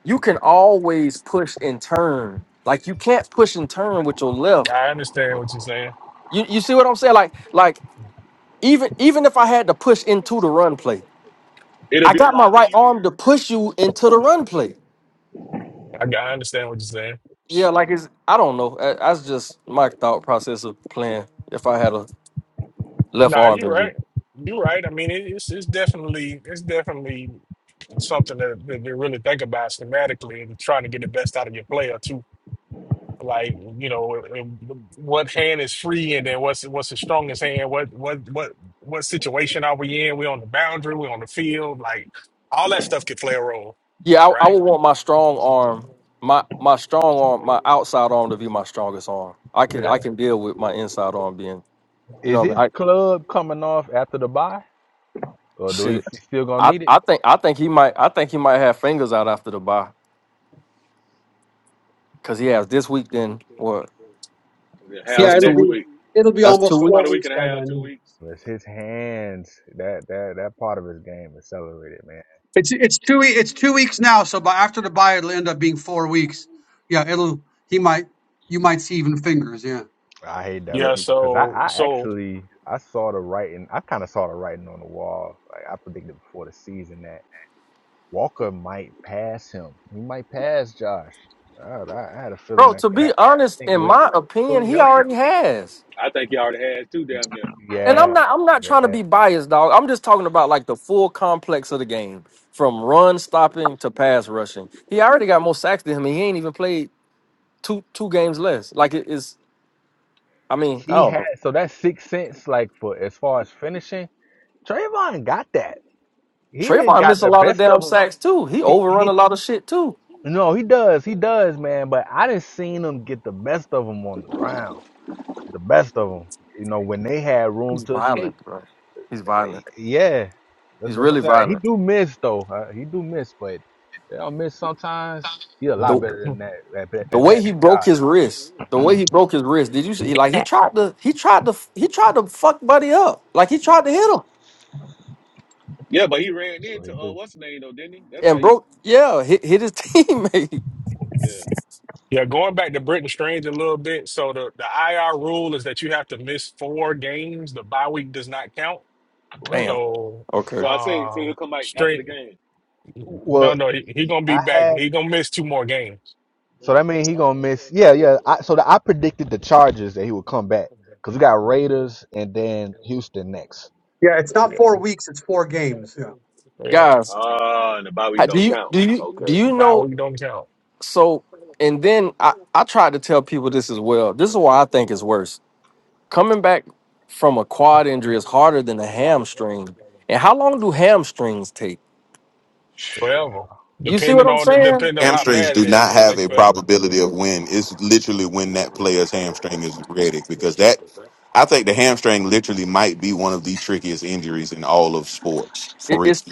[SPEAKER 5] you can always push and turn. Like you can't push and turn with your left.
[SPEAKER 2] I understand what you're saying.
[SPEAKER 5] You you see what I'm saying? Like like Even even if I had to push into the run play,
[SPEAKER 4] It'll
[SPEAKER 5] I
[SPEAKER 4] be a
[SPEAKER 5] got my
[SPEAKER 4] lot
[SPEAKER 5] right arm to
[SPEAKER 4] easier.
[SPEAKER 5] push you into the run
[SPEAKER 4] Yeah.
[SPEAKER 5] play.
[SPEAKER 2] I, I understand what you're saying.
[SPEAKER 5] Yeah, like it's I don't know. Uh, That's just my thought process of playing. If I had a left
[SPEAKER 2] Nah,
[SPEAKER 5] arm,
[SPEAKER 2] you're
[SPEAKER 5] injury.
[SPEAKER 2] right. You're right. I mean, it, it's it's definitely it's definitely something that, that they really think about schematically and trying to get the best out of your player too. like you know it- it- what hand is free and then what's what's the strongest hand what what what what situation are we in we on the boundary we on the field like all that stuff could play a role
[SPEAKER 5] yeah, I, I
[SPEAKER 2] right
[SPEAKER 5] would want my strong arm, my my strong arm, my outside arm to be my strongest arm. I can I
[SPEAKER 2] yeah
[SPEAKER 5] can deal with my inside arm being, you
[SPEAKER 3] Is
[SPEAKER 5] know, what
[SPEAKER 3] his
[SPEAKER 5] I mean? I
[SPEAKER 3] club coming off after the bye? Or do he
[SPEAKER 5] shit.
[SPEAKER 3] he still gonna
[SPEAKER 5] I,
[SPEAKER 3] need it?
[SPEAKER 5] I think I think he might I think he might have fingers out after the bye because he has this week. Then what?
[SPEAKER 4] yeah,
[SPEAKER 5] So
[SPEAKER 4] Half
[SPEAKER 5] that's
[SPEAKER 1] Yeah,
[SPEAKER 4] of
[SPEAKER 1] it'll
[SPEAKER 4] next
[SPEAKER 5] two.
[SPEAKER 1] be
[SPEAKER 4] week.
[SPEAKER 1] it'll be
[SPEAKER 5] That's two
[SPEAKER 1] almost
[SPEAKER 4] for about
[SPEAKER 1] four
[SPEAKER 4] a
[SPEAKER 5] weeks.
[SPEAKER 4] week
[SPEAKER 1] weeks
[SPEAKER 4] and a
[SPEAKER 1] by
[SPEAKER 4] half, two
[SPEAKER 1] then.
[SPEAKER 4] weeks.
[SPEAKER 3] It's his hands. That that that part of his game accelerated, man.
[SPEAKER 1] It's it's two we- it's two weeks now. So by after the buy, it'll end up being four weeks. Yeah, it'll he might you might see even fingers. Yeah.
[SPEAKER 3] I hate that for
[SPEAKER 2] yeah
[SPEAKER 5] Yeah.
[SPEAKER 3] him because I,
[SPEAKER 2] so
[SPEAKER 3] I
[SPEAKER 2] so
[SPEAKER 3] actually I saw the writing. I kind of saw the writing on the wall. Like I predicted before the season that Walker might pass him. He might pass Josh. I, I, I had a feeling
[SPEAKER 5] Bro,
[SPEAKER 3] that
[SPEAKER 5] to
[SPEAKER 3] could
[SPEAKER 5] be
[SPEAKER 3] happen. I
[SPEAKER 5] honest,
[SPEAKER 3] think
[SPEAKER 5] in
[SPEAKER 3] when if
[SPEAKER 5] my
[SPEAKER 3] he's
[SPEAKER 5] opinion,
[SPEAKER 3] fully
[SPEAKER 5] he
[SPEAKER 3] healthy,
[SPEAKER 5] already has.
[SPEAKER 4] I think he already had two
[SPEAKER 3] y-
[SPEAKER 4] damn near.
[SPEAKER 5] And I'm
[SPEAKER 3] yeah,
[SPEAKER 5] not I'm not trying to
[SPEAKER 3] yeah,
[SPEAKER 5] be biased, dog. I'm just talking about like the full complex of the game. From run stopping to pass rushing. He already got more sacks than him and he ain't even played two two games less. Like it is I mean, I
[SPEAKER 3] he
[SPEAKER 5] don't
[SPEAKER 3] had.
[SPEAKER 5] know.
[SPEAKER 3] So that sixth sense, like for as far as finishing, Trayvon got that. He didn't
[SPEAKER 5] Trayvon
[SPEAKER 3] got
[SPEAKER 5] missed a
[SPEAKER 3] the
[SPEAKER 5] lot of
[SPEAKER 3] best
[SPEAKER 5] damn
[SPEAKER 3] of him.
[SPEAKER 5] sacks too. He
[SPEAKER 3] He
[SPEAKER 5] overrun a
[SPEAKER 3] he.
[SPEAKER 5] lot of shit too.
[SPEAKER 3] No, he does. He does, man. But I didn't seen him get the best of him on the ground. the best of them. You know, when they had room
[SPEAKER 5] He's
[SPEAKER 3] to escape.
[SPEAKER 5] violent, bro. He's violent.
[SPEAKER 3] Yeah, that's,
[SPEAKER 5] He's
[SPEAKER 3] that's what I'm
[SPEAKER 5] really
[SPEAKER 3] saying. Like, he
[SPEAKER 5] violent.
[SPEAKER 3] do miss though. Uh, he do miss, but they don't miss sometimes. He a lot
[SPEAKER 5] The
[SPEAKER 3] better than that at, that-
[SPEAKER 5] The
[SPEAKER 3] at
[SPEAKER 5] way
[SPEAKER 3] that
[SPEAKER 5] he
[SPEAKER 3] than
[SPEAKER 5] broke
[SPEAKER 3] Dodge.
[SPEAKER 5] his wrist, the way he broke his wrist. Did you see? Like he tried to, he tried to, he tried to fuck Buddy up. Like he tried to hit him
[SPEAKER 4] Yeah, but he ran
[SPEAKER 3] So he
[SPEAKER 4] into uh,
[SPEAKER 3] do.
[SPEAKER 4] what's his name though, didn't he? That's how
[SPEAKER 5] and
[SPEAKER 4] he.
[SPEAKER 5] broke. Yeah, hit hit his teammate.
[SPEAKER 4] Yeah.
[SPEAKER 2] yeah going back to Britton Strange a little bit so the the IR rule is that you have to miss four games the bye week does not count
[SPEAKER 3] What?
[SPEAKER 5] Damn.
[SPEAKER 2] so
[SPEAKER 5] Okay,
[SPEAKER 4] So I say, so he'll
[SPEAKER 2] um
[SPEAKER 4] come back after
[SPEAKER 2] straight
[SPEAKER 4] the game.
[SPEAKER 2] no
[SPEAKER 3] Well,
[SPEAKER 2] no he, he gonna be
[SPEAKER 3] I
[SPEAKER 2] back
[SPEAKER 3] had.
[SPEAKER 2] he gonna miss two more games
[SPEAKER 3] So
[SPEAKER 4] Mm.
[SPEAKER 3] that means he gonna miss. Yeah, yeah. I, so the, I predicted the Chargers that he would come back because we got Raiders and then Houston next.
[SPEAKER 1] Yeah, it's not four weeks. It's four games. Yeah.
[SPEAKER 2] yeah
[SPEAKER 5] guys,
[SPEAKER 4] Ah, and the bye
[SPEAKER 5] how-
[SPEAKER 4] week
[SPEAKER 5] do
[SPEAKER 4] don't
[SPEAKER 5] you
[SPEAKER 4] count.
[SPEAKER 5] do you
[SPEAKER 4] Okay.
[SPEAKER 5] do
[SPEAKER 4] Okay.
[SPEAKER 5] you
[SPEAKER 2] bye
[SPEAKER 5] know?
[SPEAKER 2] week don't count
[SPEAKER 5] So and then I I tried to tell people this as well. This is why I think it's worse. Coming back from a quad injury is harder than a hamstring. And how long do hamstrings take?
[SPEAKER 3] Take a
[SPEAKER 2] forever.
[SPEAKER 3] while.
[SPEAKER 5] You see what
[SPEAKER 2] Depending
[SPEAKER 5] I'm
[SPEAKER 2] on the,
[SPEAKER 5] saying?
[SPEAKER 2] depending on how
[SPEAKER 7] hamstrings
[SPEAKER 2] bad
[SPEAKER 7] do
[SPEAKER 2] it is,
[SPEAKER 7] not
[SPEAKER 2] it
[SPEAKER 3] It,
[SPEAKER 2] can
[SPEAKER 7] have
[SPEAKER 2] take
[SPEAKER 7] a
[SPEAKER 3] it
[SPEAKER 2] forever.
[SPEAKER 3] lingered.
[SPEAKER 7] probability of when. It's literally when that player's hamstring is ready because that. I think the hamstring literally might be one of the trickiest injuries in all of sports for
[SPEAKER 5] It,
[SPEAKER 7] real.
[SPEAKER 5] it's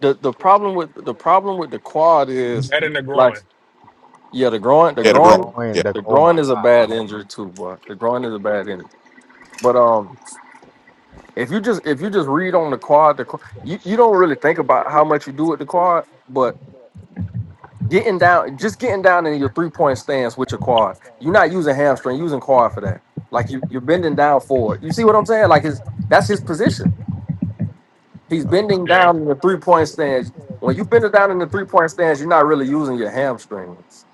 [SPEAKER 5] the the problem with the problem with the quad is
[SPEAKER 2] That in the
[SPEAKER 5] like
[SPEAKER 2] groin,
[SPEAKER 5] yeah the groin the
[SPEAKER 3] Oh,
[SPEAKER 7] Yeah, the
[SPEAKER 3] the
[SPEAKER 7] groin.
[SPEAKER 5] groin
[SPEAKER 3] groin. The,
[SPEAKER 5] the
[SPEAKER 3] oh
[SPEAKER 5] groin
[SPEAKER 3] my
[SPEAKER 5] is a
[SPEAKER 3] God, the
[SPEAKER 5] bad injury
[SPEAKER 3] groin.
[SPEAKER 5] too boy the groin is a bad injury but um if you just if you just read on the quad the qu- you, you don't really think about how much you do with the quad but getting down just getting down in your three point stance with your quad you're not using hamstring you're using quad for that like you you're bending down forward you see what I'm saying like his that's his position He's bending
[SPEAKER 2] you know.
[SPEAKER 5] down in the three point stance. When you bend it down in the three point stance, you're not really using your hamstrings.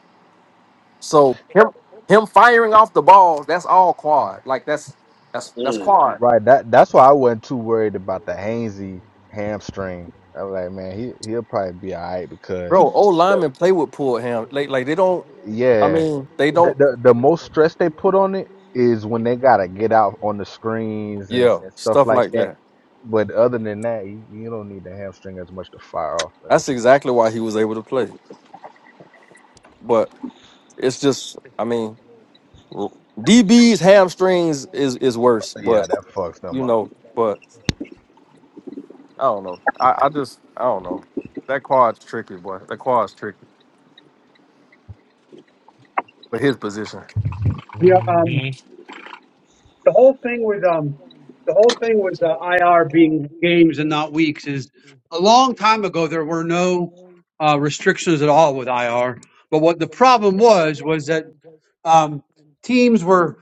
[SPEAKER 5] So him him firing off the ball, that's all quad. Like that's that's that's
[SPEAKER 4] Mm.
[SPEAKER 5] quad.
[SPEAKER 3] Right. That that's why I wasn't too worried about the Hainsey hamstring. I was like, man, he he'll probably be all right because
[SPEAKER 5] Bro, old
[SPEAKER 3] the
[SPEAKER 5] linemen play with pulled ham. Like like they don't I
[SPEAKER 3] yeah,
[SPEAKER 5] mean, they
[SPEAKER 3] the
[SPEAKER 5] don't
[SPEAKER 3] the, the most stress they put on it is when they gotta get out on the screens and,
[SPEAKER 5] yeah,
[SPEAKER 3] and stuff
[SPEAKER 5] stuff
[SPEAKER 3] like
[SPEAKER 5] like
[SPEAKER 3] that.
[SPEAKER 5] that.
[SPEAKER 3] But other than that, you, you don't need the hamstring as much to fire off like
[SPEAKER 5] That's
[SPEAKER 3] what you talking
[SPEAKER 5] exactly why he was able to play. But it's just I mean DB's hamstrings is is worse,
[SPEAKER 3] about. Yeah,
[SPEAKER 5] but
[SPEAKER 3] that fucks them
[SPEAKER 5] you
[SPEAKER 3] up.
[SPEAKER 5] know, but I don't know. I, I just I don't know. That quad's tricky, boy. That quad's tricky. But his position.
[SPEAKER 1] Yeah. Um,
[SPEAKER 2] hmm
[SPEAKER 1] the whole thing with um the whole thing with the IR being games and not weeks is a long time ago there were no uh, restrictions at all with IR. But what the problem was was that um, teams were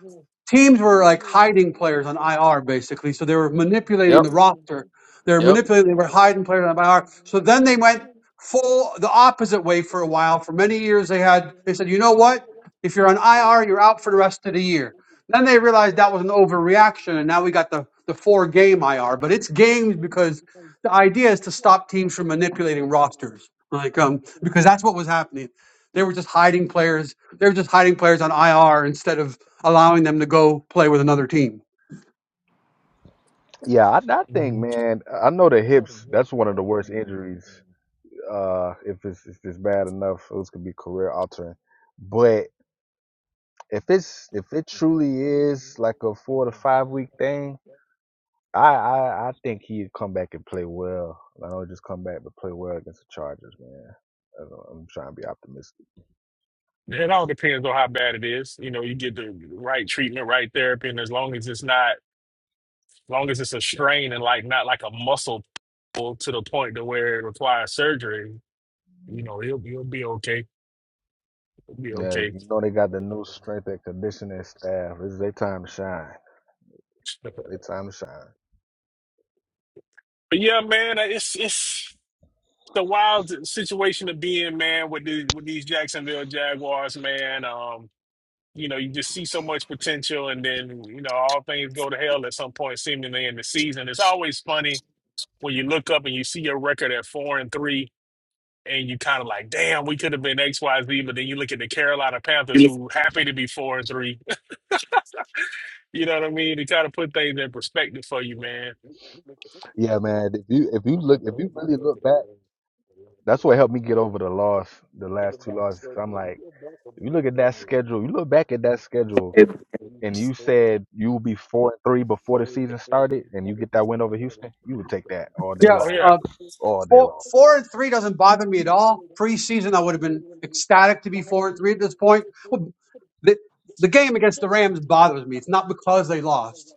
[SPEAKER 1] teams were like hiding players on IR basically. So they were manipulating
[SPEAKER 5] Yep.
[SPEAKER 1] the roster. They were
[SPEAKER 5] Yep.
[SPEAKER 1] manipulating. They were hiding players on IR. So then they went full the opposite way for a while. For many years, they had they said, you know what? If you're on IR, you're out for the rest of the year. Then they realized that was an overreaction, and now we got the the four game IR. But it's games because the idea is to stop teams from manipulating rosters. Like um, because that's what was happening. They were just hiding players they're just hiding players on IR instead of allowing them to go play with another team.
[SPEAKER 3] Yeah, I, I think, man, I know the hips. That's one of the worst injuries. Uh, if it's if it's bad enough, those could be career altering. But if it's if it truly is like a four to five week thing, I I, I think he'd come back and play well. I don't just come back but play well against the Chargers, man. I am trying to be optimistic.
[SPEAKER 2] It all depends on how bad it is. You know, you get the right treatment, right therapy, and as long as it's not, as long as it's a strain and like not like a muscle pull to the point to where it requires surgery, you know, it'll it'll be okay. It'll be
[SPEAKER 3] Yeah,
[SPEAKER 2] okay.
[SPEAKER 3] you know they got the new strength and conditioning staff. It's their time to shine.
[SPEAKER 2] But
[SPEAKER 3] Their time to shine.
[SPEAKER 2] yeah, man, it's it's the wild situation to be in, man, with the with these Jacksonville Jaguars, man. Um, you know, you just see so much potential, and then you know all things go to hell at some point, seemingly in the season. It's always funny when you look up and you see your record at four and three, and you kind of like, damn, we could have been X, Y, Z, but then you look at the Carolina
[SPEAKER 7] You
[SPEAKER 2] Panthers,
[SPEAKER 7] look
[SPEAKER 2] who happy to be four and three. You know what I mean? To kind of put things in perspective for you, man.
[SPEAKER 3] Yeah, man. If you if you look if you really look back, that's what helped me get over the loss, the last two losses. i I'm like, if you look at that schedule, you look back at that schedule.
[SPEAKER 7] at
[SPEAKER 3] and you said you will be four and three before the season started, and you get that win over Houston, you would take that all day
[SPEAKER 1] Yeah,
[SPEAKER 2] Oh
[SPEAKER 3] long,
[SPEAKER 2] yeah,
[SPEAKER 1] Uh,
[SPEAKER 3] all day
[SPEAKER 1] four,
[SPEAKER 3] long.
[SPEAKER 1] four and three doesn't bother me at all. Preseason, I would have been ecstatic to be four and three at this point. Well, the, the game against the Rams bothers me. It's not because they lost.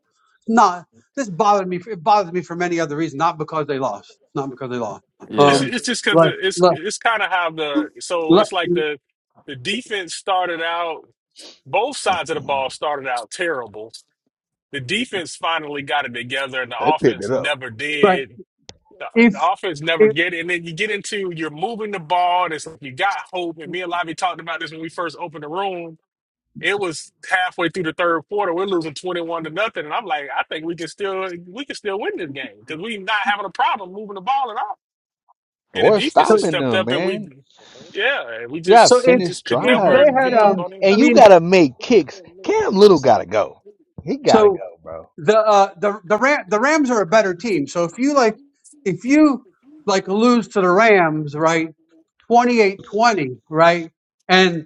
[SPEAKER 1] Not this bothered me. It bothers me for many other reasons. Not because they lost. Not because they lost.
[SPEAKER 2] it's,
[SPEAKER 5] Yeah.
[SPEAKER 1] Um,
[SPEAKER 2] it's just because
[SPEAKER 1] like,
[SPEAKER 2] it's
[SPEAKER 1] like,
[SPEAKER 2] it's kind of how the so
[SPEAKER 1] like-
[SPEAKER 2] it's like the the defense started out. Both sides of the ball started out terrible the defense finally got it together and the
[SPEAKER 3] They picked
[SPEAKER 2] offense
[SPEAKER 3] it up.
[SPEAKER 2] never
[SPEAKER 1] right.
[SPEAKER 2] did. The, the
[SPEAKER 1] If
[SPEAKER 2] offense never
[SPEAKER 1] if
[SPEAKER 2] get it. And then you get into you're moving the ball and it's like you got hope. And me and Lavi talked about this when we first opened the room. It was halfway through the third quarter. We're losing 21 to nothing. And I'm like, I think we can still we can still win this game because we're not having a problem moving the ball at all. And the
[SPEAKER 3] Or
[SPEAKER 2] defense has
[SPEAKER 1] so,
[SPEAKER 3] stopping
[SPEAKER 2] stepped
[SPEAKER 3] them,
[SPEAKER 2] up and we
[SPEAKER 3] man.
[SPEAKER 2] yeah, we
[SPEAKER 3] You got
[SPEAKER 1] so
[SPEAKER 2] just we
[SPEAKER 1] if
[SPEAKER 3] finished
[SPEAKER 2] just could
[SPEAKER 1] if
[SPEAKER 2] never
[SPEAKER 1] they
[SPEAKER 3] drives,
[SPEAKER 1] had
[SPEAKER 2] get put the
[SPEAKER 3] man,
[SPEAKER 1] um,
[SPEAKER 2] ball in.
[SPEAKER 1] I
[SPEAKER 3] and you
[SPEAKER 1] mean,
[SPEAKER 3] gotta make kicks. Cam Little gotta go. He gotta
[SPEAKER 1] so
[SPEAKER 3] go, bro.
[SPEAKER 1] the uh, the the Ram, the Rams are a better team. So if you like if you like lose to the Rams, right, twenty eight twenty, right? And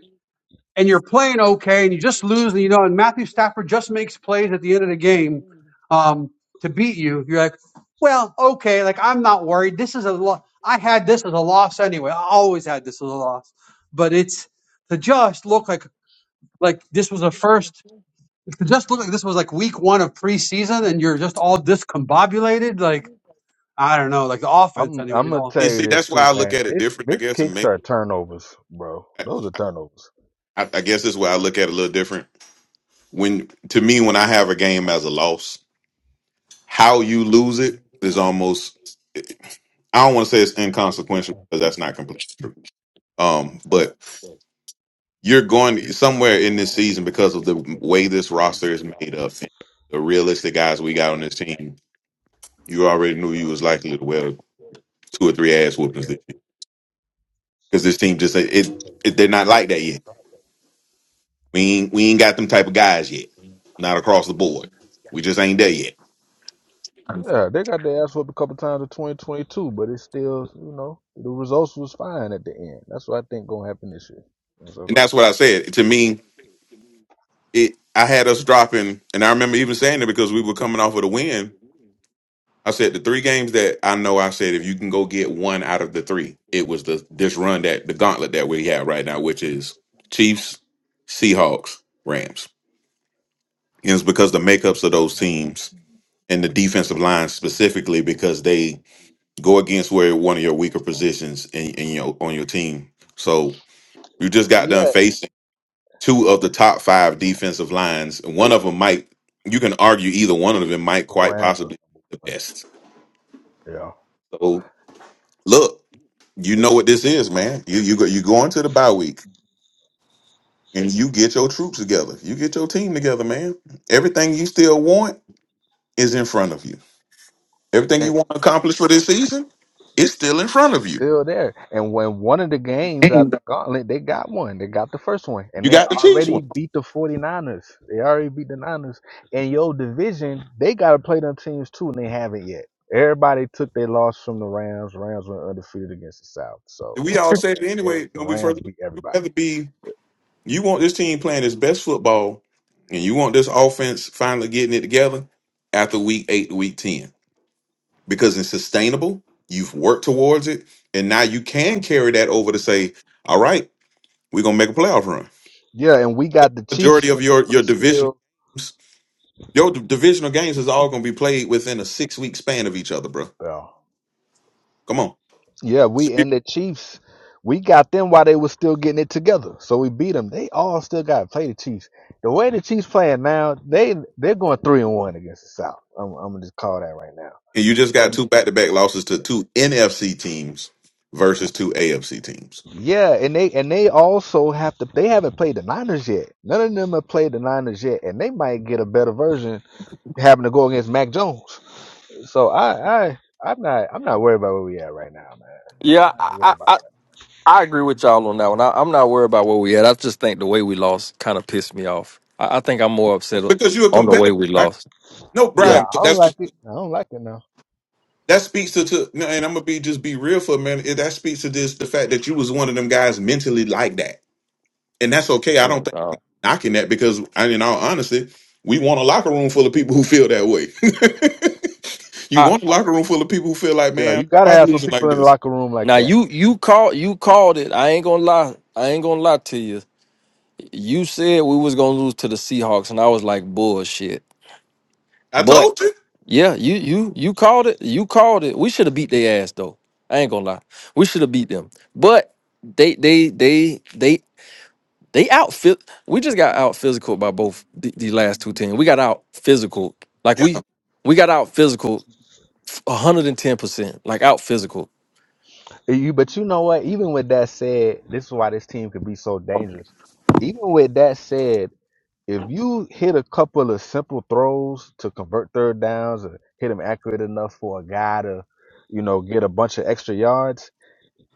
[SPEAKER 1] and you're playing okay and you just lose and you know and Matthew Stafford just makes plays at the end of the game um to beat you. You're like, "Well, okay, like I'm not worried. This is a lo- I had this as a loss anyway. I always had this as a loss." But it's to just look like like this was a first. It just looked like this was like week one of preseason, and you're just all discombobulated. Like I don't know, like the offense
[SPEAKER 3] I'm
[SPEAKER 1] anyway.
[SPEAKER 3] I'm
[SPEAKER 1] He's
[SPEAKER 3] gonna
[SPEAKER 1] all
[SPEAKER 3] tell
[SPEAKER 7] And
[SPEAKER 3] you
[SPEAKER 7] see,
[SPEAKER 3] this
[SPEAKER 7] that's why
[SPEAKER 3] too,
[SPEAKER 7] I look
[SPEAKER 3] man.
[SPEAKER 7] at it
[SPEAKER 3] Mitch
[SPEAKER 7] different, I
[SPEAKER 3] Mitch
[SPEAKER 7] guess, and
[SPEAKER 3] kicks
[SPEAKER 7] maybe
[SPEAKER 3] are turnovers, bro. Those are turnovers.
[SPEAKER 7] I, I guess this is why I look at it a little different. When to me, when I have a game as a loss, how you lose it is almost I don't want to say it's inconsequential because that's not completely true. Um, but you're going somewhere in this season because of the way this roster is made up and the realistic guys we got on this team. You already knew you was likely to well two or three ass whoopings this year because this team just it, it they're not like that yet. We ain't we ain't got them type of guys yet. Not across the board. We just ain't there yet.
[SPEAKER 3] Yeah, they got their ass whooped a couple times in 2022, but it's still, you know, the results was fine at the end. That's what I think gonna happen this year. That's
[SPEAKER 7] And
[SPEAKER 3] what I
[SPEAKER 7] that's
[SPEAKER 3] think.
[SPEAKER 7] what I said. To me, it I had us dropping, and I remember even saying it because we were coming off of the win. I said the three games that I know I said if you can go get one out of the three, it was the this run that the gauntlet that we have right now, which is Chiefs, Seahawks, Rams. And it's because the makeups of those teams and the defensive line specifically because they go against where one of your weaker positions in, in your on your team. So You just got done
[SPEAKER 3] Yeah,
[SPEAKER 7] facing two of the top five defensive lines. One of them might, you can argue either one of them might
[SPEAKER 3] the
[SPEAKER 7] quite
[SPEAKER 3] Rams are
[SPEAKER 7] possibly
[SPEAKER 3] number
[SPEAKER 7] be the
[SPEAKER 3] one.
[SPEAKER 7] best.
[SPEAKER 3] Yeah,
[SPEAKER 7] So look, you know what this is, man. You you go you go into the bye week and you get your troops together. You get your team together, man. Everything you still want is in front of you. Everything
[SPEAKER 3] and
[SPEAKER 7] you want to accomplish for this season is still in front of you.
[SPEAKER 3] still there. And when one of the games out
[SPEAKER 7] And
[SPEAKER 3] the gauntlet, they got one. They got the first one, and
[SPEAKER 7] You
[SPEAKER 3] they
[SPEAKER 7] got the Chiefs
[SPEAKER 3] already
[SPEAKER 7] one.
[SPEAKER 3] beat the 49ers. They already beat the Niners. And your division, they gotta play them teams too, and they haven't yet. Everybody took their loss from the Rams. Rams went undefeated against the South. So
[SPEAKER 7] We all said it
[SPEAKER 3] okay, every,
[SPEAKER 7] anyway
[SPEAKER 3] the
[SPEAKER 7] when we
[SPEAKER 3] Rams
[SPEAKER 7] first.
[SPEAKER 3] beat
[SPEAKER 7] You'd
[SPEAKER 3] everybody.
[SPEAKER 7] rather be. You want this team playing its best football, and you want this offense finally getting it together after week eight to week 10 because it's sustainable. You've worked towards it, and now you can carry that over to say, all right, we're going to make a playoff run.
[SPEAKER 3] Yeah, and we got the Chiefs
[SPEAKER 7] Majority of
[SPEAKER 3] when they
[SPEAKER 7] your,
[SPEAKER 3] were
[SPEAKER 7] your divisional
[SPEAKER 3] still
[SPEAKER 7] games, your d- divisional games is all going to be played within a six week span of each other, bro.
[SPEAKER 3] yeah.
[SPEAKER 7] Come on.
[SPEAKER 3] Yeah, we and the Chiefs, we got them while they were still getting it together. So we beat them. They all still got to play the Chiefs. The way the Chiefs playing now, they they're going three and one against the South. I'm I'm gonna just call that right now.
[SPEAKER 7] And you just got
[SPEAKER 3] And
[SPEAKER 7] two back to back losses to two NFC teams versus two AFC teams
[SPEAKER 3] yeah, and they and they also have to. They haven't played the Niners yet. None of them have played the Niners yet, and they might get a better version having to go against Mac Jones. So I I I'm not I'm not worried about where we at right now, man.
[SPEAKER 5] yeah.
[SPEAKER 3] I ain't
[SPEAKER 5] I,
[SPEAKER 3] worried
[SPEAKER 5] I
[SPEAKER 3] about
[SPEAKER 5] I I agree with y'all on that one. I, I'm not worried about where we at. I just think the way we lost kind of pissed me off. I, I think I'm more upset
[SPEAKER 7] because you're a
[SPEAKER 5] on the way
[SPEAKER 7] competitor,
[SPEAKER 5] we
[SPEAKER 7] right?
[SPEAKER 5] lost.
[SPEAKER 7] No,
[SPEAKER 3] Yeah,
[SPEAKER 5] Yeah.
[SPEAKER 7] Brian,
[SPEAKER 3] I don't
[SPEAKER 7] that's
[SPEAKER 3] like it. I don't like it now.
[SPEAKER 7] that speaks to, to no, and I'm gonna be just be real for a minute. It- That speaks to this the fact that you was one of them guys mentally like that, and that's okay. I
[SPEAKER 5] Yeah.
[SPEAKER 7] don't think
[SPEAKER 5] dog.
[SPEAKER 7] knocking that because, I, in all honesty, we want a locker room full of people who feel that way. you
[SPEAKER 5] I,
[SPEAKER 7] want a locker room full of people who feel like,
[SPEAKER 3] Yeah,
[SPEAKER 7] man,
[SPEAKER 3] you gotta
[SPEAKER 7] why you
[SPEAKER 3] have some
[SPEAKER 7] losing like
[SPEAKER 3] people in the
[SPEAKER 7] this?
[SPEAKER 3] locker room like
[SPEAKER 5] now
[SPEAKER 3] that.
[SPEAKER 5] you you called you called it. I ain't gonna lie. I ain't gonna lie to you. You said we was gonna lose to the Seahawks, and I was like bullshit.
[SPEAKER 7] I
[SPEAKER 5] But
[SPEAKER 7] told you.
[SPEAKER 5] Yeah, you you you called it. You called it. We should have beat their ass though. I ain't gonna lie. We should have beat them. But they they they they they out fit. We just got out physical by both the, the last two teams. We got out physical. Like
[SPEAKER 7] Yeah,
[SPEAKER 5] we we got out physical 110%. Like out physical.
[SPEAKER 3] You, but you know what? Even with that said, this is why this team can be so dangerous. Even with that said, if you hit a couple of simple throws to convert third downs or hit them accurate enough for a guy to, you know, get a bunch of extra yards,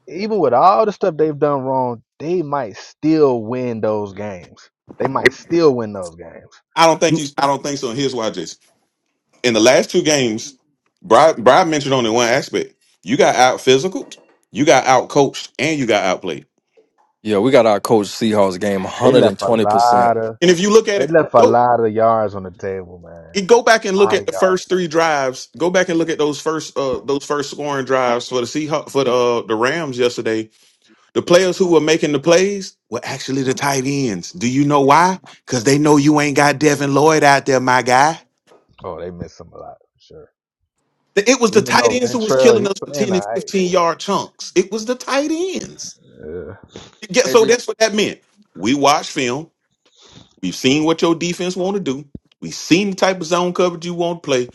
[SPEAKER 3] even with all the stuff they've done wrong, they might still win those games. They might still win those games.
[SPEAKER 7] I don't think he's. I don't think so. And here's why, Jason. In the last two games, Brian, Brian mentioned only one aspect. You got out physical, you got out coached, and you got outplayed.
[SPEAKER 5] Yeah, we got our coach Seahawks game
[SPEAKER 3] They left a
[SPEAKER 5] 120%.
[SPEAKER 3] lot of
[SPEAKER 7] And if you look at
[SPEAKER 3] They
[SPEAKER 7] it,
[SPEAKER 3] left a
[SPEAKER 7] go.
[SPEAKER 3] lot of yards on the table, man.
[SPEAKER 7] you go back and
[SPEAKER 3] A
[SPEAKER 7] look
[SPEAKER 3] lot
[SPEAKER 7] at
[SPEAKER 3] of
[SPEAKER 7] the first
[SPEAKER 3] yards.
[SPEAKER 7] three drives. Go back and look at those first uh those first scoring drives for the Seahawks for the uh, the Rams yesterday. The players who were making the plays were actually the tight ends. Do you know why? Because they know you ain't got Devin Lloyd out there, my guy.
[SPEAKER 3] Oh, they missed him a lot for sure.
[SPEAKER 7] Th- It was the
[SPEAKER 3] Even
[SPEAKER 7] tight
[SPEAKER 3] though
[SPEAKER 7] ends who was
[SPEAKER 3] Ventrell,
[SPEAKER 7] killing
[SPEAKER 3] he
[SPEAKER 7] us for
[SPEAKER 3] playing
[SPEAKER 7] 10
[SPEAKER 3] all
[SPEAKER 7] and
[SPEAKER 3] right,
[SPEAKER 7] 15
[SPEAKER 3] but
[SPEAKER 7] yard chunks. It was the tight ends.
[SPEAKER 3] yeah.
[SPEAKER 7] Yeah,
[SPEAKER 5] Hey,
[SPEAKER 7] so
[SPEAKER 5] did,
[SPEAKER 7] that's what that meant. We watched film. We've seen what your defense want to do. We've seen the type of zone coverage you want to play.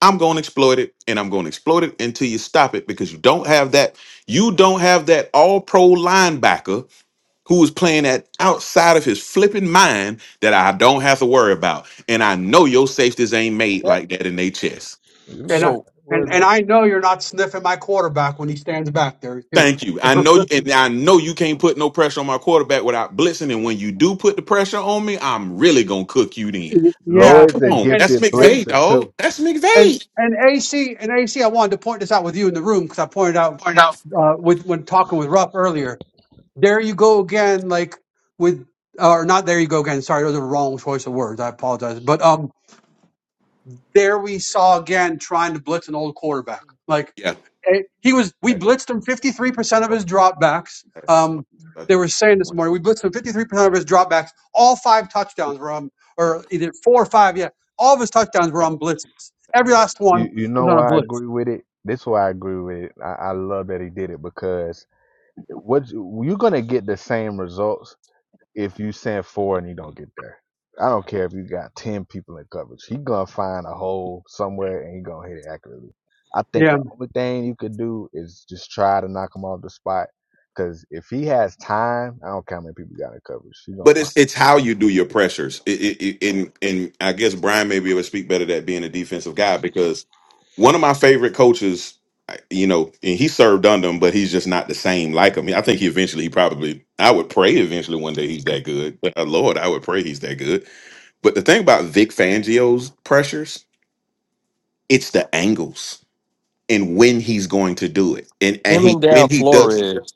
[SPEAKER 7] I'm going to exploit it, and I'm going to exploit it until you stop it because you don't have that. You don't have that all-pro linebacker who is playing at outside of his flipping mind that I don't have to worry about. And I know your safeties ain't made
[SPEAKER 3] back,
[SPEAKER 7] like that in their chest.
[SPEAKER 3] he
[SPEAKER 1] and I,
[SPEAKER 3] back.
[SPEAKER 5] so
[SPEAKER 3] Don't worry
[SPEAKER 1] and and
[SPEAKER 3] about it.
[SPEAKER 1] I know you're not sniffing my quarterback when he stands back there too.
[SPEAKER 7] Thank you. I know, and I know you can't put no pressure on my quarterback without blitzing. And when you do put the pressure on me, I'm really gonna cook you then.
[SPEAKER 1] Y-
[SPEAKER 7] You,
[SPEAKER 1] Yeah,
[SPEAKER 3] Lloyd's
[SPEAKER 7] come
[SPEAKER 3] a
[SPEAKER 1] and
[SPEAKER 7] on,
[SPEAKER 1] and
[SPEAKER 7] that's
[SPEAKER 3] gifted
[SPEAKER 1] and
[SPEAKER 7] McVay,
[SPEAKER 3] blitzer
[SPEAKER 7] dog.
[SPEAKER 3] too.
[SPEAKER 7] That's
[SPEAKER 1] and
[SPEAKER 7] McVay.
[SPEAKER 1] and AC and AC. I wanted to point this out with you in the room because I pointed out
[SPEAKER 5] Point out.
[SPEAKER 1] uh, with when talking with Ruff earlier. There you go again, like with or not. There you go again. Sorry, those are the wrong choice of words. I apologize, but um, there we saw again trying to blitz an old quarterback. Like
[SPEAKER 7] Yeah.
[SPEAKER 1] eh, he was we
[SPEAKER 7] That glass
[SPEAKER 1] blitzed him 53% of
[SPEAKER 7] ball,
[SPEAKER 1] his dropbacks.
[SPEAKER 7] I had this in
[SPEAKER 1] Um,
[SPEAKER 7] I
[SPEAKER 1] they were
[SPEAKER 7] drank
[SPEAKER 1] saying this
[SPEAKER 7] one.
[SPEAKER 1] morning we blitzed him 53% of his dropbacks. All five touchdowns were on,
[SPEAKER 7] Yeah.
[SPEAKER 1] or either four or five. Yeah, all of his touchdowns were on blitzes. Every last one
[SPEAKER 3] You you know
[SPEAKER 1] was on a
[SPEAKER 3] why I
[SPEAKER 1] blitz.
[SPEAKER 3] agree with it. This is why I agree with it. I, I love that he did it because what you, you're gonna get the same results if you send four and he don't get there. I don't care if you got ten people in coverage. He gonna find a hole somewhere and he gonna hit it accurately. I think
[SPEAKER 1] Yeah,
[SPEAKER 3] the only thing you could do is just try to knock him off the spot. Cause if he has time, I don't care how many people got in coverage. He gonna
[SPEAKER 7] But
[SPEAKER 3] find.
[SPEAKER 7] it's it's how you do your pressures. It, it, it, and and I guess Brian may be able to speak better to that being a defensive guy because one of my favorite coaches, I- you know, and he served under him, but he's just not the same like him. I think he eventually, he probably, I would pray eventually one day he's that good. But uh, Lord, I would pray he's that good. But the thing about Vic Fangio's pressures, it's the angles and when he's going to do it, and and
[SPEAKER 5] him and
[SPEAKER 7] he when
[SPEAKER 5] down
[SPEAKER 7] he does
[SPEAKER 5] Flores.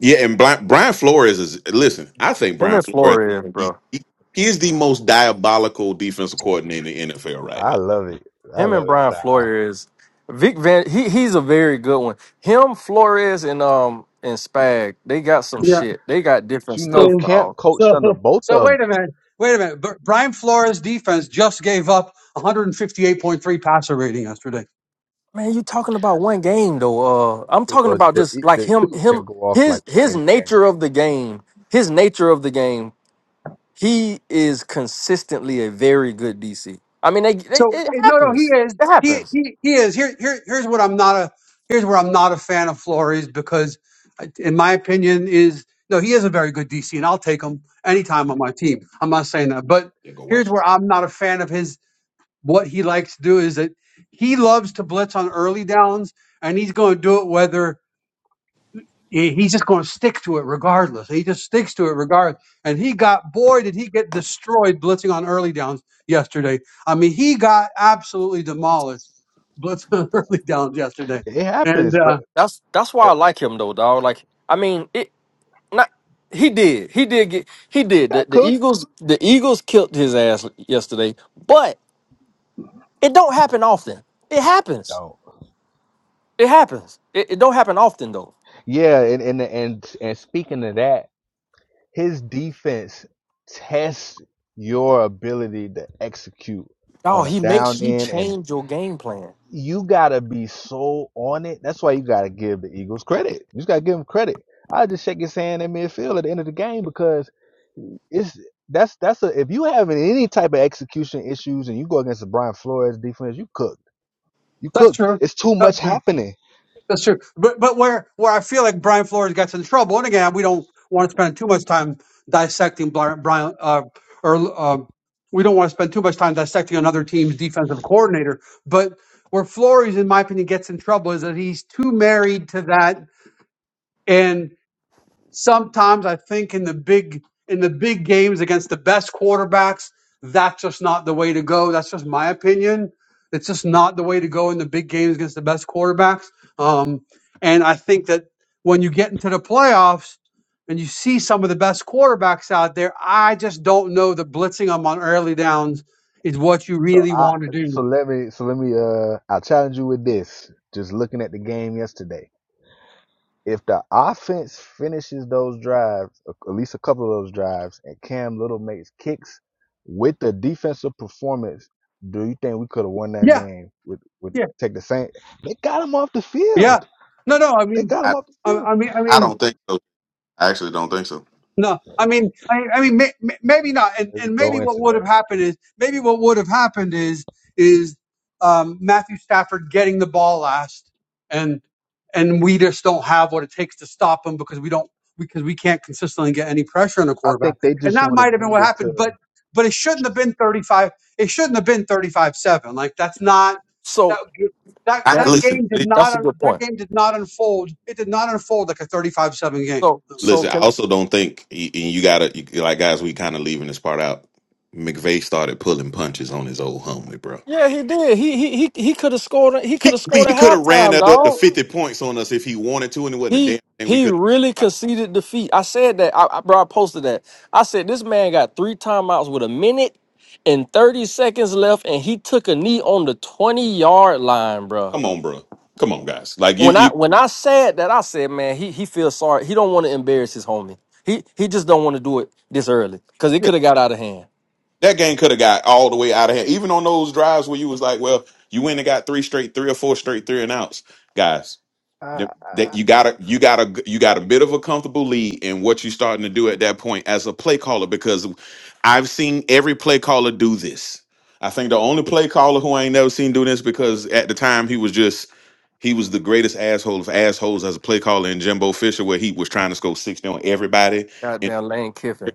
[SPEAKER 7] yeah, and Brian, Brian Flores is listen. I think
[SPEAKER 5] Him
[SPEAKER 7] Brian
[SPEAKER 5] and
[SPEAKER 7] Flores
[SPEAKER 5] Flores,
[SPEAKER 7] he,
[SPEAKER 5] bro.
[SPEAKER 7] he he is the most diabolical defensive coordinator in the NFL right
[SPEAKER 3] I
[SPEAKER 7] now.
[SPEAKER 3] love it. I
[SPEAKER 5] Him and
[SPEAKER 3] love his
[SPEAKER 5] Brian
[SPEAKER 3] style.
[SPEAKER 5] Flores, Vic Van, he he's a very good one. Him, Flores, and um and Spag, they got some
[SPEAKER 1] yeah.
[SPEAKER 5] shit. They got
[SPEAKER 3] But
[SPEAKER 5] different
[SPEAKER 3] you know,
[SPEAKER 5] stuff,
[SPEAKER 1] So,
[SPEAKER 3] Camp
[SPEAKER 5] dog.
[SPEAKER 3] coached
[SPEAKER 1] so,
[SPEAKER 3] under both
[SPEAKER 1] so
[SPEAKER 3] of them.
[SPEAKER 1] wait a minute. Wait a minute. Br- Brian Flores' defense just gave up 158.3 passer rating yesterday.
[SPEAKER 5] Man, you talking about one game though? Uh, I'm
[SPEAKER 3] It
[SPEAKER 5] talking
[SPEAKER 3] was
[SPEAKER 5] about
[SPEAKER 3] the
[SPEAKER 5] just
[SPEAKER 3] E-
[SPEAKER 5] like
[SPEAKER 3] the
[SPEAKER 5] him,
[SPEAKER 3] Eagles
[SPEAKER 5] him,
[SPEAKER 3] can go off like
[SPEAKER 5] his
[SPEAKER 3] that
[SPEAKER 5] his
[SPEAKER 3] any game.
[SPEAKER 5] nature of the game, his nature of the game. He is consistently a very good DC. I mean, they, they,
[SPEAKER 1] So
[SPEAKER 5] it
[SPEAKER 1] eh, no, no, he
[SPEAKER 5] happens.
[SPEAKER 1] is.
[SPEAKER 5] It
[SPEAKER 1] He
[SPEAKER 5] happens.
[SPEAKER 1] he he is. Here here here's what I'm not a. Here's where I'm not a fan of Flores because, eh, in my opinion, is no. He is a very good DC, and I'll take him anytime on my team. I'm not saying that, but
[SPEAKER 7] Yeah, go
[SPEAKER 1] here's
[SPEAKER 7] watch.
[SPEAKER 1] where I'm not a fan of his. What he likes to do is that he loves to blitz on early downs, and he's going to do it whether he- he's just going to stick to it regardless. He just sticks to it regardless. And he got, boy, did he get destroyed blitzing on early downs yesterday. I mean, he got absolutely demolished blitzing on early downs yesterday.
[SPEAKER 3] It
[SPEAKER 1] And
[SPEAKER 3] happens, but
[SPEAKER 1] uh,
[SPEAKER 5] That's that's why
[SPEAKER 3] uh,
[SPEAKER 5] I like him though, dog. Like, I mean, Not he did. He did get he
[SPEAKER 3] he
[SPEAKER 5] did. The,
[SPEAKER 3] got
[SPEAKER 5] the
[SPEAKER 3] cooked.
[SPEAKER 5] Eagles the Eagles killed his ass yesterday, but it don't happen often. It happens.
[SPEAKER 3] Don't.
[SPEAKER 5] It happens. It, it don't happen often though.
[SPEAKER 3] Yeah, and and and and speaking of that. his defense tests your ability to execute on
[SPEAKER 5] Dog,
[SPEAKER 3] a
[SPEAKER 5] he makes
[SPEAKER 3] down
[SPEAKER 5] you
[SPEAKER 3] end and
[SPEAKER 5] change your game plan.
[SPEAKER 3] you gotta be so on it. That's why you gotta give the Eagles credit. You just gotta give them credit. I just shake his hand in midfield at the end of the game because it's that's that's a if you having any type of execution issues and you go against the Brian Flores defense, you cooked. You
[SPEAKER 1] that's
[SPEAKER 3] cooked.
[SPEAKER 1] true.
[SPEAKER 3] It's too
[SPEAKER 1] That's
[SPEAKER 3] much
[SPEAKER 1] true.
[SPEAKER 3] happening.
[SPEAKER 1] That's true. But but where where I feel like Brian Flores gets in trouble, and again, we don't want to spend too much time dissecting Bri- Brian uh, or um, we don't want to spend too much time dissecting another team's defensive coordinator. But where Flores, in my opinion, gets in trouble is that he's too married to that, and. Sometimes I think in the big in the big games against the best quarterbacks, that's just not the way to go. That's just my opinion. It's just not the way to go in the big games against the best quarterbacks. Um, and I think that when you get into the playoffs and you see some of the best quarterbacks out there, I just don't know that blitzing them on early downs is what you
[SPEAKER 3] So
[SPEAKER 1] really
[SPEAKER 3] I
[SPEAKER 1] want to
[SPEAKER 3] so
[SPEAKER 1] do.
[SPEAKER 3] let me so let me uh I'll challenge you with this. Just looking at the game yesterday. if the offense finishes those drives, at least a couple of those drives, and Cam Little makes kicks with the defensive performance, do you think we could have won that
[SPEAKER 1] Yeah,
[SPEAKER 3] game? With with
[SPEAKER 1] yeah,
[SPEAKER 3] take the same, they got him off the
[SPEAKER 1] yeah.
[SPEAKER 3] field.
[SPEAKER 1] No, no. I
[SPEAKER 3] They
[SPEAKER 1] mean,
[SPEAKER 3] got him
[SPEAKER 7] I
[SPEAKER 3] off the
[SPEAKER 1] I,
[SPEAKER 3] field.
[SPEAKER 1] I mean, I
[SPEAKER 7] I
[SPEAKER 1] mean.
[SPEAKER 7] don't think so. I actually don't think so.
[SPEAKER 1] No, I mean, I, I mean, may, may- maybe not, and,
[SPEAKER 3] Let's
[SPEAKER 1] and maybe
[SPEAKER 3] go
[SPEAKER 1] what
[SPEAKER 3] into
[SPEAKER 1] would have
[SPEAKER 3] that.
[SPEAKER 1] happened is maybe what would have happened is is um, Matthew Stafford getting the ball last, and and we just don't have what it takes to stop him because we don't because we can't consistently get any pressure on the
[SPEAKER 3] I
[SPEAKER 1] quarterback,
[SPEAKER 3] think they
[SPEAKER 1] and
[SPEAKER 3] just
[SPEAKER 1] that
[SPEAKER 3] would have
[SPEAKER 1] might have been what
[SPEAKER 3] needed
[SPEAKER 1] happened, but
[SPEAKER 3] to.
[SPEAKER 1] but it shouldn't have been thirty five. It shouldn't have been thirty five seven. Like that's not that.
[SPEAKER 5] So
[SPEAKER 1] That,
[SPEAKER 7] I
[SPEAKER 1] that
[SPEAKER 5] that's
[SPEAKER 7] listen,
[SPEAKER 1] game did
[SPEAKER 7] li-
[SPEAKER 1] not
[SPEAKER 5] that's a
[SPEAKER 1] un-
[SPEAKER 5] good
[SPEAKER 1] that
[SPEAKER 5] point.
[SPEAKER 1] game did not unfold. It did not unfold like a 35-7
[SPEAKER 5] So
[SPEAKER 1] game.
[SPEAKER 5] so
[SPEAKER 7] listen. I
[SPEAKER 5] can
[SPEAKER 7] also don't think, and you gotta you, like guys. We kind of leaving this part out. McVay started pulling punches on his old homie, bro.
[SPEAKER 5] yeah, he did. He he he he could have scored. He could
[SPEAKER 7] He
[SPEAKER 5] have
[SPEAKER 7] we,
[SPEAKER 5] scored at
[SPEAKER 7] he could have ran
[SPEAKER 5] halftime,
[SPEAKER 7] that up to
[SPEAKER 5] dog.
[SPEAKER 7] fifty points on us if he wanted to, and it wasn't a damn
[SPEAKER 5] He
[SPEAKER 7] thing we
[SPEAKER 5] he
[SPEAKER 7] could.
[SPEAKER 5] really
[SPEAKER 7] have
[SPEAKER 5] conceded defeat. I said that. I, I bro, I posted that. I said this man got three timeouts with a minute and thirty seconds left, and he took a knee on the twenty yard line, bro.
[SPEAKER 7] Come on, bro. Come on, guys. Like you,
[SPEAKER 5] When I
[SPEAKER 7] you
[SPEAKER 5] when I said that, I said, man, he he feels sorry. He don't want to embarrass his homie. He he just don't want to do it this early because it
[SPEAKER 7] yeah,
[SPEAKER 5] could have got out of hand.
[SPEAKER 7] that game could have got all the way out of hand. Even on those drives where you was like, well, you went and got three straight, three or four straight, three and outs, guys.
[SPEAKER 3] I
[SPEAKER 7] Th- That
[SPEAKER 3] I
[SPEAKER 7] you got to you got to you got a bit of a comfortable lead in what you're starting to do at that point as a play caller because I've seen every play caller do this. I think the only play caller who I ain't never seen do this because at the time he was just he was the greatest asshole of assholes as a play caller in Jimbo Fisher, where he was trying to score 60 on everybody. And
[SPEAKER 5] Goddamn Lane Kiffin.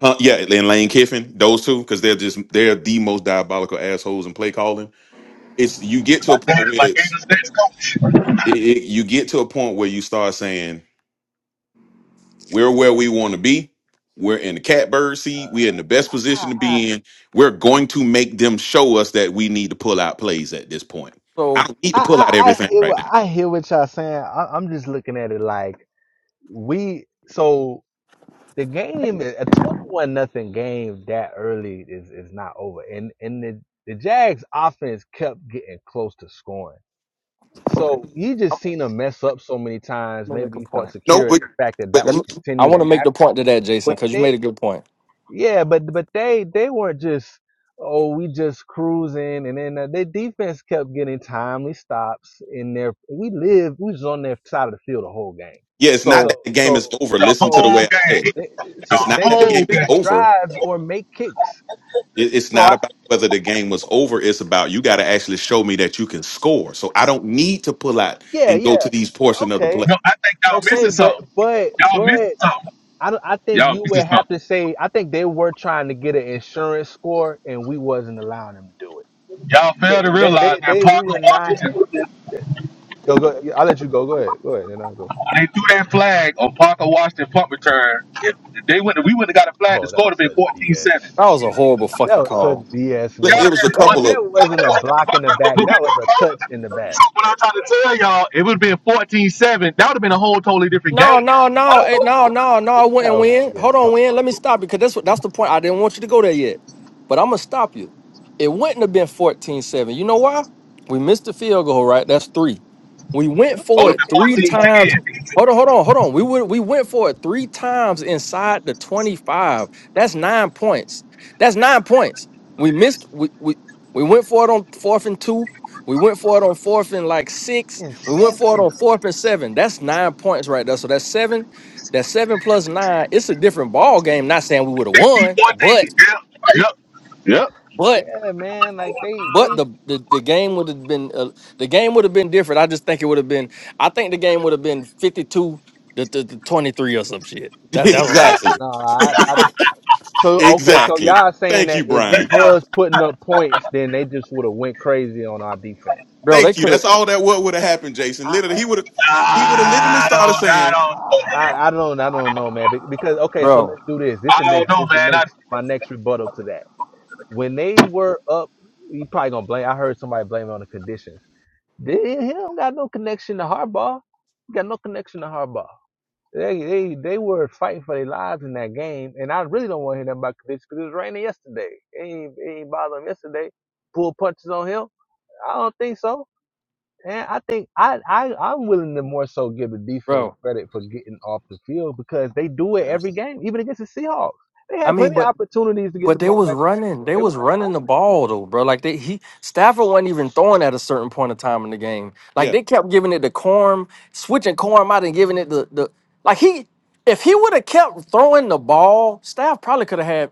[SPEAKER 7] huh, yeah, and Lane Kiffin, those two, because they're just they're the most diabolical assholes in play calling. It's you get to a
[SPEAKER 4] That
[SPEAKER 7] point
[SPEAKER 4] is
[SPEAKER 7] where
[SPEAKER 4] like it
[SPEAKER 7] it's,
[SPEAKER 4] was- that's
[SPEAKER 7] it, it- you get to a point where you start saying We're where we want to be. We're in the catbird seat. We're in the best position
[SPEAKER 3] I
[SPEAKER 7] to
[SPEAKER 3] I
[SPEAKER 7] be in. We're going to make them show us that we need to pull out plays at this point. I
[SPEAKER 5] So
[SPEAKER 7] don't need to pull
[SPEAKER 3] I
[SPEAKER 7] out
[SPEAKER 3] I
[SPEAKER 7] everything
[SPEAKER 3] hear
[SPEAKER 7] right
[SPEAKER 3] what
[SPEAKER 7] now.
[SPEAKER 3] I hear what y'all saying. I, I'm just looking at it like we so. the game is a 21 nothing game that early is is not over and and the the Jags offense kept getting close to scoring.
[SPEAKER 5] okay,
[SPEAKER 3] So you just
[SPEAKER 5] I'm
[SPEAKER 3] seen them mess up so many times.
[SPEAKER 5] gonna make
[SPEAKER 3] Maybe
[SPEAKER 5] a
[SPEAKER 3] you felt
[SPEAKER 5] point.
[SPEAKER 7] No,
[SPEAKER 3] secure in
[SPEAKER 7] but,
[SPEAKER 3] the fact that that
[SPEAKER 7] but
[SPEAKER 5] Let
[SPEAKER 3] would
[SPEAKER 5] me. I
[SPEAKER 3] continue to
[SPEAKER 5] want to make the
[SPEAKER 3] happen.
[SPEAKER 5] point to that, Jason,
[SPEAKER 3] But
[SPEAKER 5] because you made a
[SPEAKER 3] they,
[SPEAKER 5] good point.
[SPEAKER 3] yeah, but but they they weren't just oh we just cruising and then uh, their defense kept getting timely stops in their. We live we was on their side of the field the whole game.
[SPEAKER 7] yeah, it's not
[SPEAKER 3] So
[SPEAKER 7] that
[SPEAKER 5] So
[SPEAKER 7] the game is
[SPEAKER 3] so
[SPEAKER 7] over.
[SPEAKER 4] the
[SPEAKER 7] Listen to
[SPEAKER 3] so
[SPEAKER 7] the
[SPEAKER 4] whole
[SPEAKER 7] way I said.
[SPEAKER 4] game.
[SPEAKER 7] it.
[SPEAKER 3] they,
[SPEAKER 4] The
[SPEAKER 3] so
[SPEAKER 7] It's not
[SPEAKER 3] they
[SPEAKER 7] that the
[SPEAKER 3] couldn't
[SPEAKER 4] whole
[SPEAKER 7] game is
[SPEAKER 4] game.
[SPEAKER 3] finish
[SPEAKER 7] over.
[SPEAKER 3] drives or make kicks.
[SPEAKER 7] It- It's
[SPEAKER 3] So
[SPEAKER 7] not
[SPEAKER 3] I,
[SPEAKER 7] about whether the game was over. It's about you got to actually show me that you can score. So I don't need to pull out
[SPEAKER 3] yeah,
[SPEAKER 7] and
[SPEAKER 3] yeah,
[SPEAKER 7] go to these portion of the
[SPEAKER 3] okay,
[SPEAKER 7] play.
[SPEAKER 4] No, I think y'all
[SPEAKER 5] that
[SPEAKER 3] okay,
[SPEAKER 4] missing
[SPEAKER 3] but
[SPEAKER 4] something.
[SPEAKER 3] but
[SPEAKER 4] Y'all missing
[SPEAKER 3] but
[SPEAKER 4] something.
[SPEAKER 3] I don't, I think
[SPEAKER 4] Y'all
[SPEAKER 3] you would
[SPEAKER 4] missing
[SPEAKER 3] have
[SPEAKER 4] something.
[SPEAKER 3] to say I think they were trying to get an insurance score and we wasn't allowing them to do it.
[SPEAKER 4] Y'all fail
[SPEAKER 3] 'Cause
[SPEAKER 4] to
[SPEAKER 3] They
[SPEAKER 4] realize
[SPEAKER 3] they,
[SPEAKER 4] that
[SPEAKER 3] they we were
[SPEAKER 4] Parker
[SPEAKER 3] not.
[SPEAKER 4] Washington,
[SPEAKER 3] Go, go. I'll let you go. Go ahead. Go ahead, and I'll go.
[SPEAKER 4] when they threw that flag on Parker Washington punt return, they went we would have got a flag The
[SPEAKER 3] Oh, that
[SPEAKER 4] score
[SPEAKER 3] was
[SPEAKER 4] would be
[SPEAKER 3] such BS.
[SPEAKER 4] 14-7.
[SPEAKER 5] was a horrible
[SPEAKER 3] That
[SPEAKER 5] fucking
[SPEAKER 3] was such
[SPEAKER 5] call.
[SPEAKER 3] BS,
[SPEAKER 7] Look,
[SPEAKER 4] Y'all
[SPEAKER 3] man.
[SPEAKER 7] It
[SPEAKER 4] have
[SPEAKER 7] was a
[SPEAKER 4] been
[SPEAKER 3] That
[SPEAKER 7] couple
[SPEAKER 3] that
[SPEAKER 7] of
[SPEAKER 3] wasn't a block in the back.
[SPEAKER 4] But we
[SPEAKER 3] That was
[SPEAKER 4] talk
[SPEAKER 3] a
[SPEAKER 4] all the
[SPEAKER 3] touch in the back.
[SPEAKER 4] What I'm trying to tell y'all, it would have been 14-7. That would have been a whole totally different
[SPEAKER 5] No,
[SPEAKER 4] game.
[SPEAKER 5] no, no, eh,
[SPEAKER 4] Oh,
[SPEAKER 5] no, no, no. I
[SPEAKER 3] That
[SPEAKER 5] wouldn't
[SPEAKER 3] was a
[SPEAKER 5] win. Hold
[SPEAKER 3] BS
[SPEAKER 5] on,
[SPEAKER 3] call.
[SPEAKER 5] win. Let me stop you because that's what that's the point. I didn't want you to go there yet, but I'm gonna stop you. It wouldn't have been fourteen-seven. You know why? We missed the field goal, right? That's three. We
[SPEAKER 3] Tell
[SPEAKER 5] went
[SPEAKER 3] me,
[SPEAKER 5] for
[SPEAKER 4] the-
[SPEAKER 3] man,
[SPEAKER 5] it
[SPEAKER 3] Cam
[SPEAKER 5] three
[SPEAKER 3] Little got to
[SPEAKER 5] times.
[SPEAKER 3] go.
[SPEAKER 5] Hold on, hold on, hold on. We would we went for it three times inside the 25. That's nine points. That's nine points. We missed we we, we went for it on fourth and two. We went for it on fourth and like six.
[SPEAKER 3] and
[SPEAKER 5] We went for it
[SPEAKER 3] seven.
[SPEAKER 5] on fourth and seven. That's nine points right there. So that's seven. That's seven plus nine. It's a different ball game. Not saying we would have won, but
[SPEAKER 4] Yep.
[SPEAKER 5] but
[SPEAKER 3] Yeah, man. Like they,
[SPEAKER 5] but
[SPEAKER 3] they.
[SPEAKER 5] the the, the game would have been uh, the game would have been different. I just think it would have been. I think the game would have been fifty two to, to, to twenty three or some shit. That that's what I said,
[SPEAKER 7] exactly.
[SPEAKER 3] No, I, I. So okay, so
[SPEAKER 7] Exactly.
[SPEAKER 3] y'all saying
[SPEAKER 7] Thank
[SPEAKER 3] that
[SPEAKER 7] you,
[SPEAKER 3] if we
[SPEAKER 7] Brian.
[SPEAKER 3] was putting up points, then they just would have went crazy on our defense. Is
[SPEAKER 5] bro.
[SPEAKER 3] what y'all-
[SPEAKER 5] They
[SPEAKER 7] Thank you.
[SPEAKER 5] could have,
[SPEAKER 7] That's all that what would have happened, Jason.
[SPEAKER 3] I,
[SPEAKER 7] Literally, he would have he would have literally
[SPEAKER 4] I
[SPEAKER 7] started
[SPEAKER 4] don't, I
[SPEAKER 7] saying,
[SPEAKER 4] don't,
[SPEAKER 3] I, I don't, I don't know, man. Be- Because okay, so let's
[SPEAKER 5] bro,
[SPEAKER 3] do this. This
[SPEAKER 4] I
[SPEAKER 3] is
[SPEAKER 4] don't
[SPEAKER 3] next.
[SPEAKER 4] know,
[SPEAKER 3] This is
[SPEAKER 4] man. I,
[SPEAKER 3] next. My next rebuttal to that. When they were up, you probably gonna blame. I heard somebody blame it on the conditions. They, he don't got no connection to Harbaugh. He got no connection to Harbaugh. They they they were fighting for their lives in that game, and I really don't want to hear nothing about Kalichi because it was raining yesterday. It ain't, it ain't bother him yesterday. Pull punches on him. I don't think so. And I think I I I'm willing to more so give the defense
[SPEAKER 5] bro.
[SPEAKER 3] credit for getting off the field because they do it
[SPEAKER 5] Uh,
[SPEAKER 3] every game, even against the Seahawks. They
[SPEAKER 5] I
[SPEAKER 3] had
[SPEAKER 5] mean,
[SPEAKER 3] plenty of
[SPEAKER 5] but
[SPEAKER 3] opportunities to get the
[SPEAKER 5] but they
[SPEAKER 3] ball
[SPEAKER 5] was
[SPEAKER 3] back and
[SPEAKER 5] running.
[SPEAKER 3] score.
[SPEAKER 5] They
[SPEAKER 3] It
[SPEAKER 5] was
[SPEAKER 3] wasn't
[SPEAKER 5] running the
[SPEAKER 3] scoring.
[SPEAKER 5] ball though, bro. Like they he Stafford wasn't even throwing at a certain point of time in the game. Like
[SPEAKER 7] Yeah,
[SPEAKER 5] they kept giving it to Corm, switching Corm out and giving it the the like he if he would have kept throwing the ball, Staff probably could have had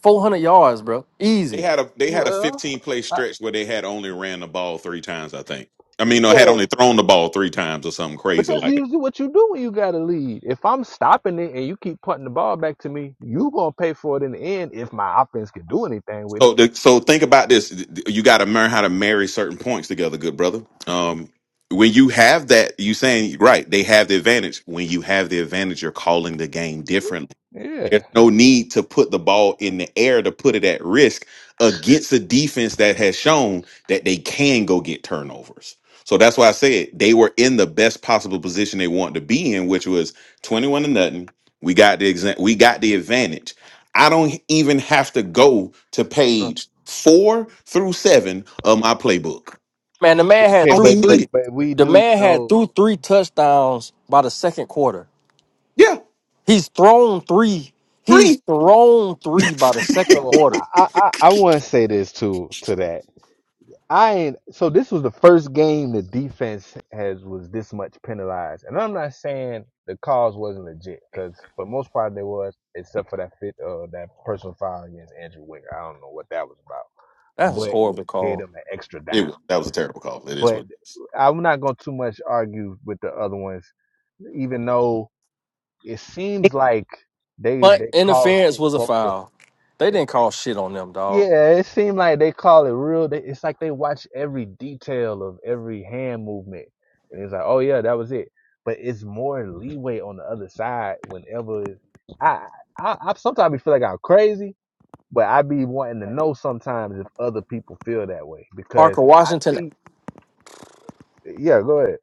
[SPEAKER 5] four hundred yards, bro.
[SPEAKER 7] they
[SPEAKER 5] Easy.
[SPEAKER 7] had a they had a
[SPEAKER 3] Well,
[SPEAKER 7] 15 play
[SPEAKER 3] I,
[SPEAKER 7] stretch where they had only ran the ball three times, I think. I mean, or had
[SPEAKER 3] yeah.
[SPEAKER 7] only thrown the ball three times or something
[SPEAKER 3] But
[SPEAKER 7] crazy
[SPEAKER 3] that's
[SPEAKER 7] like that.
[SPEAKER 3] usually what you do when you got to lead. If I'm stopping it and you keep putting the ball back to me, you gonna pay for it in the end if my offense can do anything with it.
[SPEAKER 7] So, the, so think about this: you got to learn how to marry certain points together, good brother. Um, when you have that, you saying right, they have the advantage. When you have the advantage, you're calling the game differently
[SPEAKER 3] Yeah.
[SPEAKER 7] There's no need to put the ball in the air to put it at risk against a defense that has shown that they can go get turnovers. So that's why I said they were in the best possible position they wanted to be in, which was 21 to nothing. We got the exa- we got the advantage. I don't even have to go to page four through seven of my playbook.
[SPEAKER 5] Man, the man
[SPEAKER 7] I
[SPEAKER 3] Okay,
[SPEAKER 5] had
[SPEAKER 7] don't
[SPEAKER 5] threw
[SPEAKER 7] even
[SPEAKER 3] but
[SPEAKER 7] need
[SPEAKER 5] three.
[SPEAKER 3] but
[SPEAKER 7] it.
[SPEAKER 3] but we
[SPEAKER 5] The
[SPEAKER 3] do
[SPEAKER 5] man had
[SPEAKER 3] know.
[SPEAKER 5] threw three touchdowns by the second quarter.
[SPEAKER 7] Yeah,
[SPEAKER 5] He's thrown three. He's
[SPEAKER 7] three.
[SPEAKER 5] thrown three by the second
[SPEAKER 3] So
[SPEAKER 5] quarter.
[SPEAKER 3] I I, I want to say this too to that. I ain't so this was the first game the defense has was this much penalized, and I'm not saying the calls wasn't legit because for most part they was, except for that fit uh that personal foul against Andrew Winger. I don't know what that was about.
[SPEAKER 5] That was
[SPEAKER 3] but which
[SPEAKER 5] horrible
[SPEAKER 3] gave
[SPEAKER 5] call.
[SPEAKER 3] them an extra
[SPEAKER 7] It
[SPEAKER 3] down.
[SPEAKER 7] was that was a terrible call. It is
[SPEAKER 3] But
[SPEAKER 7] what.
[SPEAKER 3] I'm not going to too much argue with the other ones, even though it seems like they
[SPEAKER 5] Punt
[SPEAKER 3] they call
[SPEAKER 5] interference
[SPEAKER 3] shit
[SPEAKER 5] was a
[SPEAKER 3] close to.
[SPEAKER 5] foul. They didn't call shit on them, dog.
[SPEAKER 3] Yeah, it seemed like they call it real. They, it's like they watch every detail of every hand movement, and it's like, oh yeah, that was it. But it's more leeway on the other side whenever I I, I sometimes be feel like I'm crazy, but I be wanting to know sometimes if other people feel that way because
[SPEAKER 5] Parker
[SPEAKER 3] I
[SPEAKER 5] Washington.
[SPEAKER 3] see Yeah, go ahead.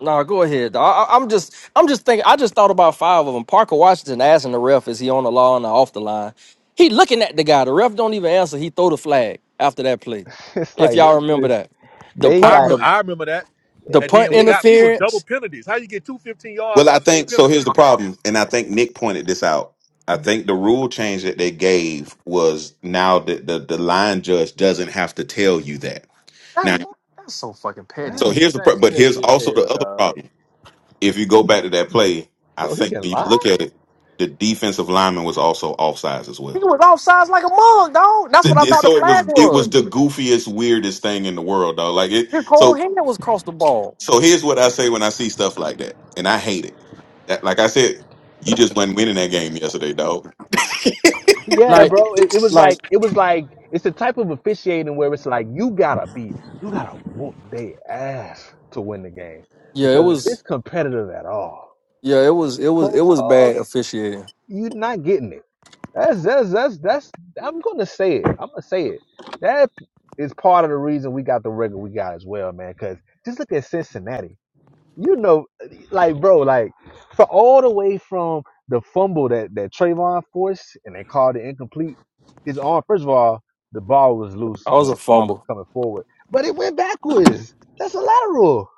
[SPEAKER 5] Nah, go ahead. Dog. I, I'm just, I'm just thinking. I just thought about five of them. Parker Washington asking the ref, "Is he on the line or off the line?" He looking at the guy. The ref don't even answer. He throw the flag after that play.
[SPEAKER 3] It's
[SPEAKER 5] If
[SPEAKER 3] like
[SPEAKER 5] y'all
[SPEAKER 3] they
[SPEAKER 5] remember
[SPEAKER 3] just
[SPEAKER 5] that the
[SPEAKER 3] they
[SPEAKER 4] I
[SPEAKER 5] punt
[SPEAKER 3] like
[SPEAKER 5] the
[SPEAKER 4] remember, I remember that.
[SPEAKER 5] The
[SPEAKER 4] And
[SPEAKER 5] punt
[SPEAKER 4] then what
[SPEAKER 3] they
[SPEAKER 4] got me was double
[SPEAKER 5] interference.
[SPEAKER 4] penalties. How you get two 15 yards
[SPEAKER 7] Well,
[SPEAKER 4] on
[SPEAKER 7] I
[SPEAKER 4] the same
[SPEAKER 7] think so.
[SPEAKER 4] penalty?
[SPEAKER 7] Here's the problem, and I think Nick pointed this out. I think the rule change that they gave was now that the, the line judge doesn't have to tell you that.
[SPEAKER 5] That's
[SPEAKER 7] Now,
[SPEAKER 5] bu- that's so fucking petty.
[SPEAKER 7] so
[SPEAKER 3] that's
[SPEAKER 7] here's the pro-
[SPEAKER 4] That's
[SPEAKER 7] but here's
[SPEAKER 4] petty as
[SPEAKER 3] crazy.
[SPEAKER 7] also the
[SPEAKER 4] hell,
[SPEAKER 7] other
[SPEAKER 4] dog.
[SPEAKER 7] problem. If you go back to that play, I
[SPEAKER 3] So he
[SPEAKER 7] think
[SPEAKER 3] can
[SPEAKER 7] when you look
[SPEAKER 3] lie?
[SPEAKER 7] at it, the defensive lineman was also offsides as
[SPEAKER 5] He
[SPEAKER 7] well.
[SPEAKER 5] was offsides like a mug, dog. That's what I thought the
[SPEAKER 7] So it
[SPEAKER 5] flag
[SPEAKER 7] was it
[SPEAKER 5] was.
[SPEAKER 7] was the goofiest, weirdest thing in the world, dog. Like it.
[SPEAKER 5] His whole
[SPEAKER 7] So
[SPEAKER 5] hand was across the ball.
[SPEAKER 7] so here's what I say when I see stuff like that, and I hate it. That, like I said, you just wasn't winning that game yesterday, dog.
[SPEAKER 3] Yeah,
[SPEAKER 5] Like
[SPEAKER 3] bro. It, it was
[SPEAKER 5] like
[SPEAKER 3] like it was like it's the type of officiating where it's like you gotta be you gotta whoop their ass to win the game
[SPEAKER 5] yeah, it
[SPEAKER 3] because if it's
[SPEAKER 5] was
[SPEAKER 3] competitive at all,
[SPEAKER 5] yeah, it
[SPEAKER 3] if
[SPEAKER 5] was it
[SPEAKER 3] it's
[SPEAKER 5] was it
[SPEAKER 3] close
[SPEAKER 5] was
[SPEAKER 3] calls,
[SPEAKER 5] bad officiating.
[SPEAKER 3] you're not getting it. That's that's that's that's I'm gonna say it. I'm gonna say it. That is part of the reason we got the record we got as well, man. Because just look at Cincinnati. you know, like bro, like for all the way from the fumble that that Trayvon forced and they called it incomplete. His arm, first of all, the ball was loose
[SPEAKER 5] I was
[SPEAKER 3] when
[SPEAKER 5] a
[SPEAKER 3] his arm was
[SPEAKER 5] fumble.
[SPEAKER 3] coming forward, but it went backwards. That's a lateral,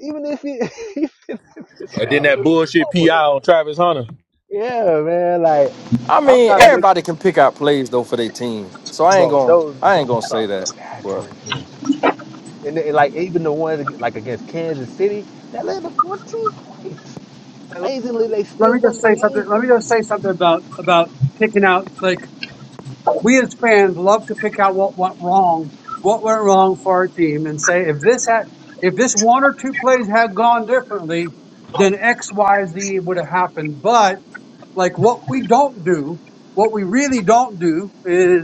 [SPEAKER 3] even if he even if his
[SPEAKER 4] And then
[SPEAKER 3] arm
[SPEAKER 4] that
[SPEAKER 3] was
[SPEAKER 4] bullshit PI
[SPEAKER 3] forward.
[SPEAKER 4] on Travis Hunter.
[SPEAKER 3] Yeah, man, like
[SPEAKER 5] I
[SPEAKER 3] I'm
[SPEAKER 5] mean,
[SPEAKER 3] not making,
[SPEAKER 5] everybody can pick out plays though for their team. So I ain't
[SPEAKER 3] bro.
[SPEAKER 5] gonna
[SPEAKER 3] Those
[SPEAKER 5] I ain't
[SPEAKER 3] those
[SPEAKER 5] gonna say that.
[SPEAKER 3] are
[SPEAKER 5] But
[SPEAKER 3] backbreaking, and then, like even the ones like against Kansas City that led to 14 points. Amazingly, they
[SPEAKER 1] let me
[SPEAKER 3] still won
[SPEAKER 1] just say
[SPEAKER 3] the game.
[SPEAKER 1] something. Let me just say something about about picking out. Like we as fans love to pick out what went wrong, what went wrong for our team, and say if this had, if this one or two plays had gone differently, then X, Y, Z would have happened. But like what we don't do, what we really don't do is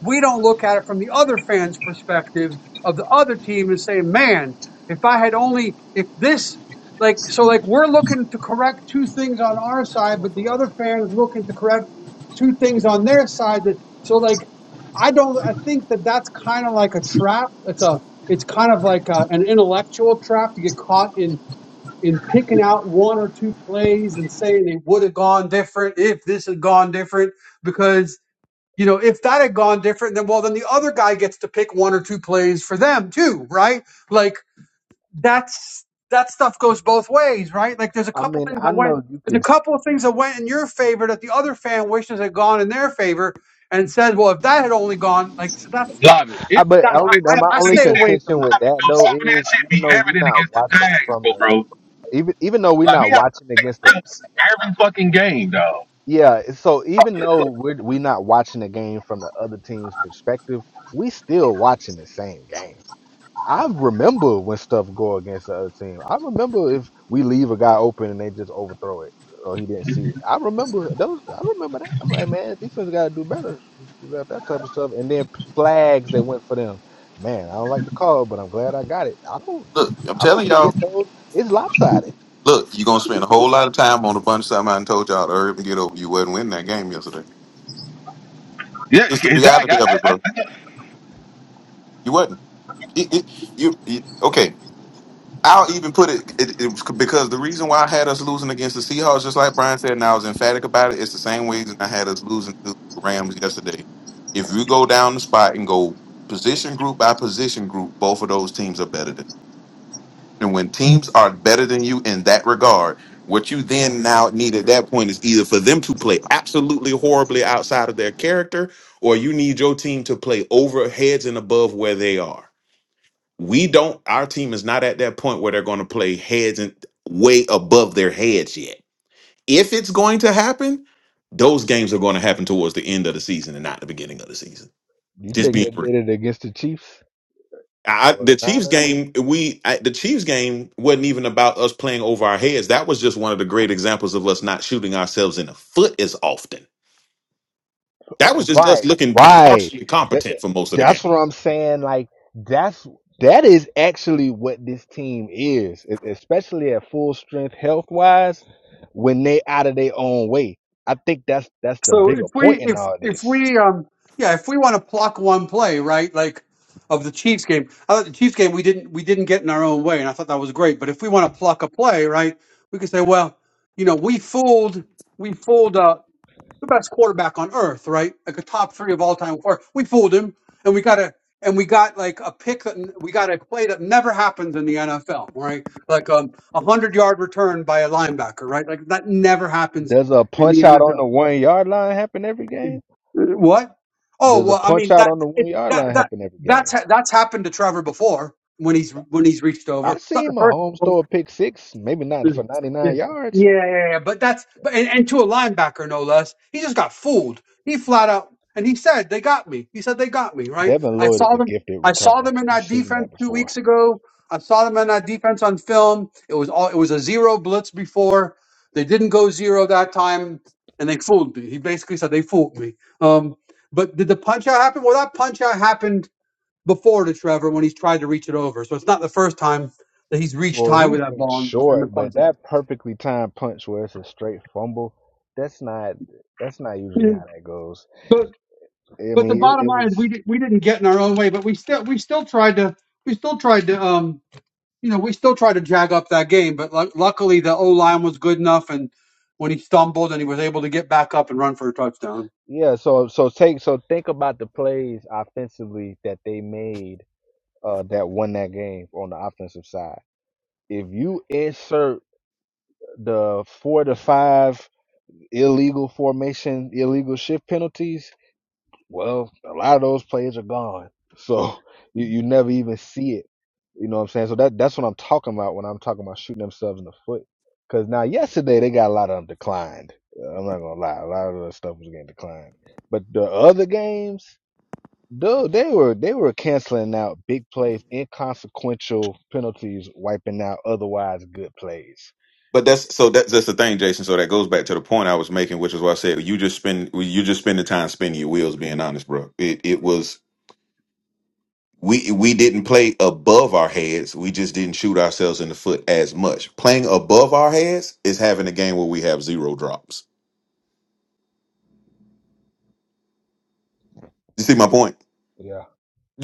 [SPEAKER 1] we don't look at it from the other fan's perspective of the other team and say, man, if I had only, if this, like, so like we're looking to correct two things on our side, but the other fan is looking to correct two things on their side. That, so like, I don't, I think that that's kind of like a trap. It's a, it's kind of like a, an intellectual trap to get caught in in picking out one or two plays and saying it would have gone different if this had gone different because you know if that had gone different then well then the other guy gets to pick one or two plays for them too right like that's that stuff goes both ways right like there's a
[SPEAKER 3] I
[SPEAKER 1] couple
[SPEAKER 3] mean,
[SPEAKER 1] things
[SPEAKER 3] I
[SPEAKER 1] that went
[SPEAKER 3] know you can,
[SPEAKER 1] there's a
[SPEAKER 3] s-
[SPEAKER 1] couple of things that went in your favor that the other fan wishes had gone in their favor and said well if that had only gone like so that's
[SPEAKER 4] love it.
[SPEAKER 3] I,
[SPEAKER 4] it,
[SPEAKER 3] but
[SPEAKER 1] that
[SPEAKER 4] it
[SPEAKER 1] I,
[SPEAKER 3] only uh,
[SPEAKER 4] some
[SPEAKER 3] my
[SPEAKER 4] of
[SPEAKER 1] I I
[SPEAKER 3] only
[SPEAKER 4] these
[SPEAKER 1] stay
[SPEAKER 4] shit,
[SPEAKER 1] away from
[SPEAKER 3] contention
[SPEAKER 1] that
[SPEAKER 3] with
[SPEAKER 4] I don't
[SPEAKER 3] that though
[SPEAKER 4] some of
[SPEAKER 3] is
[SPEAKER 4] that shit be
[SPEAKER 3] even though we're
[SPEAKER 4] evident
[SPEAKER 3] not
[SPEAKER 4] against the
[SPEAKER 3] watching from
[SPEAKER 4] Jags,
[SPEAKER 3] the
[SPEAKER 4] bro. bro.
[SPEAKER 3] even even though we're
[SPEAKER 4] Like we
[SPEAKER 3] not
[SPEAKER 4] have to
[SPEAKER 3] watching against
[SPEAKER 4] take
[SPEAKER 3] the
[SPEAKER 4] reps every fucking game, dog.
[SPEAKER 3] yeah, so even though we're we not watching the game from the other team's perspective, we still watching the same game. I remember when stuff go against the other team. I remember if we leave a guy open and they just overthrow it or he didn't see it. I remember those. I remember that. I'm like, man, defense got to do better about that type of stuff. And then p- flags that went for them. Man, I don't like the call, but I'm glad I got it. I don't.
[SPEAKER 7] Look, I'm
[SPEAKER 3] I don't
[SPEAKER 7] telling y'all.
[SPEAKER 3] forget those. It's lopsided.
[SPEAKER 7] Look, you're gonna spend a whole lot of time on a bunch of something I done told y'all to hurry up and get over. You wasn't winning that game yesterday.
[SPEAKER 4] Yeah,
[SPEAKER 7] It's the
[SPEAKER 4] exactly.
[SPEAKER 7] reality of
[SPEAKER 4] I,
[SPEAKER 7] it,
[SPEAKER 4] I,
[SPEAKER 7] bro.
[SPEAKER 4] I,
[SPEAKER 7] You wasn't. It, it, you, you okay? I'll even put it, it, it was c- because the reason why I had us losing against the Seahawks, just like Brian said, and I was emphatic about it. It's the same reason I had us losing to the Rams yesterday. If you go down the spot and go position group by position group, both of those teams are better than us. And when teams are better than you in that regard, what you then now need at that point is either for them to play absolutely horribly outside of their character, or you need your team to play over heads and above where they are. We don't, our team is not at that point where they're going to play heads and way above their heads yet. If it's going to happen, those games are going to happen towards the end of the season and not the beginning of the season.
[SPEAKER 3] You
[SPEAKER 7] Just
[SPEAKER 3] think
[SPEAKER 7] being
[SPEAKER 3] they
[SPEAKER 7] real.
[SPEAKER 3] did it against the Chiefs
[SPEAKER 7] I,
[SPEAKER 3] or
[SPEAKER 7] the
[SPEAKER 3] the
[SPEAKER 7] Chiefs
[SPEAKER 3] Niners?
[SPEAKER 7] game, we I, the Chiefs game wasn't even about us playing over our heads. That was just one of the great examples of us not shooting ourselves in the foot as often. That
[SPEAKER 3] Uh,
[SPEAKER 7] was just us
[SPEAKER 3] Right,
[SPEAKER 7] looking
[SPEAKER 3] right.
[SPEAKER 7] partially
[SPEAKER 3] That,
[SPEAKER 7] competent
[SPEAKER 3] that-
[SPEAKER 7] for most of the
[SPEAKER 3] that's
[SPEAKER 7] game.
[SPEAKER 3] what I'm saying. Like that's that is actually what this team is, e- especially at full strength, health wise, when they out of their own way. I think that's that's the
[SPEAKER 1] So
[SPEAKER 3] bigger
[SPEAKER 1] if
[SPEAKER 3] point
[SPEAKER 1] we
[SPEAKER 3] in
[SPEAKER 1] if
[SPEAKER 3] all
[SPEAKER 1] if
[SPEAKER 3] this.
[SPEAKER 1] we um yeah if we want to pluck one play right like of the Chiefs game I thought the Chiefs game we didn't we didn't get in our own way and I thought that was great but if we want to pluck a play right we could say well you know we fooled we fooled uh the best quarterback on earth right like a top three of all time or we fooled him and we got a and we got like a pick that we got a play that never happens in the NFL right like um a hundred yard return by a linebacker right like that never happens
[SPEAKER 3] Does a
[SPEAKER 1] in the
[SPEAKER 3] punch out on
[SPEAKER 1] NFL
[SPEAKER 3] the one yard line happen every game?
[SPEAKER 1] what? Oh
[SPEAKER 3] Does a
[SPEAKER 1] well, I
[SPEAKER 3] punch
[SPEAKER 1] mean
[SPEAKER 3] out
[SPEAKER 1] that
[SPEAKER 3] on the one
[SPEAKER 1] it,
[SPEAKER 3] yard
[SPEAKER 1] that
[SPEAKER 3] line
[SPEAKER 1] that
[SPEAKER 3] happen every
[SPEAKER 1] that's
[SPEAKER 3] game?
[SPEAKER 1] ha- that's happened to Trevor before when he's when he's reached over.
[SPEAKER 3] I
[SPEAKER 1] It's not
[SPEAKER 3] seen
[SPEAKER 1] the first.
[SPEAKER 3] Mahomes throw a pick six, maybe not for
[SPEAKER 1] Mm. Yeah,
[SPEAKER 3] 99 yards.
[SPEAKER 1] yeah, yeah, yeah. But that's but and, and to a linebacker no less. He just got fooled. He flat out and he said they got me. He said they got me. Right.
[SPEAKER 3] Devin
[SPEAKER 1] I
[SPEAKER 3] Lloyd is
[SPEAKER 1] saw
[SPEAKER 3] a
[SPEAKER 1] them.
[SPEAKER 3] gifted
[SPEAKER 1] I saw
[SPEAKER 3] returner.
[SPEAKER 1] them in
[SPEAKER 3] We've
[SPEAKER 1] that
[SPEAKER 3] seen
[SPEAKER 1] defense
[SPEAKER 3] that
[SPEAKER 1] two
[SPEAKER 3] before.
[SPEAKER 1] weeks ago. I saw them in that defense on film. It was all. It was a zero blitz before. They didn't go zero that time, and they fooled me. He basically said they fooled me. Um, but did the punch out happen? Well, that punch out happened before to Trevor when he's tried to reach it over. So it's not the first time that he's reached
[SPEAKER 3] Well,
[SPEAKER 1] high with
[SPEAKER 3] he's
[SPEAKER 1] that
[SPEAKER 3] been
[SPEAKER 1] ball and, and the
[SPEAKER 3] short, but
[SPEAKER 1] punch out.
[SPEAKER 3] that perfectly timed punch where it's a straight fumble, that's not that's not usually how
[SPEAKER 1] And-
[SPEAKER 3] that goes.
[SPEAKER 1] But
[SPEAKER 3] I
[SPEAKER 1] but the
[SPEAKER 3] mean, it,
[SPEAKER 1] bottom
[SPEAKER 3] it
[SPEAKER 1] line is
[SPEAKER 3] was
[SPEAKER 1] we di- we didn't get in our own way, but we still we still tried to we still tried to um you know we still tried to jag up that game. But lu luckily the O line was good enough, and when he stumbled and he was able to get back up and run for a touchdown.
[SPEAKER 3] yeah. So so take so think about the plays offensively that they made uh, that won that game on the offensive side. If you insert the four to five illegal formation, illegal shift penalties, well, a lot of those players are gone. So you, you never even see it. You know what I'm saying? So that that's what I'm talking about when I'm talking about shooting themselves in the foot. Because now yesterday they got a lot of them declined. I'm not gonna lie, a lot of the stuff was getting declined. But the other games, dude, they were they were canceling out big plays, inconsequential penalties, wiping out otherwise good plays.
[SPEAKER 7] But that's so that's that's the thing, Jason. So that goes back to the point I was making, which is why I said you just spend you just spend the time spinning your wheels. Being honest, bro, it it was we we didn't play above our heads. We just didn't shoot ourselves in the foot as much. Playing above our heads is having a game where we have zero drops. You see my point?
[SPEAKER 3] Yeah,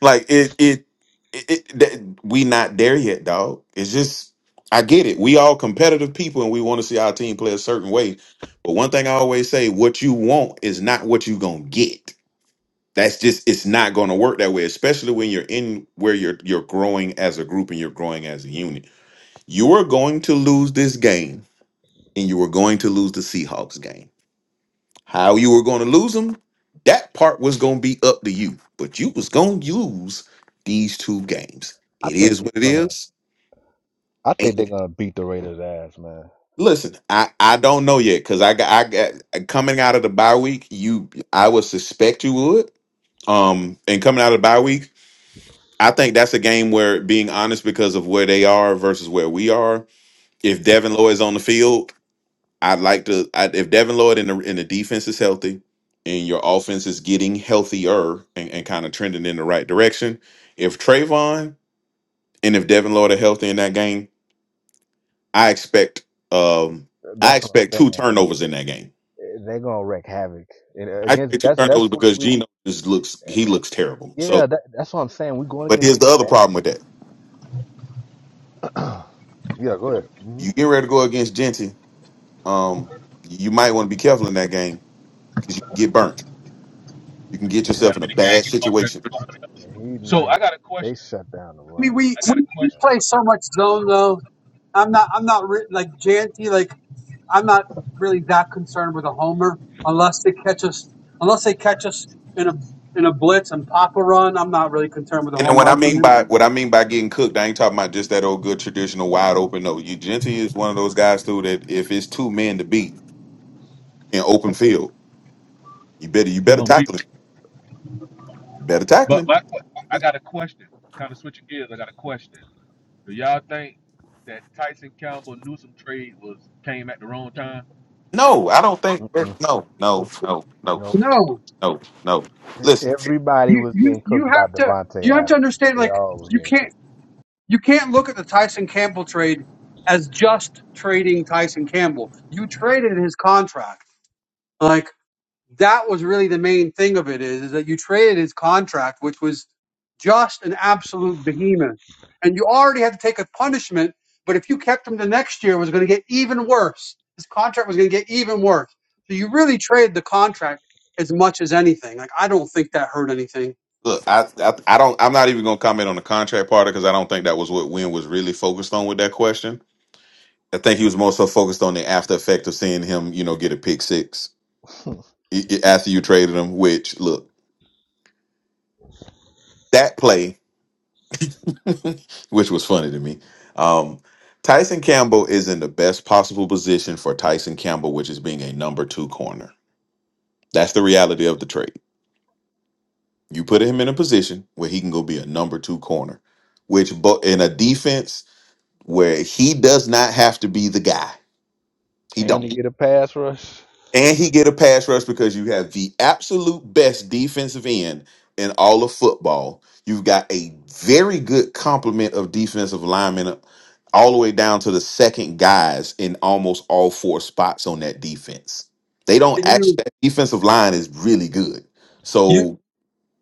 [SPEAKER 7] like it it, it, it that, we not there yet, dog. It's just I get it. We all competitive people and we want to see our team play a certain way. But one thing I always say, what you want is not what you going to get. That's just it's not going to work that way, especially when you're in where you're you're growing as a group and you're growing as a unit You were going to lose this game, and you were going to lose the Seahawks game. How you were going to lose them, that part was going to be up to you. But you was going to lose these two games.
[SPEAKER 3] I
[SPEAKER 7] It
[SPEAKER 3] think
[SPEAKER 7] is
[SPEAKER 3] they're
[SPEAKER 7] what it
[SPEAKER 3] gonna.
[SPEAKER 7] is.
[SPEAKER 3] I think they're
[SPEAKER 7] And
[SPEAKER 3] gonna beat the Raiders' ass, man.
[SPEAKER 7] listen, I I don't know yet because I got I got uh, coming out of the bye week. You, I would suspect you would. Um, and coming out of the bye week, I think that's a game where being honest because of where they are versus where we are. If Devin Lloyd is on the field. I'd like to I, if Devin Lloyd and the in the defense is healthy and your offense is getting healthier and, and kind of trending in the right direction. If Trayvon and if Devin Lloyd are healthy in that game, I expect um I
[SPEAKER 3] That's what I'm
[SPEAKER 7] expect two
[SPEAKER 3] saying.
[SPEAKER 7] turnovers in that game.
[SPEAKER 3] Eh, They're gonna wreak havoc and uh,
[SPEAKER 7] I
[SPEAKER 3] against.
[SPEAKER 7] expect two
[SPEAKER 3] That's
[SPEAKER 7] turnovers
[SPEAKER 3] that's what
[SPEAKER 7] because
[SPEAKER 3] we.
[SPEAKER 7] Geno just looks he looks terrible. So
[SPEAKER 3] Yeah, that, that's what I'm saying. We're going
[SPEAKER 7] but
[SPEAKER 3] against
[SPEAKER 7] here's the other
[SPEAKER 3] bad
[SPEAKER 7] problem with that.
[SPEAKER 3] teams. yeah, go ahead. hmm
[SPEAKER 7] You get ready to go against Genty, um you might want to be careful in that game because you can get burnt. You can get yourself
[SPEAKER 4] that'll
[SPEAKER 7] in
[SPEAKER 4] be
[SPEAKER 7] a
[SPEAKER 4] the gang
[SPEAKER 7] bad
[SPEAKER 4] get bust at
[SPEAKER 7] situation
[SPEAKER 4] the club.
[SPEAKER 3] Yeah, he
[SPEAKER 4] So
[SPEAKER 3] nice,
[SPEAKER 4] I got a
[SPEAKER 3] but they
[SPEAKER 4] question.
[SPEAKER 3] shut down the
[SPEAKER 1] I mean
[SPEAKER 3] run pretty
[SPEAKER 1] we
[SPEAKER 4] I got a
[SPEAKER 1] we,
[SPEAKER 3] good.
[SPEAKER 1] we
[SPEAKER 4] question.
[SPEAKER 1] play so much zone though. I'm not I'm not re- like Janty like I'm not really that concerned with a homer unless they catch us unless they catch us in a in a blitz and pop a run. I'm not really concerned with a
[SPEAKER 7] And then
[SPEAKER 1] home
[SPEAKER 7] what I
[SPEAKER 1] run from
[SPEAKER 7] mean
[SPEAKER 1] them.
[SPEAKER 7] by what I mean by getting cooked, I ain't talking about just that old good traditional wide open. No, you Gentry is one of those guys too that if it's two men to beat in open field, you better you
[SPEAKER 4] He
[SPEAKER 7] better
[SPEAKER 4] gonna beat.
[SPEAKER 7] tackle him. You better tackle
[SPEAKER 4] But
[SPEAKER 7] him.
[SPEAKER 4] my, I got a question. Kind of switching gears. I got a question. Do y'all think that Tyson Campbell Newsom trade was came at the wrong time?
[SPEAKER 7] No, I don't think.
[SPEAKER 3] Man. Mm-mm.
[SPEAKER 7] No, no, no, no,
[SPEAKER 3] No,
[SPEAKER 1] No,
[SPEAKER 7] no, no.
[SPEAKER 3] e-
[SPEAKER 7] Listen,
[SPEAKER 3] everybody
[SPEAKER 1] you
[SPEAKER 3] was
[SPEAKER 1] you
[SPEAKER 3] getting
[SPEAKER 1] you
[SPEAKER 3] cooked by
[SPEAKER 1] have to
[SPEAKER 3] Devonte
[SPEAKER 1] you have to
[SPEAKER 3] Adams.
[SPEAKER 1] understand
[SPEAKER 3] They
[SPEAKER 1] like
[SPEAKER 3] all was
[SPEAKER 1] you
[SPEAKER 3] getting
[SPEAKER 1] can't you can't look at the Tyson Campbell trade as just trading Tyson Campbell. You traded his contract. Like that was really the main thing of it is, is that you traded his contract, which was just an absolute behemoth. And you already had to take a punishment, but if you kept him the next year it was gonna get even worse. His contract was gonna get even worse. So you really traded the contract as much as anything. Like I don't think that hurt anything.
[SPEAKER 7] look, I, I I don't. I'm not even gonna comment on the contract part because I don't think that was what Wynn was really focused on with that question. I think he was more so focused on the after effect of seeing him, you know, get a pick six
[SPEAKER 3] cooked.
[SPEAKER 7] i- i- after you traded him. Which look, that play. which was funny to me. Um, Tyson Campbell is in the best possible position for Tyson Campbell, which is being a number two corner. That's the reality of the trade. You put him in a position where he can go be a number two corner, which bo- in a defense where he does not have to be the guy. He
[SPEAKER 3] and
[SPEAKER 7] don't.
[SPEAKER 3] he get a pass rush.
[SPEAKER 7] And he get a pass rush because you have the absolute best defensive end in all of football. You've got a very good complement of defensive linemen all the way down to the second guys in almost all four spots on that defense. They don't
[SPEAKER 1] And you
[SPEAKER 7] actually that defensive line is really good.
[SPEAKER 1] You
[SPEAKER 7] So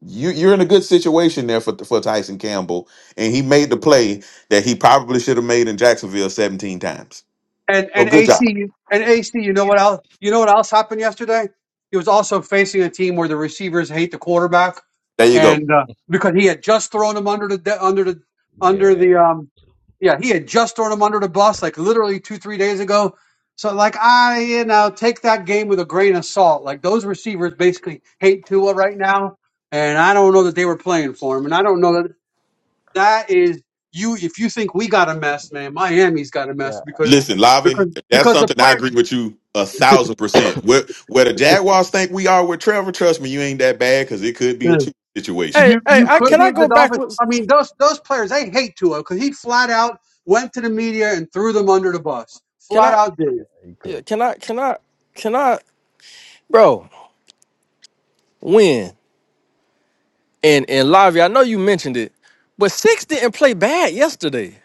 [SPEAKER 7] you you're in a good situation there for for Tyson Campbell. And he made the play that he probably should have made in Jacksonville 17 times.
[SPEAKER 1] and
[SPEAKER 7] So
[SPEAKER 1] and
[SPEAKER 7] good
[SPEAKER 1] AC
[SPEAKER 7] job.
[SPEAKER 1] and AC. You know what else? You know what else happened yesterday? He was also facing a team where the receivers hate the quarterback,
[SPEAKER 7] There you go.
[SPEAKER 1] and uh, because he had just thrown him under the de- under the
[SPEAKER 3] Yeah.
[SPEAKER 1] under the um yeah he had just thrown him under the bus like literally two three days ago. So like I you know take that game with a grain of salt. Like those receivers basically hate Tua right now, and I don't know that they were playing for him, and I don't know that That is you. If you think we got a mess, man, Miami's got a
[SPEAKER 3] Yeah.
[SPEAKER 1] mess because
[SPEAKER 7] Listen, Lavi,
[SPEAKER 1] because
[SPEAKER 7] that's
[SPEAKER 1] because the
[SPEAKER 7] something I
[SPEAKER 1] player
[SPEAKER 7] agree with you a thousand percent. Where where the Jaguars think we are with Trevor, trust me, you ain't that bad because it could be a two situation.
[SPEAKER 5] hey,
[SPEAKER 1] you
[SPEAKER 5] hey,
[SPEAKER 1] you
[SPEAKER 5] I
[SPEAKER 3] Yeah.
[SPEAKER 1] could
[SPEAKER 5] can
[SPEAKER 1] be
[SPEAKER 5] I
[SPEAKER 1] the
[SPEAKER 5] go
[SPEAKER 1] Dolphins.
[SPEAKER 5] backwards?
[SPEAKER 1] I mean, those those players they hate Tua because he flat out went to the media and threw them under the bus.
[SPEAKER 5] Can
[SPEAKER 1] Flat
[SPEAKER 5] I
[SPEAKER 1] out did.
[SPEAKER 3] Yeah. He
[SPEAKER 5] yeah,
[SPEAKER 3] cooked.
[SPEAKER 5] can I can I can I bro win? And and Lavi, I know you mentioned it, but Six didn't play bad yesterday.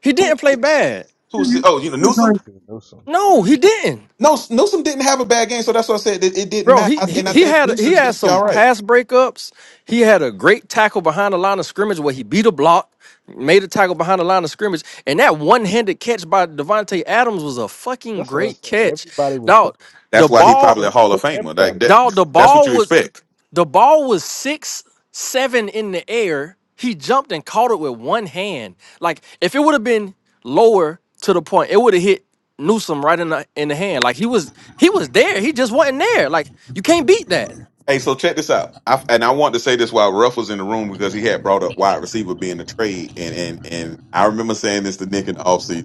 [SPEAKER 5] He
[SPEAKER 7] Who
[SPEAKER 5] didn't play
[SPEAKER 7] is?
[SPEAKER 5] bad.
[SPEAKER 7] Who
[SPEAKER 3] Nah.
[SPEAKER 7] is? Oh, you know Newsom.
[SPEAKER 3] Six is Newsom.
[SPEAKER 5] No, he didn't.
[SPEAKER 7] No, Newsom didn't have a bad game, so that's why I said it, it didn't
[SPEAKER 5] Bro,
[SPEAKER 7] matter.
[SPEAKER 5] he,
[SPEAKER 7] I-
[SPEAKER 5] he
[SPEAKER 7] And I
[SPEAKER 5] he
[SPEAKER 7] think
[SPEAKER 5] had he
[SPEAKER 7] Newsom's gonna
[SPEAKER 5] had
[SPEAKER 7] be
[SPEAKER 5] some
[SPEAKER 7] all right.
[SPEAKER 5] pass breakups. He had a great tackle behind the line of scrimmage where he beat a block, made a tackle behind the line of scrimmage, and that one-handed catch by Devontae Adams was a fucking
[SPEAKER 3] That's what I
[SPEAKER 5] great
[SPEAKER 3] said.
[SPEAKER 5] catch.
[SPEAKER 3] Everybody was
[SPEAKER 5] Dog,
[SPEAKER 3] cooking.
[SPEAKER 5] the
[SPEAKER 7] That's why he
[SPEAKER 3] Cooking,
[SPEAKER 5] ball,
[SPEAKER 7] probably
[SPEAKER 3] he
[SPEAKER 7] a
[SPEAKER 3] was
[SPEAKER 7] Hall of
[SPEAKER 3] cooking
[SPEAKER 7] Famer. Like
[SPEAKER 3] everybody.
[SPEAKER 7] that.
[SPEAKER 5] dog, the
[SPEAKER 7] That's what
[SPEAKER 5] ball
[SPEAKER 7] you
[SPEAKER 5] was
[SPEAKER 7] expect.
[SPEAKER 5] The ball was six, seven in the air. He jumped and caught it with one hand. Like if it would have been lower to the point, it would have hit Newsom right in the in the hand. Like he was he was there. He just wasn't there. Like you can't beat that.
[SPEAKER 7] Hey, so check this out. I, and I want to say this while Ruff was in the room because he had brought up wide receiver being a trade, and and and I remember saying this to Nick in the offseason.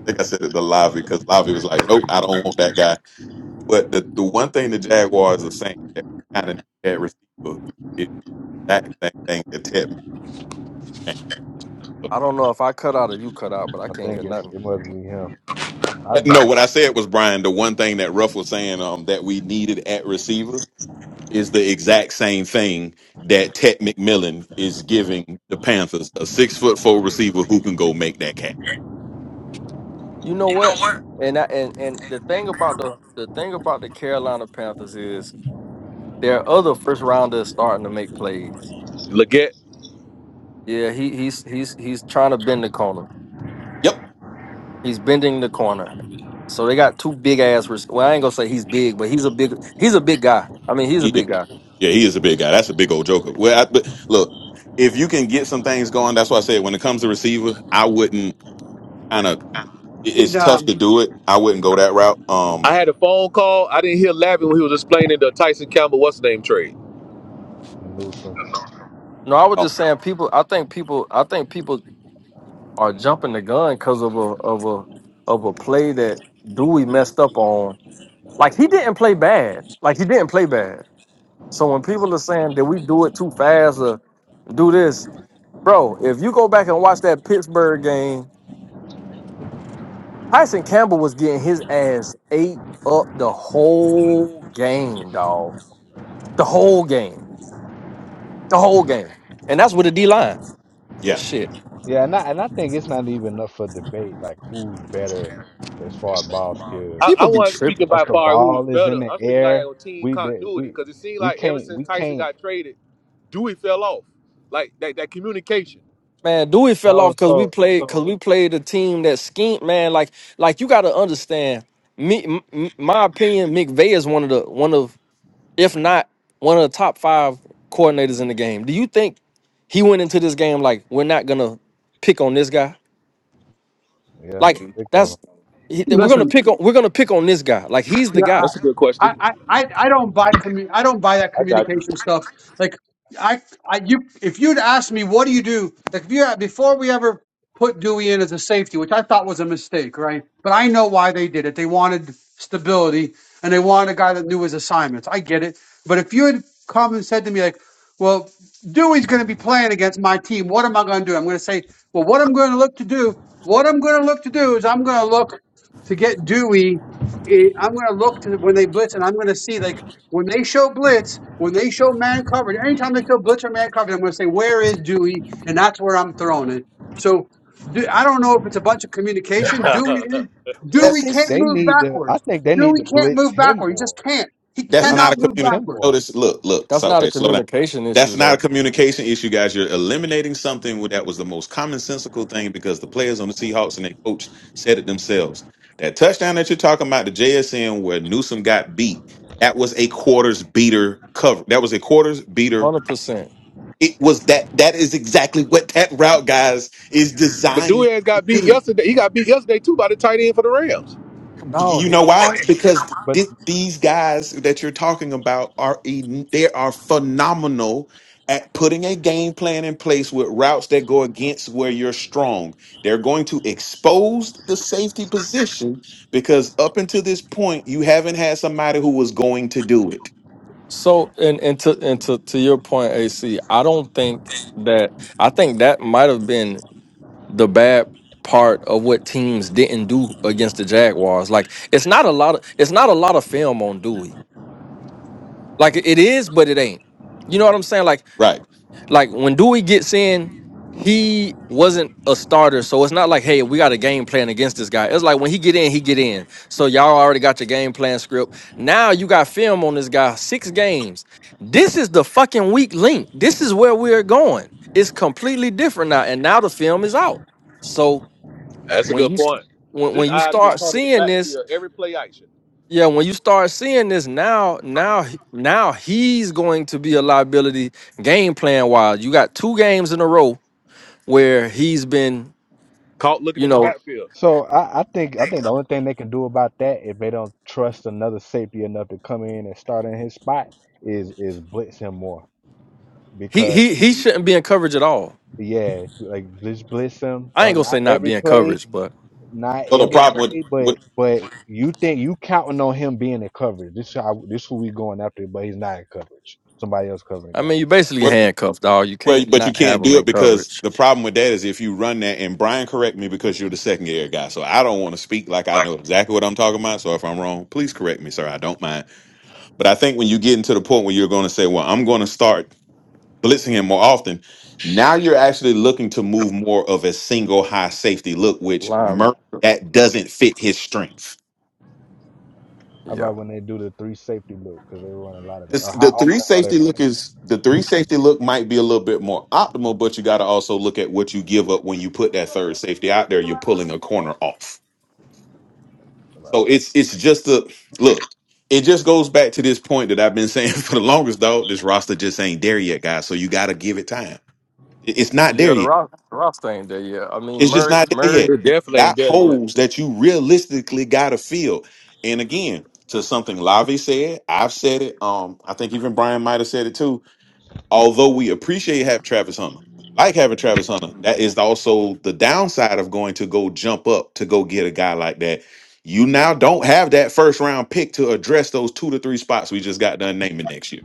[SPEAKER 7] I think I said it to Lavi because Lavi was like, "Nope, I don't want that guy." But the, the one thing the Jaguars are saying that we kind of need that receiver is that same thing that Ted. Miller had.
[SPEAKER 5] I don't know if I cut out or you cut out, but I
[SPEAKER 3] I
[SPEAKER 5] can't
[SPEAKER 3] think
[SPEAKER 5] hear
[SPEAKER 3] it's
[SPEAKER 5] nothing.
[SPEAKER 3] it must be him. I, I
[SPEAKER 7] No, what
[SPEAKER 3] think
[SPEAKER 7] I said was Brian. The one thing that Ruff was saying um, that we needed at receiver is the exact same thing that Ted McMillan is giving the Panthers: a six foot four receiver who can go make that catch.
[SPEAKER 5] You know what? And I, and and the thing about the the thing about the Carolina Panthers is their other first rounders starting to make plays.
[SPEAKER 4] Leggett,
[SPEAKER 5] Yeah, he he's he's he's trying to bend the corner.
[SPEAKER 7] Yep.
[SPEAKER 5] He's bending the corner. So they got two big ass. Rec- well, I ain't gonna say he's big, but he's a big. He's a big guy. I mean, he's a big guy.
[SPEAKER 7] Yeah, he is a big guy. That's a big old joker. Well, I, but look, if you can get some things going, that's why I said when it comes to receiver, I wouldn't kind of.
[SPEAKER 1] And
[SPEAKER 7] It's tough to
[SPEAKER 1] um,
[SPEAKER 7] do it. I wouldn't go that route.
[SPEAKER 4] I
[SPEAKER 7] Um,
[SPEAKER 4] had a phone call. I didn't hear Lavin when he was explaining the Tyson Campbell what's his name trade.
[SPEAKER 3] it's Newsom.
[SPEAKER 5] No, I was
[SPEAKER 7] oh,
[SPEAKER 5] just saying people. I think people. I think people are jumping the gun because of a of a of a play that Dewey messed up on. Like he didn't play bad. Like he didn't play bad. So when people are saying did we do it too fast or do this, bro, if you go back and watch that Pittsburgh game, Tyson Campbell was getting his ass ate up the whole game, dog. The whole game. The whole game. And that's with the D line.
[SPEAKER 7] yeah,
[SPEAKER 5] Shit.
[SPEAKER 3] Yeah, and I and I think it's not even up for debate. Like who's better as far as ball
[SPEAKER 4] I,
[SPEAKER 3] skills.
[SPEAKER 4] I
[SPEAKER 5] People be
[SPEAKER 4] wasn't speaking
[SPEAKER 5] tripping.
[SPEAKER 3] Once
[SPEAKER 4] by
[SPEAKER 3] the
[SPEAKER 4] far who was
[SPEAKER 3] ball is
[SPEAKER 4] better.
[SPEAKER 3] in the
[SPEAKER 4] I'm speaking like
[SPEAKER 3] air,
[SPEAKER 4] on team
[SPEAKER 3] we de-
[SPEAKER 4] continuity
[SPEAKER 3] we
[SPEAKER 4] because it seemed
[SPEAKER 3] we
[SPEAKER 4] like ever
[SPEAKER 3] can't we
[SPEAKER 4] since Tyson
[SPEAKER 3] can't.
[SPEAKER 4] got traded, Dewey fell off. Like that, that communication.
[SPEAKER 5] Man, Dewey fell
[SPEAKER 3] No,
[SPEAKER 5] off because we
[SPEAKER 3] so
[SPEAKER 5] played because
[SPEAKER 3] so
[SPEAKER 5] we played a team that schemed, man. Like, like you gotta understand. Me m- m- my opinion, McVay is one of the one of, if not one of the top five coordinators in the game. Do you think he went into this game like we're not gonna pick on this guy?
[SPEAKER 3] yeah,
[SPEAKER 5] Like Mhm.
[SPEAKER 3] picked on him.
[SPEAKER 5] that's he- we're gonna
[SPEAKER 1] listen.
[SPEAKER 5] pick on we're gonna pick on this guy. Like he's the
[SPEAKER 1] yeah,
[SPEAKER 5] guy.
[SPEAKER 4] That's a good
[SPEAKER 1] I,
[SPEAKER 4] question.
[SPEAKER 1] I, I I don't buy commu- I don't buy that
[SPEAKER 4] I got you.
[SPEAKER 1] communication stuff. Like I, I you if you'd asked me what do you do like if you before we ever put Dewey in as a safety, which I thought was a mistake, right? But I know why they did it. They wanted stability and they wanted a guy that knew his assignments. I get it. But if you had come and said to me like, well, Dewey's going to be playing against my team, what am I going to do? I'm going to say, well, what I'm going to look to do, what I'm going to look to do is I'm going to look to get Dewey it, I'm going to look to when they blitz, and I'm going to see like when they show blitz, when they show man coverage. Anytime they show blitz or man coverage, I'm going to say where is Dewey, and that's where I'm throwing it. So Du- I don't know if it's a bunch of communication. Dewey is
[SPEAKER 3] I
[SPEAKER 1] Dewey
[SPEAKER 3] think
[SPEAKER 1] can't
[SPEAKER 3] they
[SPEAKER 1] move
[SPEAKER 3] need to. I
[SPEAKER 1] backwards.
[SPEAKER 3] think they need
[SPEAKER 1] Dewey
[SPEAKER 3] to
[SPEAKER 1] can't
[SPEAKER 3] blitz
[SPEAKER 1] move
[SPEAKER 3] him
[SPEAKER 1] backward. He just
[SPEAKER 3] more.
[SPEAKER 1] can't. He
[SPEAKER 3] I
[SPEAKER 7] That's
[SPEAKER 3] need
[SPEAKER 5] I,
[SPEAKER 3] to
[SPEAKER 7] not
[SPEAKER 1] cannot
[SPEAKER 7] a
[SPEAKER 1] move
[SPEAKER 3] blitz
[SPEAKER 7] communication.
[SPEAKER 3] him
[SPEAKER 1] backward.
[SPEAKER 3] more.
[SPEAKER 7] Notice, look, look.
[SPEAKER 5] that's
[SPEAKER 7] So,
[SPEAKER 5] not a
[SPEAKER 7] okay, slow down.
[SPEAKER 5] communication issue
[SPEAKER 7] That's not a
[SPEAKER 5] though.
[SPEAKER 7] communication issue, guys. You're eliminating something that was the most commonsensical thing because the players on the Seahawks and their coach said it themselves. That touchdown that you're talking about, the JSN where Newsom got beat, that was a quarters beater cover. That was a quarters beater.
[SPEAKER 5] Hundred percent.
[SPEAKER 7] It was that. That is exactly what that route, guys, is
[SPEAKER 4] But
[SPEAKER 7] designed
[SPEAKER 4] Dewey
[SPEAKER 7] to
[SPEAKER 4] got beat
[SPEAKER 7] do.
[SPEAKER 4] yesterday. He got beat yesterday too by the tight end for the Rams.
[SPEAKER 7] You know why? Because
[SPEAKER 3] But
[SPEAKER 7] th- these guys that you're talking about are en- they are phenomenal at putting a game plan in place with routes that go against where you're strong. They're going to expose the safety position because up until this point, you haven't had somebody who was going to do it.
[SPEAKER 5] So and and to and to, to your point, AC, I don't think that I think that might have been the bad part of what teams didn't do against the Jaguars. Like it's not a lot of it's not a lot of film on Dewey. Like it is, but it ain't. You know what I'm saying? Like
[SPEAKER 7] Right.
[SPEAKER 5] like when Dewey gets in, he wasn't a starter, so it's not like hey we got a game plan against this guy. It's like when he get in, he get in. So y'all already got your game plan script. Now you got film on this guy six games. This is the fucking weak link. This is where we're going. It's completely different now, and now the film is out. So
[SPEAKER 4] That's a
[SPEAKER 5] when
[SPEAKER 4] good
[SPEAKER 5] you
[SPEAKER 4] point. Because
[SPEAKER 5] when,
[SPEAKER 4] his
[SPEAKER 5] when you
[SPEAKER 4] eyes get
[SPEAKER 5] start
[SPEAKER 4] caught in the
[SPEAKER 5] seeing this,
[SPEAKER 4] backfield every play action.
[SPEAKER 5] yeah, when you start seeing this now, now, now he's going to be a liability game plan wise. You got two games in a row where he's been,
[SPEAKER 4] Caught looking
[SPEAKER 5] you
[SPEAKER 4] in the
[SPEAKER 5] know,
[SPEAKER 4] backfield.
[SPEAKER 3] So I, I think I think the only thing they can do about that if they don't trust another safety enough to come in and start in his spot is is blitz him more
[SPEAKER 5] he
[SPEAKER 3] because
[SPEAKER 5] he
[SPEAKER 3] if
[SPEAKER 5] he
[SPEAKER 3] you
[SPEAKER 5] shouldn't be in coverage at all.
[SPEAKER 3] yeah like just blitz him
[SPEAKER 5] I ain't
[SPEAKER 3] not
[SPEAKER 5] gonna say
[SPEAKER 3] not
[SPEAKER 5] not
[SPEAKER 3] every
[SPEAKER 5] be in
[SPEAKER 3] play
[SPEAKER 5] coverage, but
[SPEAKER 3] not
[SPEAKER 7] So the
[SPEAKER 3] every
[SPEAKER 7] problem
[SPEAKER 3] play but
[SPEAKER 7] with
[SPEAKER 3] but you think you counting on him being in coverage this how this who we going after but he's not in coverage somebody else covering the
[SPEAKER 5] I mean
[SPEAKER 3] guy
[SPEAKER 5] you basically
[SPEAKER 7] what
[SPEAKER 5] handcuffed, dog. You
[SPEAKER 7] Well,
[SPEAKER 5] can't
[SPEAKER 7] but you
[SPEAKER 5] not have
[SPEAKER 7] can't
[SPEAKER 5] him
[SPEAKER 7] do it
[SPEAKER 5] in
[SPEAKER 7] because
[SPEAKER 5] coverage.
[SPEAKER 7] the problem with that is if you run that, and Brian, correct me because you're the second year guy. So I don't want to speak like I
[SPEAKER 4] Like
[SPEAKER 7] know exactly what I'm talking about. So if I'm wrong, please correct me, sir. I don't mind. But I think when you get into the point where you're going to say, well, I'm going to start blitzing him more often, now you're actually looking to move more of a single high safety look, which Murray,
[SPEAKER 5] Linebacker.
[SPEAKER 7] that doesn't fit his strengths.
[SPEAKER 3] how
[SPEAKER 5] Yeah.
[SPEAKER 3] about when they do the three safety look because they run a lot of that
[SPEAKER 7] This,
[SPEAKER 3] or how
[SPEAKER 7] the three
[SPEAKER 3] often are they
[SPEAKER 7] safety look
[SPEAKER 3] running
[SPEAKER 7] is the three safety look might be a little bit more optimal, but you got to also look at what you give up when you put that third safety out there. You're pulling a corner off,
[SPEAKER 3] that? right
[SPEAKER 7] so it's it's just a look. It just goes back to this point that I've been saying for the longest. Dog, this roster just ain't there yet, guys. So you got to give it time. It- It's not there
[SPEAKER 5] Yeah, the
[SPEAKER 7] yet.
[SPEAKER 5] Ross, the Ross thing there, yeah. I mean
[SPEAKER 7] It's just
[SPEAKER 5] Murray
[SPEAKER 7] not there yet.
[SPEAKER 5] Murray,
[SPEAKER 4] it
[SPEAKER 7] You
[SPEAKER 4] definitely ain't
[SPEAKER 7] got
[SPEAKER 4] there yet.
[SPEAKER 7] holes that you realistically got to fill. And again, to something Lavi said, I've said it. Um, I think even Brian might have said it too although we appreciate having Travis Hunter, like having Travis Hunter, that is also the downside of going to go jump up to go get a guy like that. You now don't have that first round pick to address those two to three spots we just got done naming next year.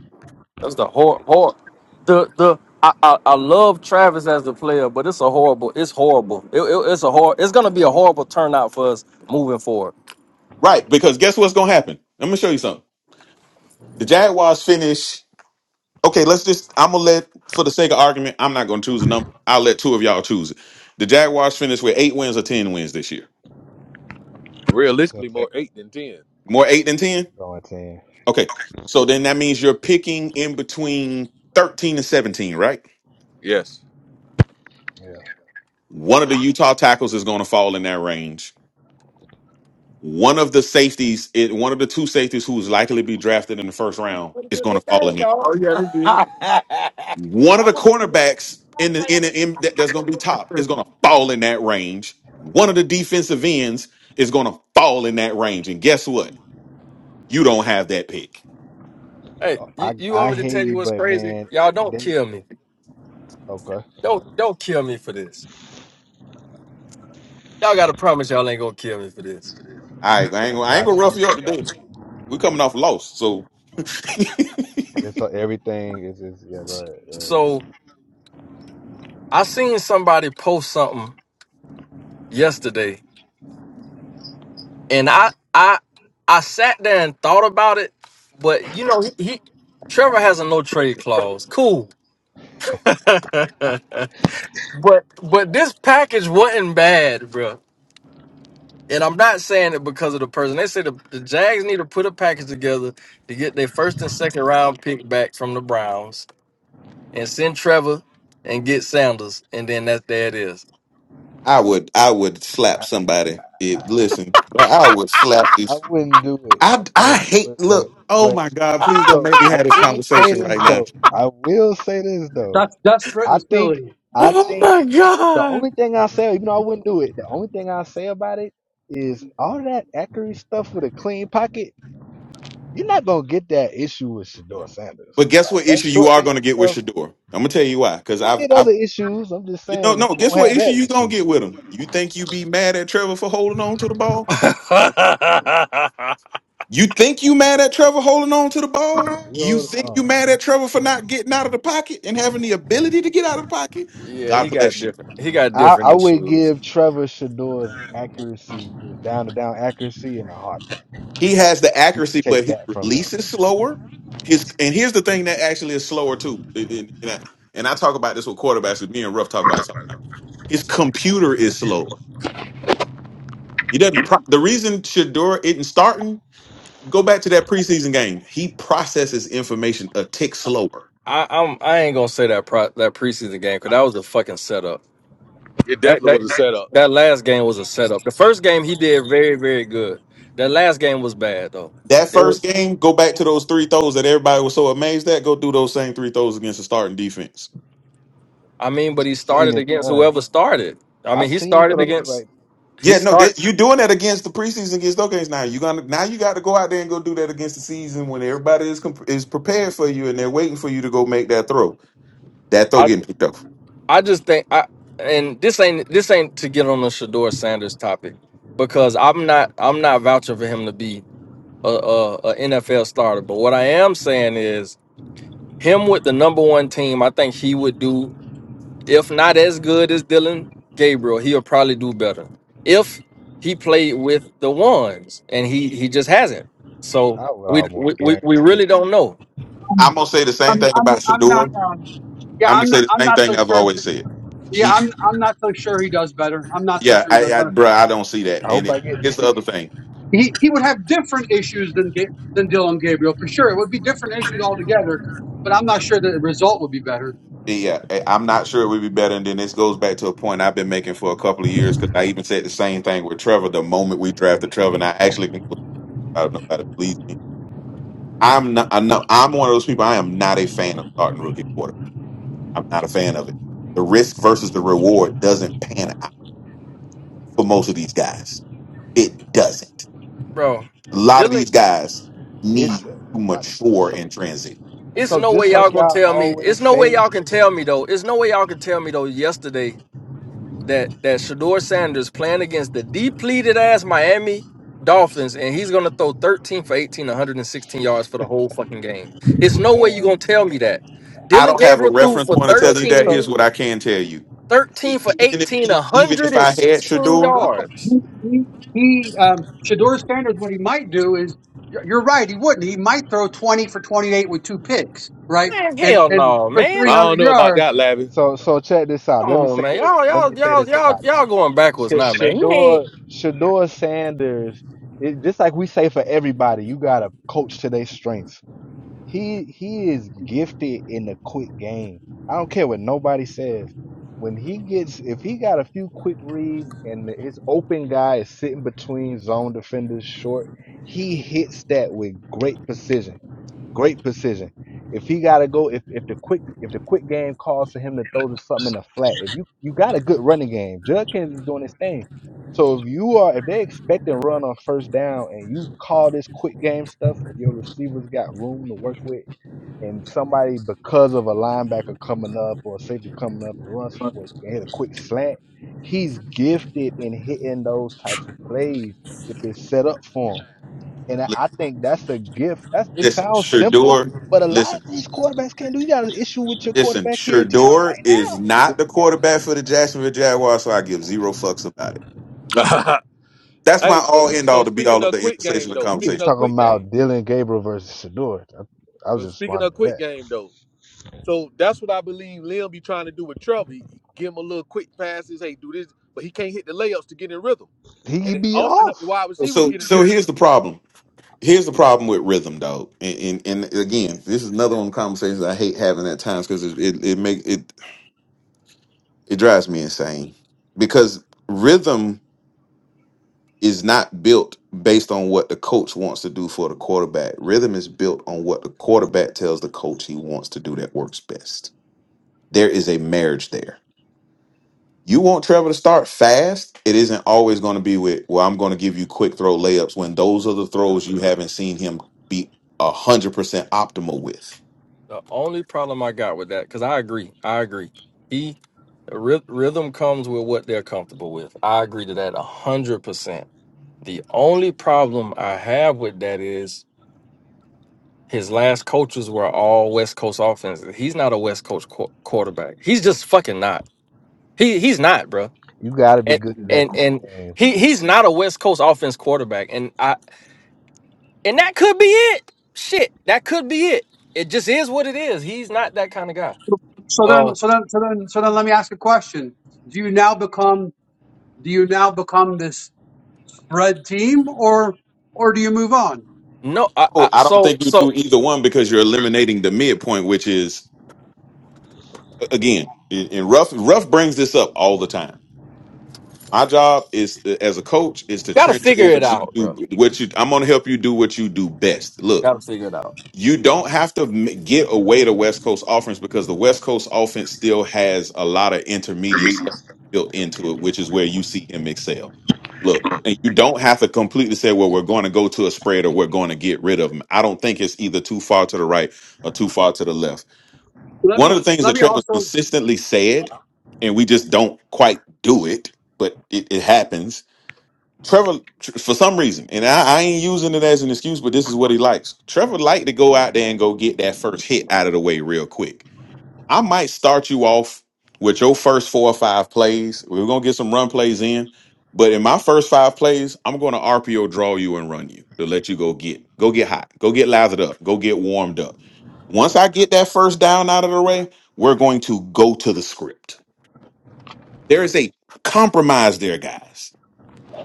[SPEAKER 5] that's the hor hor the the I, I, I love Travis as the player, but it's a horrible, it's horrible. It, it- it's a hor it's gonna be a horrible turnout for us moving forward.
[SPEAKER 7] Right, because guess what's gonna happen? Let me show you something. The Jaguars finish. Okay, let's just I'm gonna let for the sake of argument, I'm not gonna choose a number. I'll let two of y'all choose it. The Jaguars finish with eight wins or ten wins this year.
[SPEAKER 3] ten
[SPEAKER 4] Realistically, more eight than ten.
[SPEAKER 7] More eight than ten?
[SPEAKER 3] going ten
[SPEAKER 7] Okay. So then that means you're picking in between 13 and 17, right?
[SPEAKER 4] Yes,
[SPEAKER 3] yeah.
[SPEAKER 7] One of the Utah tackles is going to fall in that range. One of the safeties, it, one of the two safeties who is likely to be drafted in the first round is going to fall in there.
[SPEAKER 5] Yeah, they did.
[SPEAKER 7] One of the cornerbacks in the in, the, in that, that's going to be top is going to fall in that range. One of the defensive ends is going to fall in that range. And guess what? You don't have that pick.
[SPEAKER 5] Hey,
[SPEAKER 3] I
[SPEAKER 5] you, you want
[SPEAKER 3] I
[SPEAKER 5] me to
[SPEAKER 3] hear
[SPEAKER 5] tell you
[SPEAKER 3] you,
[SPEAKER 5] what's
[SPEAKER 3] but
[SPEAKER 5] crazy?
[SPEAKER 3] man,
[SPEAKER 5] Y'all don't
[SPEAKER 3] they
[SPEAKER 5] kill me.
[SPEAKER 3] okay.
[SPEAKER 5] Don't don't kill me for this. Y'all gotta promise y'all ain't gonna kill me for this.
[SPEAKER 7] All right, I ain't
[SPEAKER 3] I
[SPEAKER 7] gonna, I ain't gonna
[SPEAKER 3] got you,
[SPEAKER 7] rough you up
[SPEAKER 3] got
[SPEAKER 7] today.
[SPEAKER 3] you.
[SPEAKER 7] We're coming off a loss, so
[SPEAKER 3] It's like everything is just yeah. Go ahead. Go ahead.
[SPEAKER 5] So I seen somebody post something yesterday, and I I I sat there and thought about it, but you know he, he Trevor has a no trade clause. Cool, but but this package wasn't bad, bruh. And I'm not saying it because of the person. They say the, the Jags need to put a package together to get their first and second round pick back from the Browns and send Trevor and get Sanders, and then that's there it is.
[SPEAKER 7] I would I would
[SPEAKER 3] I,
[SPEAKER 7] slap somebody. It, listen, I I would
[SPEAKER 3] I
[SPEAKER 7] slap
[SPEAKER 3] I
[SPEAKER 7] this.
[SPEAKER 3] wouldn't do it. I
[SPEAKER 7] I I
[SPEAKER 3] wouldn't do
[SPEAKER 7] hate
[SPEAKER 3] it. But
[SPEAKER 7] look. Oh
[SPEAKER 3] but
[SPEAKER 7] my God! Please don't
[SPEAKER 3] so
[SPEAKER 7] make me
[SPEAKER 3] I
[SPEAKER 7] have this
[SPEAKER 3] will say
[SPEAKER 7] conversation right
[SPEAKER 3] this
[SPEAKER 7] now.
[SPEAKER 3] though. I will say this though.
[SPEAKER 1] That's desperate
[SPEAKER 3] I
[SPEAKER 1] and
[SPEAKER 3] think
[SPEAKER 1] silly.
[SPEAKER 3] I
[SPEAKER 5] Oh
[SPEAKER 3] think
[SPEAKER 5] my
[SPEAKER 3] the
[SPEAKER 5] god.
[SPEAKER 3] only thing I say, even though I wouldn't do it, the only thing I say about it is all that accurate stuff with a clean pocket. You're not gonna get that issue with Shador Sanders.
[SPEAKER 7] But guess
[SPEAKER 3] Like
[SPEAKER 7] what
[SPEAKER 3] that
[SPEAKER 7] issue you
[SPEAKER 3] short
[SPEAKER 7] are
[SPEAKER 3] game
[SPEAKER 7] going to get
[SPEAKER 3] stuff.
[SPEAKER 7] with Shador? I'm gonna tell you why. Because
[SPEAKER 3] You're
[SPEAKER 7] I've
[SPEAKER 3] gonna get other
[SPEAKER 7] I've
[SPEAKER 3] issues. I'm just
[SPEAKER 7] you don't
[SPEAKER 3] saying
[SPEAKER 7] know
[SPEAKER 3] you
[SPEAKER 7] no. Guess
[SPEAKER 3] won't
[SPEAKER 7] what
[SPEAKER 3] have
[SPEAKER 7] issue
[SPEAKER 3] that
[SPEAKER 7] you gonna
[SPEAKER 3] issue.
[SPEAKER 7] get with him? You think you be mad at Trevor for holding on to the ball? You think you mad at Trevor holding on to the ball? You
[SPEAKER 3] You know,
[SPEAKER 7] think
[SPEAKER 3] um,
[SPEAKER 7] you mad at Trevor for not getting out of the pocket and having the ability to get out of the pocket?
[SPEAKER 5] yeah, he
[SPEAKER 7] God
[SPEAKER 5] got
[SPEAKER 7] bless you.
[SPEAKER 5] different. He got
[SPEAKER 3] I,
[SPEAKER 5] different
[SPEAKER 3] I would
[SPEAKER 5] issues.
[SPEAKER 3] give Trevor Shador's accuracy, just down to down accuracy, in a heartbeat.
[SPEAKER 7] He has the
[SPEAKER 3] You could
[SPEAKER 7] accuracy, but
[SPEAKER 3] take
[SPEAKER 7] his
[SPEAKER 3] that from him.
[SPEAKER 7] release is slower. His and here's the thing that actually is slower too. And, and- and I, and I talk about this with quarterbacks. and Me and Ruff talk about this. His computer is slower. He doesn't. Pro- the reason Shador isn't starting. Go back to that preseason game. He processes information a tick slower.
[SPEAKER 5] I, I'm I ain't gonna say that pro, that preseason game because that was a fucking setup.
[SPEAKER 4] it
[SPEAKER 5] That
[SPEAKER 4] definitely
[SPEAKER 5] that
[SPEAKER 4] was a setup.
[SPEAKER 5] that last game was a setup. The first game he did very very good. That last game was bad though.
[SPEAKER 7] That
[SPEAKER 5] It was.
[SPEAKER 7] first game, go back to those three throws that everybody was so amazed at. Go do those same three throws against the starting defense.
[SPEAKER 5] I mean, but he
[SPEAKER 3] Seen
[SPEAKER 5] started
[SPEAKER 3] it
[SPEAKER 5] against
[SPEAKER 3] done.
[SPEAKER 5] whoever started. I mean,
[SPEAKER 3] I've
[SPEAKER 5] he
[SPEAKER 3] seen
[SPEAKER 5] started
[SPEAKER 3] throws
[SPEAKER 5] against
[SPEAKER 3] like
[SPEAKER 5] he
[SPEAKER 7] Yeah, no,
[SPEAKER 5] start.
[SPEAKER 7] that, you doing that against the preseason against those games now. You gonna now you got to go out there and go do that against the season when everybody is comp- is prepared for you and they're waiting for you to go make that throw. That throw getting picked up.
[SPEAKER 5] I just think I and this ain't this ain't to get on the Shador Sanders topic because I'm not I'm not vouching for him to be a, a, NFL starter. But what I am saying is him with the number one team, I think he would do if not as good as Dylan Gabriel, he'll probably do better if he played with the ones and he he just hasn't. So
[SPEAKER 3] I would
[SPEAKER 5] we
[SPEAKER 3] almost
[SPEAKER 5] we, we, we
[SPEAKER 3] guarantee
[SPEAKER 5] really
[SPEAKER 3] it.
[SPEAKER 5] don't know,
[SPEAKER 1] I'm
[SPEAKER 7] I'm gonna say the same
[SPEAKER 1] I'm
[SPEAKER 7] thing about
[SPEAKER 1] I'm
[SPEAKER 7] Shador.
[SPEAKER 1] not um yeah
[SPEAKER 7] I'm gonna
[SPEAKER 1] I'm
[SPEAKER 7] say
[SPEAKER 1] not
[SPEAKER 7] the
[SPEAKER 1] I'm
[SPEAKER 7] same
[SPEAKER 1] not
[SPEAKER 7] thing
[SPEAKER 1] so
[SPEAKER 7] I've
[SPEAKER 1] sure.
[SPEAKER 7] always said.
[SPEAKER 1] Yeah,
[SPEAKER 7] He,
[SPEAKER 1] I'm I'm not so sure he does better. I'm not so
[SPEAKER 7] yeah,
[SPEAKER 1] sure he
[SPEAKER 7] I,
[SPEAKER 1] does
[SPEAKER 7] I
[SPEAKER 1] better.
[SPEAKER 7] bro, I don't see that.
[SPEAKER 3] I
[SPEAKER 7] And
[SPEAKER 3] hope
[SPEAKER 7] it,
[SPEAKER 3] I get to
[SPEAKER 7] here's the
[SPEAKER 3] see
[SPEAKER 7] other
[SPEAKER 3] it.
[SPEAKER 7] thing.
[SPEAKER 1] he, he would have different issues than Ga- than Dylan Gabriel for sure. It would be different issues altogether, but I'm not sure that the result would be better.
[SPEAKER 7] Yeah, I- I'm not sure it would be better. And then this goes back to a point I've been making for a couple of years because I even said the same thing with Trevor. The moment we drafted Trevor, and I actually can go out if nobody believes me. I'm not. I know I'm one of those people. I am not a fan of starting rookie quarter. I'm not a fan of it. The risk versus the reward doesn't pan out for most of these guys. It doesn't.
[SPEAKER 5] bro.
[SPEAKER 7] A lot of
[SPEAKER 5] Dylan.
[SPEAKER 7] these guys need
[SPEAKER 3] It's
[SPEAKER 7] to
[SPEAKER 3] uh, I,
[SPEAKER 7] mature
[SPEAKER 3] so
[SPEAKER 7] in transition.
[SPEAKER 5] It's
[SPEAKER 3] so
[SPEAKER 5] no
[SPEAKER 3] just
[SPEAKER 5] way
[SPEAKER 3] like
[SPEAKER 5] y'all gonna
[SPEAKER 3] y'all
[SPEAKER 5] tell me. It's
[SPEAKER 3] always
[SPEAKER 5] no way
[SPEAKER 3] say,
[SPEAKER 5] y'all can tell me though. It's no way y'all can tell me though. Yesterday that that Shador Sanders playing against the depleted ass Miami Dolphins and he's gonna throw 13 for 18, 116 yards for the whole fucking game. It's no way you
[SPEAKER 3] man.
[SPEAKER 5] gonna tell me that.
[SPEAKER 7] I
[SPEAKER 5] Dylan
[SPEAKER 7] don't have a
[SPEAKER 5] Gabriel
[SPEAKER 3] I,
[SPEAKER 5] threw
[SPEAKER 7] reference
[SPEAKER 5] for
[SPEAKER 7] point to tell
[SPEAKER 3] so
[SPEAKER 7] you that. Here's
[SPEAKER 5] 13,
[SPEAKER 3] so
[SPEAKER 7] what I can tell you. E-
[SPEAKER 5] 13 for
[SPEAKER 7] Even if
[SPEAKER 5] 18,
[SPEAKER 7] he,
[SPEAKER 5] one
[SPEAKER 7] even
[SPEAKER 5] hundred
[SPEAKER 7] if
[SPEAKER 5] and
[SPEAKER 7] I had
[SPEAKER 5] sixteen
[SPEAKER 7] Shador.
[SPEAKER 1] No,
[SPEAKER 5] yards.
[SPEAKER 1] he, he, he um, Shador Sanders. What he might do is, you're you're right. He wouldn't. He might throw 20 for 28 with two picks, right?
[SPEAKER 5] Man,
[SPEAKER 1] And
[SPEAKER 5] hell
[SPEAKER 1] and
[SPEAKER 5] no,
[SPEAKER 1] for
[SPEAKER 4] I
[SPEAKER 5] man.
[SPEAKER 1] 300
[SPEAKER 4] don't know about
[SPEAKER 1] yards.
[SPEAKER 4] that,
[SPEAKER 3] man,
[SPEAKER 4] Lavi.
[SPEAKER 3] so so check this out.
[SPEAKER 5] Come
[SPEAKER 3] Let me
[SPEAKER 5] on,
[SPEAKER 3] say
[SPEAKER 5] man.
[SPEAKER 3] this.
[SPEAKER 5] Y'all,
[SPEAKER 3] Let me
[SPEAKER 5] y'all,
[SPEAKER 3] say this
[SPEAKER 5] y'all, y'all,
[SPEAKER 3] about it.
[SPEAKER 5] y'all going backwards
[SPEAKER 3] Sh-
[SPEAKER 5] now, man. You ain't
[SPEAKER 3] Shador Shador Sanders, it, just like we say for everybody, you gotta coach to their strengths. He he is gifted in the quick game. I don't care what nobody says. When he gets, if he got a few quick reads and his open guy is sitting between zone defenders short, he hits that with great precision Great precision. If he gotta go, if if the quick if the quick game calls for him to throw to something in the flat, if you you got a good running game, Judkins is doing his thing. So if you are if they expect a run on first down and you call this quick game stuff, where your receivers got room to work with, and somebody because of a linebacker coming up or a safety coming up and run support you can hit a quick slant, he's gifted in hitting those type of plays if it's set up for him. And I
[SPEAKER 7] Li-
[SPEAKER 3] I think that's a gift. That's it
[SPEAKER 7] Listen,
[SPEAKER 3] sounds simple,
[SPEAKER 7] Shador.
[SPEAKER 3] but a lot of
[SPEAKER 7] Listen,
[SPEAKER 3] these quarterbacks can't do. You got an issue with your
[SPEAKER 7] listen.
[SPEAKER 3] quarterback here in town
[SPEAKER 7] Shador
[SPEAKER 3] right
[SPEAKER 7] is
[SPEAKER 3] now
[SPEAKER 7] not the
[SPEAKER 3] doing that.
[SPEAKER 7] quarterback for the Jacksonville Jaguars, so I give zero fucks about it. That's my
[SPEAKER 4] hey, but
[SPEAKER 7] all end
[SPEAKER 4] so
[SPEAKER 7] all to be
[SPEAKER 4] speaking
[SPEAKER 7] all of
[SPEAKER 4] of
[SPEAKER 7] the
[SPEAKER 4] quick
[SPEAKER 7] conversation.
[SPEAKER 4] game
[SPEAKER 7] and
[SPEAKER 4] though,
[SPEAKER 3] We
[SPEAKER 4] speaking
[SPEAKER 3] just
[SPEAKER 7] conversation.
[SPEAKER 4] of
[SPEAKER 3] talking
[SPEAKER 4] quick game.
[SPEAKER 3] about Dylan Gabriel versus Shador. I, I was
[SPEAKER 4] But
[SPEAKER 3] just
[SPEAKER 4] speaking
[SPEAKER 3] responding
[SPEAKER 4] of
[SPEAKER 3] to
[SPEAKER 4] quick
[SPEAKER 3] that.
[SPEAKER 4] game though, so that's what I believe Lim be trying to do with Trevor. He- Give him a little quick passes, hey, do this, but he can't hit the layups to get in rhythm.
[SPEAKER 3] He
[SPEAKER 4] And
[SPEAKER 3] could
[SPEAKER 4] it
[SPEAKER 3] be
[SPEAKER 4] also helped the
[SPEAKER 3] off.
[SPEAKER 4] wide receivers
[SPEAKER 7] So,
[SPEAKER 4] get in
[SPEAKER 7] so
[SPEAKER 4] rhythm.
[SPEAKER 7] here's the problem. Here's the problem with rhythm, dog. And, and, and again, this is another one of the conversations I hate having at times because it it, it makes it it drives me insane because rhythm. is not built based on what the coach wants to do for the quarterback. Rhythm is built on what the quarterback tells the coach he wants to do that works best. There is a marriage there. You want Trevor to start fast. It isn't always going to be with, well, I'm going to give you quick throw layups when those are the throws you haven't seen him be 100% optimal with.
[SPEAKER 5] The only problem I got with that, because I agree, I agree. He ry- rhythm comes with what they're comfortable with. I agree to that a hundred percent. The only problem I have with that is his last coaches were all West Coast offenses. He's not a West Coast qu- quarterback. He's just fucking not. He he's not, bro.
[SPEAKER 3] You got to be
[SPEAKER 5] And
[SPEAKER 3] good at that
[SPEAKER 5] and
[SPEAKER 3] quick
[SPEAKER 5] and
[SPEAKER 3] game.
[SPEAKER 5] he
[SPEAKER 3] To
[SPEAKER 5] he's not a West Coast offense quarterback. And I and that could be it. Shit, that could be it. It just is what it is. He's not that kind of guy.
[SPEAKER 1] So
[SPEAKER 5] Uh,
[SPEAKER 1] then, so then, so then, so then, let me ask a question. Do you now become? Do you now become this spread team, or or do you move on?
[SPEAKER 5] No, I,
[SPEAKER 7] Oh,
[SPEAKER 5] I
[SPEAKER 7] I don't
[SPEAKER 5] so
[SPEAKER 7] think you
[SPEAKER 5] so
[SPEAKER 7] do either one because you're eliminating the midpoint, which is again, and Ruff Ruff brings this up all the time. My job is uh, as a coach is to
[SPEAKER 5] gotta
[SPEAKER 7] trend
[SPEAKER 5] figure it
[SPEAKER 7] towards you
[SPEAKER 5] out,
[SPEAKER 7] do
[SPEAKER 5] bro.
[SPEAKER 7] what you. I'm going to help you do what you do best. Look,
[SPEAKER 5] Gotta figure it out.
[SPEAKER 7] you don't have to m- get away the West Coast offense because the West Coast offense still has a lot of intermediate stuff built into it, which is where you see him excel. Look, and you don't have to completely say, well, we're going to go to a spread or we're going to get rid of him. I don't think it's either too far to the right or too far to the left.
[SPEAKER 1] Let
[SPEAKER 7] One
[SPEAKER 1] me
[SPEAKER 7] of the things
[SPEAKER 1] let
[SPEAKER 7] that
[SPEAKER 1] me
[SPEAKER 7] Trevor's
[SPEAKER 1] also
[SPEAKER 7] consistently said, and we just don't quite do it, but it, it happens, Trevor, tr- for some reason, and I, I ain't using it as an excuse, but this is what he likes. Trevor like to go out there and go get that first hit out of the way real quick. I might start you off with your first four or five plays. We're gonna get some run plays in, but in my first five plays, I'm gonna RPO draw you and run you to let you go get go get hot, go get lathered up, go get warmed up. Once I get that first down out of the way, we're going to go to the script. There is a compromise there, guys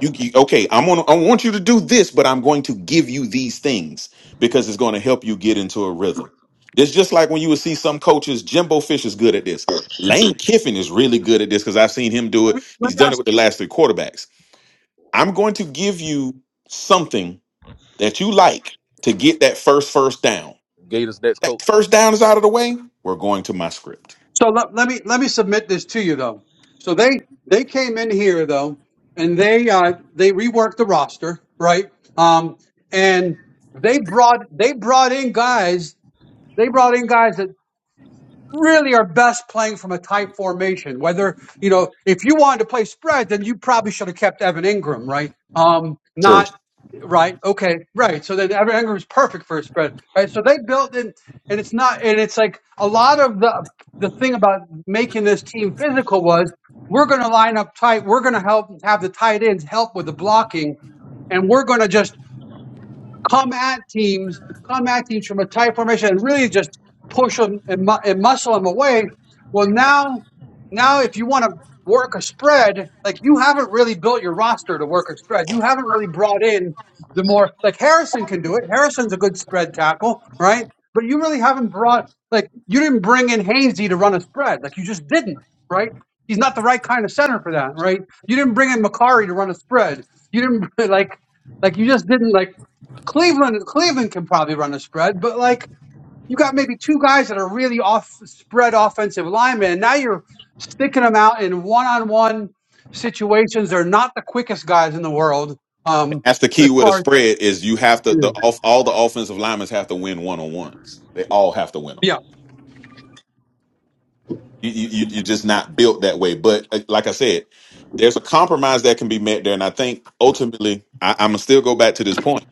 [SPEAKER 7] you you- okay? I'm gonna. I want you to do this, but I'm going to give you these things because it's going to help you get into a rhythm. It's just like when you would see some coaches. Jimbo Fish is good at this. Lane Kiffin is really good at this because I've seen him do
[SPEAKER 1] let let
[SPEAKER 7] it.
[SPEAKER 1] me let
[SPEAKER 7] He's
[SPEAKER 1] me
[SPEAKER 7] done
[SPEAKER 1] ask.
[SPEAKER 7] it with the last three quarterbacks. I'm going to give you something that you like to get that first first down.
[SPEAKER 4] Gators next
[SPEAKER 7] That
[SPEAKER 4] coach.
[SPEAKER 7] first down is out of the way. We're going to my script.
[SPEAKER 1] So let, let me let me submit this to you though. So they they came in here though, and they uh, they reworked the roster, right? Um, and they brought they brought in guys. They brought in guys that really are best playing from a tight formation. Whether, you know, if you wanted to play spread, then you probably should have kept Evan Ingram, right? Um,
[SPEAKER 7] True.
[SPEAKER 1] not, right? Okay, right. So then Evan Ingram's perfect for a spread, right? So they built in, and it's not, and it's like a lot of the, the thing about making this team physical was we're going to line up tight. We're going to help have the tight ends help with the blocking. And we're going to just come at teams, come at teams from a tight formation, and really just push them and, mu- and muscle them away. Well, now, now if you want to work a spread, like you haven't really built your roster to work a spread. You haven't really brought in the more like Harrison can do it. Harrison's a good spread tackle, right? But you really haven't brought like you didn't bring in Hainsey to run a spread. Like you just didn't, right? He's not the right kind of center for that, right? You didn't bring in Makari to run a spread. You didn't like like you just didn't like Cleveland Cleveland can probably run a spread, but like you got maybe two guys that are really off spread offensive linemen, and now you're sticking them out in one on one situations. They're not the quickest guys in the world. Um,
[SPEAKER 7] That's the key
[SPEAKER 1] as
[SPEAKER 7] with a
[SPEAKER 1] far
[SPEAKER 7] spread is you have to
[SPEAKER 1] as
[SPEAKER 7] the off all the offensive linemen have to win one on ones. They all have to win them.
[SPEAKER 1] yeah,
[SPEAKER 7] You you you- you're just not built that way. But uh, like I said, there's a compromise that can be met there, and I think ultimately I, I'm gonna still go back to this point.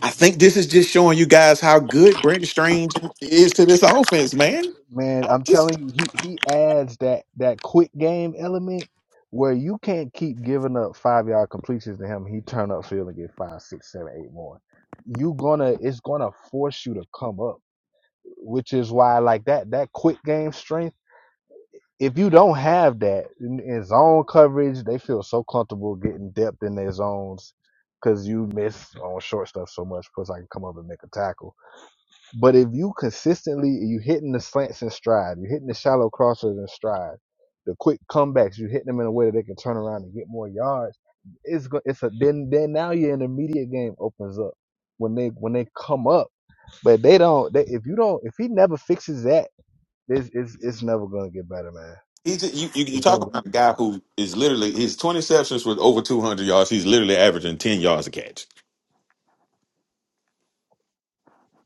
[SPEAKER 7] I think this is just showing you guys how good Brent Strange is to this offense, man.
[SPEAKER 3] man,
[SPEAKER 7] I'm
[SPEAKER 3] I'm telling
[SPEAKER 7] just
[SPEAKER 3] you, he he adds that that quick game element where you can't keep giving up five yard completions to him. He turn up field and get five, six, seven, eight more. You gonna it's gonna force you to come up which is why like that that quick game strength. If you don't have that in, in zone coverage, they feel so comfortable getting depth in their zones because you miss on short stuff so much. Plus, I can come up and make a tackle. But if you consistently you hitting the slants in stride, you hitting the shallow crossers in stride, the quick comebacks, you hitting them in a way that they can turn around and get more yards. It's go- it's a then then now your intermediate game opens up when they when they come up. But they don't. They, if you don't, if he never fixes that it's it's it's never gonna get better, man.
[SPEAKER 7] he's just, you, you you
[SPEAKER 3] It's never
[SPEAKER 7] talk
[SPEAKER 3] gonna
[SPEAKER 7] about a
[SPEAKER 3] get
[SPEAKER 7] guy
[SPEAKER 3] better.
[SPEAKER 7] who is literally his 20 receptions with over 200 yards. He's literally averaging 10 yards a catch.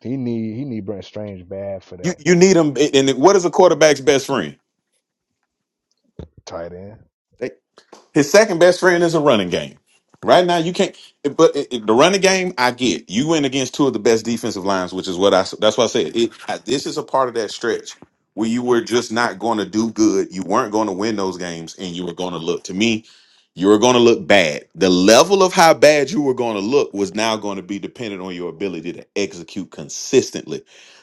[SPEAKER 3] He need he need Brent Strange bad for
[SPEAKER 7] You
[SPEAKER 3] that
[SPEAKER 7] you need him, and what is a quarterback's best friend?
[SPEAKER 3] tight end.
[SPEAKER 7] His second best friend is a running game. Right now, you can't. But it, it- the running game, I get. You went against two of the best defensive lines, which is what I. That's why I said it. I, this is a part of that stretch where you were just not going to do good. You weren't going to win those games, and you were going to look. To me, you were going to look bad. The level of how bad you were going to look was now going to be dependent on your ability to execute consistently.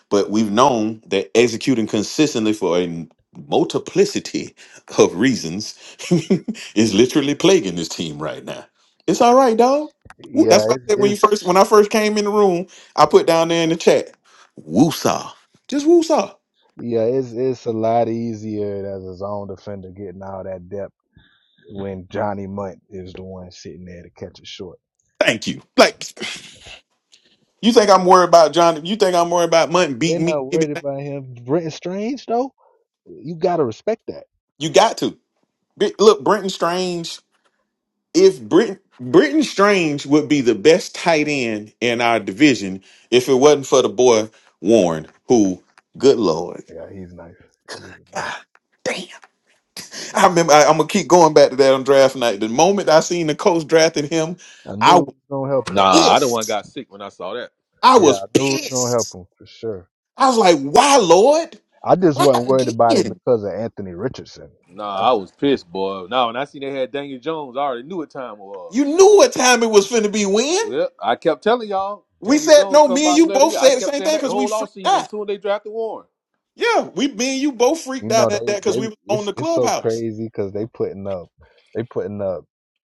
[SPEAKER 7] But we've known that executing consistently for a multiplicity of reasons is literally plaguing this team right now. It's all right, dog.
[SPEAKER 3] Yeah,
[SPEAKER 7] That's why
[SPEAKER 3] it's
[SPEAKER 7] I said when you
[SPEAKER 3] it's
[SPEAKER 7] first when I first came in the room, I put down there in the chat, woosah. Just woosah.
[SPEAKER 3] yeah, it's it's a lot easier as a zone defender getting all that depth when Johnny Munt is the one sitting there to catch it short.
[SPEAKER 7] Thank you. Like you think I'm worried about John? You think I'm worried about Muntin
[SPEAKER 3] They're
[SPEAKER 7] beating me?
[SPEAKER 3] not worried about him. Brent Strange though, you gotta respect that.
[SPEAKER 7] You got to Bi- look. Brenton Strange. If Brenton Brenton Strange would be the best tight end in our division if it wasn't for the boy Warren, who, good lord,
[SPEAKER 3] Yeah, he's nice. He's nice.
[SPEAKER 7] damn. I remember I, am gonna keep going back to that on draft night. The moment I seen the coach drafting him,
[SPEAKER 3] I
[SPEAKER 7] I
[SPEAKER 3] knew it
[SPEAKER 7] was
[SPEAKER 3] was gonna help him.
[SPEAKER 4] Nah, I the one
[SPEAKER 7] pissed.
[SPEAKER 4] got sick when I saw that.
[SPEAKER 7] I
[SPEAKER 3] Yeah,
[SPEAKER 7] was
[SPEAKER 3] I knew it was gonna help
[SPEAKER 7] pissed.
[SPEAKER 3] him for sure.
[SPEAKER 7] I was like, why, Lord?
[SPEAKER 3] I just
[SPEAKER 7] Why
[SPEAKER 3] wasn't worried about it
[SPEAKER 7] again?
[SPEAKER 3] because of Anthony Richardson.
[SPEAKER 4] Nah,
[SPEAKER 3] That's.
[SPEAKER 4] I was pissed, boy. Nah, when I seen they had Daniel Jones, I already knew what time it was.
[SPEAKER 7] You knew what time it was finna be when.
[SPEAKER 4] Well, I kept telling y'all,
[SPEAKER 7] We
[SPEAKER 4] Daniel
[SPEAKER 7] said
[SPEAKER 4] Jones
[SPEAKER 7] no,
[SPEAKER 4] come
[SPEAKER 7] me and
[SPEAKER 4] by
[SPEAKER 7] you
[SPEAKER 4] play of the
[SPEAKER 7] both
[SPEAKER 4] year. I
[SPEAKER 7] said the
[SPEAKER 4] kept
[SPEAKER 7] same
[SPEAKER 4] saying
[SPEAKER 7] thing
[SPEAKER 4] that the
[SPEAKER 7] because we
[SPEAKER 4] whole
[SPEAKER 7] freaked
[SPEAKER 4] offseason as
[SPEAKER 7] out.
[SPEAKER 4] soon as they drafted Warren.
[SPEAKER 7] Yeah, we me and you both
[SPEAKER 3] You
[SPEAKER 7] freaked
[SPEAKER 3] know
[SPEAKER 7] out at
[SPEAKER 3] they
[SPEAKER 7] that because
[SPEAKER 3] they
[SPEAKER 7] we were on
[SPEAKER 3] it's
[SPEAKER 7] the
[SPEAKER 3] it's so
[SPEAKER 7] clubhouse.
[SPEAKER 3] crazy because they putting up they putting up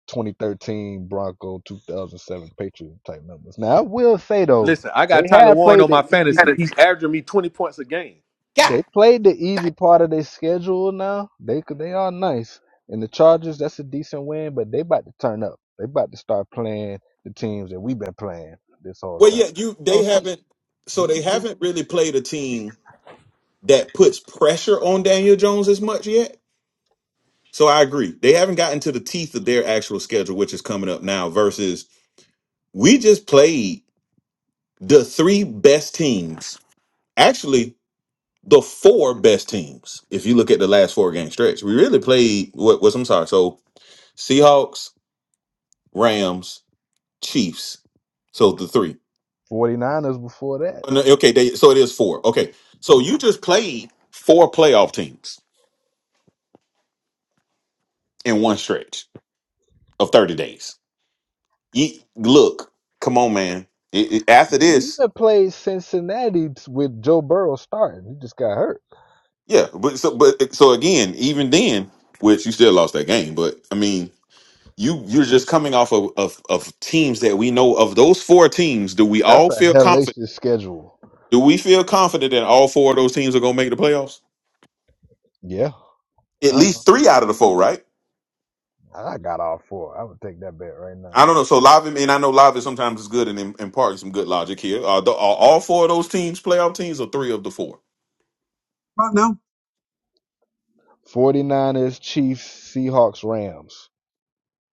[SPEAKER 3] 2013 Bronco 2007 Patriot type numbers. Now I will say though
[SPEAKER 4] Listen, I got
[SPEAKER 3] they
[SPEAKER 4] Tyler
[SPEAKER 3] have
[SPEAKER 4] Warren
[SPEAKER 3] played
[SPEAKER 4] on
[SPEAKER 3] the
[SPEAKER 4] my
[SPEAKER 3] easy
[SPEAKER 7] That
[SPEAKER 4] fantasy.
[SPEAKER 7] is-
[SPEAKER 4] He's averaging me 20 points a game.
[SPEAKER 7] God.
[SPEAKER 3] they played the
[SPEAKER 7] dang.
[SPEAKER 3] easy part of their schedule now. They could- they are nice and the Chargers that's a decent win, but they about to turn up. They about to start playing the teams that we've been playing this whole
[SPEAKER 7] Well,
[SPEAKER 3] time.
[SPEAKER 7] yeah, you
[SPEAKER 3] You gonna
[SPEAKER 7] they
[SPEAKER 3] see
[SPEAKER 7] haven't
[SPEAKER 3] you
[SPEAKER 7] so
[SPEAKER 3] gonna
[SPEAKER 7] they
[SPEAKER 3] see
[SPEAKER 7] haven't really played a team that puts pressure on Daniel Jones as much yet. So I agree. They haven't gotten to the teeth of their actual schedule, which is coming up now, versus we just played the three best teams. Actually, the four best teams, if you look at the last four game stretch. We really played what was I'm sorry. So Seahawks, Rams, Chiefs. So the three.
[SPEAKER 3] 49ers before that.
[SPEAKER 7] Oh, No, Okay, they, so it is four. Okay. So you just played four playoff teams in one stretch of 30 days. You, look, come on, man. It- it- after this,
[SPEAKER 3] Even played Cincinnati with Joe Burrow starting. He just got hurt.
[SPEAKER 7] Yeah, but so but so again, even then, which you still lost that game, but I mean, you you're just coming off of, of of teams that we know of those four teams, do we
[SPEAKER 3] That's
[SPEAKER 7] all
[SPEAKER 3] a
[SPEAKER 7] feel confident?
[SPEAKER 3] hellacious schedule.
[SPEAKER 7] Do we feel confident that all four of those teams are gonna make the playoffs?
[SPEAKER 3] Yeah,
[SPEAKER 7] At
[SPEAKER 3] I,
[SPEAKER 7] least three out of the four, right?
[SPEAKER 3] I got all four. I would take that bet right now.
[SPEAKER 7] I don't know. So live and I know live is sometimes is good and im- imparting some good logic here. Are, the, are all four of those teams playoff teams or three of the four?
[SPEAKER 1] Uh, no,
[SPEAKER 3] 49ers, Chiefs, Seahawks, Rams.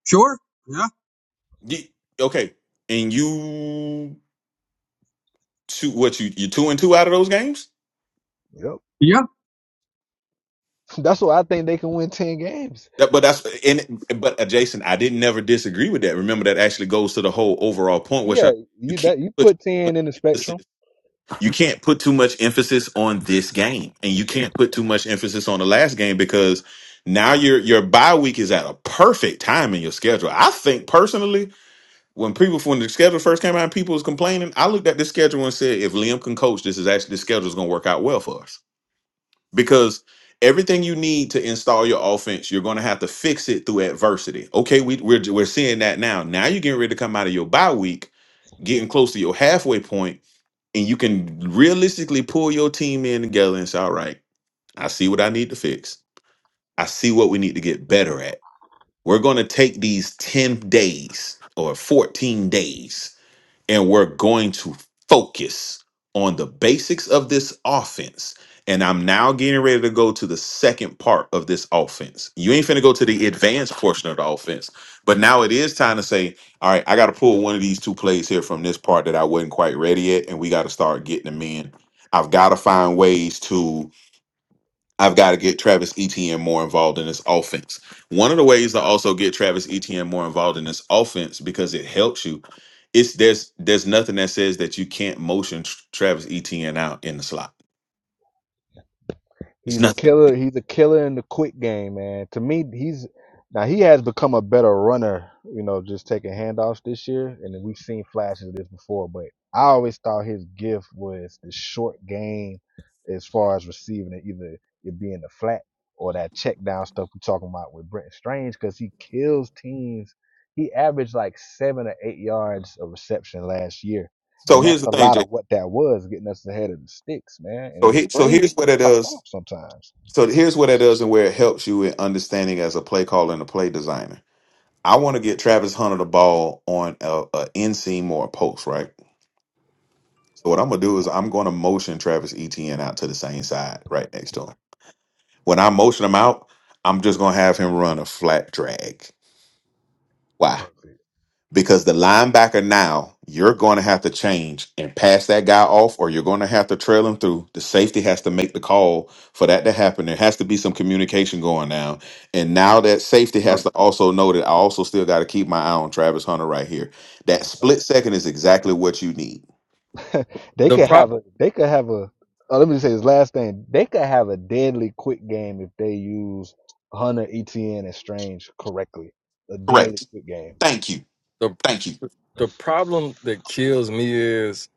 [SPEAKER 1] sure, yeah,
[SPEAKER 7] Ye- okay, and you two what you you two and two out of those games?
[SPEAKER 3] Yep.
[SPEAKER 1] yeah,
[SPEAKER 3] That's why I think they can win 10 games.
[SPEAKER 7] That, but that's and but uh, Jason, I didn't never disagree with that. Remember that actually goes to the whole overall point, which
[SPEAKER 3] Yeah,
[SPEAKER 7] I you
[SPEAKER 3] you
[SPEAKER 7] can't
[SPEAKER 3] that you
[SPEAKER 7] put too
[SPEAKER 3] put
[SPEAKER 7] much
[SPEAKER 3] 10 in the spectrum.
[SPEAKER 7] emphasis. You can't put too much emphasis on this game, and you can't put too much emphasis on the last game because now your your bye week is at a perfect time in your schedule. I think personally, when people when the schedule first came out, and people was complaining. I looked at this schedule and said, if Liam can coach, this is actually this schedule is going to work out well for us because everything you need to install your offense, you're going to have to fix it through adversity. Okay, we, we're we're seeing that now. Now you're getting ready to come out of your bye week, getting close to your halfway point, and you can realistically pull your team in together and say, "All right, I see what I need to fix. I see what we need to get better at. We're going to take these ten days or fourteen days." and we're going to focus on the basics of this offense. And I'm now getting ready to go to the second part of this offense. You ain't finna go to the advanced portion of the offense, but now it is time to say, all right, I got to pull one of these two plays here from this part that I wasn't quite ready yet, and we got to start getting them in. I've got to find ways to I've got to get Travis Etienne more involved in this offense. One of the ways to also get Travis Etienne more involved in this offense because it helps you. It's there's there's nothing that says that you can't motion Tr- Travis Etienne out in the slot. It's
[SPEAKER 3] He's a
[SPEAKER 7] nothing.
[SPEAKER 3] killer. He's a killer in the quick game, man. To me, he's now he has become a better runner. You know, just taking handoffs this year, and we've seen flashes of this before. But I always thought his gift was the short game, as far as receiving it, either it being the flat or that check down stuff we're talking about with Brenton Strange, because he kills teams. He averaged like seven or eight yards of reception last year.
[SPEAKER 7] So
[SPEAKER 3] And that's
[SPEAKER 7] here's the
[SPEAKER 3] a
[SPEAKER 7] thing,
[SPEAKER 3] lot
[SPEAKER 7] Jay.
[SPEAKER 3] of what that was, getting us ahead of the sticks, man. And
[SPEAKER 7] So
[SPEAKER 3] the
[SPEAKER 7] he, so
[SPEAKER 3] screen
[SPEAKER 7] here's what it
[SPEAKER 3] pop off
[SPEAKER 7] does.
[SPEAKER 3] sometimes.
[SPEAKER 7] So here's what it does and where it helps you in understanding as a play caller and a play designer. I want to get Travis Hunter the ball on a, a inseam or a post, right? So what I'm gonna do is I'm gonna motion Travis Etienne out to the same side, right next to him. When I motion him out, I'm just going to have him run a flat drag. Why?
[SPEAKER 3] Perfect.
[SPEAKER 7] Because the linebacker now, you're going to have to change and pass that guy off, or you're going to have to trail him through. The safety has to make the call for that to happen. There has to be some communication going down. And now that safety has to also know that I also still got to keep my eye on Travis Hunter right here. That split
[SPEAKER 3] Yep.
[SPEAKER 7] second is exactly what you need.
[SPEAKER 3] they
[SPEAKER 5] The
[SPEAKER 3] could
[SPEAKER 5] pro,
[SPEAKER 3] have a they could have a oh, let me say this last thing. They could have a deadly quick game if they use Hunter, ETN, and Strange correctly. A deadly
[SPEAKER 7] Correct.
[SPEAKER 3] quick game.
[SPEAKER 7] Thank you.
[SPEAKER 5] the
[SPEAKER 7] Thank you.
[SPEAKER 5] the problem that kills me is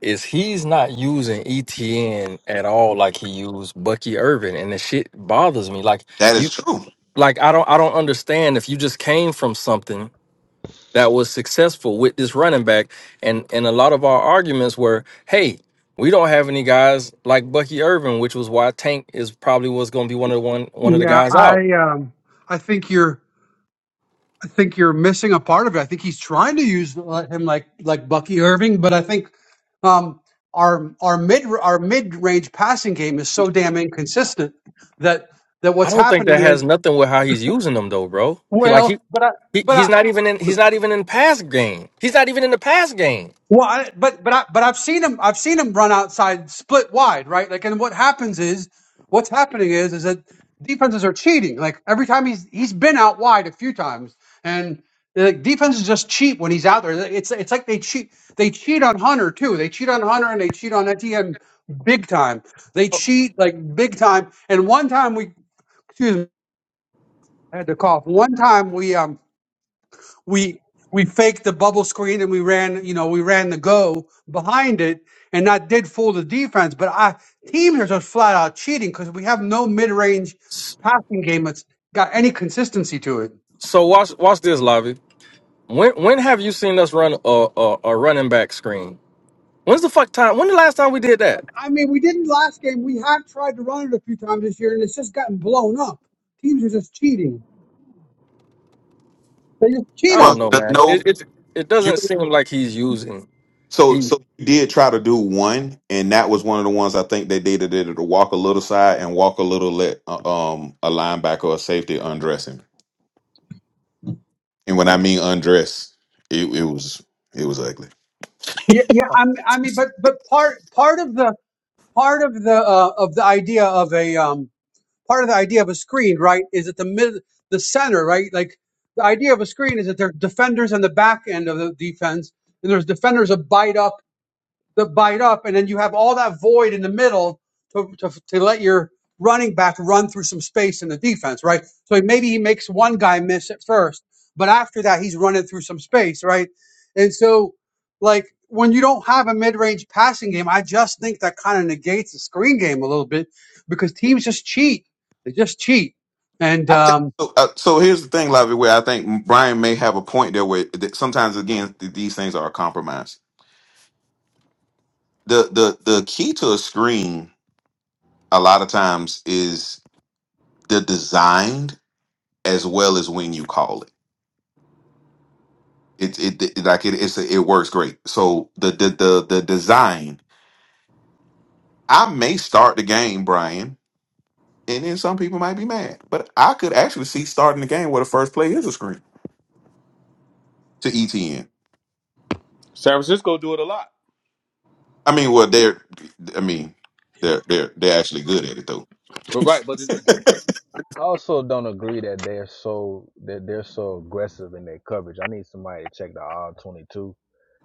[SPEAKER 5] is he's not using ETN at all like he used Bucky Irvin and the shit bothers me. Like
[SPEAKER 7] That
[SPEAKER 5] you
[SPEAKER 7] is true.
[SPEAKER 5] like I don't I don't understand if you just came from something that was successful with this running back and and a lot of our arguments were, hey, we don't have any guys like Bucky Irvin, which was why Tank is probably was gonna be one of the one one of the
[SPEAKER 1] yeah.
[SPEAKER 5] guys out
[SPEAKER 1] I um, I think you're. I think you're missing a part of it. I think he's trying to use uh, him like like Bucky Irving, but I think Um, our our mid our mid range passing game is so damn inconsistent that that
[SPEAKER 5] I
[SPEAKER 1] what's
[SPEAKER 5] don't think that
[SPEAKER 1] happening
[SPEAKER 5] has
[SPEAKER 1] is
[SPEAKER 5] nothing with how he's using them though, bro. He like he,
[SPEAKER 1] well, but I
[SPEAKER 5] he
[SPEAKER 1] but I,
[SPEAKER 5] he's not even in he's not even in pass game. He's not even in the pass game.
[SPEAKER 1] Well, I, but but I, but I've seen him. I've seen him run outside, split wide, right? Like, and what happens is, what's happening is, is that defenses are cheating. Like every time he's he's been out wide a few times, and like defenses just cheat when he's out there. It's it's like they cheat. They cheat on Hunter too. They cheat on Hunter and they cheat on Etienne big time. They
[SPEAKER 5] Oh,
[SPEAKER 1] cheat like big time. And one time we, excuse me, I had to cough. One time we um we we faked the bubble screen and we ran, you know, we ran the go behind it, and that did fool the defense. But I team here is just flat out cheating because we have no mid range
[SPEAKER 5] s-
[SPEAKER 1] passing game that's got any consistency to it.
[SPEAKER 5] So watch watch this, Lavi. When when have you seen us run a, a, a running back screen? When's the fuck time? When the last time we did that?
[SPEAKER 1] I mean, we didn't last game. We have tried to run it a few times this year, and it's just gotten blown up. Teams are just cheating. They just
[SPEAKER 5] I
[SPEAKER 1] cheat
[SPEAKER 7] Well,
[SPEAKER 5] don't
[SPEAKER 1] on
[SPEAKER 5] know,
[SPEAKER 1] it.
[SPEAKER 7] the-
[SPEAKER 5] man.
[SPEAKER 7] no,
[SPEAKER 5] It it, it
[SPEAKER 7] you
[SPEAKER 5] doesn't seem like he's using
[SPEAKER 7] So
[SPEAKER 5] he.
[SPEAKER 7] so you did try to do one, and that was one of the ones I think they did They did it to walk a little side and walk a little let uh, um a linebacker or a safety undress him. And when I mean undress, it, it was it was ugly.
[SPEAKER 1] Yeah, yeah. I'm, I mean, but but part part of the part of the uh, of the idea of a um, part of the idea of a screen, right, is at the mid, the center, right? Like the idea of a screen is that there's defenders on the back end of the defense, and there's defenders that bite up that bite up, and then you have all that void in the middle to, to, to let your running back run through some space in the defense, right? So maybe he makes one guy miss at first, but after that, he's running through some space, right? And so, like, when you don't have a mid range passing game, I just think that kind of negates the screen game a little bit because teams just cheat. They just cheat. And
[SPEAKER 7] I think-
[SPEAKER 1] um,
[SPEAKER 7] So, uh, so here's the thing, Lavi, where I think Brian may have a point there. Where that sometimes again th- these things are a compromise. The the the key to a screen a lot of times is the design as well as when you call it. It it, it like it it's a, it works great. So the, the the the design. I may start the game, Brian, and then some people might be mad, but I could actually see starting the game where the first play is a screen to ETN.
[SPEAKER 4] San Francisco do it a lot.
[SPEAKER 7] I mean, well, they're I mean they're they're they're actually good at it though.
[SPEAKER 4] But right, but it's,
[SPEAKER 3] I also don't agree that they're so that they're so aggressive in their coverage. I need somebody to check the all twenty two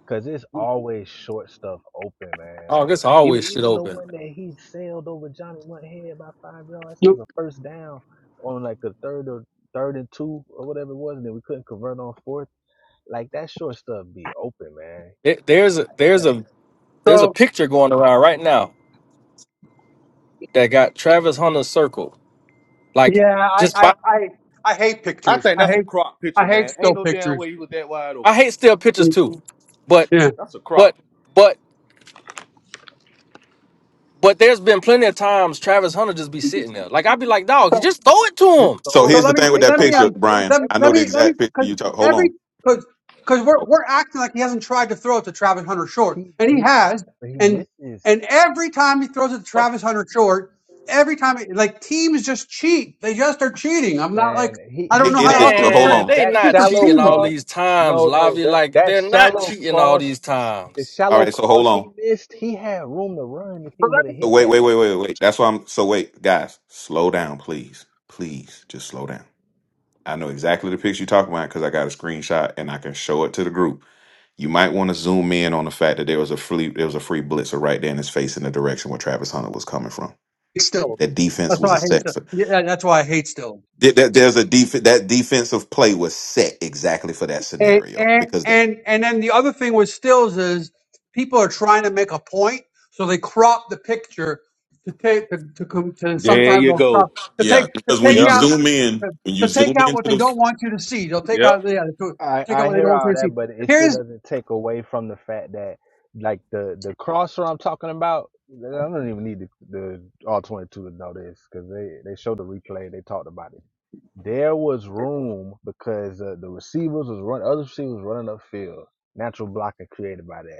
[SPEAKER 3] Cause it's always short stuff open, man.
[SPEAKER 5] Oh,
[SPEAKER 3] Like
[SPEAKER 5] this
[SPEAKER 3] even
[SPEAKER 5] always shit
[SPEAKER 3] even the
[SPEAKER 5] open.
[SPEAKER 3] one that he sailed over Johnny one head by five yards, that was a first down on like the third or third and two or whatever it was, and then we couldn't convert on fourth. Like that short stuff be open, man.
[SPEAKER 5] It, there's a,
[SPEAKER 3] It,
[SPEAKER 5] there's
[SPEAKER 3] the-
[SPEAKER 5] a there's a
[SPEAKER 1] so,
[SPEAKER 5] picture going around right now that got Travis Hunter's circle. Like
[SPEAKER 1] yeah, I,
[SPEAKER 5] just
[SPEAKER 1] I,
[SPEAKER 5] by
[SPEAKER 1] I, I hate
[SPEAKER 4] I
[SPEAKER 1] pictures.
[SPEAKER 4] think
[SPEAKER 1] I
[SPEAKER 4] that's a
[SPEAKER 1] hate,
[SPEAKER 4] crop
[SPEAKER 1] I
[SPEAKER 4] picture,
[SPEAKER 1] hate
[SPEAKER 4] man. Ain't
[SPEAKER 1] still
[SPEAKER 4] no damn
[SPEAKER 1] pictures.
[SPEAKER 4] way he was that wide
[SPEAKER 5] I
[SPEAKER 4] open.
[SPEAKER 5] hate still pictures too, but
[SPEAKER 1] Yeah.
[SPEAKER 4] That's a crop.
[SPEAKER 5] but but but there's been plenty of times Travis Hunter just be sitting there. Like I'd be like, dog, just throw it to
[SPEAKER 3] just
[SPEAKER 5] him.
[SPEAKER 7] so
[SPEAKER 3] throw
[SPEAKER 1] So
[SPEAKER 3] it.
[SPEAKER 7] here's
[SPEAKER 1] let
[SPEAKER 7] the
[SPEAKER 3] He
[SPEAKER 1] me
[SPEAKER 7] thing with
[SPEAKER 3] makes
[SPEAKER 7] that
[SPEAKER 1] let me
[SPEAKER 7] picture,
[SPEAKER 3] somebody
[SPEAKER 1] um
[SPEAKER 3] miss
[SPEAKER 7] Brian.
[SPEAKER 1] let,
[SPEAKER 3] every
[SPEAKER 7] I
[SPEAKER 1] let
[SPEAKER 7] know the
[SPEAKER 1] me let me
[SPEAKER 7] exact picture
[SPEAKER 1] because
[SPEAKER 7] you talk. Hold on.
[SPEAKER 1] every because because we're
[SPEAKER 7] Oh,
[SPEAKER 1] we're acting like he hasn't tried to throw it to Travis Hunter short,
[SPEAKER 3] he
[SPEAKER 1] and he
[SPEAKER 3] he does,
[SPEAKER 1] has,
[SPEAKER 3] but he
[SPEAKER 1] and
[SPEAKER 3] misses.
[SPEAKER 1] and every time he throws it to Travis Hunter short, every time it, like teams just cheat, they just are cheating. I'm not like
[SPEAKER 3] Man, he
[SPEAKER 1] I don't
[SPEAKER 7] It,
[SPEAKER 3] he
[SPEAKER 1] know
[SPEAKER 3] had
[SPEAKER 7] it
[SPEAKER 1] how
[SPEAKER 7] is,
[SPEAKER 1] else to
[SPEAKER 7] but hold
[SPEAKER 3] room.
[SPEAKER 1] describe,
[SPEAKER 5] Man,
[SPEAKER 7] on.
[SPEAKER 5] they
[SPEAKER 3] That
[SPEAKER 1] they
[SPEAKER 5] not
[SPEAKER 1] just are
[SPEAKER 3] shallow
[SPEAKER 5] cheating all
[SPEAKER 1] cheating.
[SPEAKER 5] these
[SPEAKER 3] cross.
[SPEAKER 5] times,
[SPEAKER 3] No, no,
[SPEAKER 5] Lavi.
[SPEAKER 3] that
[SPEAKER 5] Like
[SPEAKER 3] that
[SPEAKER 5] they're not
[SPEAKER 3] shallow
[SPEAKER 5] cheating all
[SPEAKER 3] cross
[SPEAKER 5] these
[SPEAKER 3] The
[SPEAKER 5] times.
[SPEAKER 7] All
[SPEAKER 3] shallow
[SPEAKER 7] right, so hold
[SPEAKER 3] cross he
[SPEAKER 7] on.
[SPEAKER 3] missed, he had room to run if he
[SPEAKER 1] But
[SPEAKER 3] would
[SPEAKER 1] let
[SPEAKER 3] have
[SPEAKER 7] So
[SPEAKER 3] hit
[SPEAKER 7] wait,
[SPEAKER 3] that.
[SPEAKER 7] wait, wait, wait, wait. That's why I'm. So wait, guys, slow down, please, please, just slow down. I know exactly the picture you're talking about because I got a screenshot and I can show it to the group. You might want to zoom in on the fact that there was a free there was a free blitzer right there in his face in the direction where Travis Hunter was coming from.
[SPEAKER 1] me still.
[SPEAKER 7] That defense
[SPEAKER 1] That's
[SPEAKER 7] was
[SPEAKER 1] why
[SPEAKER 7] a
[SPEAKER 1] I hate
[SPEAKER 7] set
[SPEAKER 1] still.
[SPEAKER 7] for
[SPEAKER 1] Yeah, that's why I hate still.
[SPEAKER 7] there- there- there's a def that defensive play was set exactly for that
[SPEAKER 1] And
[SPEAKER 7] scenario
[SPEAKER 1] and
[SPEAKER 7] because that,
[SPEAKER 1] and and then the other thing with stills is people are trying to make a point, so they crop the picture to take to to, com- to
[SPEAKER 4] There
[SPEAKER 1] sometimes
[SPEAKER 4] you
[SPEAKER 1] on crop
[SPEAKER 4] go.
[SPEAKER 1] to take
[SPEAKER 7] Yeah,
[SPEAKER 1] to
[SPEAKER 7] because when
[SPEAKER 1] take
[SPEAKER 7] you
[SPEAKER 4] Yep.
[SPEAKER 1] out
[SPEAKER 7] zoom in,
[SPEAKER 1] to,
[SPEAKER 7] when
[SPEAKER 1] to
[SPEAKER 7] you
[SPEAKER 1] take
[SPEAKER 7] zoom
[SPEAKER 1] out
[SPEAKER 7] into
[SPEAKER 1] what they
[SPEAKER 7] the
[SPEAKER 1] don't want you to see. They'll take
[SPEAKER 4] Yep.
[SPEAKER 1] out yeah, to
[SPEAKER 3] I
[SPEAKER 1] take out
[SPEAKER 3] I
[SPEAKER 1] what they
[SPEAKER 3] hear
[SPEAKER 1] don't want you
[SPEAKER 3] all
[SPEAKER 1] to see.
[SPEAKER 3] that, but it still
[SPEAKER 1] Here's
[SPEAKER 3] doesn't take away from the fact that like the the crosser I'm talking about. I don't even need the, the all 22 to know this because they they showed the replay. They talked about it. There was room because uh, the receivers was run other receivers running upfield. Natural blocking created by that.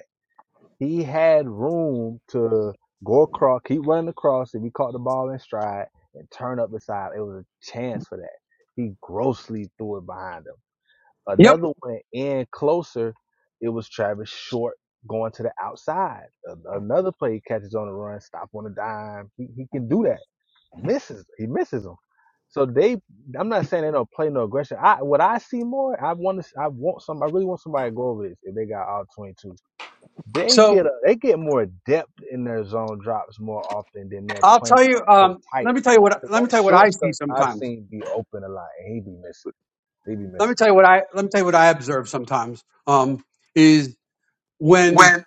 [SPEAKER 3] He had room to go across, keep running across. If he caught the ball in stride and turn up beside, it was a chance for that. He grossly threw it behind him.
[SPEAKER 1] yep.
[SPEAKER 3] Another one in closer. It was Travis Short going to the outside. Another play he catches on the run, stop on a dime. He, he can do that. Misses. He misses them. So they, I'm not saying they don't play no aggression. I what I see more, I want to, I want some, I really want somebody to go over this if they got all 22 they
[SPEAKER 1] So
[SPEAKER 3] get a, they get more depth in their zone drops more often than they're
[SPEAKER 1] I'll
[SPEAKER 3] playing
[SPEAKER 1] tell you.
[SPEAKER 3] up so
[SPEAKER 1] Um,
[SPEAKER 3] tight.
[SPEAKER 1] let me tell you what
[SPEAKER 3] Cause
[SPEAKER 1] let me
[SPEAKER 3] that
[SPEAKER 1] tell you what
[SPEAKER 3] short
[SPEAKER 1] I
[SPEAKER 3] stuff
[SPEAKER 1] see
[SPEAKER 3] I've
[SPEAKER 1] sometimes.
[SPEAKER 3] seen be open a lot, and he be missing. He be
[SPEAKER 1] Let me
[SPEAKER 3] missing.
[SPEAKER 1] tell you what I let me tell you what I observe sometimes. Um, is when
[SPEAKER 5] When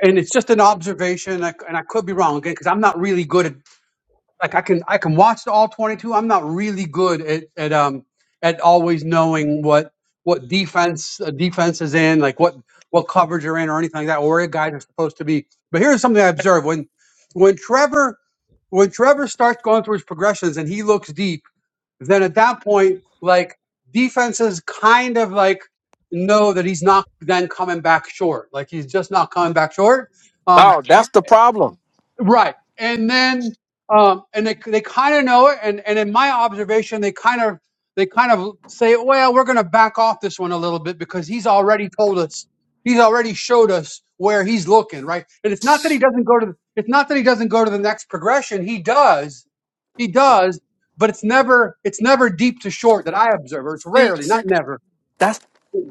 [SPEAKER 1] and it's just an observation, and I, and I could be wrong again because I'm not really good at like I can I can watch the all 22. I'm not really good at at um at always knowing what what defense a defense is in, like what what coverage you're in or anything like that, or where a guys are supposed to be. But here's something I observed when when Trevor when Trevor starts going through his progressions and he looks deep, then at that point, like defenses kind of like know that he's not then coming back short. Like he's just not coming back short. Um,
[SPEAKER 5] Dog, that's the problem.
[SPEAKER 1] Right. And then, um, and they, they kind of know it. And, and in my observation, they kind of, they kind of say, well, we're going to back off this one a little bit because he's already told us, he's already showed us where he's looking. Right. And it's not that he doesn't go to, it's not that he doesn't go to the next progression. He does, he does, but it's never, it's never deep to short that I observe or it's
[SPEAKER 5] See,
[SPEAKER 1] rarely, not
[SPEAKER 5] see,
[SPEAKER 1] never.
[SPEAKER 5] that's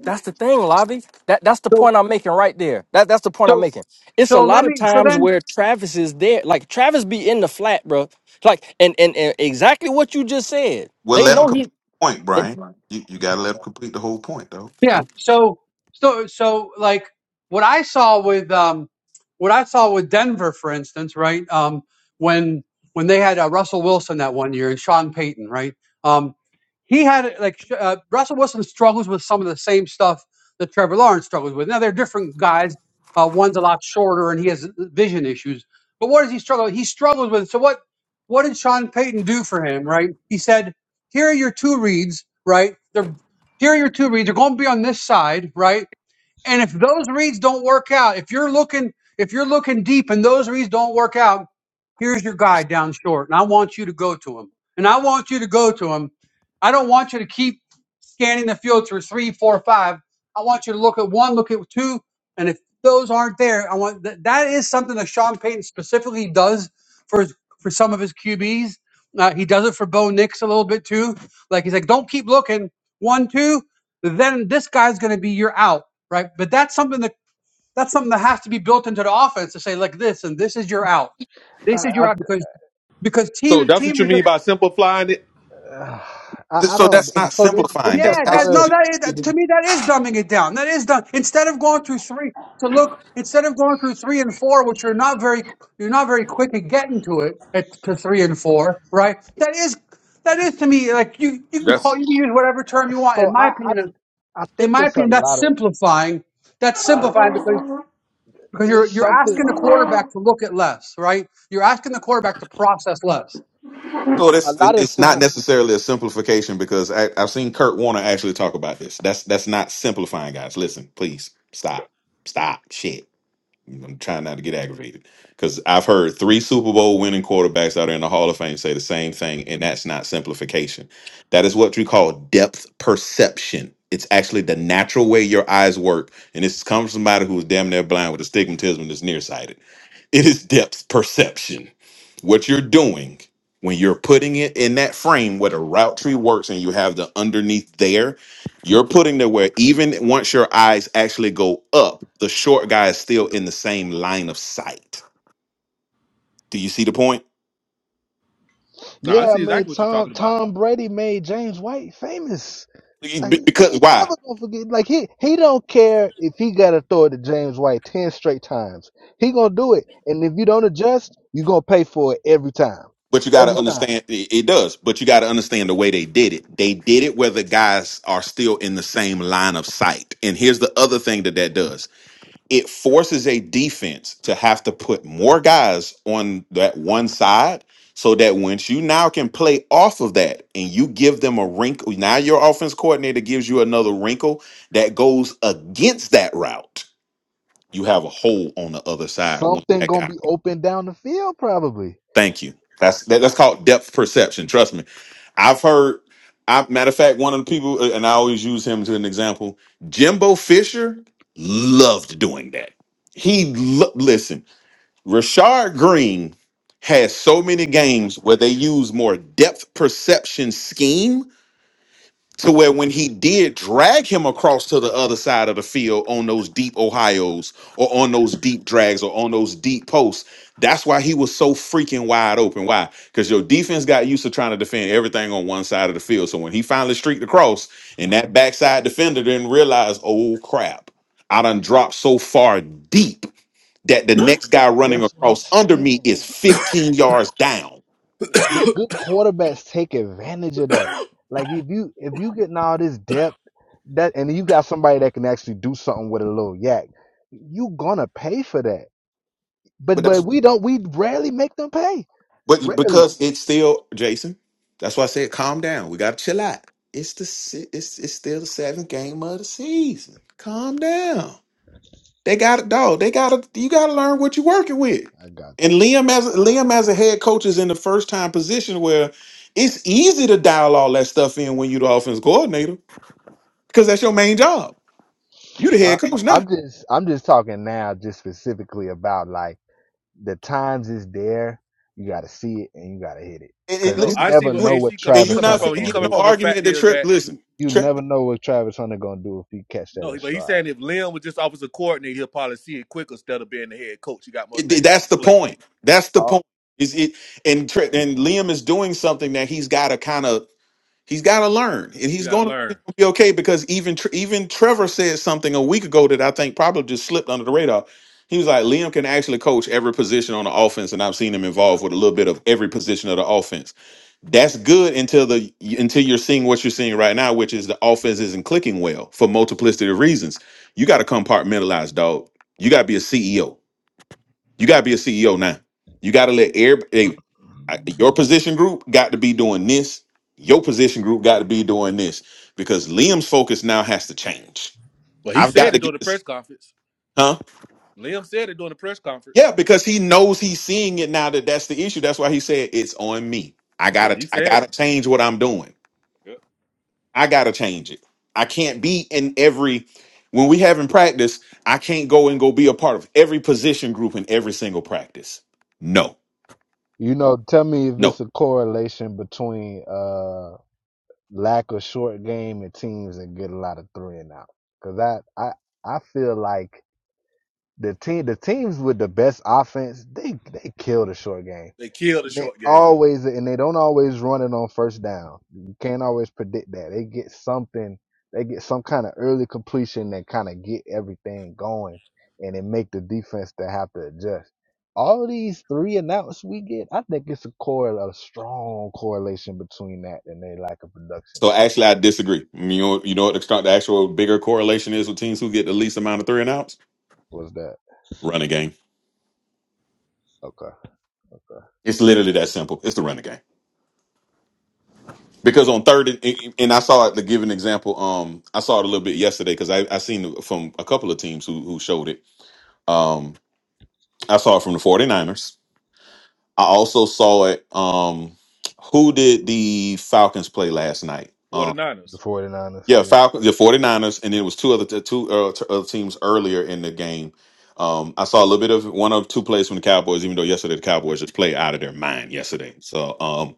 [SPEAKER 5] that's the thing, Lavi. That that's the
[SPEAKER 1] So,
[SPEAKER 5] point I'm making right there. That that's the point I'm
[SPEAKER 1] so,
[SPEAKER 5] making. It's a
[SPEAKER 1] so
[SPEAKER 5] lot
[SPEAKER 1] let
[SPEAKER 5] of
[SPEAKER 1] me, so
[SPEAKER 5] times
[SPEAKER 1] then
[SPEAKER 5] where Travis is there, like Travis be in the flat, bro. Like and and, and exactly what you just said.
[SPEAKER 7] well
[SPEAKER 5] They
[SPEAKER 7] let him
[SPEAKER 5] know he.
[SPEAKER 7] complete the point, Brian.
[SPEAKER 5] I'm
[SPEAKER 7] You you gotta let him complete the whole point though.
[SPEAKER 1] Yeah. So so so like what I saw with um what I saw with Denver, for instance, right? Um, when when they had uh, Russell Wilson that one year and Sean Payton, right? Um, he had like sh- uh, Russell Wilson struggles with some of the same stuff that Trevor Lawrence struggles with. Now they're different guys. Uh, one's a lot shorter and he has uh, vision issues. But what does he struggle? He struggles with. So what? What did Sean Payton do for him? Right? He said, "Here are your two reads. Right? They're here are your two reads. They're going to be on this side, right? And if those reads don't work out, if you're looking, if you're looking deep and those reads don't work out, here's your guy down short. And I want you to go to him. And I want you to go to him. I don't want you to keep scanning the field through three, four, five. I want you to look at one, look at two, and if those aren't there, I want that. That is something that Sean Payton specifically does for his- for some of his QBs. Uh, he does it for Bo Nix a little bit too. Like he's like, don't keep looking one, two, then this guy's going to be your out right? But that's something that that's something that has to be built into the offense to say like this and this is your out.
[SPEAKER 3] I
[SPEAKER 1] This is
[SPEAKER 3] I,
[SPEAKER 1] your out because because
[SPEAKER 4] So
[SPEAKER 1] team
[SPEAKER 4] that's what
[SPEAKER 1] teams
[SPEAKER 4] you
[SPEAKER 1] are
[SPEAKER 4] mean
[SPEAKER 1] just
[SPEAKER 4] by simplifying it?
[SPEAKER 3] uh,
[SPEAKER 7] Th-
[SPEAKER 3] I, I
[SPEAKER 7] So
[SPEAKER 3] don't.
[SPEAKER 7] that's not
[SPEAKER 3] So it's
[SPEAKER 7] simplifying.
[SPEAKER 3] it's a
[SPEAKER 7] That's
[SPEAKER 1] yeah
[SPEAKER 3] lot
[SPEAKER 1] that
[SPEAKER 7] actually
[SPEAKER 3] of.
[SPEAKER 1] no
[SPEAKER 7] just
[SPEAKER 1] that, is, that to me that is dumbing it down. That is done instead of going through three. to look, instead of going through three and four, which you're not very you're not very quick at getting to it at to three and four, right? That is that is to me like you you can
[SPEAKER 4] That's
[SPEAKER 1] call you can use whatever term you want.
[SPEAKER 3] So
[SPEAKER 1] In my
[SPEAKER 3] I, I
[SPEAKER 1] opinion,
[SPEAKER 3] I
[SPEAKER 1] in
[SPEAKER 3] think
[SPEAKER 1] my
[SPEAKER 3] it's a
[SPEAKER 1] opinion, that's
[SPEAKER 3] lot of.
[SPEAKER 1] simplifying. That's simplifying because. Because you're
[SPEAKER 3] It's
[SPEAKER 1] you're
[SPEAKER 3] something.
[SPEAKER 1] asking the quarterback to look at less, right? You're asking the quarterback to process less.
[SPEAKER 7] So
[SPEAKER 3] A
[SPEAKER 7] that's
[SPEAKER 3] lot
[SPEAKER 7] it-
[SPEAKER 3] of
[SPEAKER 7] it's not
[SPEAKER 3] time.
[SPEAKER 7] necessarily a simplification because I, I've seen Kurt Warner actually talk about this. That's that's not simplifying, guys. Listen, please stop, stop, shit. I'm trying not to get aggravated because I've heard three Super Bowl winning quarterbacks out there in the Hall of Fame say the same thing, and that's not simplification. That is what you call depth perception. It's actually the natural way your eyes work, and this comes from somebody who is damn near blind with astigmatism that's nearsighted. It is depth perception. What you're doing when you're putting it in that frame where the route tree works, and you have the underneath there you're putting there where even once your eyes actually go up, the short guy is still in the same line of sight. Do you see the point?
[SPEAKER 4] no, I
[SPEAKER 3] Yeah, I
[SPEAKER 4] see
[SPEAKER 3] mean
[SPEAKER 4] exactly what you're
[SPEAKER 3] Tom
[SPEAKER 4] talking about.
[SPEAKER 3] Tom Brady made James White famous. Like you
[SPEAKER 7] Be- Because why?
[SPEAKER 3] never gonna forget. Like he he don't care if he gotta throw it to James White ten straight times. He gonna do it, and if you don't adjust, you gonna pay for it every time.
[SPEAKER 7] But you got
[SPEAKER 3] Every
[SPEAKER 7] to
[SPEAKER 3] time,
[SPEAKER 7] understand it it does. But you got to understand the way they did it. They did it where the guys are still in the same line of sight. And here's the other thing that that does. it forces a defense to have to put more guys on that one side so that once you now can play off of that and you give them a wrinkle now your offense coordinator gives you another wrinkle that goes against that route you have a hole on the other side once
[SPEAKER 3] something
[SPEAKER 7] that
[SPEAKER 3] gonna
[SPEAKER 7] guy
[SPEAKER 3] be open down the field probably.
[SPEAKER 7] thank you that's that, that's called depth perception trust me i've heard I, matter of fact one of the people uh, and i always use him as an example jimbo fisher loved doing that he lo- listen Rashard Green has so many games where they use more depth perception scheme to where when he did drag him across to the other side of the field on those deep Ohio's or on those deep drags or on those deep posts, that's why he was so freaking wide open. Why? Because your defense got used to trying to defend everything on one side of the field. So when he finally streaked across and that backside defender didn't realize, oh crap, I done dropped so far deep that the next guy running
[SPEAKER 3] That's what I'm
[SPEAKER 7] across under me
[SPEAKER 3] saying.
[SPEAKER 7] is 15 yards down.
[SPEAKER 3] The good quarterbacks take advantage of that. Like if you if you getting all this depth that and you got somebody that can actually do something with a little yak, you gonna pay for that. But
[SPEAKER 7] But that's.
[SPEAKER 3] but we don't. We rarely make them pay.
[SPEAKER 7] But
[SPEAKER 3] Rarely.
[SPEAKER 7] because it's still Jason, that's why I said calm down. We gotta chill out. It's the se- it's it's still the seventh game of the season. Calm down. They got it, dog. They gotta you gotta learn what you're working with.
[SPEAKER 3] I got
[SPEAKER 7] And
[SPEAKER 3] you. Man.
[SPEAKER 7] Liam as Liam as a head coach is in the first time position where it's easy to dial all that stuff in when you're the offense coordinator because that's your main job. You the
[SPEAKER 3] I,
[SPEAKER 7] head coach now,
[SPEAKER 3] I'm just I'm just talking now, just specifically about like the times is there. You got to see it and you got to hit it,
[SPEAKER 7] and, and
[SPEAKER 3] cause
[SPEAKER 4] No,
[SPEAKER 3] you
[SPEAKER 7] listen,
[SPEAKER 4] I see
[SPEAKER 3] never
[SPEAKER 4] what
[SPEAKER 7] you,
[SPEAKER 3] know what
[SPEAKER 4] AC coming. He
[SPEAKER 7] and you're
[SPEAKER 3] Travis
[SPEAKER 4] coming
[SPEAKER 7] not
[SPEAKER 3] Hunter
[SPEAKER 4] from.
[SPEAKER 7] finna
[SPEAKER 4] He
[SPEAKER 3] gonna
[SPEAKER 7] get
[SPEAKER 4] coming
[SPEAKER 7] no
[SPEAKER 4] from
[SPEAKER 3] do.
[SPEAKER 4] the fact
[SPEAKER 7] argument that
[SPEAKER 4] is
[SPEAKER 7] trip.
[SPEAKER 4] that
[SPEAKER 7] Listen.
[SPEAKER 3] You you never know what Travis Hunter gonna do if he catch that in
[SPEAKER 4] no, but he's
[SPEAKER 3] stride.
[SPEAKER 4] saying if Lynn was just offensive coordinator, he'll probably see it quicker instead of being the head coach. He got more
[SPEAKER 7] It-
[SPEAKER 4] things on
[SPEAKER 7] that's
[SPEAKER 4] his
[SPEAKER 7] the
[SPEAKER 4] plate.
[SPEAKER 7] point. That's the
[SPEAKER 3] Oh,
[SPEAKER 7] point. Is it and Tr- and Liam is doing something that he's got to kind of he's got to learn, and he's going to be okay because even Tr- even Trevor said something a week ago that I think probably just slipped under the radar. He was like, Liam can actually coach every position on the offense, and I've seen him involved with a little bit of every position of the offense. That's good until the until you're seeing what you're seeing right now, which is the offense isn't clicking well for multiplicity of reasons. You got to compartmentalize, dog. You got to be a CEO you got to be a CEO now. You got to let everybody, I- your position group got to be doing this. Your position group got to be doing this because Liam's focus now has to change.
[SPEAKER 4] But he
[SPEAKER 7] I've
[SPEAKER 4] said
[SPEAKER 7] got
[SPEAKER 4] it
[SPEAKER 7] to
[SPEAKER 4] during
[SPEAKER 7] get
[SPEAKER 4] the
[SPEAKER 7] this,
[SPEAKER 4] press conference.
[SPEAKER 7] huh?
[SPEAKER 4] Liam said it during the press conference.
[SPEAKER 7] Yeah, because he knows he's seeing it now that that's the issue. That's why he said it's on me. I
[SPEAKER 4] Yeah,
[SPEAKER 7] gotta,
[SPEAKER 4] he
[SPEAKER 7] I
[SPEAKER 4] said
[SPEAKER 7] gotta
[SPEAKER 4] it.
[SPEAKER 7] change what I'm doing.
[SPEAKER 4] Yep.
[SPEAKER 7] I gotta change it. I can't be in every. When we have in practice, I can't go and go be a part of every position group in every single practice. No,
[SPEAKER 3] you know, tell me if
[SPEAKER 7] no.
[SPEAKER 3] it's a correlation between uh lack of short game and teams that get a lot of three and out. Cause I I I feel like the team the teams with the best offense they they kill the short game
[SPEAKER 4] They killed the
[SPEAKER 3] And they
[SPEAKER 4] short game.
[SPEAKER 3] always and they don't always run it on first down. You can't always predict that. They get something, they get some kind of early completion that kind of get everything going, and it make the defense to have to adjust. All these three and outs we get, I think it's a correl a strong correlation between that and their lack of production.
[SPEAKER 7] So
[SPEAKER 3] and quick-
[SPEAKER 7] actually, I disagree. You know, you know what the, the actual bigger correlation is with teams who get the least amount of three and outs?
[SPEAKER 3] Was that
[SPEAKER 7] Running game.
[SPEAKER 3] okay? Okay.
[SPEAKER 7] It's literally that simple. It's the running game. Because on third and, and I saw it to give an example. Um, I saw it a little bit yesterday because I I seen it from a couple of teams who who showed it. Um, I saw it from the 49ers. I also saw it. Um, who did the Falcons play last night? Um,
[SPEAKER 3] The
[SPEAKER 4] 49ers.
[SPEAKER 3] 49ers,
[SPEAKER 7] Yeah,
[SPEAKER 3] yeah,
[SPEAKER 7] Falcons, the 49ers, and it was two other two uh, t- other teams earlier in the game. Um, I saw a little bit of one of two plays from the Cowboys, even though yesterday the Cowboys just played out of their mind yesterday. So, um,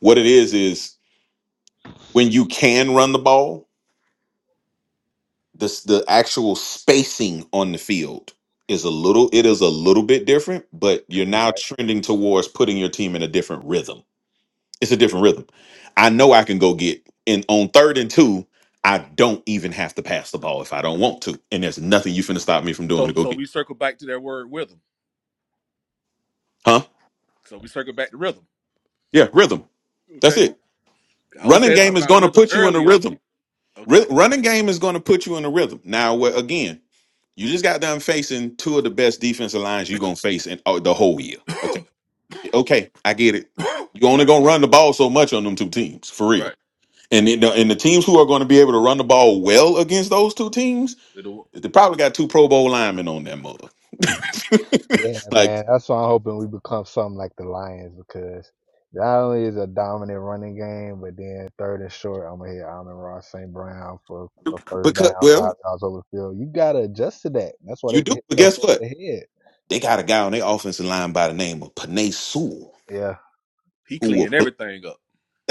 [SPEAKER 7] what it is is when you can run the ball, this the actual spacing on the field is a little it is a little bit different, but you're
[SPEAKER 3] you're right.
[SPEAKER 7] now trending towards putting your team in a different rhythm. It's a different rhythm. I know I can go get in on third and two, I don't even have to pass the ball if I don't want to. And there's nothing you finna stop me from doing to
[SPEAKER 4] So
[SPEAKER 7] go
[SPEAKER 4] so
[SPEAKER 7] get.
[SPEAKER 4] we circle back to their word with him.
[SPEAKER 7] Huh?
[SPEAKER 4] So we circle back to rhythm.
[SPEAKER 7] Yeah, rhythm. That's
[SPEAKER 4] Okay.
[SPEAKER 7] it.
[SPEAKER 4] I was
[SPEAKER 7] Running
[SPEAKER 4] saying
[SPEAKER 7] game
[SPEAKER 4] something
[SPEAKER 7] is
[SPEAKER 4] about
[SPEAKER 7] gonna
[SPEAKER 4] rhythm
[SPEAKER 7] put you in a
[SPEAKER 4] earlier.
[SPEAKER 7] rhythm.
[SPEAKER 4] Okay.
[SPEAKER 7] Ry- running game is gonna put you in a rhythm. Now wh- again, you just got done facing two of the best defensive lines you're gonna face in uh, the whole year. Okay. Okay, I get it. You only
[SPEAKER 4] Right.
[SPEAKER 7] gonna run the ball so much on them two teams, for
[SPEAKER 4] Right.
[SPEAKER 7] real. And in the, and the teams who are going to be able to run the ball well against those two teams
[SPEAKER 4] Little-
[SPEAKER 7] They probably got two Pro Bowl linemen on that mother.
[SPEAKER 3] Yeah,
[SPEAKER 7] like
[SPEAKER 3] man. That's why I'm hoping we become something like the Lions because not only is it a dominant running game, but then third and short, I'm gonna hit Amon Ross St. Brown for a first down,
[SPEAKER 7] because
[SPEAKER 3] five
[SPEAKER 7] well,
[SPEAKER 3] yards over the field. You gotta adjust to that. That's why
[SPEAKER 7] you
[SPEAKER 3] they can
[SPEAKER 7] do,
[SPEAKER 3] hit
[SPEAKER 7] but
[SPEAKER 3] stuff
[SPEAKER 7] guess
[SPEAKER 3] over the
[SPEAKER 7] what?
[SPEAKER 3] head.
[SPEAKER 7] They got a guy on their offensive line by the name of Panay Sewell
[SPEAKER 3] Yeah.
[SPEAKER 4] He
[SPEAKER 7] who will
[SPEAKER 4] cleaning
[SPEAKER 7] block
[SPEAKER 4] everything up.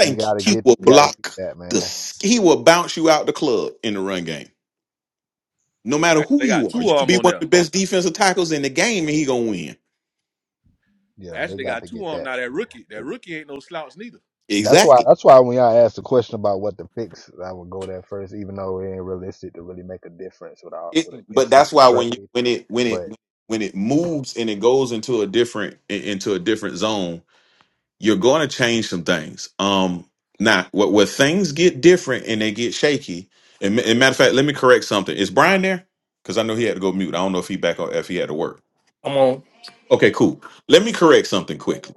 [SPEAKER 3] You
[SPEAKER 7] you.
[SPEAKER 3] gotta
[SPEAKER 7] He
[SPEAKER 3] get
[SPEAKER 7] will
[SPEAKER 3] you gotta get
[SPEAKER 7] block
[SPEAKER 3] that,
[SPEAKER 7] the
[SPEAKER 3] man.
[SPEAKER 7] s- he will bounce you out the club in the run game. No matter
[SPEAKER 4] Actually, they
[SPEAKER 7] who
[SPEAKER 4] got
[SPEAKER 7] you are.
[SPEAKER 4] two
[SPEAKER 7] You
[SPEAKER 4] of
[SPEAKER 7] could
[SPEAKER 4] them
[SPEAKER 7] be
[SPEAKER 4] on
[SPEAKER 7] one of
[SPEAKER 4] there.
[SPEAKER 7] the best defensive tackles in the game and he gonna win.
[SPEAKER 3] Yeah, they
[SPEAKER 4] Actually, they
[SPEAKER 3] got
[SPEAKER 4] got
[SPEAKER 3] to
[SPEAKER 4] two
[SPEAKER 3] get
[SPEAKER 4] of them
[SPEAKER 3] that.
[SPEAKER 4] now. That rookie, that rookie ain't no slouch neither.
[SPEAKER 3] That's why
[SPEAKER 7] Exactly.
[SPEAKER 3] that's why when y'all asked the question about what to fix, I would go there first, even though it ain't realistic to really make a difference with our
[SPEAKER 7] It,
[SPEAKER 3] with an in
[SPEAKER 7] but that's
[SPEAKER 3] season
[SPEAKER 7] why when you
[SPEAKER 3] trade.
[SPEAKER 7] when it when it
[SPEAKER 3] But
[SPEAKER 7] when it moves and it goes into a different in- into a different zone you're going to change some things. Um, now, where, where things get different and they get shaky. And, ma- and matter of fact, let me correct something. Is Brian there? Because I know he had to go mute. I don't know if he back or if he had to work.
[SPEAKER 5] on.
[SPEAKER 7] Okay, cool. Let me correct something quickly.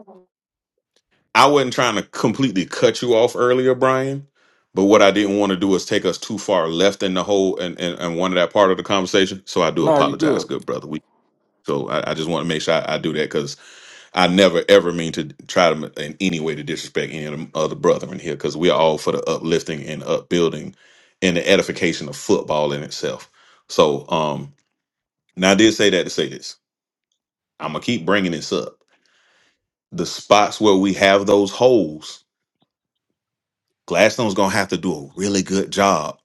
[SPEAKER 7] I wasn't trying to completely cut you off earlier, Brian. But what I didn't want to do is take us too far left in the whole and and, and one of that part of the conversation. So I do
[SPEAKER 5] Nah, you
[SPEAKER 7] apologize,
[SPEAKER 5] good.
[SPEAKER 7] good brother. We so I, I just want to make sure I, I do that because. I never ever mean to try to in any way to disrespect any of the other brethren here because we are all for the uplifting and upbuilding and the edification of football in itself. So, um, now I did say that to say this. I'm gonna keep bringing this up. The spots where we have those holes, Gladstone's gonna have to do a really good job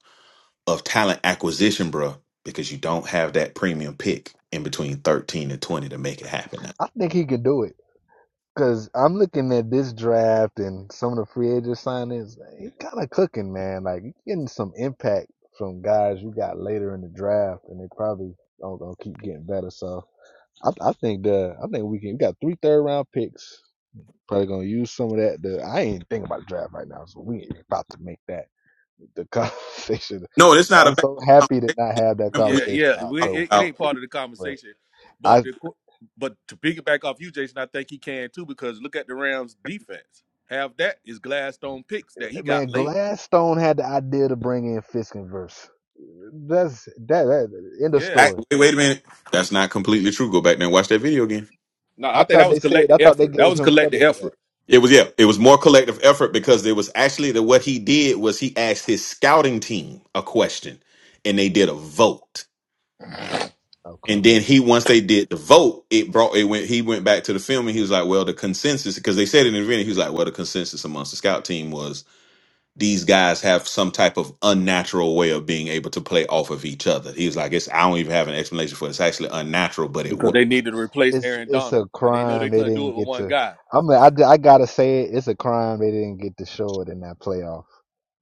[SPEAKER 7] of talent acquisition, bruh, because you don't have that premium pick in between 13 and 20 to make it happen. Now.
[SPEAKER 3] I think he could do it. Cause I'm looking at this draft and some of the free agent signings. He kind of cooking, man. Like you getting some impact from guys you got later in the draft, and they probably don't gonna keep getting better. So I, I think the I think we can. We got three third round picks. Probably gonna use some of that. The, I ain't thinking about the draft right now, so we ain't about to make that the conversation.
[SPEAKER 7] No, it's not a
[SPEAKER 3] I'm
[SPEAKER 7] bad
[SPEAKER 3] so happy to
[SPEAKER 7] conversation.
[SPEAKER 3] not have that
[SPEAKER 7] Remember we
[SPEAKER 4] Yeah,
[SPEAKER 3] conversation in
[SPEAKER 4] yeah. We,
[SPEAKER 7] talked
[SPEAKER 3] October.
[SPEAKER 4] it, it
[SPEAKER 7] about.
[SPEAKER 4] ain't part of the
[SPEAKER 3] But
[SPEAKER 4] conversation,
[SPEAKER 3] I
[SPEAKER 4] but the qu- but to piggyback off you, Jason, I think he can too because look at the Rams' defense. Have that is Gladstone picks that he got
[SPEAKER 3] man,
[SPEAKER 4] late.
[SPEAKER 3] Gladstone had the idea to bring in Fisk and Verse. That's that, that end of
[SPEAKER 4] Yeah.
[SPEAKER 7] I,
[SPEAKER 3] story.
[SPEAKER 7] wait, wait a
[SPEAKER 4] So
[SPEAKER 7] minute. That's not completely true. Go back there and watch that video again.
[SPEAKER 4] no,
[SPEAKER 3] I
[SPEAKER 4] I think
[SPEAKER 3] thought
[SPEAKER 4] that
[SPEAKER 3] they
[SPEAKER 4] was
[SPEAKER 3] said
[SPEAKER 4] collective
[SPEAKER 3] I thought they
[SPEAKER 4] effort. That
[SPEAKER 3] gave
[SPEAKER 4] was
[SPEAKER 3] him
[SPEAKER 4] collective
[SPEAKER 3] credit for that.
[SPEAKER 4] effort.
[SPEAKER 7] It was yeah, it was more collective effort because it was actually that what he did was he asked his scouting team a question and they did a vote. And
[SPEAKER 3] Okay,
[SPEAKER 7] then he once they did the vote, it brought it went he went back to the film and he was like, Well, the consensus because they said it in the video, he was like, Well, the consensus amongst the scout team was these guys have some type of unnatural way of being able to play off of each other. He was like, It's I don't even have an explanation for it. It's actually unnatural, but it
[SPEAKER 4] because
[SPEAKER 7] works
[SPEAKER 4] they needed to replace
[SPEAKER 3] it's
[SPEAKER 4] Aaron
[SPEAKER 3] it's a
[SPEAKER 4] Donald, and they know
[SPEAKER 3] crime
[SPEAKER 4] they
[SPEAKER 3] they
[SPEAKER 4] couldn't do it
[SPEAKER 3] didn't
[SPEAKER 4] with
[SPEAKER 3] get
[SPEAKER 4] one
[SPEAKER 3] to.
[SPEAKER 4] guy.
[SPEAKER 3] I'm I, am I i got to say it. It's a crime they didn't get to show it in that playoff.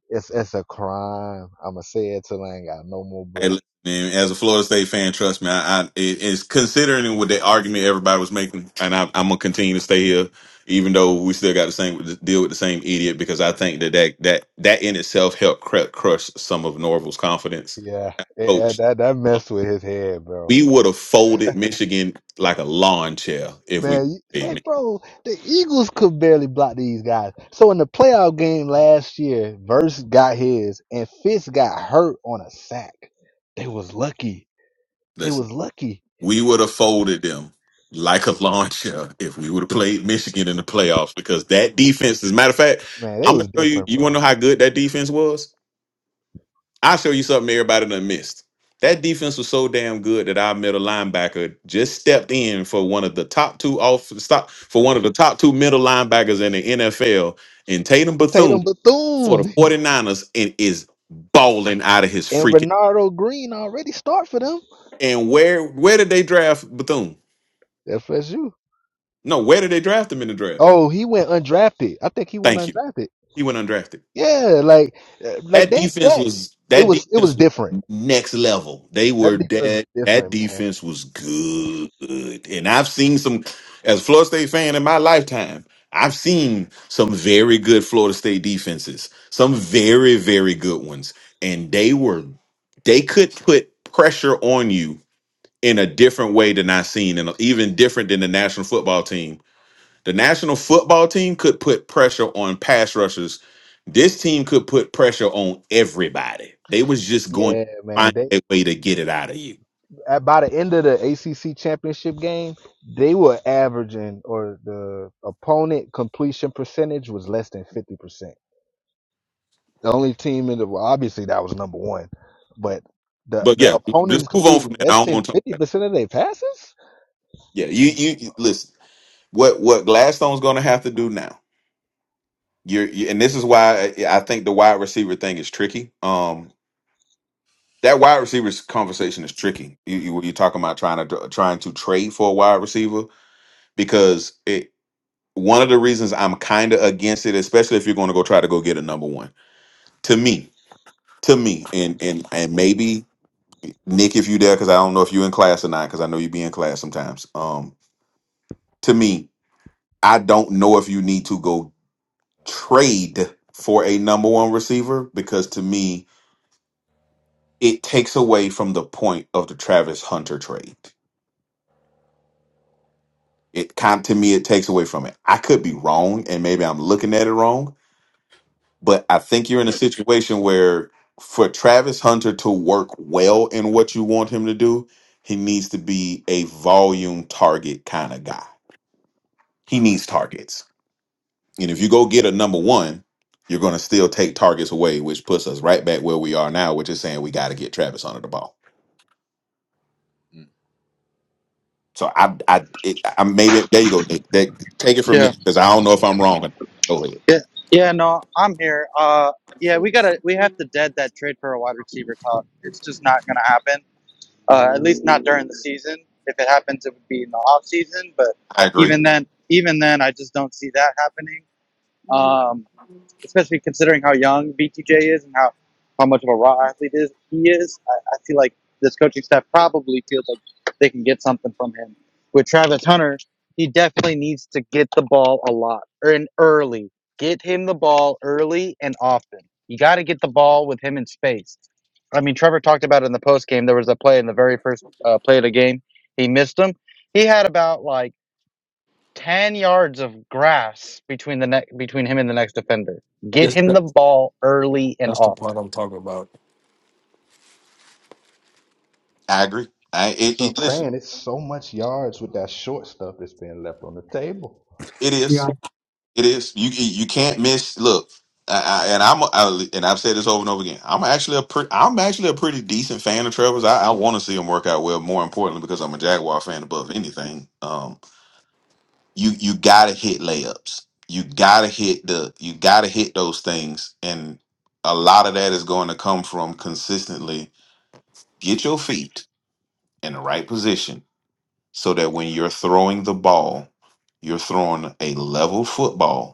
[SPEAKER 3] It's it's a crime. I'ma say it till I ain't got no more
[SPEAKER 7] Hey,
[SPEAKER 3] breath.
[SPEAKER 7] listen, man, as a Florida State fan, trust me, I, I it, it's considering what the argument everybody was making, and I, I'm gonna continue to stay here, even though we still got the same deal with the same idiot, because I think that that that, that in itself helped cru- crush some of Norval's confidence.
[SPEAKER 3] Yeah, it, it-
[SPEAKER 7] Coach,
[SPEAKER 3] that that messed with his head, bro.
[SPEAKER 7] we would have folded Michigan like a lawn chair if we
[SPEAKER 3] Man, you-
[SPEAKER 7] played.
[SPEAKER 3] they bro, the Eagles could barely block these guys. So in the playoff game last year, Verse got his and Fitz got hurt on a sack. They was lucky. They
[SPEAKER 7] Michigan.
[SPEAKER 3] was lucky.
[SPEAKER 7] We would have folded them like a lawn chair if we would have played Michigan in the playoffs because that defense, as a matter of fact,
[SPEAKER 3] Man, they
[SPEAKER 7] I'm gonna
[SPEAKER 3] was
[SPEAKER 7] show you.
[SPEAKER 3] different,
[SPEAKER 7] You wanna
[SPEAKER 3] bro.
[SPEAKER 7] know how good that defense was? I'll show you something everybody done missed. That defense was so damn good that our middle linebacker just stepped in for one of the top two off stop for one of the top two middle linebackers in the NFL in Tatum
[SPEAKER 3] Tatum
[SPEAKER 7] Bethune for the
[SPEAKER 3] Bethune
[SPEAKER 7] 49ers and is balling out of his
[SPEAKER 3] and
[SPEAKER 7] freaking
[SPEAKER 3] Renardo Green already start for them.
[SPEAKER 7] and where where did they draft Bethune?
[SPEAKER 3] FSU.
[SPEAKER 7] No, where did they draft him in the draft?
[SPEAKER 3] Oh, he went undrafted. I think he went
[SPEAKER 7] Thank you.
[SPEAKER 3] undrafted.
[SPEAKER 7] He went undrafted.
[SPEAKER 3] Yeah, like uh, like
[SPEAKER 7] That
[SPEAKER 3] they
[SPEAKER 7] defense
[SPEAKER 3] that
[SPEAKER 7] was
[SPEAKER 3] it
[SPEAKER 7] that
[SPEAKER 3] was it was
[SPEAKER 7] defense was
[SPEAKER 3] different.
[SPEAKER 7] next level. They
[SPEAKER 3] That
[SPEAKER 7] were
[SPEAKER 3] defense was
[SPEAKER 7] dead. That
[SPEAKER 3] different, man.
[SPEAKER 7] defense was good. And I've seen some as a Florida State fan in my lifetime, I've seen some very good Florida State defenses. Some very, very good ones. And they were they could put pressure on you in a different way than I've seen, and even different than the national football team the national football team could put pressure on pass rushers. This team could put pressure on everybody. They was just going to
[SPEAKER 3] Yeah, man.
[SPEAKER 7] find
[SPEAKER 3] they.
[SPEAKER 7] a way to get it out of you.
[SPEAKER 3] at, by the end of the ACC championship game, they were averaging, or the opponent completion percentage was less than fifty percent. The only team in the well, obviously that was number one, but the
[SPEAKER 7] But
[SPEAKER 3] the
[SPEAKER 7] yeah,
[SPEAKER 3] opponent
[SPEAKER 7] just
[SPEAKER 3] is
[SPEAKER 7] move on from
[SPEAKER 3] completing
[SPEAKER 7] that. I
[SPEAKER 3] less
[SPEAKER 7] don't
[SPEAKER 3] than
[SPEAKER 7] want to talk.
[SPEAKER 3] fifty percent of their passes.
[SPEAKER 7] Yeah, you
[SPEAKER 3] Come on,
[SPEAKER 7] you you-
[SPEAKER 3] bro.
[SPEAKER 7] listen. What what Gladstone's going to have to do now? You're you, and this is why I I think the wide receiver thing is tricky. Um, that wide receivers conversation is tricky. You, you you're talking about trying to trying to trade for a wide receiver because it one of the reasons I'm kind of against it, especially if you're going to go try to go get a number one, to me, to me, and and and maybe Nick, if you there, because I don't know if you in class or not, because I know you be in class sometimes. Um, to me, I don't know if you need to go trade for a number one receiver because to me, it takes away from the point of the Travis Hunter trade. It kind to me, it takes away from it. I could be wrong, and maybe I'm looking at it wrong, But I think you're in a situation where for Travis Hunter to work well in what you want him to do, he needs to be a volume target kind of guy. He needs targets. And if you go get a number one, you're going to still take targets away, which puts us right back where we are now, which is saying we got to get Travis Hunter the ball.
[SPEAKER 4] Mm,
[SPEAKER 7] So I, I, it, I maybe there you go. Nick. That- take it from there
[SPEAKER 6] Yeah,
[SPEAKER 7] because I don't know if I'm wrong. Go ahead.
[SPEAKER 6] yeah, yeah. No, I'm here. Uh, yeah, we gotta we have to dead that trade for a wide receiver. Talk. It's just not gonna happen. Uh, at least not during the season. If it happens, it would be in the off season. But
[SPEAKER 7] I
[SPEAKER 6] even
[SPEAKER 7] agree.
[SPEAKER 6] then, even then, I just don't see that happening. Um, especially considering how young BTJ is and how, how much of a raw athlete is he is. I, I feel like this coaching staff probably feels like they can get something from him. With Travis Hunter, he definitely needs to get the ball a lot or in early. Get him the ball early and often. You got to get the ball with him in space. I mean, Trevor talked about it in the post game. There was a play in the very first uh, play of the game. He missed him. He had about like 10 yards of grass between the ne- between him and the next defender. Get
[SPEAKER 5] this
[SPEAKER 6] him
[SPEAKER 5] that,
[SPEAKER 6] the ball early and
[SPEAKER 5] that's the part
[SPEAKER 6] often.
[SPEAKER 5] I'm talking about.
[SPEAKER 7] I agree. I, it,
[SPEAKER 3] So I'm
[SPEAKER 7] it, listen,
[SPEAKER 3] saying it's so much yards with that short stuff that's being left on the table.
[SPEAKER 7] it is.
[SPEAKER 1] Yeah.
[SPEAKER 7] It is you. You can't miss. Look, I, I, and I'm I, and I've said this over and over again. I'm actually a pretty. I'm actually a pretty decent fan of Trevor's. I, I want to see him work out well. More importantly, because I'm a Jaguar fan above anything. Um, you you gotta hit layups. You gotta hit the. You gotta hit those things, and a lot of that is going to come from consistently get your feet in the right position so that when you're throwing the ball, you're throwing a level football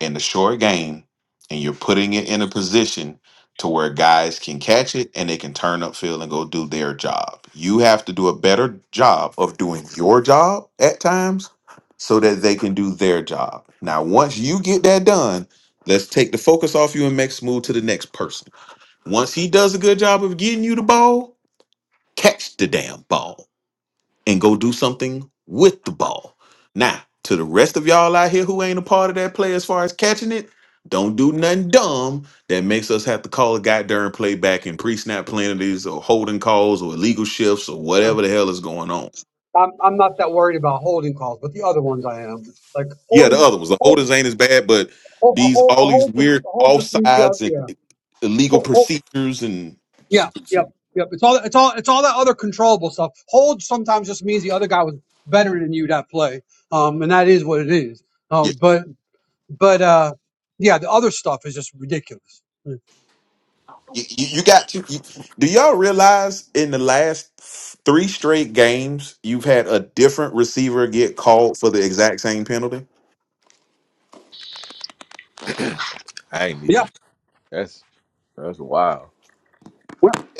[SPEAKER 7] in the short game and you're putting it in a position to where guys can catch it and they can turn upfield and go do their job. You have to do a better job of doing your job at times so that they can do their job. Now, once you get that done, let's take the focus off you and make us move to the next person. Once he does a good job of getting you the ball, catch the damn ball and go do something with the ball. Now, to the rest of y'all out here who ain't a part of that play as far as catching it, don't do nothing dumb that makes us have to call a guy during playback back and pre-snap penalties or holding calls or illegal shifts or
[SPEAKER 1] Yeah.
[SPEAKER 7] whatever the hell is going on.
[SPEAKER 1] I'm I'm not that worried about holding calls, but the other ones I am. Like
[SPEAKER 7] Yeah, the
[SPEAKER 1] holding
[SPEAKER 7] other ones. The
[SPEAKER 1] hold
[SPEAKER 7] holders ain't as bad, but
[SPEAKER 1] hold a
[SPEAKER 7] these
[SPEAKER 1] hold a
[SPEAKER 7] all these
[SPEAKER 1] hold just
[SPEAKER 7] weird
[SPEAKER 1] a hold just leave the other
[SPEAKER 7] offsides
[SPEAKER 1] yeah.
[SPEAKER 7] and illegal
[SPEAKER 1] Hold, hold,
[SPEAKER 7] procedures and it's
[SPEAKER 1] yeah, yep, yep. It's all it's all it's all that other controllable stuff. Hold sometimes just means the other guy was better than you that play. Um and that is what it is. Um but but uh yeah, the other stuff is just ridiculous. Yeah.
[SPEAKER 7] You, you, you got to. You, do y'all realize in the last three straight games, you've had a different receiver get called for the exact same penalty?
[SPEAKER 4] I ain't
[SPEAKER 1] Yeah.
[SPEAKER 4] even. That's that's wild.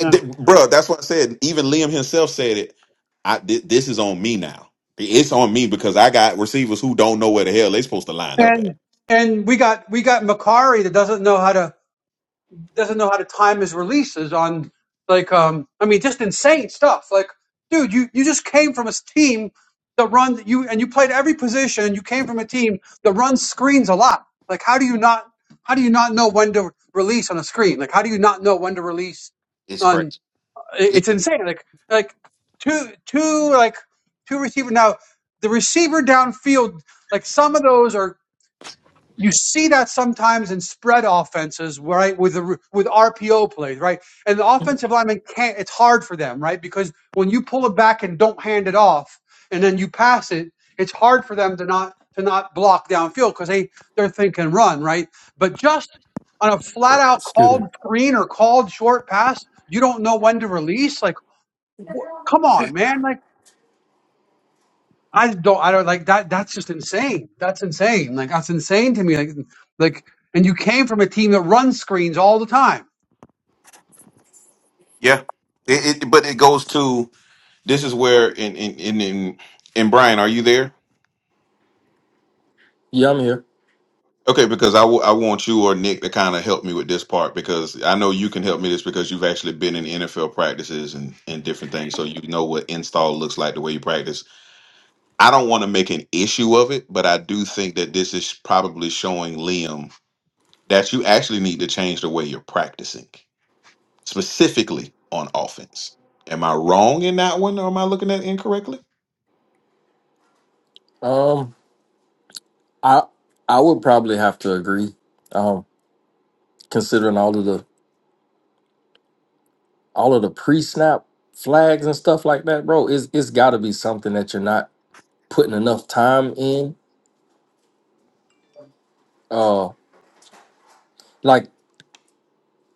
[SPEAKER 1] Yeah.
[SPEAKER 7] th- bruh, that's what I said. Even Liam himself said it. I thi- This is on me now. It's on me because I got receivers who don't know where the hell they supposed to line up at.
[SPEAKER 1] and and we got we got Macari that doesn't know how to doesn't know how to time his releases on like um I mean just insane stuff like dude you you just came from a s- team that run you and you played every position you came from a team that runs screens a lot like how do you not how do you not know when to release on a screen like how do you not know when to release
[SPEAKER 7] It's
[SPEAKER 1] on
[SPEAKER 7] crazy.
[SPEAKER 1] it-
[SPEAKER 7] It-
[SPEAKER 1] it's insane like like two two like two receiver now the receiver downfield like some of those are you see that sometimes in spread offenses, right? With the with RPO plays, right? And the offensive lineman can't. It's hard for them, right? Because when you pull it back and don't hand it off, and then you pass it, it's hard for them to not to not block downfield because they they're thinking run, right? But just on a flat out
[SPEAKER 5] Excuse me.
[SPEAKER 1] called screen or called short pass, you don't know when to release. Like, wh- come on, man! Like I don't. I don't like that. That's just insane. That's insane. Like that's insane to me. Like, like, and you came from a team that runs screens all the time,
[SPEAKER 7] yeah. It, it, but it goes to this is where, in, in, in, in, and Brian, are you there?
[SPEAKER 5] Yeah, I'm here.
[SPEAKER 7] Okay, because I w- I want you or Nick to kind of help me with this part because I know you can help me this because you've actually been in NFL practices and, and different things, so you know what install looks like the way you practice. I don't want to make an issue of it, but I do think that this is probably showing Liam that you actually need to change the way you're practicing, specifically on offense. Am I wrong in that one, or am I looking at it incorrectly?
[SPEAKER 5] Um, I I would probably have to agree. Um, considering all of the all of the pre-snap flags and stuff like that, bro, it's it's got to be something that you're not putting enough time in. Uh, like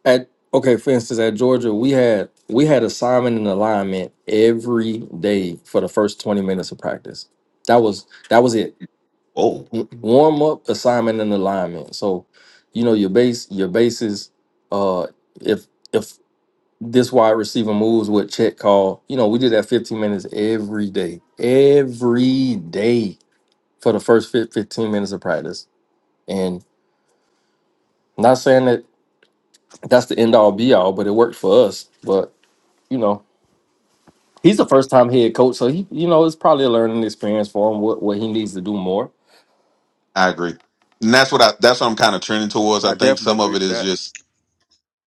[SPEAKER 5] at okay, for instance, at Georgia, we had we had assignment and alignment every day for the first 20 minutes of practice. That was that was it
[SPEAKER 7] Oh,
[SPEAKER 5] warm up assignment and alignment so you know your base your bases uh if if this wide receiver moves with check call you know we did that 15 minutes every day every day for the first fif- 15 minutes of practice and not saying that that's the end all be all but it worked for us but you know he's the
[SPEAKER 7] okay,
[SPEAKER 5] first time head coach so he you know it's probably a learning experience for him what, what he needs to do more
[SPEAKER 7] I agree, and that's what I that's what I'm kind of trending towards. I
[SPEAKER 4] I
[SPEAKER 7] think
[SPEAKER 4] definitely
[SPEAKER 7] some of
[SPEAKER 4] agree
[SPEAKER 7] it
[SPEAKER 4] to
[SPEAKER 7] is
[SPEAKER 4] that.
[SPEAKER 7] just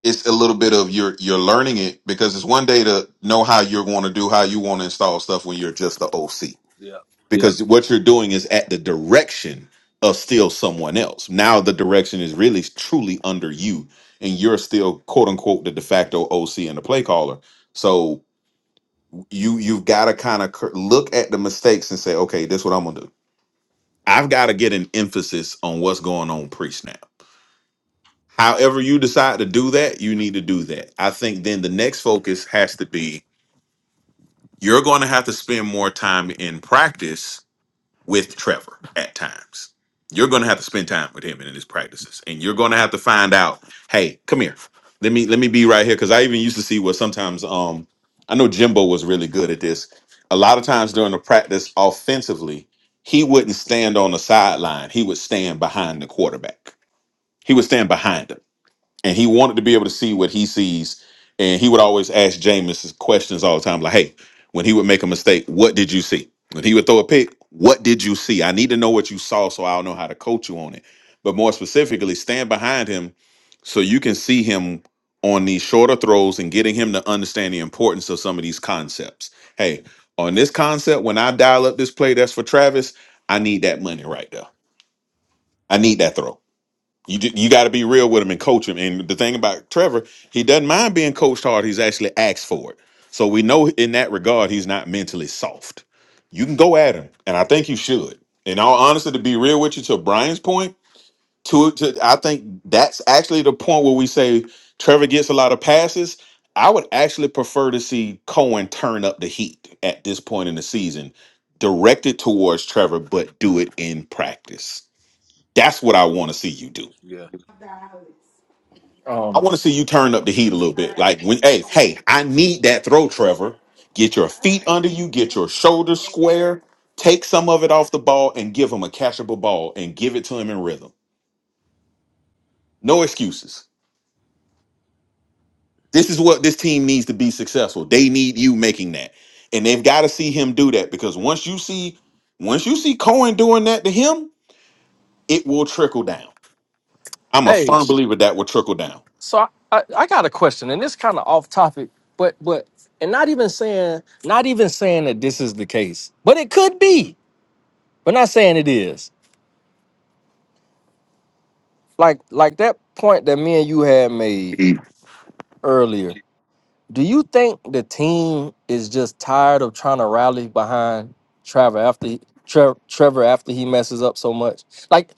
[SPEAKER 7] it's a little bit of you're you're learning it because it's one day to know how you're going to do how you want to install stuff when you're just the OC Yeah.
[SPEAKER 4] Yeah,
[SPEAKER 7] because what you're doing is at the direction of still someone else. Now the direction is really truly under you and you're still quote unquote the de facto OC and the play caller. So you you've got to kind of look at the mistakes and say, okay, this is what I'm gonna do. I've got to get an emphasis on what's going on pre snap. However, you decide to do that, you need to do that. I think then the next focus has to be you're going to have to spend more time in practice with Trevor at times. You're going to have to spend time with him in his practices, and you're going to have to find out. Hey, come here. Let me let me be right here because I even used to see what sometimes. Um, I know Jimbo was really good at this. A lot of times during the practice offensively, he wouldn't stand on the sideline. He would stand behind the quarterback. He would stand behind him and he wanted to be able to see what he sees. And he would always ask Jameis questions all the time, like, "Hey, when he would make a mistake, what did you see? When he would throw a pick, what did you see? I need to know what you saw, so I'll know how to coach you on it. But more specifically, stand behind him so you can see him on these shorter throws and getting him to understand the importance of some of these concepts. Hey, on this concept, when I dial up this play that's for Travis, I need that money right there. I need that throw. You ju- you got to be real with him and coach him. And the thing about Trevor, he doesn't mind being coached hard. He's actually asked for it. So we know in that regard, he's not mentally soft. You can go at him, and I think you should. In all honesty, to be real with you, to Brian's point, to, to I think that's actually the point where we say Trevor gets a lot of passes. I would actually prefer to see Cohen turn up the heat at this point in the season, directed towards Trevor, but do it in practice. That's what I want to see you do.
[SPEAKER 4] yeah.
[SPEAKER 7] I
[SPEAKER 5] um
[SPEAKER 7] want to see you turn up the heat a little bit. Like when, hey, hey, I need that throw, Trevor. Get your feet under you, get your shoulders square, take some of it off the ball, and give him a catchable ball and give it to him in rhythm. No excuses. This is what this team needs to be successful. They need you making that, and they've got to see him do that because once you see, once you see Cohen doing that to him, it will trickle down. I'm a
[SPEAKER 5] hey
[SPEAKER 7] firm believer that will trickle down.
[SPEAKER 5] So I, I, I got a question, and it's kind of off topic, but but and not even saying not even saying that this is the case, but it could be, but not saying it is. Like like that point that me and you had made earlier. Do you think the team is just tired of trying to rally behind Trevor after he, Tre- Trevor after he messes up so much? Like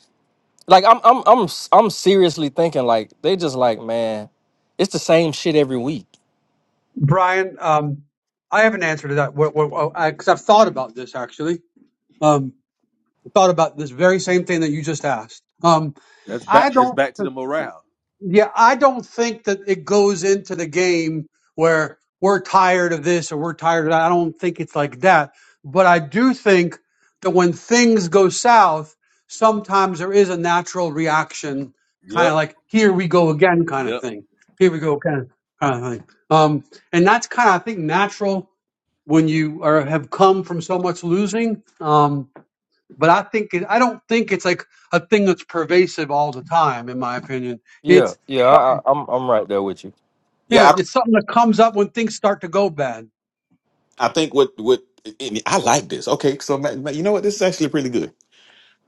[SPEAKER 5] like I'm I'm I'm I'm seriously thinking like they just like man, it's the same shit every week.
[SPEAKER 1] Brian. Um, I have an answer to that. What? What? Because I've thought about this actually. Um, thought about this very same thing that you just asked. Um,
[SPEAKER 4] That's
[SPEAKER 1] I
[SPEAKER 4] back. That's
[SPEAKER 1] don't.
[SPEAKER 4] back to the morale.
[SPEAKER 1] Yeah, I don't think that it goes into the game where we're tired of this or we're tired of that. I don't think it's like that. But I do think that when things go south, sometimes there is a natural reaction, kind of
[SPEAKER 4] Yep,
[SPEAKER 1] like here we go again kind of
[SPEAKER 4] yep.
[SPEAKER 1] thing. Here we go kind of kind of thing. Um, and that's kind of I think natural when you are have come from so much losing. Um, but I think it, I don't think it's like a thing that's pervasive all the time. In my opinion,
[SPEAKER 5] Yeah,
[SPEAKER 1] it's
[SPEAKER 5] yeah, I,
[SPEAKER 1] something-
[SPEAKER 5] I- I'm I'm right there with you.
[SPEAKER 1] yeah,
[SPEAKER 7] Yeah,
[SPEAKER 1] it's something that comes up when things start to go bad.
[SPEAKER 7] I, I think what what and I like this. Okay, so ma- ma- you know what? This is actually pretty good.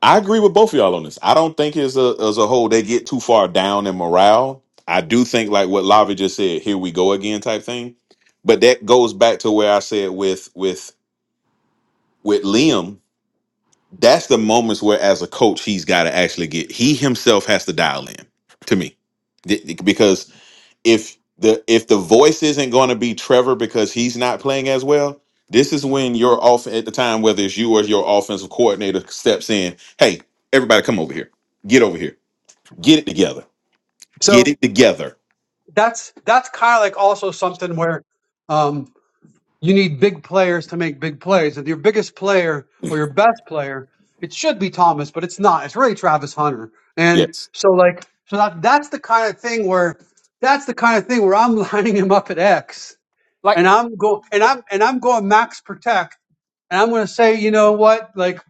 [SPEAKER 7] I agree with both of y'all on this. I don't think as a as a whole they get too far down in morale. I do think like what Lavi just said, here we go again type thing. But that goes back to where I said with with with Liam, that's the moments where as a coach he's got to actually get he himself has to dial in to me if the if the voice isn't going to be Trevor because he's not playing as well, this is when your off at the time, whether it's you or your offensive coordinator steps in. Hey, everybody, come over here. Get over here. Get it together. Get
[SPEAKER 1] So
[SPEAKER 7] it together.
[SPEAKER 1] that's that's kind of like also something where um, you need big players to make big plays, and your biggest player or your best player, it should be Thomas, but it's not. It's really Travis Hunter, and
[SPEAKER 7] Yes,
[SPEAKER 1] so like so that that's the kind of thing where that's the kind of thing where I'm lining him up at X,
[SPEAKER 5] Like,
[SPEAKER 1] and I'm go and I'm and I'm going max protect And I'm going to say, you know what? Like,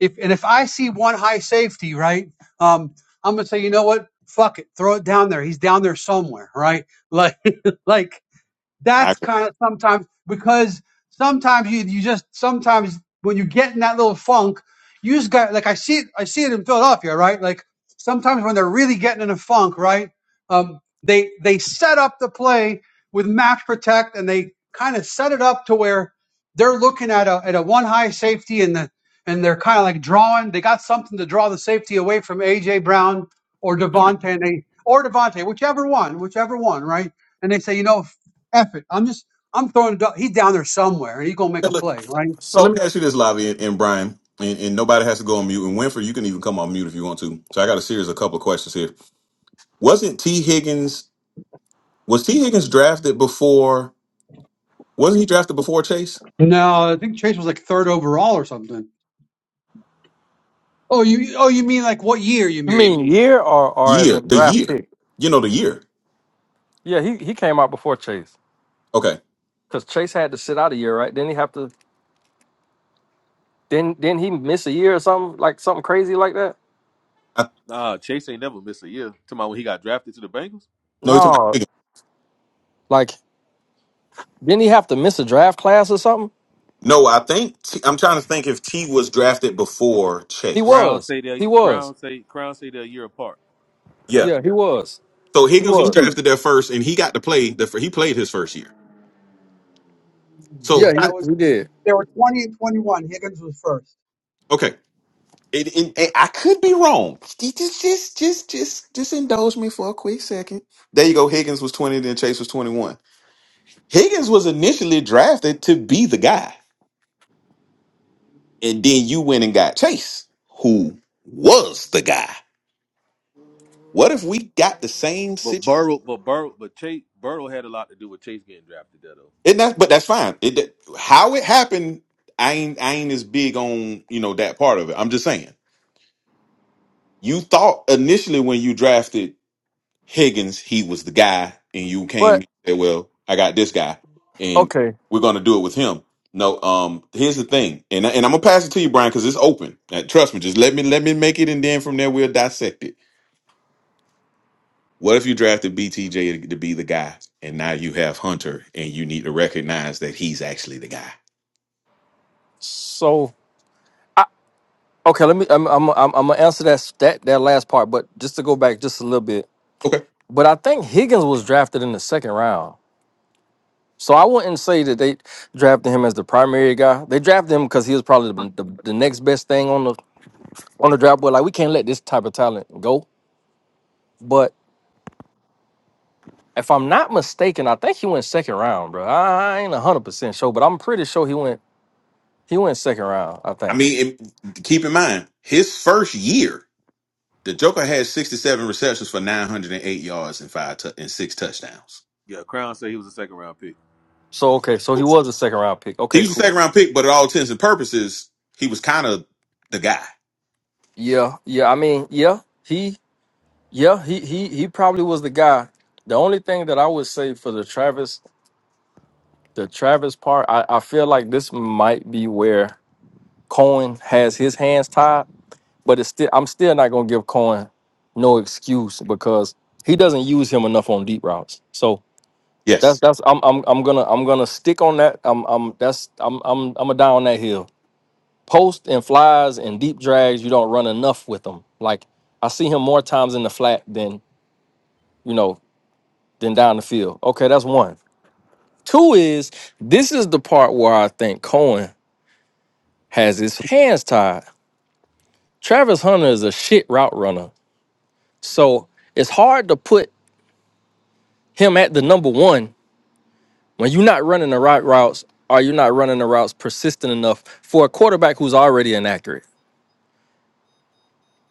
[SPEAKER 1] if and if I see one high safety, right? Um, I'm going to say, you know what? Fuck it, throw it down there. He's down there somewhere, right? Like, like
[SPEAKER 7] I
[SPEAKER 1] that's
[SPEAKER 7] agree.
[SPEAKER 1] kind of sometimes because sometimes you you just sometimes when you get in that little funk, you just got like I see it I see it in Philadelphia, right? Like sometimes when they're really getting in a funk, right? Um, they they set up the play with match protect and they kind of set it up to where they're looking at a at a one high safety and the and they're kind of like drawing. They got something to draw the safety away from AJ Brown or Devontae and they, or Devontae, whichever one, whichever one, right? and they say, you know, effort. I'm just I'm throwing it up. He's down there somewhere and he's gonna make a
[SPEAKER 7] But look,
[SPEAKER 1] play, right?
[SPEAKER 7] So let
[SPEAKER 5] so
[SPEAKER 7] me ask you this, Lavi and, and Brian, and, and nobody has to go on mute. And Winfrey, you can even come on mute if you want to. So I got a series of couple of questions here. Wasn't T Higgins was T Higgins drafted before? Wasn't he drafted before Chase?
[SPEAKER 1] No, I think Chase was like third overall or something. Oh you oh you mean like what year you
[SPEAKER 5] you
[SPEAKER 1] mean?
[SPEAKER 5] mean year or or as
[SPEAKER 7] Year,
[SPEAKER 5] in
[SPEAKER 7] the
[SPEAKER 5] draft
[SPEAKER 7] year,
[SPEAKER 5] pick?
[SPEAKER 7] you know, the year.
[SPEAKER 5] Yeah, he he came out before Chase
[SPEAKER 7] Okay.
[SPEAKER 5] because Chase had to sit out a year, right? Didn't he have to? didn't didn't he miss a year or something like something crazy like that?
[SPEAKER 7] I,
[SPEAKER 4] Nah, Chase ain't never missed a year. Talking about when he got drafted to the Bengals.
[SPEAKER 7] no, you're talking
[SPEAKER 5] No,
[SPEAKER 7] about Teague.
[SPEAKER 5] like didn't he have to miss a draft class or something?
[SPEAKER 7] No, I think T, I'm trying to think if T was drafted before
[SPEAKER 5] He
[SPEAKER 7] Chase.
[SPEAKER 4] Crown
[SPEAKER 5] was,
[SPEAKER 4] say they.
[SPEAKER 5] he was,
[SPEAKER 4] Crown say. Crown say they're a year apart.
[SPEAKER 7] Yeah.
[SPEAKER 5] yeah, he was,
[SPEAKER 7] So
[SPEAKER 5] he
[SPEAKER 7] Higgins was
[SPEAKER 5] was,
[SPEAKER 7] drafted there first, and he got to play. The, fir- he played his first year.
[SPEAKER 5] yeah,
[SPEAKER 7] So
[SPEAKER 1] Yeah,
[SPEAKER 7] I,
[SPEAKER 1] it
[SPEAKER 5] he,
[SPEAKER 1] was
[SPEAKER 5] he did.
[SPEAKER 1] there were twenty and twenty one. Higgins was first.
[SPEAKER 7] okay, it, it, it- I could be wrong. Just, just, just, just, just indulge me for a quick second. There you go. Higgins was 20, then Chase was 21. Higgins was initially drafted to be the guy, and then you went and got Chase, who was the guy. What if we got the same
[SPEAKER 4] But
[SPEAKER 7] situation?
[SPEAKER 4] Burrow, but Burrow, but Chase Burrow had a lot to do with Chase getting drafted there though.
[SPEAKER 7] And that, but that's fine. It that- how it happened. I ain't I ain't as big on you know that part of it. I'm just saying. You thought initially when you drafted Higgins, he was the guy, and you came
[SPEAKER 5] But
[SPEAKER 7] and said, "Well, I got this guy, and
[SPEAKER 5] okay,
[SPEAKER 7] we're gonna do it with him." No, um, here's the thing, and I- and I'm gonna pass it to you, Brian, because it's open. Uh, trust me, just let me let me make it, and then from there we'll dissect it. What if you drafted BTJ to, to be the guy, and now you have Hunter, and you need to recognize that he's actually the guy?
[SPEAKER 5] so I, okay, let me. I'm I'm I'm, I'm gonna answer that that that last part, but just to go back just a little bit.
[SPEAKER 7] Okay.
[SPEAKER 5] But I think Higgins was drafted in the second round. So I wouldn't say that they drafted him as the primary guy. They drafted him because he was probably the, the, the next best thing on the on the draft board. Like we can't let this type of talent go. But if I'm not mistaken, I think he went second round, bro. I, I ain't hundred percent sure, but I'm pretty sure he went he went second round. I
[SPEAKER 7] I
[SPEAKER 5] think.
[SPEAKER 7] mean, it, keep in mind, his first year, the Joker had 67 receptions for 908 yards and five tou- and six touchdowns.
[SPEAKER 4] Yeah, Crown said he was a second round pick.
[SPEAKER 5] So okay, so he was a second round pick.
[SPEAKER 7] He
[SPEAKER 5] Okay,
[SPEAKER 7] was a
[SPEAKER 5] cool.
[SPEAKER 7] second round pick, but at all intents and purposes, he was kind of the guy.
[SPEAKER 5] Yeah, yeah. I mean, yeah, he, yeah, he, he, he probably was the guy. The only thing that I would say for the Travis, the Travis part, I, I feel like this might be where Cohen has his hands tied, but it's still I'm still not gonna give Cohen no excuse because he doesn't use him enough on deep routes. So that's
[SPEAKER 7] Yes.
[SPEAKER 5] that's I'm I'm I'm gonna I'm gonna stick on that. I'm I'm that's I'm I'm I'm a die on that hill. Post and flies and deep drags, you don't run enough with them. Like I see him more times in the flat than you know than down the field. Okay, that's one. Two is this is the part where I think Cohen has his hands tied. Travis Hunter is a shit route runner So it's hard to put him at the number one when you're not running the right routes or you're not running the routes persistent enough for a quarterback who's already inaccurate.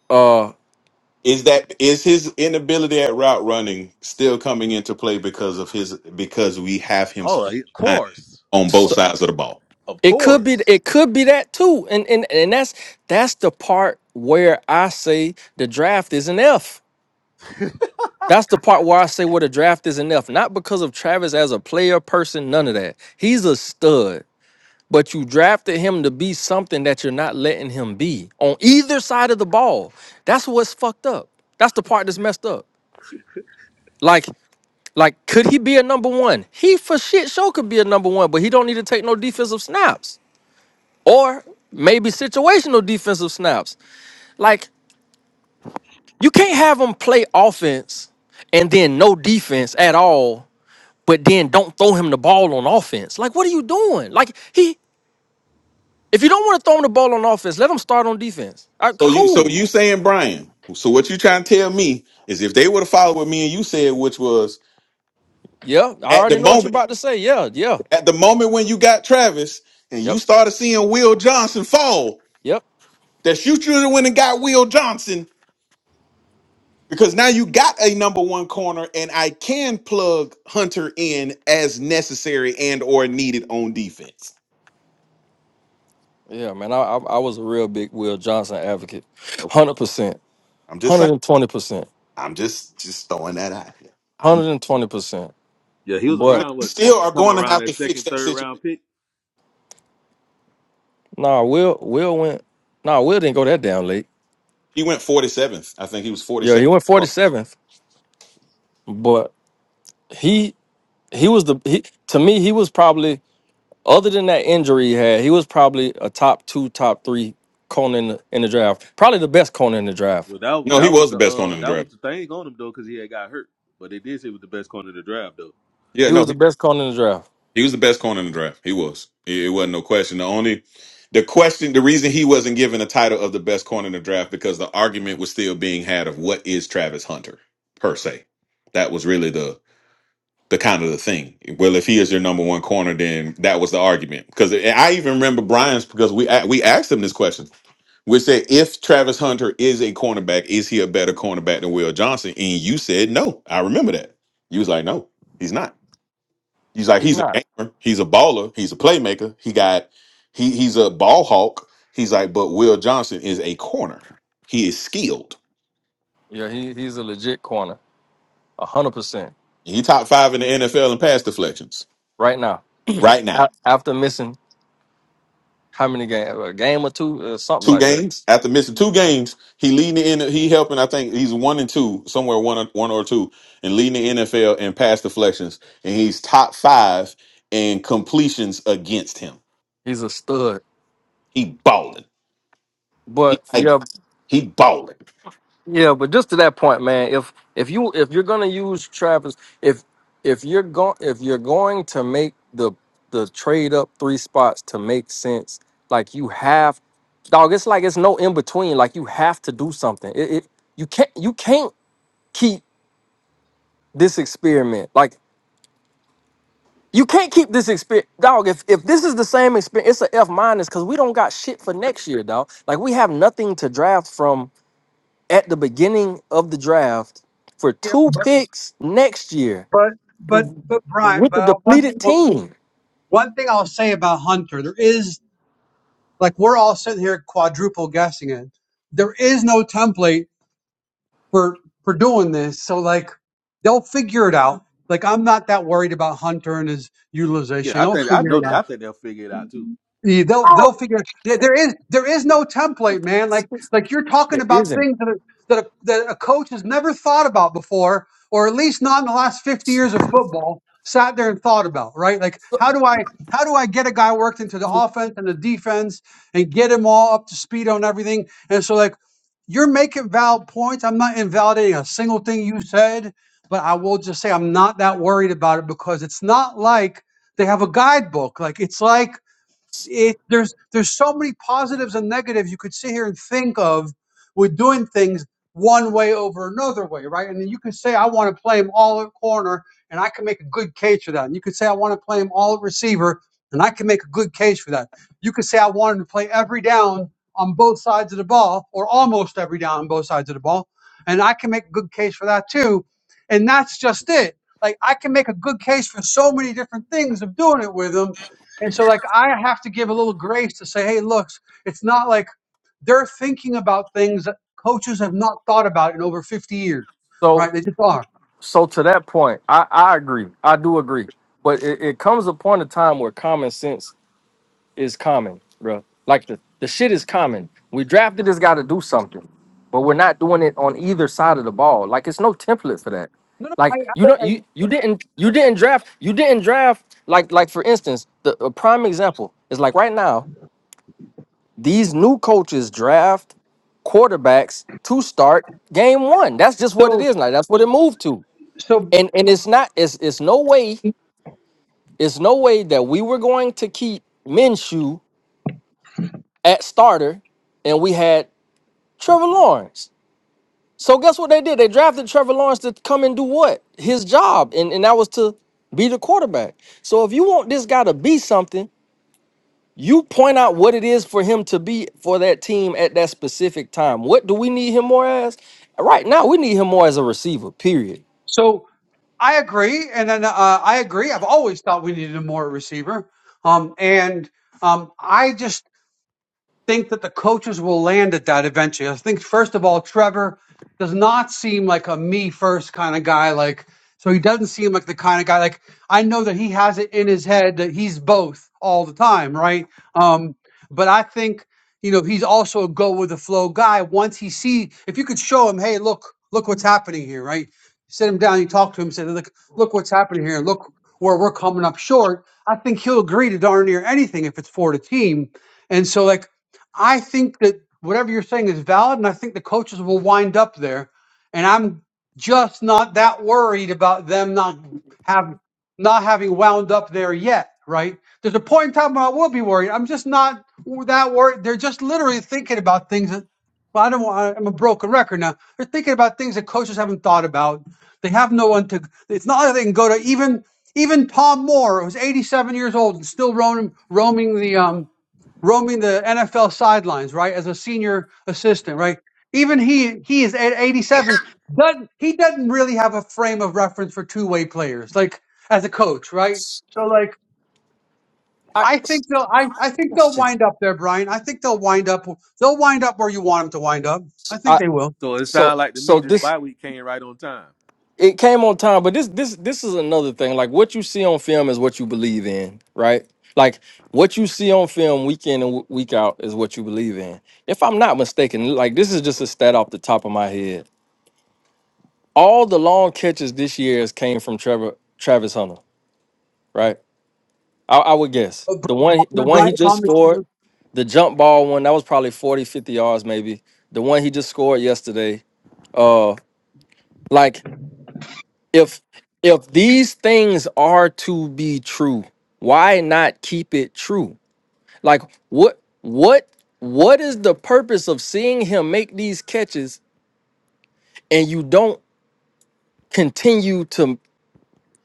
[SPEAKER 5] Uh,
[SPEAKER 7] Is that is his inability at route running still coming into play because of his because we have him
[SPEAKER 4] Oh,
[SPEAKER 7] spend
[SPEAKER 4] of
[SPEAKER 7] time
[SPEAKER 4] course,
[SPEAKER 7] on both
[SPEAKER 5] so
[SPEAKER 4] of
[SPEAKER 7] sides of the ball?
[SPEAKER 4] of
[SPEAKER 5] it could be
[SPEAKER 4] course.
[SPEAKER 5] it could be that too, and and and that's that's the part where I say the draft is an F. That's the part where I say where the draft is an F, not because of Travis as a player, person, none of that. He's a stud. But you drafted him to be something that you're not letting him be on either side of the ball. That's what's fucked up. That's the part that's messed up. Like, like, could he be a number one? He for shit sure could be a number one, but he don't need to take no defensive snaps or maybe situational defensive snaps. Like, you can't have him play offense and then no defense at all, but then don't throw him the ball on offense. Like, what are you doing? Like, he, if you don't want to throw him the ball on offense, let him start on defense. All right,
[SPEAKER 7] So you so
[SPEAKER 5] cool.
[SPEAKER 7] you saying Brian? So what you trying to tell me is if they would have followed what me and you said, which was
[SPEAKER 5] Yeah, I
[SPEAKER 7] at the
[SPEAKER 5] already know what you're
[SPEAKER 7] moment
[SPEAKER 5] about to say. Yeah, yeah,
[SPEAKER 7] At the moment when you got Travis and you
[SPEAKER 5] yep,
[SPEAKER 7] started seeing Will Johnson fall,
[SPEAKER 5] yep,
[SPEAKER 7] that you should have went and got Will Johnson because now you got a number one corner and I can plug Hunter in as necessary and or needed on defense.
[SPEAKER 5] yeah, man. I I, I was a real big Will Johnson advocate,
[SPEAKER 7] Okay.
[SPEAKER 5] hundred percent,
[SPEAKER 7] I'm just
[SPEAKER 5] hundred
[SPEAKER 7] saying.
[SPEAKER 5] and twenty percent,
[SPEAKER 7] I'm just just throwing that out here. I'm
[SPEAKER 5] hundred and twenty percent.
[SPEAKER 4] Yeah, he was
[SPEAKER 5] But
[SPEAKER 4] around.
[SPEAKER 7] you
[SPEAKER 4] What you
[SPEAKER 7] still
[SPEAKER 4] talking
[SPEAKER 7] are
[SPEAKER 4] about?
[SPEAKER 7] going to
[SPEAKER 4] Around
[SPEAKER 7] have
[SPEAKER 4] that
[SPEAKER 7] to fix
[SPEAKER 4] second,
[SPEAKER 7] that
[SPEAKER 4] third
[SPEAKER 7] situation.
[SPEAKER 4] round pick.
[SPEAKER 5] nah, Will Will went. Nah, Will didn't go that down late.
[SPEAKER 7] He went 47th. I think he was
[SPEAKER 5] Yeah,
[SPEAKER 7] 47th.
[SPEAKER 5] he went forty seventh, but he he was the he to me he was probably other than that injury he had he was probably a top two top three cone in the, in the draft probably the best cone in the draft
[SPEAKER 4] Well, that was
[SPEAKER 7] No, he
[SPEAKER 4] that was
[SPEAKER 7] was the
[SPEAKER 4] the
[SPEAKER 7] best corner
[SPEAKER 4] uh
[SPEAKER 7] in the
[SPEAKER 4] that was
[SPEAKER 7] draft.
[SPEAKER 4] the thing on him though, because he had got hurt. But they did say he was the best corner of the draft though.
[SPEAKER 7] Yeah,
[SPEAKER 5] he was
[SPEAKER 7] no.
[SPEAKER 5] the best corner in the draft
[SPEAKER 7] He was the best corner in the draft. He was. It, it wasn't no question. The only the question the reason he wasn't given the title of the best corner in the draft because the argument was still being had of what is Travis Hunter per se. That was really the the kind of the thing. Well, if he is your number one corner, then that was the argument. Because I even remember Brian's because we a- we asked him this question. We said if Travis Hunter is a cornerback, is he a better cornerback than Will Johnson? And you said no. I remember that. You was like, no, he's not. He's like
[SPEAKER 5] he's
[SPEAKER 7] he's a
[SPEAKER 5] not
[SPEAKER 7] gamer, he's a baller, he's a playmaker. He got he he's a ball hawk. He's like, but Will Johnson is a corner. He is skilled.
[SPEAKER 5] yeah he, he's a legit corner A hundred percent
[SPEAKER 7] He top five in the NFL in pass deflections
[SPEAKER 5] right now.
[SPEAKER 7] right now.
[SPEAKER 5] A- After missing how many games, a game or two, or something
[SPEAKER 7] Two
[SPEAKER 5] like that.
[SPEAKER 7] games after missing two games, he leading the N He helping. I think he's one and two somewhere one or, one or two and leading the NFL in pass deflections. And he's top five in completions against him.
[SPEAKER 5] He's a stud.
[SPEAKER 7] He balling.
[SPEAKER 5] But
[SPEAKER 7] He like
[SPEAKER 5] yeah,
[SPEAKER 7] he balling.
[SPEAKER 5] yeah. But just to that point, man. If if you if you're gonna use Travis, if if you're going if you're going to make the the trade up three spots to make sense, like you have, dog. It's like it's no in between. Like you have to do something. It, it you can't you can't keep this experiment. Like You can't keep this experience, dog. If if this is the same experience, it's a F minus because we don't got shit for next year, dog. Like we have nothing to draft from at the beginning of the draft for
[SPEAKER 1] Yeah,
[SPEAKER 5] two
[SPEAKER 1] but
[SPEAKER 5] picks next year
[SPEAKER 1] but but but Brian,
[SPEAKER 5] with
[SPEAKER 1] but
[SPEAKER 5] the
[SPEAKER 1] uh, one
[SPEAKER 5] depleted
[SPEAKER 1] thing well,
[SPEAKER 5] team.
[SPEAKER 1] one thing I'll say about Hunter, there is like we're all sitting here quadruple guessing it. There is no template for for doing this. So like they'll figure it out. Like I'm not that worried about Hunter and his
[SPEAKER 4] Yeah,
[SPEAKER 1] utilization.
[SPEAKER 4] I
[SPEAKER 1] They'll
[SPEAKER 4] think I
[SPEAKER 1] figure
[SPEAKER 4] know
[SPEAKER 1] it out.
[SPEAKER 4] that. I think they'll figure it out too.
[SPEAKER 1] Yeah, they'll they'll figure. Yeah, there is there is no template, man. Like like you're talking
[SPEAKER 5] It
[SPEAKER 1] about
[SPEAKER 5] isn't.
[SPEAKER 1] things that are, that a, that a coach has never thought about before, or at least not in the last fifty years of football. Sat there and thought about right, like how do I how do I get a guy worked into the offense and the defense and get him all up to speed on everything? And so like you're making valid points. I'm not invalidating a single thing you said, but I will just say I'm not that worried about it because it's not like they have a guidebook. Like it's like it there's there's so many positives and negatives you could sit here and think of with doing things one way over another way, right? And then you can say I want to play him all at corner, and I can make a good case for that. And you could say I want to play him all at receiver, and I can make a good case for that. You could say I want him to play every down on both sides of the ball, or almost every down on both sides of the ball, and I can make a good case for that too. And that's just it. Like I can make a good case for so many different things of doing it with him and so, like, I have to give a little grace to say, hey, look, it's not like they're thinking about things that coaches have not thought about in over 50 years,
[SPEAKER 5] So
[SPEAKER 1] right? They just are.
[SPEAKER 5] so to that point, I I agree. I do agree. But it, it comes a point of time where common sense is common, bro. Like the, the shit is common. We drafted this guy to do something, but we're not doing it on either side of the ball. Like it's no template for that.
[SPEAKER 1] No, no, I,
[SPEAKER 5] Like you don't you you didn't you didn't draft you didn't draft like like for instance the a prime example is like right now these new coaches draft quarterbacks to start game one. That's just what it
[SPEAKER 1] so,
[SPEAKER 5] is now. That's what it moved to.
[SPEAKER 1] so,
[SPEAKER 5] And and it's not it's it's no way it's no way that we were going to keep Minshew at starter, and we had Trevor Lawrence. So guess what they did? They drafted Trevor Lawrence to come and do what? His job, and, and that was to be the quarterback. So if you want this guy to be something, you point out what it is for him to be for that team at that specific time. What do we need him more as? Right now, we need him more as a receiver. Period.
[SPEAKER 1] so I agree. And then uh, I agree. I've always thought we needed a more receiver. Um, and um, I just think that the coaches will land at that eventually. I think first of all, Trevor does not seem like a me first kind of guy. Like so, he doesn't seem like the kind of guy. Like I know that he has it in his head that he's both all the time, right? Um, but I think you know he's also a go with the flow guy. Once he see, if you could show him, hey, look, look what's happening here, right? Sit him down, you talk to him, say, look, look what's happening here, look where we're coming up short. I think he'll agree to darn near anything if it's for the team. And so, like, I think that whatever you're saying is valid, and I think the coaches will wind up there. And I'm just not that worried about them not have not having wound up there yet. Right? There's a point in time when I will be worried. I'm just not that worried. They're just literally thinking about things that. Well, I don't. want- I'm a broken record now. They're thinking about things that coaches haven't thought about. They have no one to. It's not like they can go to even even Tom Moore, who's 87 years old and still roaming roaming the um roaming the NFL sidelines, right, as a senior assistant, right? Even he he is at 87. Doesn't he doesn't really have a frame of reference for two way players, like as a coach, right? So like
[SPEAKER 5] I,
[SPEAKER 1] I think they'll I, I think they'll wind up there, Brian. I think they'll wind up they'll wind up where you want them to wind up. I think
[SPEAKER 5] I
[SPEAKER 1] they will.
[SPEAKER 4] So it sounds
[SPEAKER 5] so
[SPEAKER 4] like to
[SPEAKER 5] so
[SPEAKER 4] me this
[SPEAKER 5] this
[SPEAKER 4] bye week came right on time.
[SPEAKER 5] it came on time but this this this is another thing like what you see on film is what you believe in right like what you see on film week in and w- week out is what you believe in if i'm not mistaken like this is just a stat off the top of my head all the long catches this year has came from trevor travis hunter right i, I would guess
[SPEAKER 1] Uh,
[SPEAKER 5] the one the
[SPEAKER 1] Bri-
[SPEAKER 5] one he
[SPEAKER 1] Brian
[SPEAKER 5] just
[SPEAKER 1] Thomas.
[SPEAKER 5] scored the jump ball one that was probably 40 50 yards maybe the one he just scored yesterday uh like if if these things are to be true why not keep it true like what what what is the purpose of seeing him make these catches and you don't continue to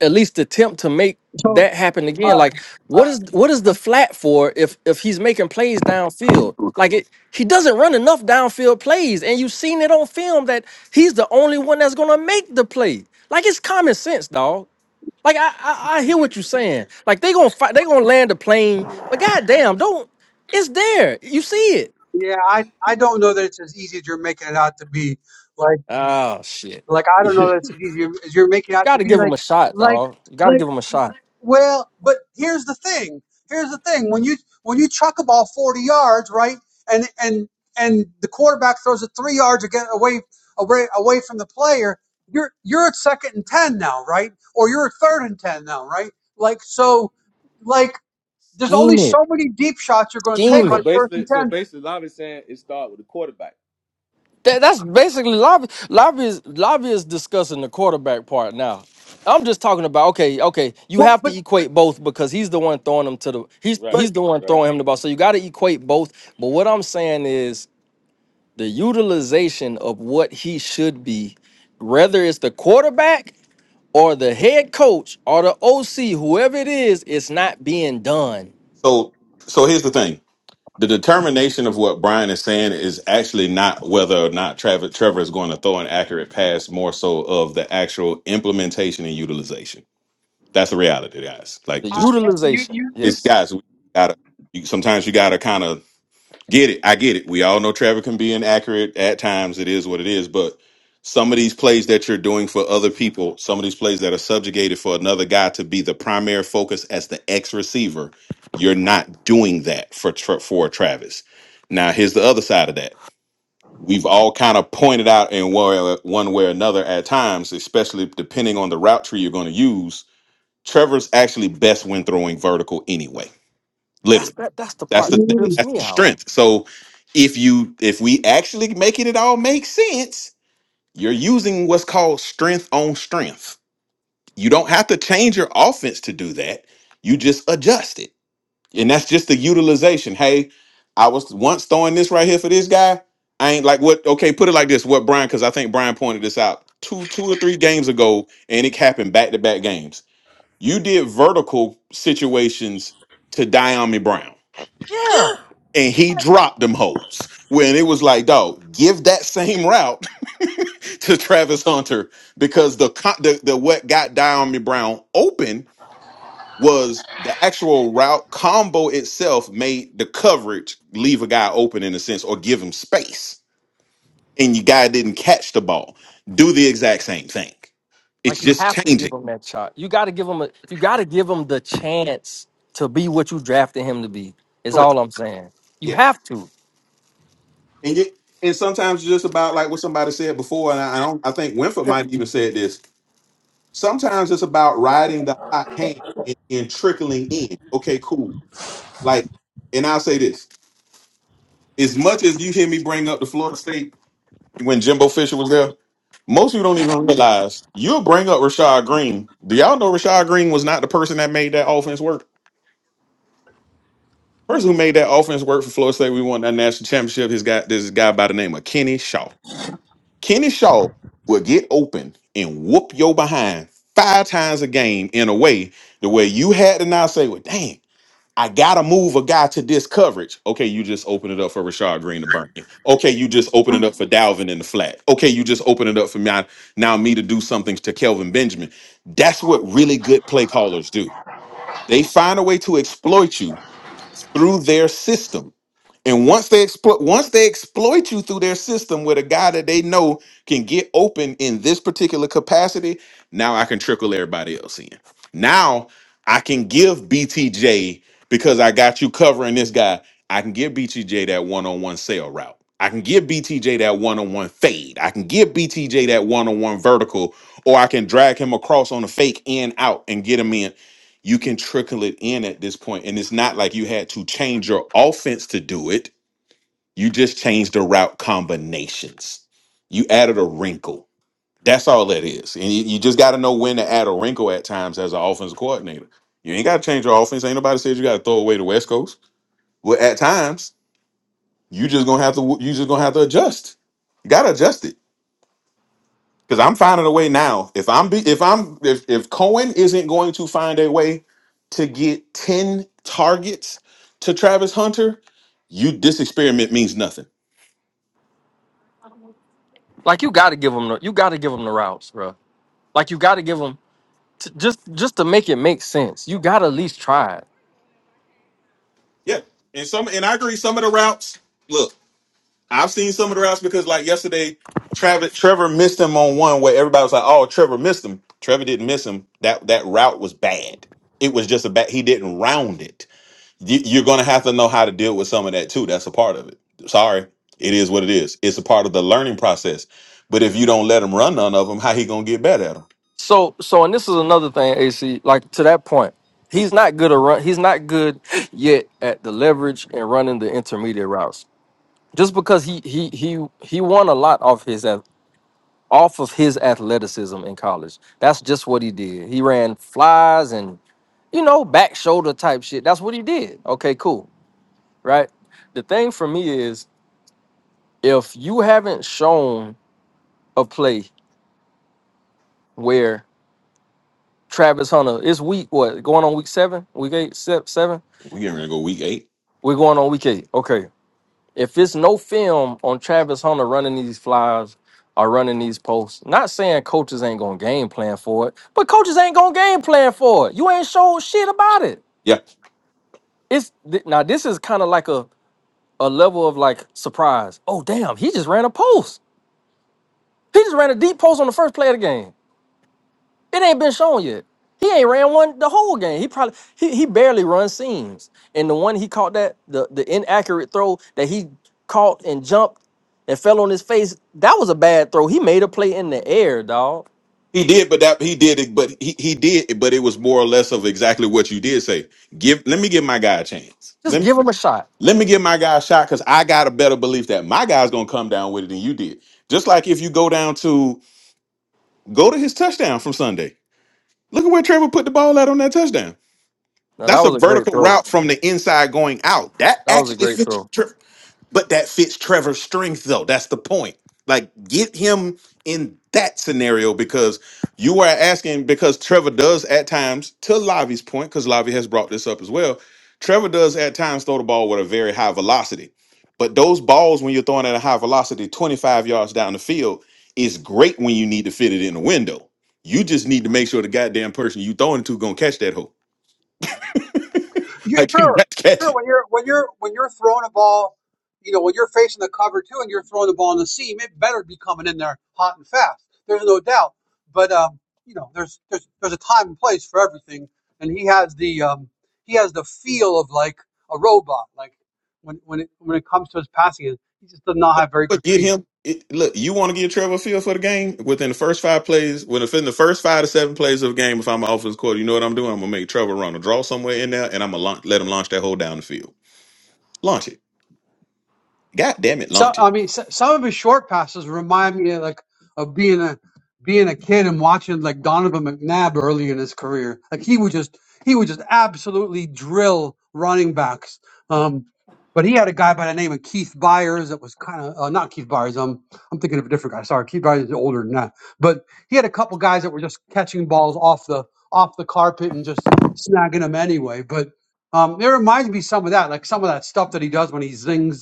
[SPEAKER 5] at least attempt to make
[SPEAKER 1] So
[SPEAKER 5] that happen again
[SPEAKER 1] uh,
[SPEAKER 5] like
[SPEAKER 1] uh,
[SPEAKER 5] what is what is the flat for if if he's making plays downfield like it he doesn't run enough downfield plays and you've seen it on film that he's the only one that's gonna make the play like it's common sense dog Like I, I, I hear what you're saying. Like they gonna fight, they gonna land a plane, but goddamn, don't. It's there. You see it.
[SPEAKER 1] yeah, I I don't know that it's as easy as you're making it out to be. Like
[SPEAKER 5] Oh shit.
[SPEAKER 1] like I don't know that it's as easy as you're making it out
[SPEAKER 5] Got
[SPEAKER 1] to
[SPEAKER 5] to
[SPEAKER 1] be.
[SPEAKER 5] give him
[SPEAKER 1] Like
[SPEAKER 5] a shot,
[SPEAKER 1] like.
[SPEAKER 5] dog. You got to
[SPEAKER 1] like,
[SPEAKER 5] give him a shot.
[SPEAKER 1] Well, but here's the thing. Here's the thing. When you when you chuck a ball 40 yards, right, and and and the quarterback throws it three yards again away away away from the player, you're you're at second and ten now, right? Or you're at third and ten now, right? Like so, like there's only
[SPEAKER 5] Scheme it.
[SPEAKER 1] so many deep shots you're going to take
[SPEAKER 5] Scheme
[SPEAKER 4] so
[SPEAKER 1] on
[SPEAKER 5] it.
[SPEAKER 1] first and
[SPEAKER 4] basically, so
[SPEAKER 1] ten.
[SPEAKER 4] basically, Lavi's saying it started with the quarterback.
[SPEAKER 5] That, that's basically lobby. Lobby is lobby is discussing the quarterback part now. I'm just talking about okay, okay. You
[SPEAKER 1] Well,
[SPEAKER 5] have
[SPEAKER 1] but
[SPEAKER 5] to equate both because he's the one throwing him to the he's
[SPEAKER 4] Right,
[SPEAKER 1] but
[SPEAKER 5] he's the one
[SPEAKER 4] right.
[SPEAKER 5] throwing him the ball. So you got to equate both. But what I'm saying is the utilization of what he should be, whether it's the quarterback or the head coach or the OC, whoever it is, it's not being done.
[SPEAKER 7] So, so here's the thing: the determination of what Brian is saying is actually not whether or not Trevor Trevor is going to throw an accurate pass, more so of the actual implementation and utilization. That's the reality, guys.
[SPEAKER 5] The
[SPEAKER 7] Like,
[SPEAKER 1] I,
[SPEAKER 7] just
[SPEAKER 1] you
[SPEAKER 5] utilization,
[SPEAKER 1] you
[SPEAKER 7] it's
[SPEAKER 5] yes,
[SPEAKER 7] guys. We gotta. You, sometimes you gotta kind of Get it. I get it. We all know Trevor can be inaccurate at times. It is what it is. But some of these plays that you're doing for other people, some of these plays that are subjugated for another guy to be the primary focus as the X receiver, you're not doing that for Tra- for Travis. Now, here's the other side of that. We've all kind of pointed out in one one way or another at times, especially depending on the route tree you're going to use. Trevor's actually best when throwing vertical anyway,
[SPEAKER 5] that's that. That's the
[SPEAKER 7] that's
[SPEAKER 5] part
[SPEAKER 7] the
[SPEAKER 5] that
[SPEAKER 1] you.
[SPEAKER 7] th-
[SPEAKER 5] trips
[SPEAKER 7] that's
[SPEAKER 5] me
[SPEAKER 7] the
[SPEAKER 5] out.
[SPEAKER 7] strength. So if you if we actually making it it all make sense, you're using what's called strength on strength. You don't have to change your offense to do that. You just adjust it. And that's just the utilization. Hey, I was once throwing this right here for this guy. I ain't like what okay, put it like this. What Brian, because I think Brian pointed this out two two or three games ago, and it happened back to back games. You did vertical situations to Diami Brown
[SPEAKER 5] Yeah,
[SPEAKER 7] and he dropped them hoes when it was like, dog, give that same route to Travis Hunter because the co- the, the what got Diami Brown open was the actual route combo itself made the coverage leave a guy open in a sense or give him space, and your guy didn't catch the ball. Do the exact same thing. It's
[SPEAKER 5] like you
[SPEAKER 7] just
[SPEAKER 5] have to give
[SPEAKER 7] changing.
[SPEAKER 5] him that shot. You got to give him a. You got to give him the chance to be what you drafted him to be. Is
[SPEAKER 7] Correct.
[SPEAKER 5] all I'm saying. You
[SPEAKER 7] Yes.
[SPEAKER 5] have to.
[SPEAKER 7] And you, and sometimes it's just about like what somebody said before, and I, I don't. I think Winford might even said this Sometimes it's about riding the hot hand and, and trickling in. Okay, cool. Like, and I'll say this: as much as you hear me bring up the Florida State when Jimbo Fisher was there, most people don't even realize you'll bring up Rashad Green. Do y'all know Rashad Green was not the person that made that offense work? Person who made that offense work for Florida State, we won that national championship. His guy, this guy by the name of Kenny Shaw. Kenny Shaw will get open and whoop your behind five times a game in a way the way you had to now say, well, dang. I gotta move a guy to this coverage. Okay, you just open it up for Rashad Green to burn it. Okay, you just open it up for Dalvin in the flat. Okay, you just open it up for now, now me to do something to Kelvin Benjamin. That's what really good play callers do. They find a way to exploit you through their system and once they exploit once they exploit you through their system with a guy that they know can get open in this particular capacity, now I can trickle everybody else in. Now I can give BTJ because I got you covering this guy. I can give BTJ that one-on-one sale route. I can give BTJ that one-on-one fade. I can give BTJ that one-on-one vertical, or I can drag him across on a fake in out and get him in. You can trickle it in at this point, and it's not like you had to change your offense to do it you just changed the route combinations. You added a wrinkle. That's all that is. And you, you just got to know when to add a wrinkle at times as an offensive coordinator. You ain't got to change your offense. Ain't nobody said you got to throw away the West Coast. Well, at times you just gonna have to. You just gonna have to adjust. You gotta adjust it. Because I'm finding a way now. If I'm be, if I'm if if Cohen isn't going to find a way to get ten targets to Travis Hunter, you this experiment means nothing
[SPEAKER 5] Like you got to give him. The, you got to give him the routes, bro. Like you got to give him. t- just just to make it make sense, you gotta at least try it.
[SPEAKER 7] Yeah, and some and I agree. Some of the routes, look, I've seen some of the routes because like yesterday, Trevor Trevor missed him on one where everybody was like, "Oh, Trevor missed him." Trevor didn't miss him. That that route was bad. It was just a bad. He didn't round it. You, you're gonna have to know how to deal with some of that too. That's a part of it. Sorry, it is what it is. It's a part of the learning process. But if you don't let him run none of them, how he gonna get better at them?
[SPEAKER 5] So so and this is another thing, AC, like to that point, he's not good at run he's not good yet at the leverage and running the intermediate routes. Just because he he he he won a lot off his ath- off of his athleticism in college. That's just what he did. He ran flies and you know, back shoulder type shit. That's what he did. Okay, cool. Right? The thing for me is if you haven't shown a play where Travis Hunter. It's week what? Going on week seven? Week eight? se- Seven?
[SPEAKER 7] We are gonna go week eight.
[SPEAKER 5] We're going on week eight. Okay. If it's no film on Travis Hunter running these flies or running these posts, not saying coaches ain't gonna game plan for it, but coaches ain't gonna game plan for it. You ain't showed shit about it.
[SPEAKER 7] Yeah.
[SPEAKER 5] It's th- now this is kind of like a a level of like surprise. Oh damn, he just ran a post. He just ran a deep post on the first play of the game. It ain't been shown yet. He ain't ran one the whole game. He probably he, he barely runs seams. And the one he caught that the the inaccurate throw that he caught and jumped and fell on his face, that was a bad throw. He made a play in the air, dog.
[SPEAKER 7] He did, but that he did it, but he, he did, but it was more or less of exactly what you did say. Give let me give my guy a chance.
[SPEAKER 5] Just
[SPEAKER 7] Let me
[SPEAKER 5] give him a shot.
[SPEAKER 7] let me give my guy a shot because I got a better belief that my guy's gonna come down with it than you did. Just like if you go down to go to his touchdown from Sunday. Look at where Trevor put the ball at on that touchdown.
[SPEAKER 5] No, that
[SPEAKER 7] That's a
[SPEAKER 5] was a great
[SPEAKER 7] vertical
[SPEAKER 5] throw.
[SPEAKER 7] route from the inside going out. That
[SPEAKER 5] That was a
[SPEAKER 7] actually
[SPEAKER 5] great throw.
[SPEAKER 7] fits. Tre- but that fits Trevor's strength, though. That's the point. Like, get him in that scenario because you are asking, because Trevor does at times, to Lavi's point, because Lavi has brought this up as well. Trevor does at times throw the ball with a very high velocity. But those balls, when you're throwing at a high velocity, 25 yards down the field, is great when you need to fit it in a window. You just need to make sure the goddamn person you throwing it to gonna catch that hoe.
[SPEAKER 1] You
[SPEAKER 7] Like you
[SPEAKER 1] sure,
[SPEAKER 7] got to catch it.
[SPEAKER 1] sure. When you're when you're when you're throwing a ball, you know when you're facing the cover too, and you're throwing the ball in the seam, it better be coming in there hot and fast. There's no doubt. But um, you know, there's there's there's a time and place for everything, and he has the um he has the feel of like a robot. Like when when it when it comes to his passing, he just does not have very good
[SPEAKER 7] But get
[SPEAKER 1] feel.
[SPEAKER 7] him. It, look, you want to get Trevor Field for the game within the first five plays, well, within the first five to seven plays of the game. If I'm an offense quarter, you know what I'm doing. I'm gonna make Trevor run a draw somewhere in there, and I'm gonna launch, let him launch that hole down the field. Launch it. God damn it,
[SPEAKER 1] So
[SPEAKER 7] launch
[SPEAKER 1] I
[SPEAKER 7] it.
[SPEAKER 1] mean, so, some of his short passes remind me of, like of being a being a kid and watching like Donovan McNabb early in his career. Like he would just he would just absolutely drill running backs. Um, but he had a guy by the name of Keith Byers that was kind of uh, not Keith Byers. Um, I'm thinking of a different guy. Sorry, Keith Byers is older than that. But he had a couple guys that were just catching balls off the off the carpet and just snagging them anyway. But um, it reminds me some of that, like some of that stuff that he does when he zings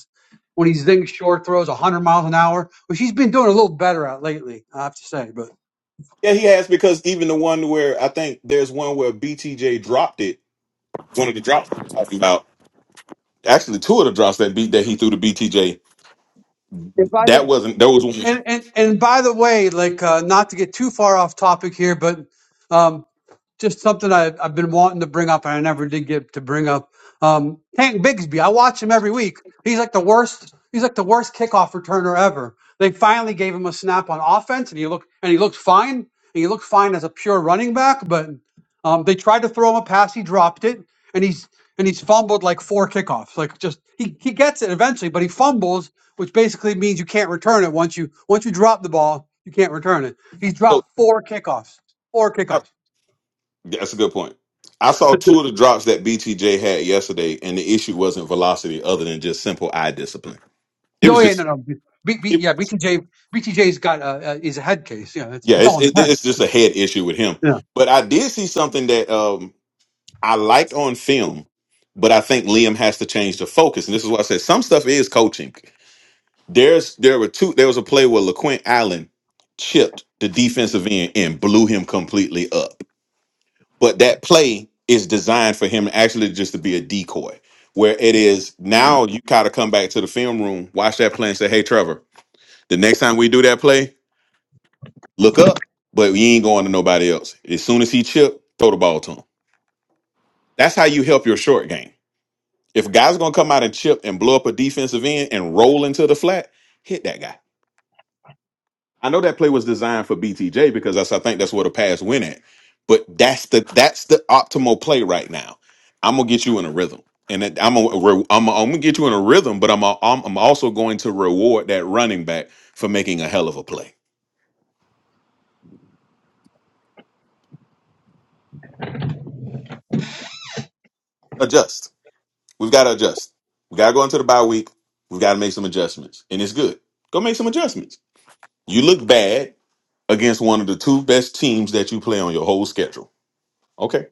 [SPEAKER 1] when he's thinking short throws 100 miles an hour, which he's been doing a little better at lately, I have to say. But
[SPEAKER 7] Yeah, he has because even the one where I think there's one where BTJ dropped it. One of the drops I'm talking about. Actually, two of the drops that beat that he threw to BTJ. That wasn't. That was one.
[SPEAKER 1] and and and by the way, like uh, not to get too far off topic here, but um, just something I, I've been wanting to bring up and I never did get to bring up. Um, Hank Bigsby, I watch him every week. He's like the worst. He's like the worst kickoff returner ever. They finally gave him a snap on offense, and he looked and he looked fine. And he looked fine as a pure running back, but um, they tried to throw him a pass. He dropped it, and he's and he's fumbled like four kickoffs. Like just he he gets it eventually, but he fumbles, which basically means you can't return it once you once you drop the ball. You can't return it. He's dropped
[SPEAKER 7] So
[SPEAKER 1] four kickoffs. Four kickoffs.
[SPEAKER 7] Yeah, That's a good point. I saw two of the drops that BTJ had yesterday, and the issue wasn't velocity, other than just simple eye discipline. It
[SPEAKER 1] No,
[SPEAKER 7] was
[SPEAKER 1] yeah, no,
[SPEAKER 7] just,
[SPEAKER 1] no. B, B,
[SPEAKER 7] it,
[SPEAKER 1] yeah, B T J, has got a, uh, is a head case. Yeah, it's,
[SPEAKER 7] yeah,
[SPEAKER 1] it's all
[SPEAKER 7] it's
[SPEAKER 1] in his
[SPEAKER 7] it,
[SPEAKER 1] head.
[SPEAKER 7] it's just a head issue with him.
[SPEAKER 1] Yeah.
[SPEAKER 7] But I did see something that um I liked on film, but I think Liam has to change the focus, and this is why I said some stuff is coaching. There's there were two. There was a play where LaQuint Allen chipped the defensive end and blew him completely up but that play is designed for him actually just to be a decoy where it is now you gotta come back to the film room watch that play and say hey trevor the next time we do that play look up but we ain't going to nobody else as soon as he chip throw the ball to him that's how you help your short game if guys are gonna come out and chip and blow up a defensive end and roll into the flat hit that guy I know that play was designed for BTJ because that's I think that's where the pass went at. But that's the that's the optimal play right now. I'm gonna get you in a rhythm, and that, I'm gonna re- I'm, gonna- I'm gonna get you in a rhythm. But I'm i I'm, I'm also going to reward that running back for making a hell of a play. Adjust. We've got to adjust. We got to go into the bye week. We've got to make some adjustments, and it's good. Go make some adjustments. You look bad against one of the two best teams that you play on your whole schedule. Okay,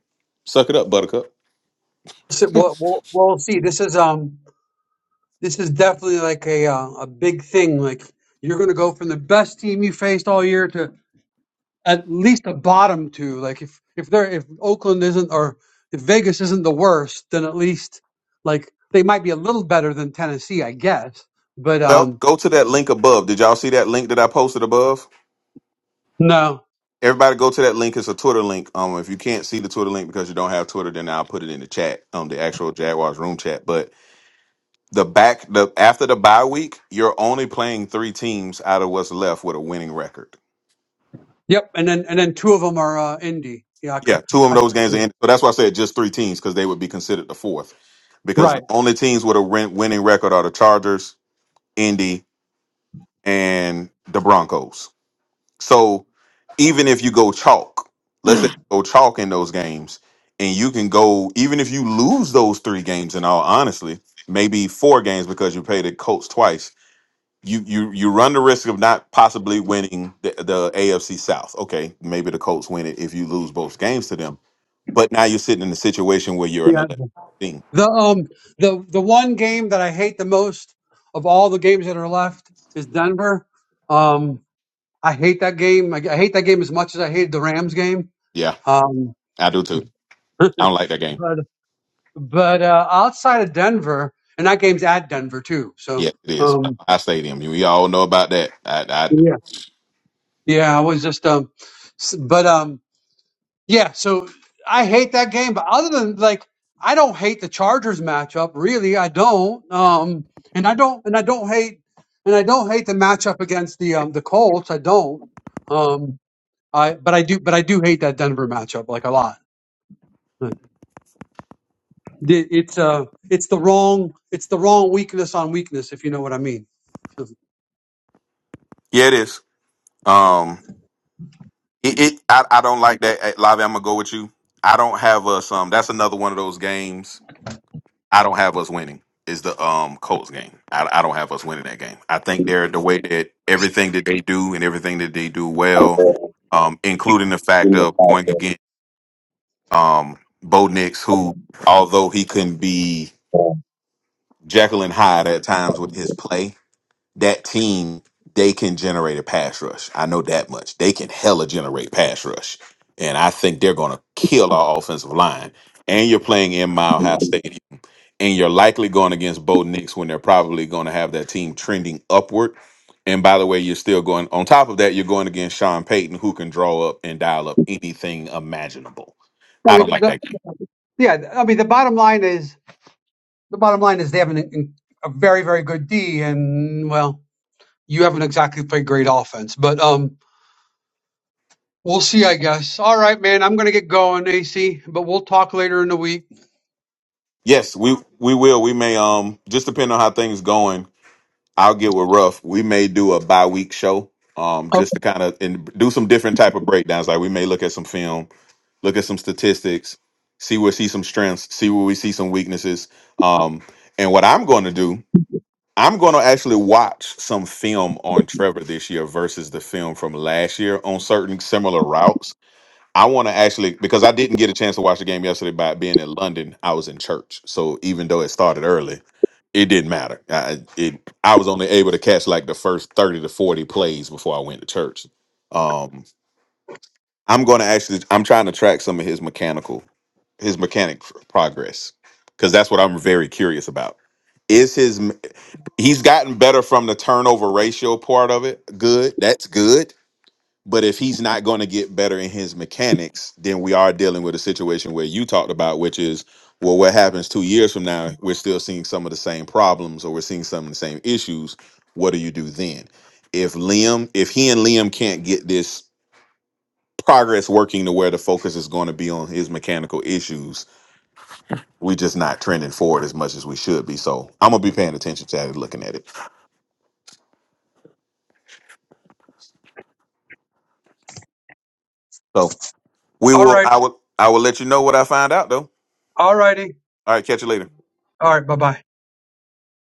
[SPEAKER 7] suck it up, Buttercup.
[SPEAKER 1] So, well, we'll we'll see, this is um, this is definitely like a uh, a big thing. Like you're going to go from the best team you faced all year to at least a bottom two. Like if if they're if Oakland isn't or if Vegas isn't the worst, then at least like they might be a little better than Tennessee, I guess. But
[SPEAKER 7] Well,
[SPEAKER 1] um,
[SPEAKER 7] go to that link above. Did y'all see that link that I posted above?
[SPEAKER 1] no.
[SPEAKER 7] Everybody go to that link. It's a Twitter link. Um, if you can't see the Twitter link because you don't have Twitter, then I'll put it in the chat, um, the actual Jaguars room chat. But the back the after the bye week, you're only playing three teams out of what's left with a winning record.
[SPEAKER 1] Yep. And then and then two of them are uh, Indy. Yeah. I, ca-
[SPEAKER 7] Yeah, two of
[SPEAKER 1] I,
[SPEAKER 7] those games are in. So that's why I said just three teams, because they would be considered the fourth. Because the
[SPEAKER 1] right.
[SPEAKER 7] only teams with a win- winning record are the Chargers, Indy, and the Broncos. So even if you go chalk, let's say you go chalk in those games, and you can go even if you lose those three games. In all honestly, maybe four games because you paid the Colts twice. You you you run the risk of not possibly winning the, the AFC South. Okay, maybe the Colts win it if you lose both games to them. But now you're sitting in a situation where you're an
[SPEAKER 1] Yeah,
[SPEAKER 7] 11 team.
[SPEAKER 1] The um the the one game that I hate the most of all the games that are left is Denver. Um, I hate that game. I, I hate that game as much as I hated the Rams game.
[SPEAKER 7] Yeah,
[SPEAKER 1] Um,
[SPEAKER 7] I do too. I don't like that game.
[SPEAKER 1] but but uh, outside of Denver, and that game's at Denver too. So
[SPEAKER 7] Yeah, it is.
[SPEAKER 1] um,
[SPEAKER 7] I stadium. We all know about that. I, I
[SPEAKER 1] yeah, yeah, I was just um, s- but um, Yeah, so I hate that game, but other than like I don't hate the Chargers matchup, really. I don't. Um and I don't and I don't hate and I don't hate the matchup against the um the Colts. I don't. Um I but I do but I do hate that Denver matchup like a lot. But it- It's uh it's the wrong it's the wrong weakness on weakness if you know what I mean.
[SPEAKER 7] yeah, it is. Um, It, it I, I don't like that. Hey, Lavi, I'm gonna go with you. I don't have us. Um, that's another one of those games. I don't have us winning. Is the um Colts game? I, I don't have us winning that game. I think they're the way that everything that they do and everything that they do well, um, including the fact of going against um Bo Nix, who although he can be Jekyll and Hyde at times with his play, that team, they can generate a pass rush. I know that much. They can hella generate pass rush. And I think they're going to kill our offensive line. And you're playing in Mile High Stadium. And you're likely going against Bo Nix when they're probably going to have that team trending upward. And by the way, you're still going, on top of that, you're going against Sean Payton, who can draw up and dial up anything imaginable.
[SPEAKER 1] I
[SPEAKER 7] I
[SPEAKER 1] mean,
[SPEAKER 7] don't like
[SPEAKER 1] the,
[SPEAKER 7] that game.
[SPEAKER 1] yeah. I mean, the bottom line is the bottom line is they have an, a very very good D, and well, you haven't exactly played great offense, but um, we'll see, I guess. All right, man. I'm gonna get going, AC, but we'll talk later in the week.
[SPEAKER 7] Yes, we we will. We may um just depend on how things going I'll get with Ruff. We may do a bi week show, um, just to kind of and do some different type of breakdowns. Like we may look at some film, look at some statistics, see where we see some strengths, see where we see some weaknesses. Um, and what I'm going to do, I'm going to actually watch some film on Trevor this year versus the film from last year on certain similar routes. I want to actually because I didn't get a chance to watch the game yesterday by being in London. I was in church, so even though it started early it didn't matter. I it I was only able to catch like the first thirty to forty plays before I went to church. Um, I'm going to actually I'm trying to track some of his mechanical his mechanic pr- progress because that's what I'm very curious about. Is his m- he's gotten better from the turnover ratio part of it? Good, that's good but if he's not going to get better in his mechanics, then we are dealing with a situation where you talked about, which is, well, what happens two years from now? We're still seeing some of the same problems or we're seeing some of the same issues. What do you do then? If Liam, if he and Liam can't get this progress working to where the focus is going to be on his mechanical issues, we're just not trending forward as much as we should be. So I'm gonna be paying attention to that and looking at it. So we
[SPEAKER 1] All
[SPEAKER 7] will
[SPEAKER 1] right.
[SPEAKER 7] I will I will let you know what I find out though.
[SPEAKER 1] All righty.
[SPEAKER 7] All right, catch you later.
[SPEAKER 1] All right. Bye bye.